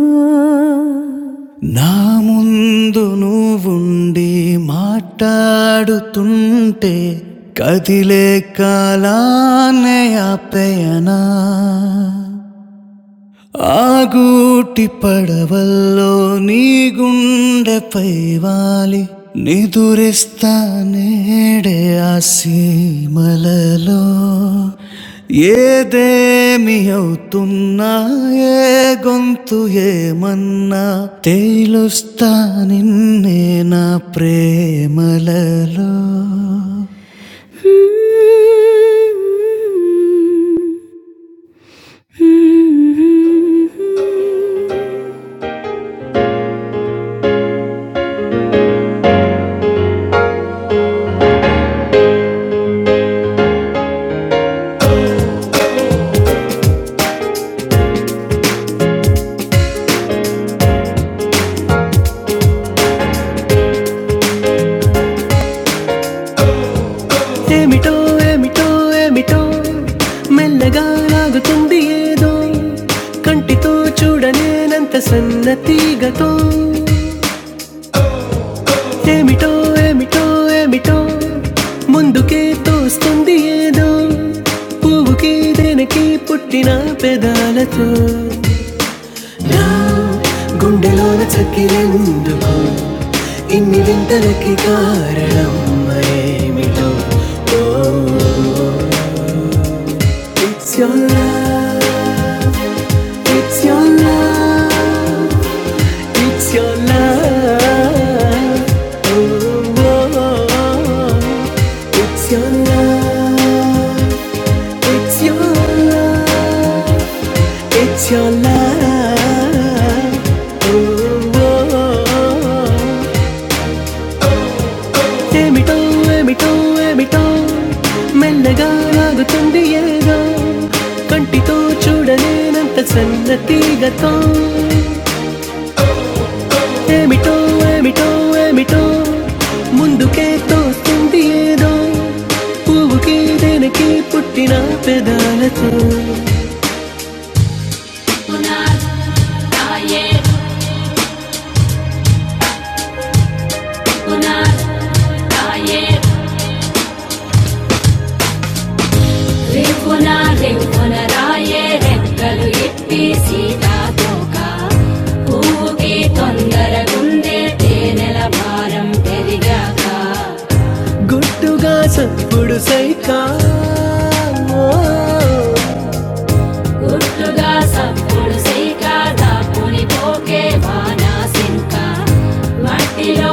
A: నా ముందు నువ్వుండి మాట్లాడుతుంటే కదిలే కాలానే ఆపేయనా ఆగూటి పడవల్లో నీ గుండెపై వాలి నిదురిస్తా నేడే ఆ సీమలలో ఏదేమి అవుతున్నా ఏ గొంతు ఏమన్నా తేలుస్తా నిన్నే నా ప్రేమలలో <laughs> Mm-hmm. ఏమిటో ఏమిటో ఏమిటో మెల్లగా లాగుతుంది ఏదో కంటితో చూడనేనంత సన్నతీగతో ఏమిటో ఏమిటో ఏమిటో ముందుకే తోస్తుంది ఏదో పువ్వుకి దేనికి పుట్టిన పెదాలతో నా గుండెలోన చక్కిరెందుకు ఇన్ని వింతలకి కారణం ఏమిటో ఓ It's your love, it's your love, it's your love. Oh, oh, oh. It's your love, it's your love, it's your love. Oh, oh, oh. Em em em đâu đâu em biết đâu, mình ఏమిటో ఏమిటో ఏమిటో మెల్లగా ఆగుతుంది ఏదో కంటితో చూడలేనంత సన్నతీగతో ఏమిటో ఏమిటో ఏమిటో ముందుకే తోస్తుంది ఏదో పువ్వుకి దేనికి పుట్టిన పెదాలతో రాయే రాయే రేపున రేపున రాయే రెక్కలు ఎప్పి సీతాతోక పువ్వుకి తొందరగుండే తేనెల భారం పెరిగాక గుట్లుగా సప్పుడు సేక దాపుని పోకే వానా సింక మట్టిలో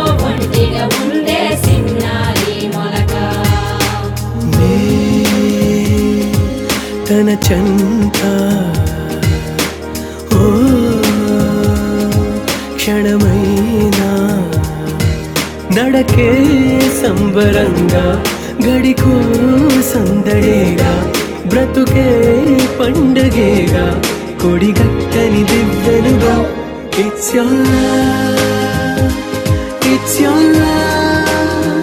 A: It's your love, it's your love,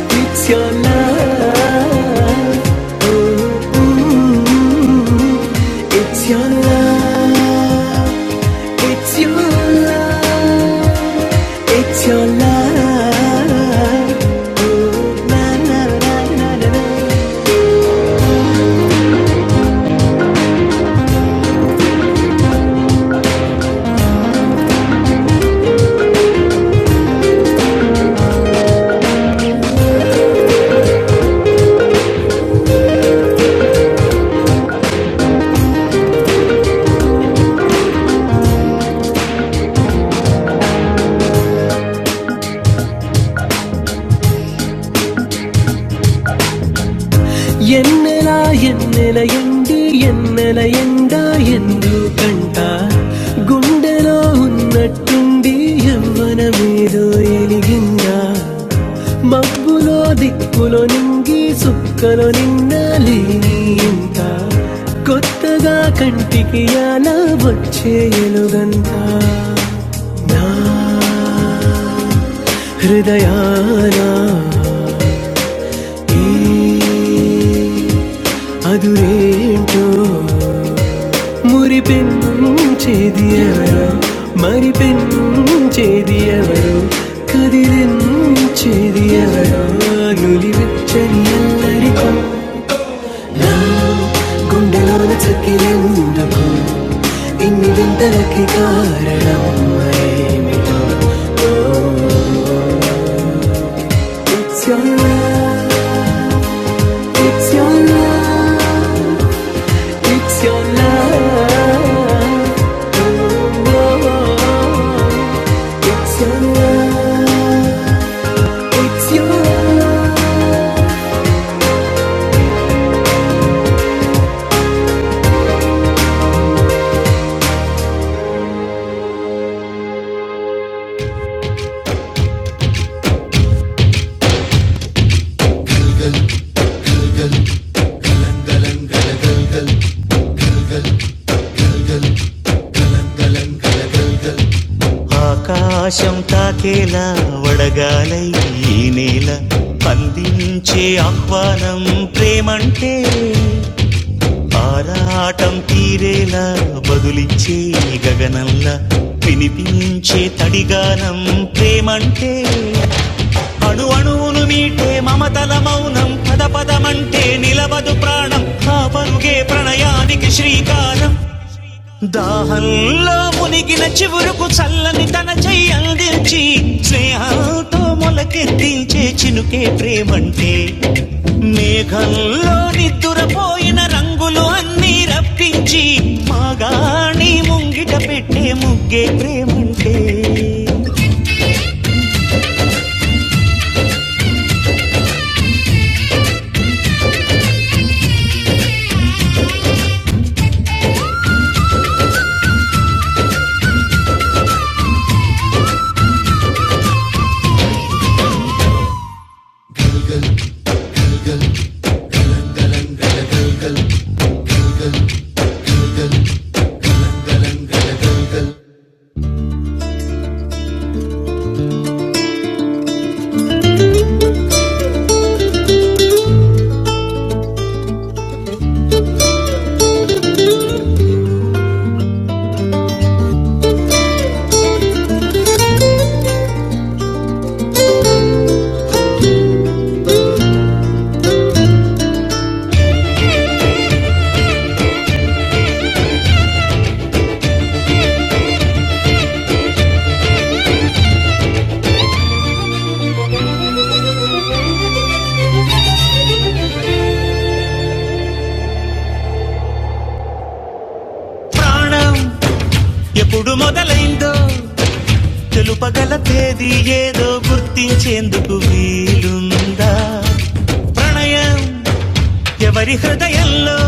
A: it's your love. Mm, It's your love, it's your love, it's your love. Na, na, na, na, na, na. ఎన్నెల ఎన్నెల ఎండి ఎన్నెల ఎండ ఎందు కంట గుండెలో ఉన్నట్టుండి యవ్వనమేదో ఎలిగిందా మబ్బులో దిక్కులో నింగి సుక్కలో నిన్నాలి ఇంత కొత్తగా కంటికి అలా వచ్చే ఎలుగంత నా హృదయాన అదురితో మురిపెన్ను మన్ను గుండెలోన చక్కెరెందుకు ఇన్ని వింతలకి కారణం It's your love, it's your love, it's your love. ఆకాశం తాకేలా వడగాలై ఈ నేల అందించే ఆహ్వానం ప్రేమంటే ఆరాటం తీరేలా బదులిచ్చే గగనంలా వినిపించే తడిగానం ప్రేమంటే అణు అణువును మీటే మమతల మౌనం పద పదమంటే నిలవదు ప్రాణం ఆ పరుగే ప్రణయానికి శ్రీకారం దాహంలో మునిగిన చివురుకు చల్లని తన చెయ్యి అందించి స్నేహంతో మొలకెత్తించే చినుకే ప్రేమంటే మేఘంలో నిద్దురపోయిన రంగులు అన్నీ రప్పించి మాగాణి ముంగిట పెట్టే ముగ్గే ప్రేమంటే ప్రాణం ఎప్పుడు మొదలైందో తెలుపగల తేదీ ఏదో గుర్తించేందుకు వీలుందా ప్రణయం ఎవరి హృదయంలో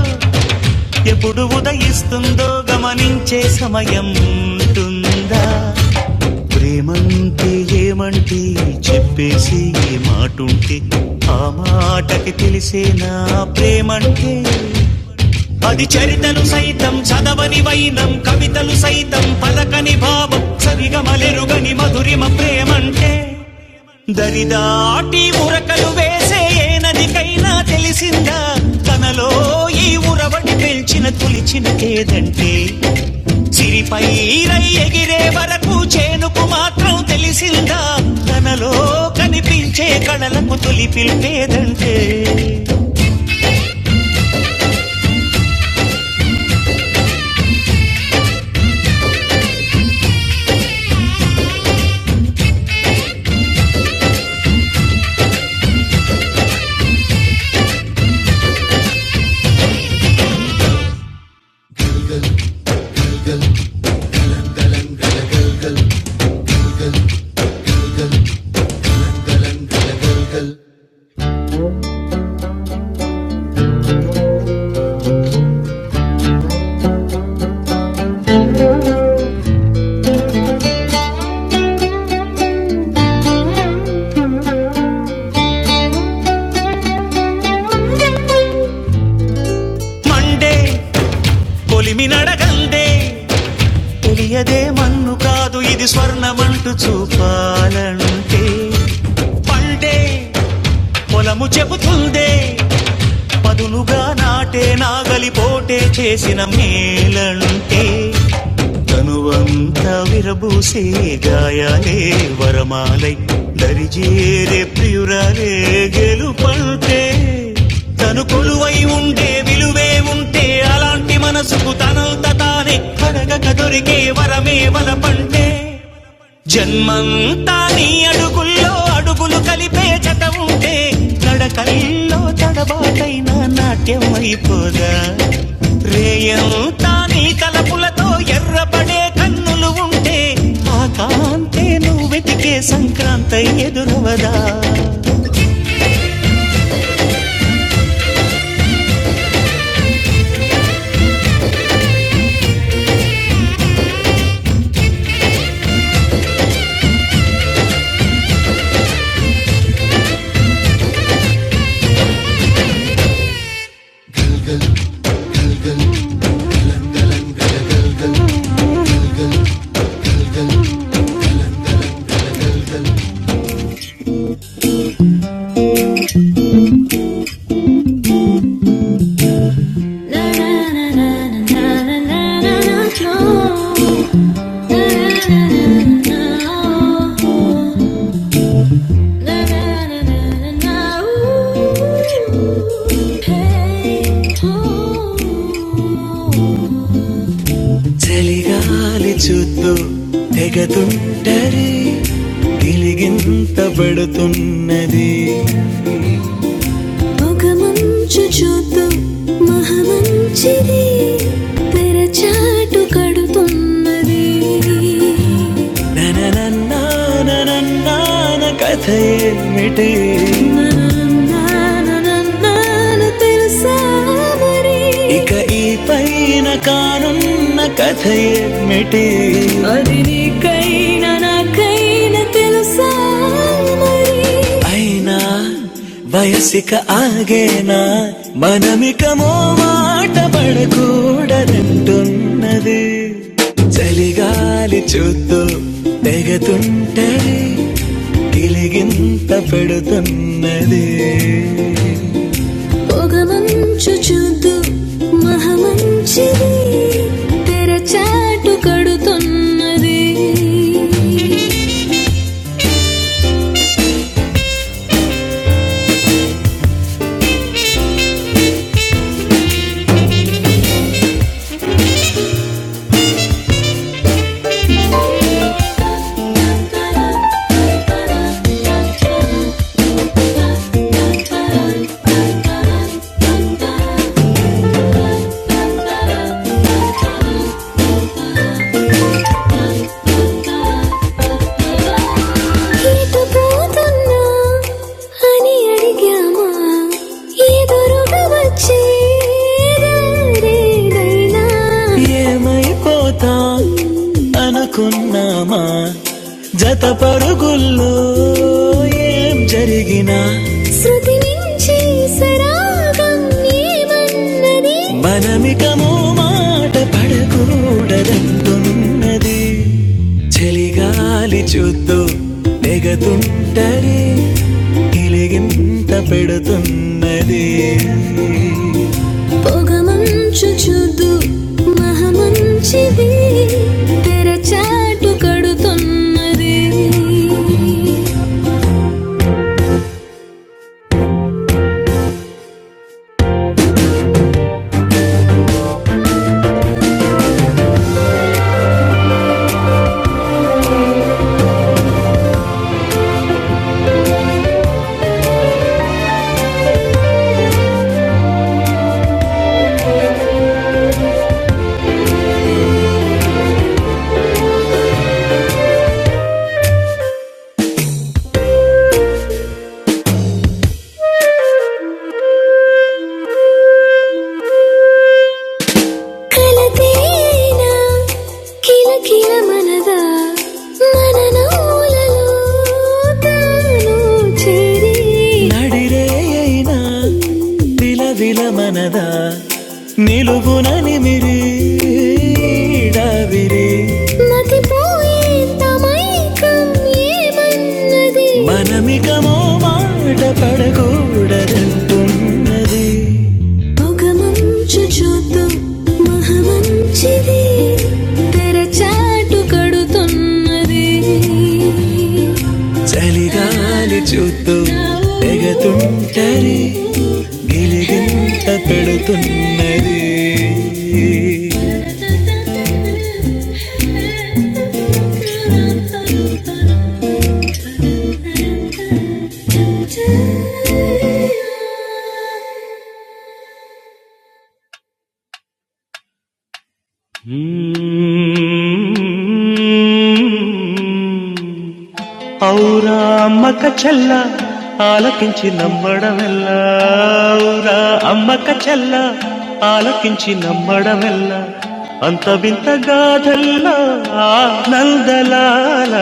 A: ఎప్పుడు ఉదయిస్తుందో గమనించే సమయం ఉంటుందా ప్రేమంటే ఏమంటే చెప్పేసి ఏ మాటుంటే ఆ మాటకి తెలిసేనా ప్రేమంటే పది చరితలు సైతం చదవని వైనం కవితలు సైతం పలకని భావం సరిగమలెరుగని మధురిమ ప్రేమంటే దరిదాటి ఉరకలు వేసే ఏ నదికైనా తెలిసిందా తనలో ఈ ఉరవడి పెంచిన తులిచిన కేదంటే సిరిపై రై ఎగిరే వరకు చేనుకు మాత్రం తెలిసిందా తనలో కనిపించే కళలకు తొలి పిలిపేదంటే మండే పొలిమి నడగందే తెలియదే మన్ను కాదు ఇది స్వర్ణమంటూ చూపాలంటే పండే పొలము చెబుతుందే పదునుగా నాటే నాగలి పోటే చేసిన మేలంటే తనువంత విరబూసే గాయాలే వరమాలై దరిజేరే ప్రియురాలే గెలుపంటే తను కొలువై ఉండే విలువే ఉంటే అలాంటి మనసుకు తనంత తానే అడగక దొరికే వరమే వలపంటే జన్మంతా నీ అడుగుల్లో అడుగులు కలిపే జత ఉంటే నడకల్లో తడబాటైన నాట్యం అయిపోదా రేయంతా నీ తలపులతో ఎర్రపడే కన్నులు ఉంటే ఆ కాంతే నువ్వు వెతికే సంక్రాంతి ఎదురవదా No. చలిగాలి చూత్తూ తెగతుంటరి గిలిగింత పడుతున్నది కొంచెం మంచిది తెరచాటు కడుతున్నది నననన్నా, నాన్న తెలుసా మరి ఇక ఈ పైన క- అయినా వయసిక ఆగేనా మనమికమో మాట పడకూడదంటున్నది చలిగాలి చూద్దు తెగతుంటే గిలిగింత పెడుతున్నది పొగమంచు చూద్దు మహమంచిది తెరచాటు కడుతున్నది ఎటు పోతున్నా అని అడిగామా ఎదురుగా వచ్చే దారేనైనా ఏమైపోతా అనుకున్నామా జత పరుగుల్లో ఏం జరిగినా శృతి నుంచి సరాగం ఏమన్నది మనమికము మాట పడకూడదంటున్నది చలిగాలి చూద్దు నెగతుంటది ఇలిగింత పెడుతున్నది పొగమంచు చూద్దు మహమంచిది తెరచాటు కడుతున్నది కలతేన కిలకిల మనదా మూలలో తాను చేరి నటిల విలమ నీ మతిపో పడకూడదంటున్నది ముఖమంచు చూతూ మహమంచిది తెరచాటు కడుతున్నది చలిగాలి చూస్తూ ఎగతుంటరి గిలిగింత పెడుతున్నది అందలాల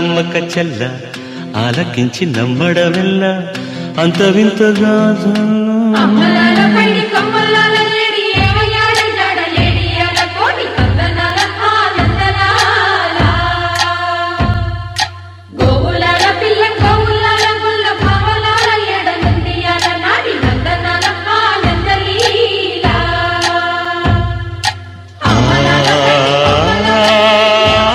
A: అమ్మక చెల్ల ఆలకించి నమ్మడమెల్ల అంత వింత అమ్మలాల పైడి కమ్మలాల లేడి ఏమయ్యాల జాడ లేడి అల కోడి కందనాల ఆనందనాల గోవులాల పిల్ల గోవులాల గుల్ల భావలాల ఎడ నందియాల నాడి నందనాల ఆనందలీల అమ్మలాల పైడి కమ్మలాల లేడి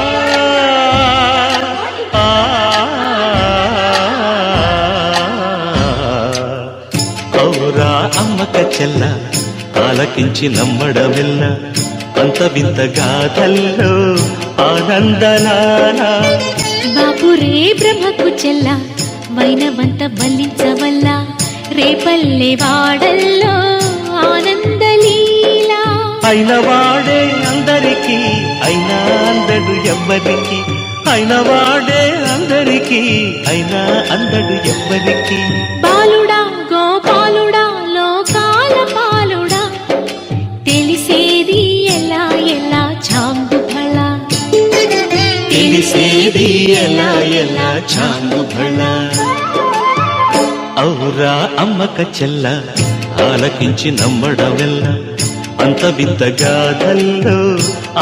A: ఆ అమ్మక చెల్ల ఆ ఆనందనానా బాపు రే బ్రహ్మకు చెల్ల వైనవంత బలించవల్ల రేపల్లె వాడల్లో ఆనందలీలా అయిన వాడే అందరికీ అయినా అందడు ఎవ్వరికి అయిన వాడే అందరికీ అయినా అందడు ఎవ్వరికి బాలుడా గోపాలుడా లోకాల పాలుడా Telisedi ella ella changu thala, Telisedi ella ella changu thala. Aurra amma katchala, halakinchu nammara vilna, anta vidagadhalo,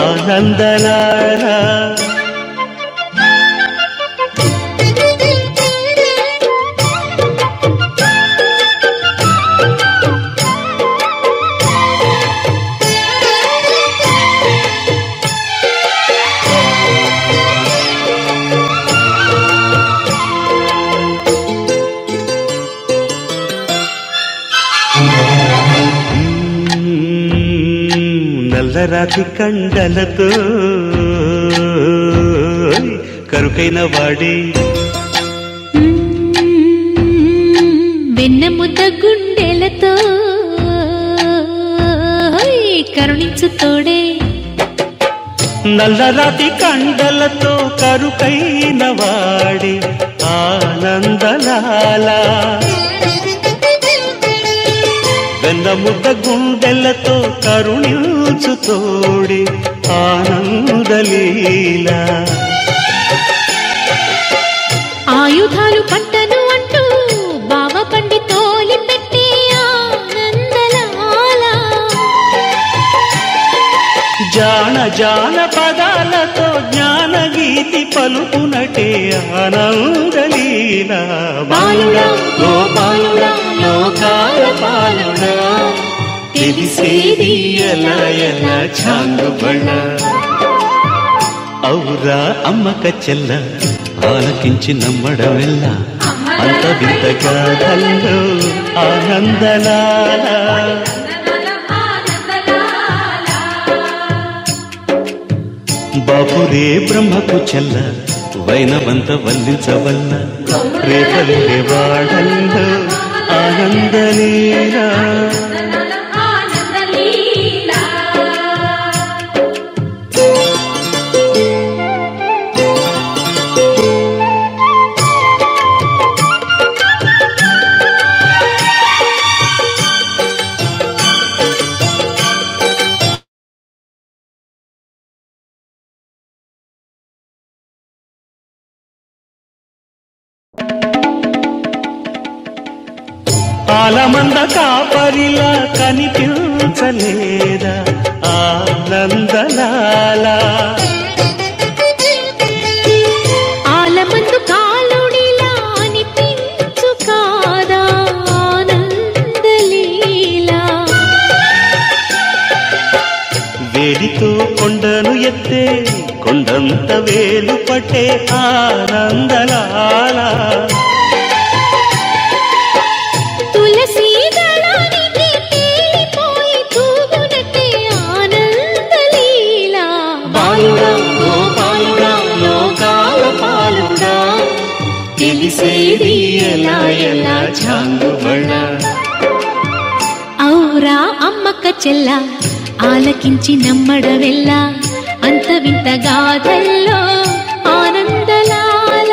A: anandalara. Hmm, nallarathikandhalo, karukayinavadi. వెన్నెముద్ద గుండెలతో కరుణించు తోడే ఆయుధాలు పంటను అంటూ బావ పండి తోలి పెట్టి ఆనందలాల బాలుడా బాలుడా తెలిసేది ఎలా ఎలా ఛాం ఆ అమ్మక చెల్ల ఆలకించి నమ్మడమెల్ల అంత వింతగా కల్లో ఆనందలాల బాపురే బ్రహ్మకు చెల్ల వైనవంత వల్లించవల్ల రేపలిరే వాడల్లో ఆనందలీలా ఆలమంద కాపరిలా కనిపి ఆలమందు కాలుడిలా అనిపించు కాదా ఆనందలీలా కొండను ఎత్తే తెలుపై ఆరాల తులసి దళానికి తేలిపోయి తూగునటే ఆనందలీలా బాలుడా గోపాలుడా లోకాల పాలుడా తెలిసేది ఎలా ఎలా ఔరా అమ్మక్క చెల్ల ఆలకించి నమ్మడవెల్ల అంత వింత గాథల్లో ఆనందలాల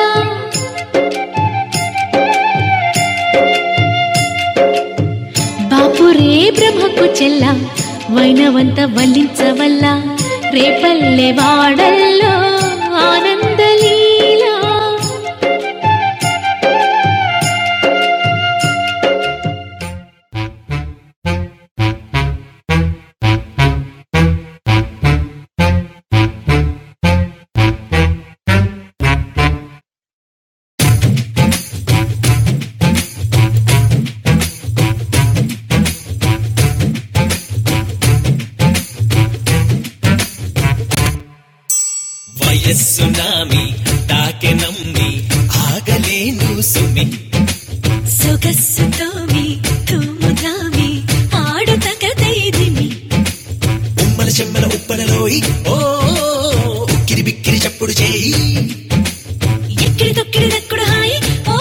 A: బాపురే బ్రహ్మకు చెల్ల వైనవంత వల్లించవల్ల రేపల్లె వాడల్లో ఆనందలీలా వయస్సు నామి తాకె నమ్మి ఆగలేను సుమి సొగస్సుతో మీ తూముదామి ఆడుతగదైదిమి ఉమ్మల చెమ్మల ఉప్పలలోయి ఓ ఉక్కిరి బిక్కిరి చప్పుడు చేయి ఎక్కిడి తొక్కిడి దక్కుడు హాయి ఓ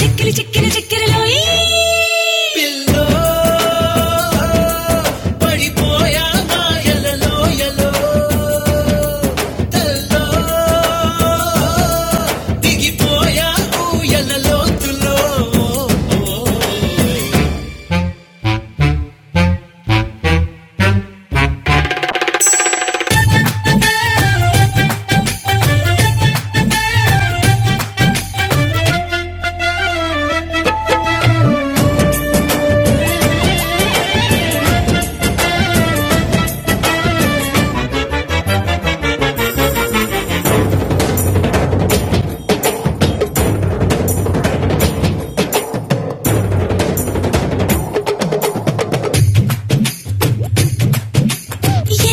A: చెక్కిలి చెక్కిలి చెక్కిరలోయి పిల్లో పడిపోయా మాయలలో యలో తల్లో దిగిపోయా ఊయల లోతులో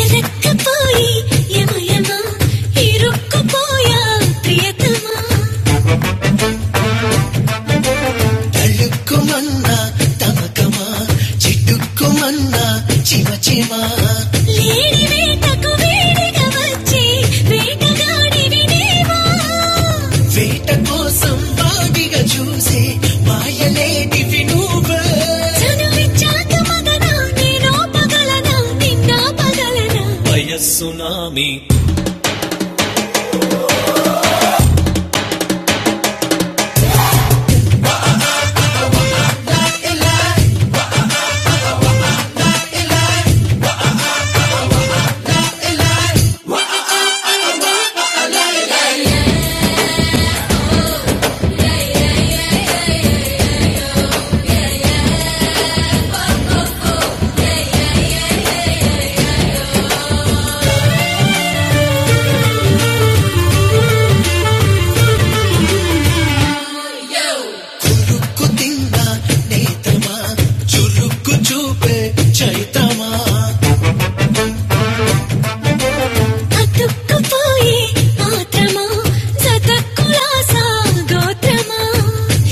A: ఎరక్కపోయి యమయమ ఇరుక్కుపోయా ప్రియతమా తళుక్కుమన్నా తమకమా చిట్టుక్కుమన్నా చిమ చిమా లేడి వేటకు వేడిగా వచ్చి వేటగాడివి నీవా వేట కోసం వాడిగా చూసే మాయలేటి వినూబ వయస్సునామి కొరుకు తిన్నా నేతమా చురుకు చూపే చైతమా అతుక్కుపోయే ఆత్రమా జతకులాస గోత్రమా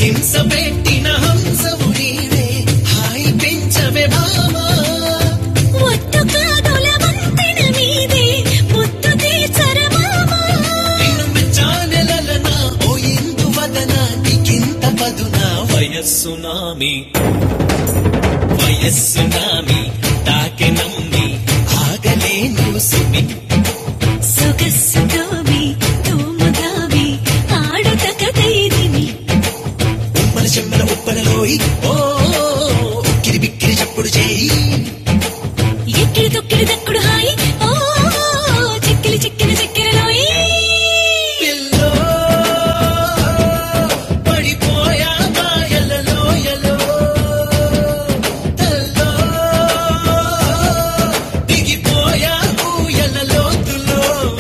A: హింస పెట్టిన హంసవు నీవే హాయి పెంచవే భామా ఒట్టు కాదుల వంతెన మీదే ముద్దు తీర్చరమామా నిన్ను మెచ్చానెలల నా ఓ ఇందు వదన నీకింత పదున వయస్సు నామి వయస్సు నామి తాకె నమ్మి ఆగలేను సుమి సొగసుగావి తూముగావి ఆడుట కథైదివి ఉమ్మల చెమ్మల ఉప్పలలోయి ఓ ఉక్కిరి బిక్కిరి చప్పుడు చేయి ఎక్కిడి తొక్కిడి దక్కుడు హాయి ఓ చిక్కిలి చిక్కిలి చిక్కిరి రాయి పిల్లో పడిపోయా ఎలలో ఎలో తల్లో దిగిపోయా ఎలలో తులో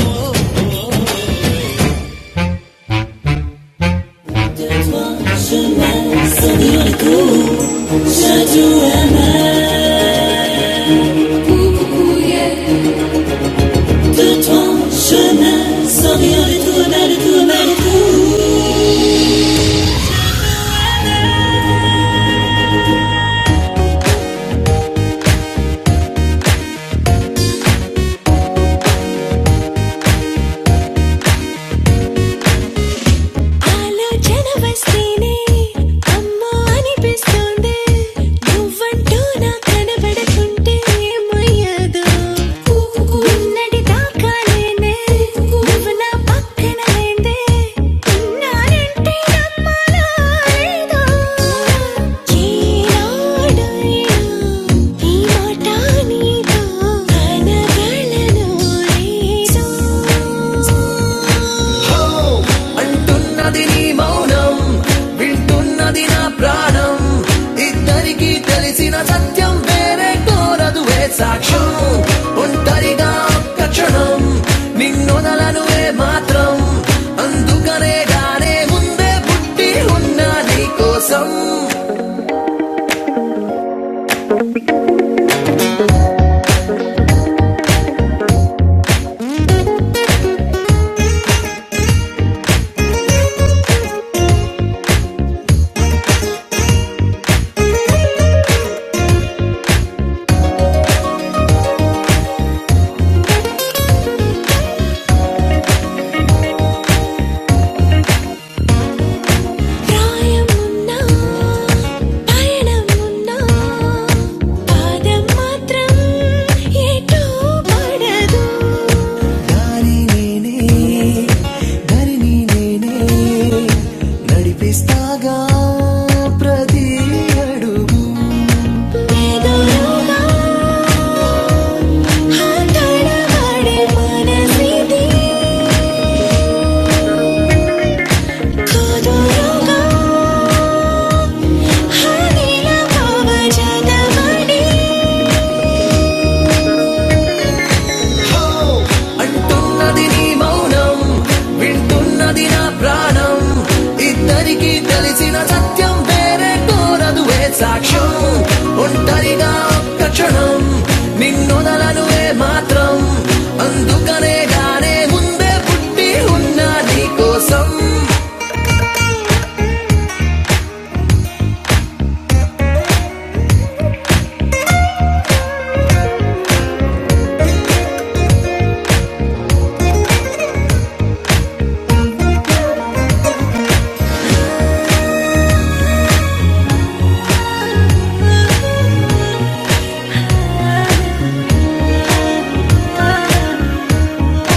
A: ఆలోచన వస్తేనే అమ్మో అనిపిస్తోంది నువ్వంటూ నా కనబడకుంటే ఏమయ్యేదో ఉన్నటి దాకా నేనే నువ్వు నా పక్కన లేందే ఉన్నానంటే నమ్మాలా ఏదో ఈనాడు ఈ మాట నీతో కనగలను నేను Ho! అంటున్నది నీ మౌనం వింటున్నది నా ప్రాణం ఇద్దరికీ తెలిసిన సత్యం వేరే కోరదు ఏ సాక్ష్యం ఒంటరిగా ఒక్క క్షణం నిన్నొదలను ఏ మాత్రం అందుకనే గాందే పుట్టి ఉన్నా నీ కోసం ప్రాయమున్నా పయనమున్నా పాదం మాత్రం ఎటూ పడదు దారి నేనే దారిని నేనే నడిపిస్తాగా ప్రతి అడుగు ఎదురుగా ఆటలాడే మనసిది కుదురుగా హానిలా కవచదమడి ఓ అంటున్నది నీ మౌనం వింటున్నది నా ప్రాణం ఇద్దరికీ తెలిసిన సత్యం వేరే కోరదు ఏ సాక్ష్యం ఒంటరిగా ఒక్క క్షణం నెల మాత్రం అందుకనే గానే ముందే పుట్ట నీ కోసం ఆ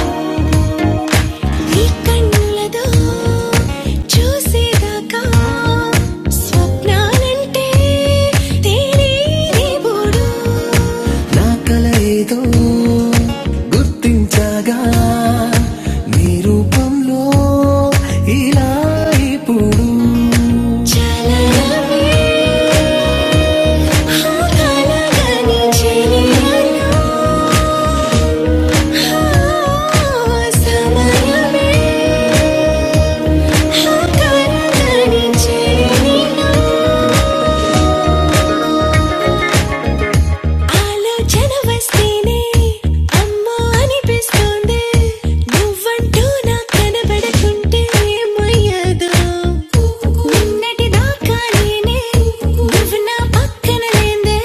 A: నీ కళ్ళతో చూసేదాకా స్వప్నాలంటే తేనే బోడు నా కల ఏదో గుర్తించగా నీ రూపంలో ఇలా ఇప్పుడు చలనమే హాలగాని చెలియను సమయమే কান কানে চেয়ে নিলাম ఆలోచన వస్తేనే అమ్మో అనిపిస్తోంది నువ్వంటూ నా కనబడకుంటే ఏమయ్యాదో నిన్నటి దాకా నేనే నువ్వు నా పక్కన లేదే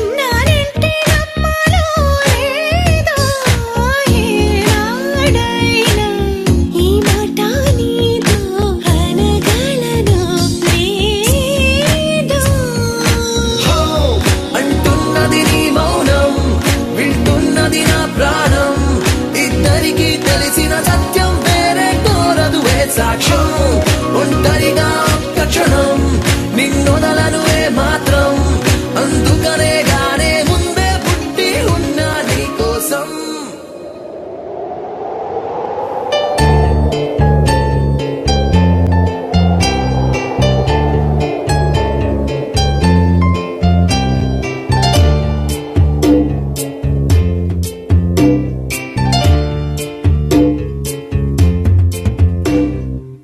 A: ఉన్నానంటే నమ్మాలో లేదో ఏనాడైనా ఈ మాట నీతో అనగలను నేను అంటున్నది నీ మౌనం వింటున్నది నా ప్రాణం ఇద్దరికీ తెలిసిన సత్యం వేరే కోరదు ఏ సాక్ష్యం ఒంటరిగా ఒక్క క్షణం నిన్నొదలను ఏ మాత్రం అందుకనే గానే ముందే పుట్టి ఉన్నా నీ కోసం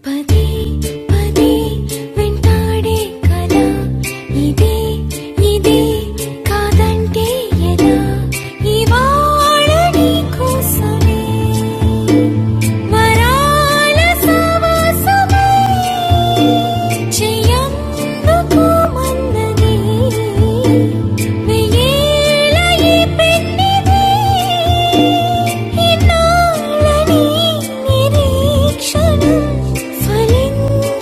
A: పదే పదే వెంటాడే కల ఇదే ఇదే కాదంటే ఎలా ఇవాళ నీకోసమే మరాల సమాసమే చెయ్యందుకు మన్నది వెయ్యేల ఈ పెన్నిది ఇన్నాళ్ళని నిరీక్షణ ఫలించినట్టున్నది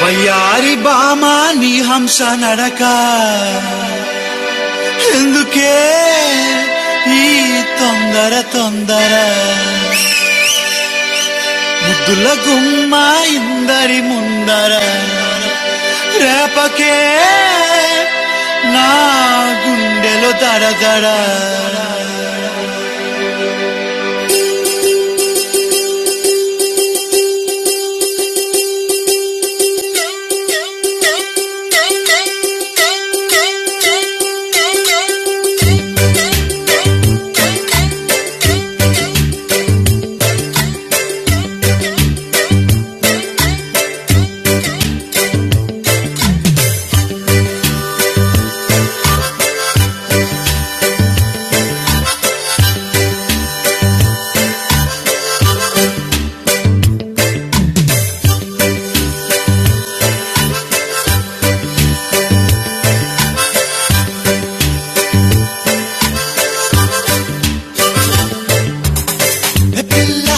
A: వయ్యారి బామా నీ హంస నడక ఎందుకే ఈ తొందర తొందర ముద్దుల గుమ్మ ఇందరి ముందర రేపకే నా గుండెలో దడ దడ Thank you. పిల్ల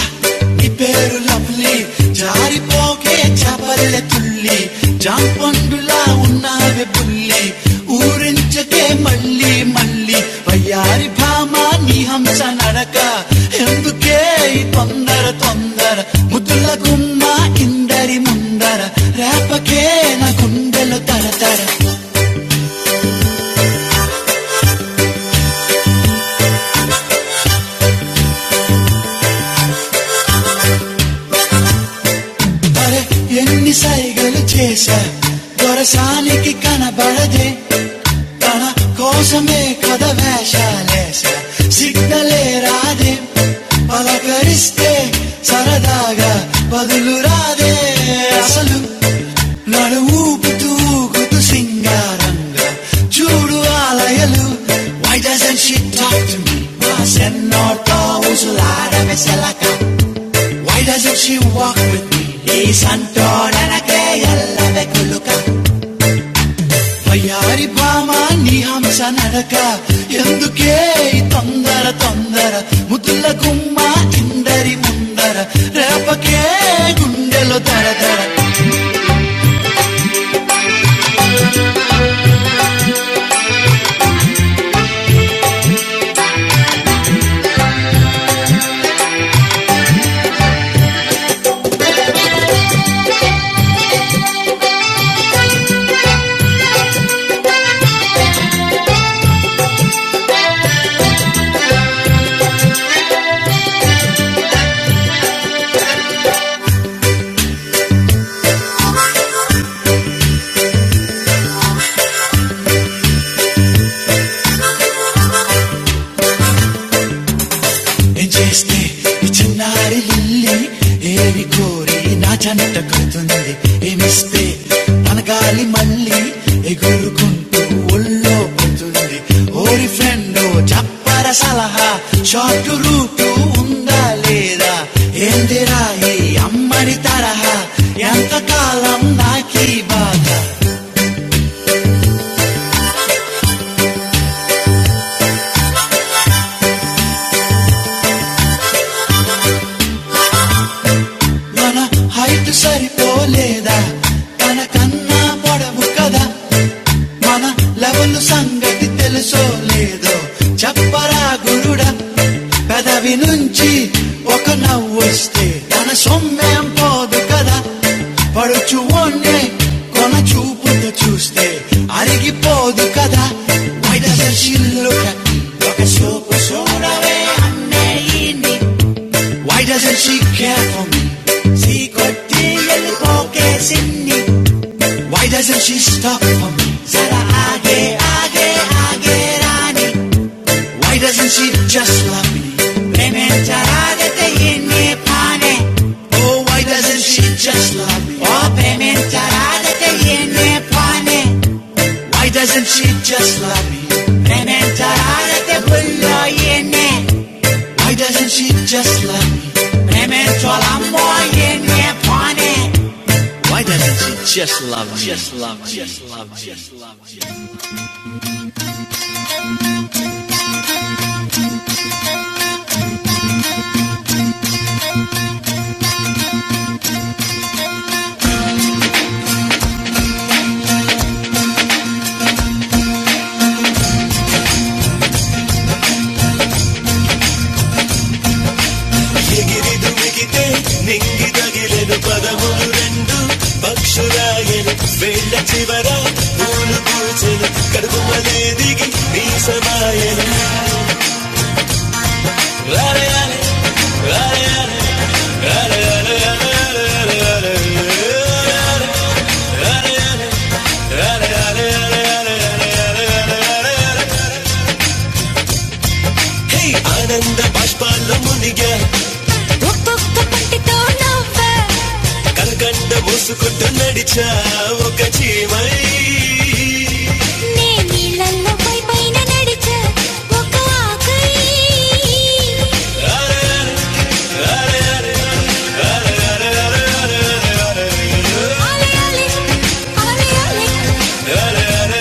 A: నీ పేరు లవ్లీ జారిపోకే చపల్లె తుల్లి జాంపండులా ఉన్నావే పుల్లి ఊరించకే మళ్ళీ మళ్ళీ వయ్యారి భామ నీ హంస నడక ఎందుకే ఈ తొందర తొందర ముద్దుల గుమ్మ ఇందరి ముందర రేపకే నా గుండెలు తరతర అరే ఎన్ని సైగలు చేశా దొరసానికి కనబడదే తన కోసమే కథ వేషాలేశా సిగ్నలే రాదే పలకరిస్తే సరదాగా బదులు రాదే అసలు నడువుపుతూ గుతు సింగారంగా చూడు ఆలయలు Why doesn't she talk to me? Why send no to usulara veselaka? Why doesn't she walk with me? ఈ సంటోడనకే ఎల్లవే కులుక వయ్యారి భామ నీ హంస నడక ఎందుకే ఈ తొందర తొందర ముద్దుల గుమ్మ ఇందరి ముందర రేపకే గుండెలో దడ దడ చేస్తే ఈ చిన్నారి లిల్లి ఏమి కోరి నా చెంత కడుతుంది ఏమిస్తే పలకాలి మళ్ళీ ఎగురుకుంటూ ఒళ్ళో పోతుంది ఓరి ఫ్రెండ్ చెప్పర సలహా షార్ట్ రూట్ ఉందా లేదా ఏందిరా ఈ అమ్మడి తరహా ఎంతకాలం నాకీ బాధ మన హైట్ సరిపోలేదా తన కన్నా పొడవు కదా మన లెవెల్ సంగతి తెలుసో లేదో చెప్పరా గురుడా పెదవి నుంచి ఒక నవ్వు వస్తే తన సొమ్మేం పోదు కదా పడుచు ఓన్నే కొన చూపుతో చూస్తే అరిగిపోదు కదా బయట దర్శిల్లుట ఒక చూపు చూడవే అన్నే ఈ నీ. Why doesn't she care for me? See, could deal, with okay, Sydney. Why doesn't she stop for me? Zara aage aage aage rani. Why doesn't she just love me? Maine chara dete yene pane. Oh, why doesn't she just love me? Oh, maine chara dete yene pane. Why doesn't she just love me? Maine chara dete bullo yene. Why doesn't she just love me? Maine cholambo yene pane. Why doesn't she just love me? Just love me. Just love me. Just love me. ఎగిరి దుమిగితే నింగి తగిలెను పదములు రెండు పక్షురాయను వేళ్ళ చివర పూలు పూచెను కడుపుమలే దిగి నీ సమాయను రారయాలే, రారయాలే, రారయాలే, రారయాలే, రారయాలే, రారయాలే, రారయాలే, రారయాలే, రారయాలే. హే, ఆనంద బాష్పాల్లో మునిగా ఒక్కొక్క పంటితో నవ్వే కనకండ మూసుకుంటూ నడిచా ఒక చీమై నే నీళ్ళల్లో పై పైన నడిచే ఒక ఆకై అరే, అరే, అరే, అరే, అరే, అరే, అరే, ఆలే ఆలే ఆలే ఆలే అరే, అరే,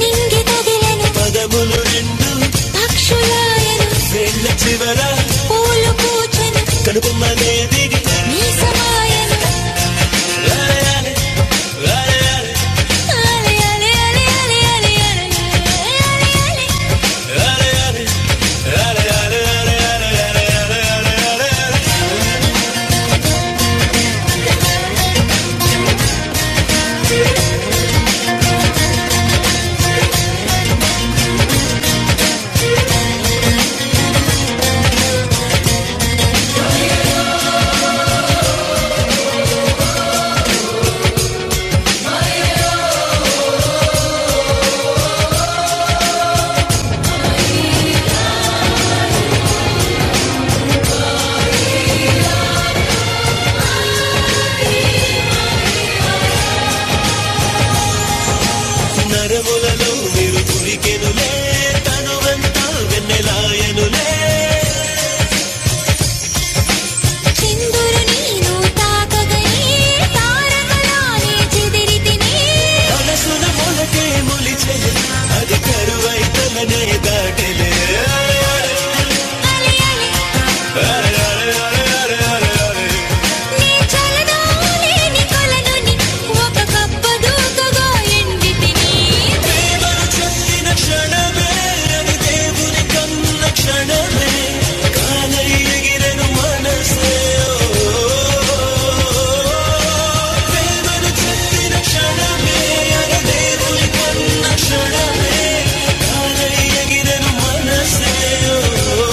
A: నింగి తగిలెను పదములు రెండు పక్షులాయను వేళ్ళ చివర పూలు పూచెను కడుపుమ్మ నేదిగి నీ సమాయను అలే అలే అలే అలే అలే అలే అలే అలే నరములలో మీరు దొరికెనులే తనువంతా వెన్నెలాయనులే సింధుర నీను తాకగనే తారకరాని చెదిరితిని మనసున మొలకే మొలిచే అది కరువైతలనే దాటిలే అలి అలి నీ చలనోలేని కొలనుని ఒక కప్ప దూకుగా ఎండితిని नक्षत्र में अगर देवरी कम नक्षत्र में काले ये गिरन वनसे ओ नक्षत्र में अगर देवरी कम नक्षत्र गिरन वनसे ओ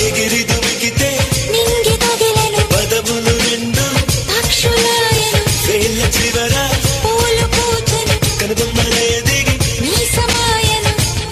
A: ये गिरी दुबकी ते निंगी तो गिलेनो पद बोलो रेंद्र भक्षुला ये नो फेल चिवरा पुल पूछने कर बंबरे देगी नी समायना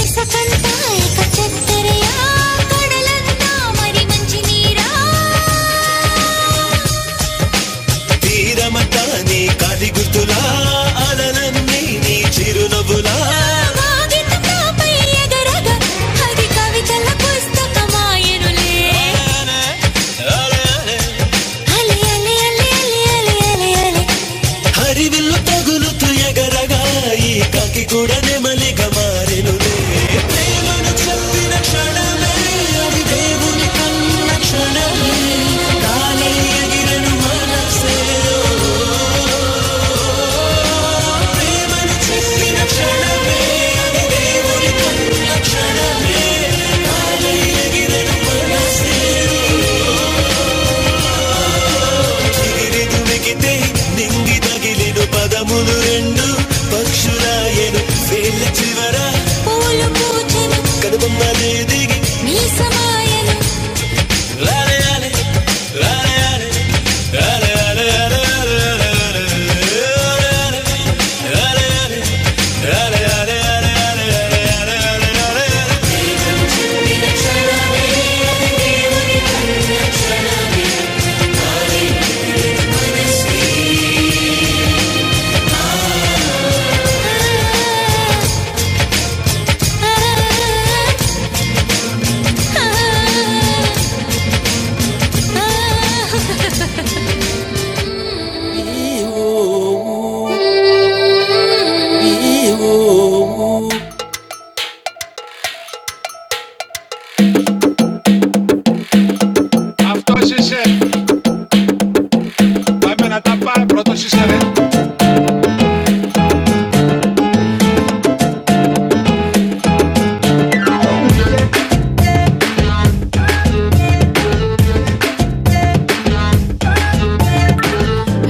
A: నిసకంఠాయక చత్తరయా కడలంతా మరి మంచి నీరా తీరమటాని కాలి గుర్తులా అలలన్నీ నీ చిరునవ్వులా కాగితంపై ఎగరగ అది కవితల పుస్తకమాయనులే అలే అలే అలే అలే అలే అలే అలే హరివిల్లు తగులుతూ ఎగరగా ఈ కాకి కూడా నెమలిగా మారెనులే ప్రేమను చల్లిన క్షణమే అది దేవుని కన్న క్షణమే కాలి ఎగిరెను మనసు దుమికితే నింగి తగిలిను పదములు రెండు పక్షులాయను వేళ్ళ చివర పూలు పూచెను కనుబొమ్మలే దిగి మీసమాయను లాలే లాలే, లాలే లాలే, లాలే లాలే లాలే లాలే లాలే లాలే, లాలే లాలే లాలే లాలే లాలే లాలే లాలే లాలే ఆ, ఆ, ఆ, ah, ah.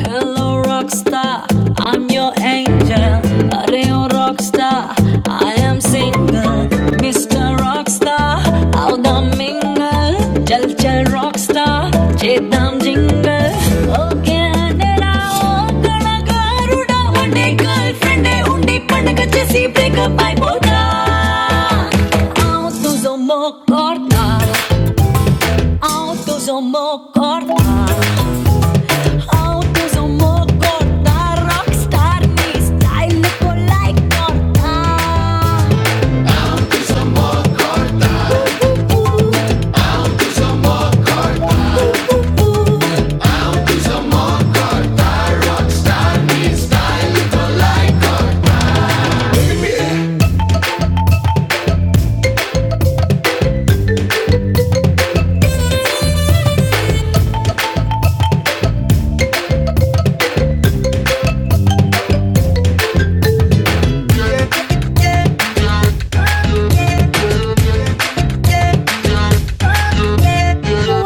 A: Hello, rockstar, I'm your angel. A real rockstar, I am single. Mr. Rockstar, out the mingle. Chal chal rockstar, chetam jingle. Okay, andera, oh, gana garuda. One day girlfriend, eh, undi pandaga chesi break up అయిపోతా. Autos homocorta, autos homocorta. आउपविजओं मोको ता- रॉकस्तार्नी स्ताइल्यको लाई कोण था वुँ!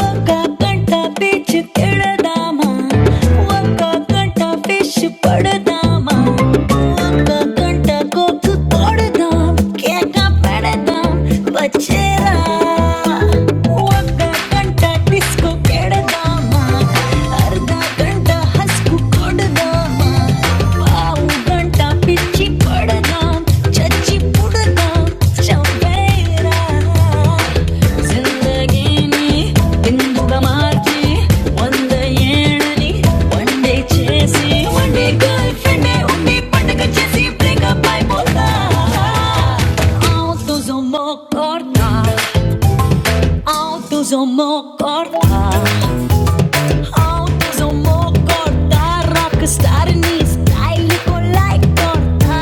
A: वंका गंटा बीच्च थिलदाम वंका गंटा फिश्च पड़दाम वंका गंटा कोग्धू तोड़दाम केंका पैड़दाम बच्छेरा वंका गंटा टिसको केड़दा ఆవు గంట పిచ్చి పడదా చచ్చి పుడదా చంపేరా జిందగీని ఇందుక మార్చి వంద ఏళ్ళని వండే చేసి వండే గర్ల్ ఫ్రెండే ఉండి పండగ చేసి బ్రేకప్ అయిపోతా ఆవు తుజో మో corta ఆవు తుజో మో corta Autos o cortar, rockstar నీ స్టైల్ లైక్ కొడతా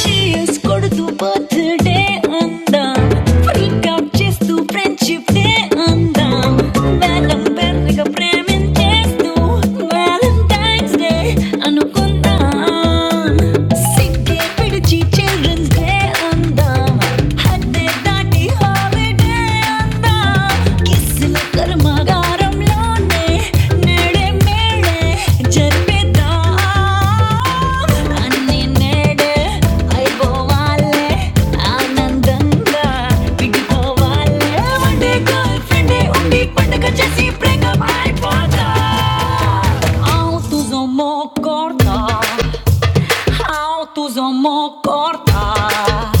A: చీస్ కొడుతూ బర్త్డే అందాం ఫ్రీక్ అవుట్ చేస్తూ ఫ్రెండ్షిప్ డే అందాం వేలం పెరిగ ప్రేమించేస్తూ వ్యాలంటైన్స్ డే అనుకుందాం సిగ్గే పిడిచి చిల్డ్రన్స్ డే అందాం హద్దే దాటి హాలిడే అందాం కిస్ कर्मगारंलोने नेडे मेडे जन्मेदाम अन्ने नेडे ऐबोवाले आनंदंगा पिडिपोवाले वंडे गर्लफ्रेंडे उंडी पंडग చేసి బ్రేకప్ అయిపోతా ఆవు तुझो मोह करता ఆవు तुझो मोह करता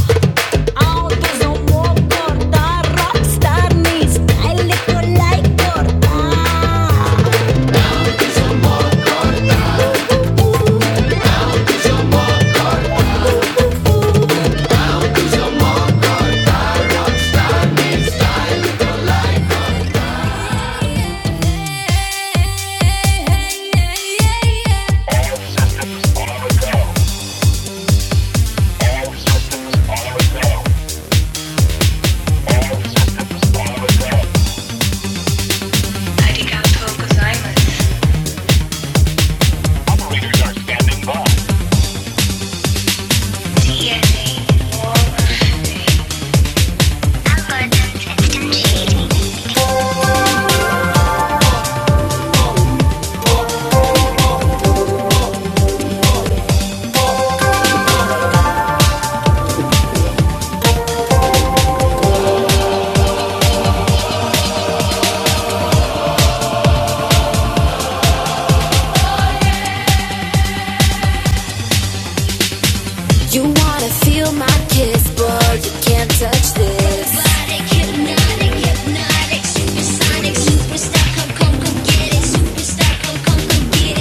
A: You wanna feel my kiss? Boy, you can't touch this. Everybody hypnotic, hypnotic, super sonic, superstar. Come, come, come get it. Superstar, come, come, come get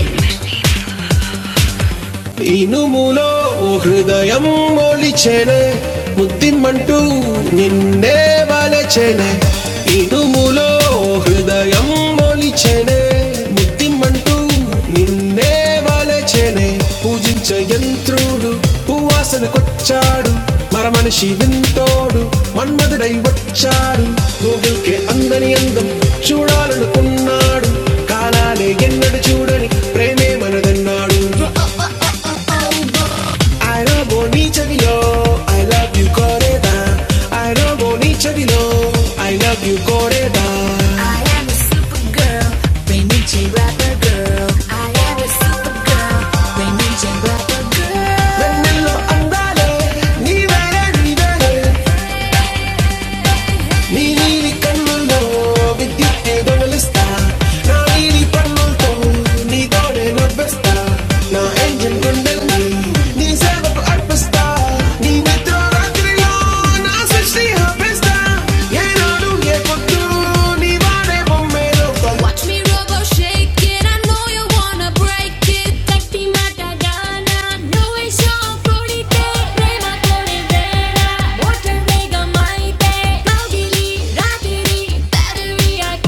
A: it. We man, we man, we man, we man. చాడు మడు మొంబట్టాడు లోకం చూడాలనుకున్నాడు కాలాలే ఎన్నడు చూడని ప్రేమే మనదన్నాడు I robo నీ చెవిలో I love you కోరేదా I robo నీ చెవిలో I love you కోరేదా Girl, rain girl, rain region, black girl. వెన్నెల్లో అందాలే నీవేలే నీవేలే నీ నీలి కన్నుల్లో విద్యుత్ దొలిస్తా నా నీలి పన్నులతో నా angel గుండెల్ని నీ సేవకు అర్పిస్తా. నీ నిద్ర రాత్రిలో నా సృష్టిస్తా. ఏ పొద్దువానే బొమ్మే లోకం. Watch me robo shake it, I know you wanna break it. Tatti matadana, no es on florite, prema tore vera, water mega maite, naudili, radiri, battery I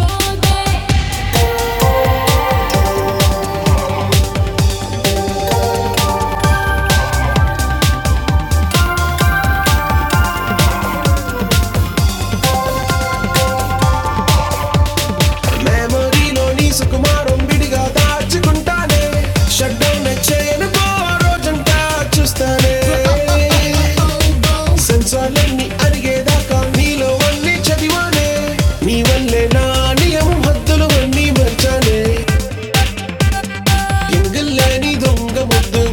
A: సన్ని అన్ని చదివానే నీవన్నీ మర్చా ఎంగిల్లే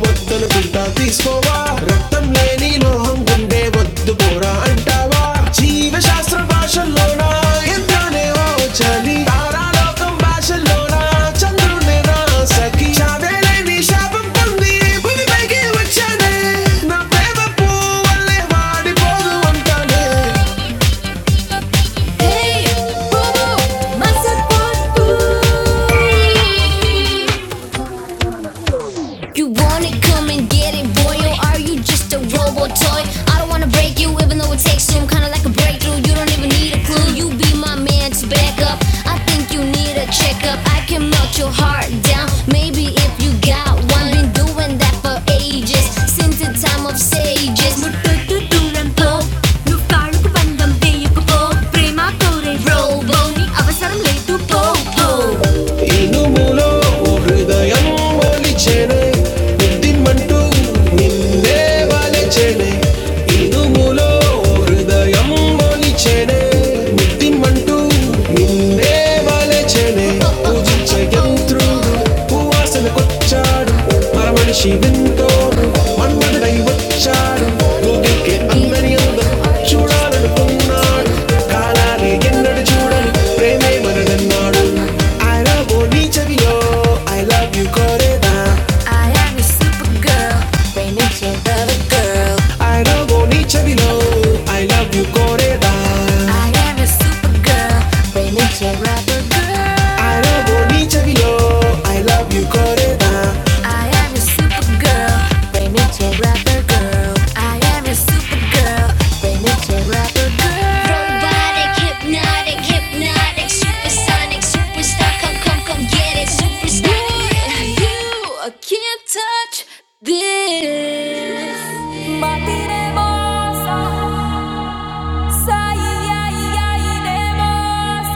A: వద్దలు గుండా తీసుకోవా రక్తం లేని లోహం గుండె వద్దు పోరా అంటావా జీవశాస్త్ర భాషల్లోనా ఎంతనే ఓ చలి తారాలోకం భాషల్లోనా చంద్రుడే నా సఖి చావే లేని శాపం పొంది భూమిపైకి వచ్చానే నా ప్రేమ పువ్వులే వాడిపోదు అంటానే Hey, bobo, massa por tu. You wanna come and get it, boy, or are you just a robot toy? I don't wanna break you, even though it takes some kinda like a breakthrough. You don't even need a clue, you be my man to back up. I think you need a checkup, I can melt your heart down. Maybe if you got one, been doing that for ages, since the time of sages. ముట్టుతుతురంతో, నువ్వాళ్ళకు బంధం వేయకపో, ప్రేమతోనే robo, నీ అవసరం లేదు పో పో നിന്റെ ഈ ഒരു നിശ്ചേ മുത്തിൻ മണ്ണ I am a supergirl, rain and shine rubber I am a supergirl, rain and shine rubber girl. I am your supergirl, Remington rapper girl. I am your supergirl, Remington rapper girl. Robotic, hypnotic, hypnotic, supersonic, superstar. Come, come, come, get it, superstar. you, I can't touch this. Matiremos, sai, ai, ai, demos,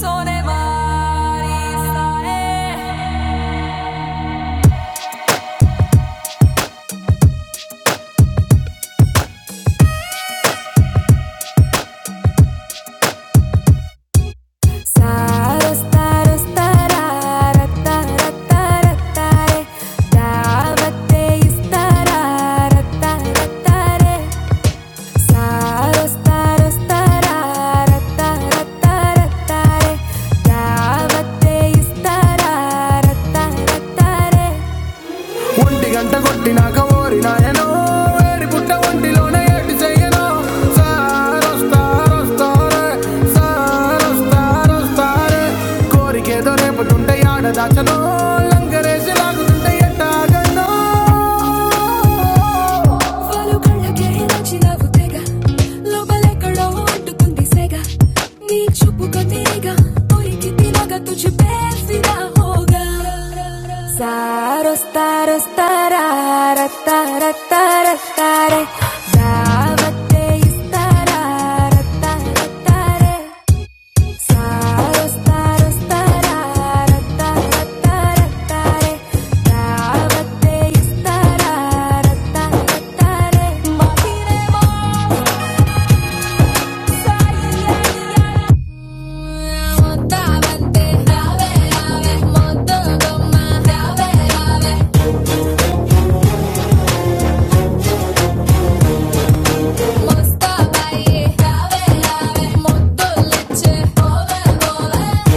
A: sone mari, sae. Saros, taros, tarara, tarara, tarara, tare. Davate is tarara, tarara, tare. సారొస్తారొస్తారా రత్తారత్తారత్తారే దావత్తే ఇస్తారా రత్తారత్తారే మోస్తాబాయి రావే రావే మొత్తం లచ్చే ఓవే ఓవే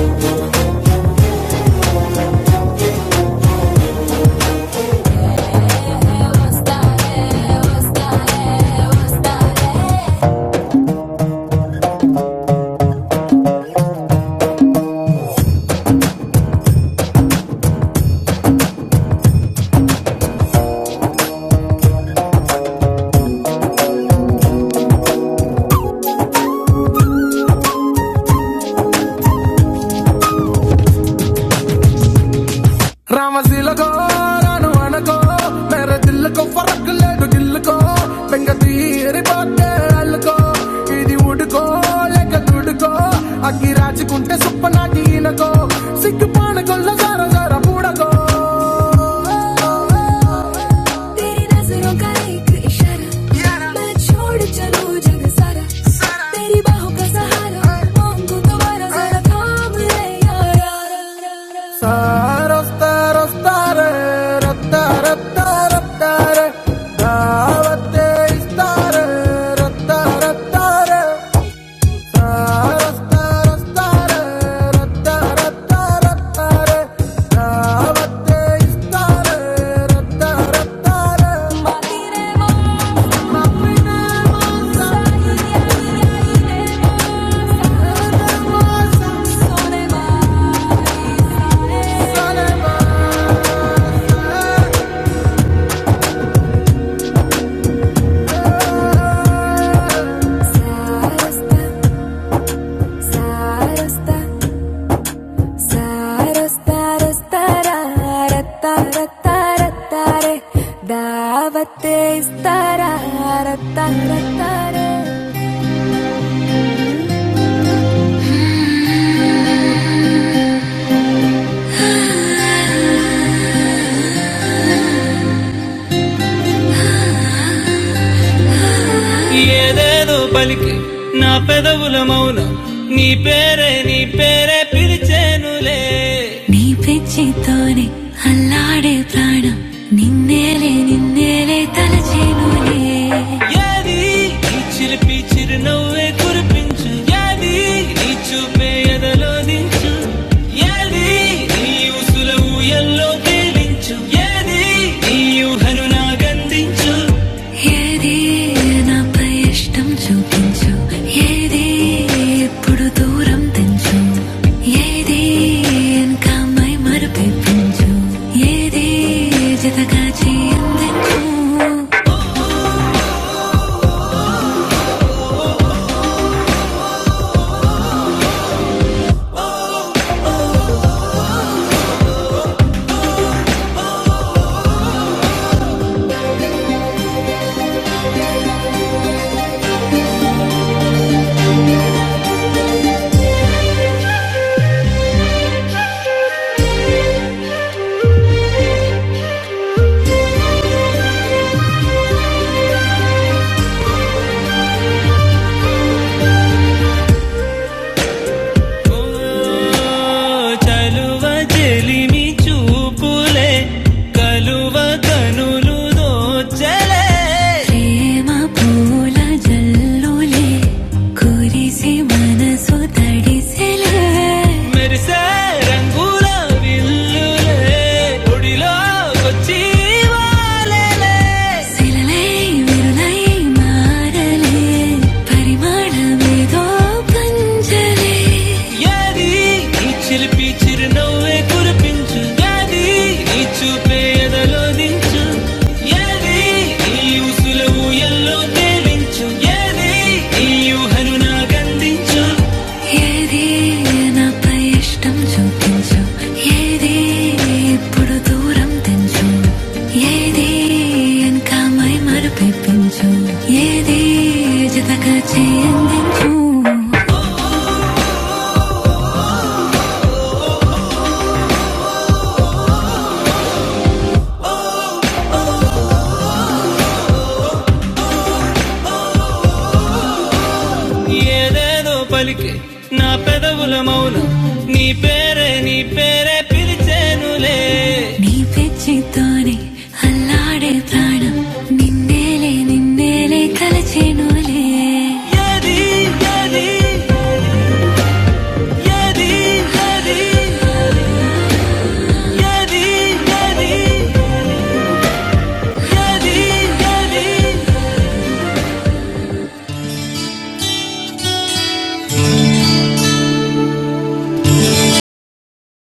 A: तेरी नजरों का एक इशारा इशारा। मैं छोड़ चलूं जग सारा सारा। तेरी बाहों का सहारा मांगू तुम्हारा जरा थाम ले यारा रफ्ता रफ्तार रफ्ता रफ्ता रफ्तार दावत इस्तार रफ्ता रफ्तार रफ्ता रफ्तार रफ्ता Sarasta, sarasta. సారస్తారస్తారారత్తారత్తారత్తారే దావతే ఇస్తారారత్తారత్తారే ఏదేదో పలికి నా పెదవుల మౌనం నీ పేరే నీ పేరే పిలిచేనులే నీతోనే ఆడే ప్రాణం నిన్నేలే నిన్నేలే తలచేనులే ఏది నీ చిలిపి చిరునవ్వే కురిపించు ఏది నీ చూపే ఎదలో దించు ఏది నీ ఉసుల ఊయల్లో తేలించు ఏది నీ ఊహను నాగందించు ఏది నాపై ఇష్టం చూపించు ఏది ఎప్పుడు దూరం తెంచు ఏది వెనకమై మరపించు ఏది జతగా చేయందించు చలువ చెలిమి చూపులే కలువ కనులు దోచలే ప్రేమలోలే కురిసి మనసుతే మెరిసే రంగుల విల్లులే ఒడిలోకొచ్చి వాలెలే. సిలవిరులై మారలే పరిమాణమేదో పంజర ఏది ఈ చిలిపి చిరునవ్వే కురిపించు ఏది ఈ చూపే ఎదలో దించు ఏది ఈ ఉసులవు ఎల్లో తేలించు ఏది ఈ ఊహను నాకందించు ఏది నాపై ఇష్టం చూపించు ఏది ఇప్పుడు దూరం తెంచు ఏది వెనకమై మరుపించు ఏది జతగా చేయందించు ఏదేదో పలికి నా పెదవుల మౌనం నీ పేరే నీ పేరే పిలిచేనులే నీ పెచ్చితోనే అల్లాడే ప్రాణం నిన్నేలే నిన్నేలే కలచేనులే అది, అది, అది, అది, అది, అది, అది, అది, అది.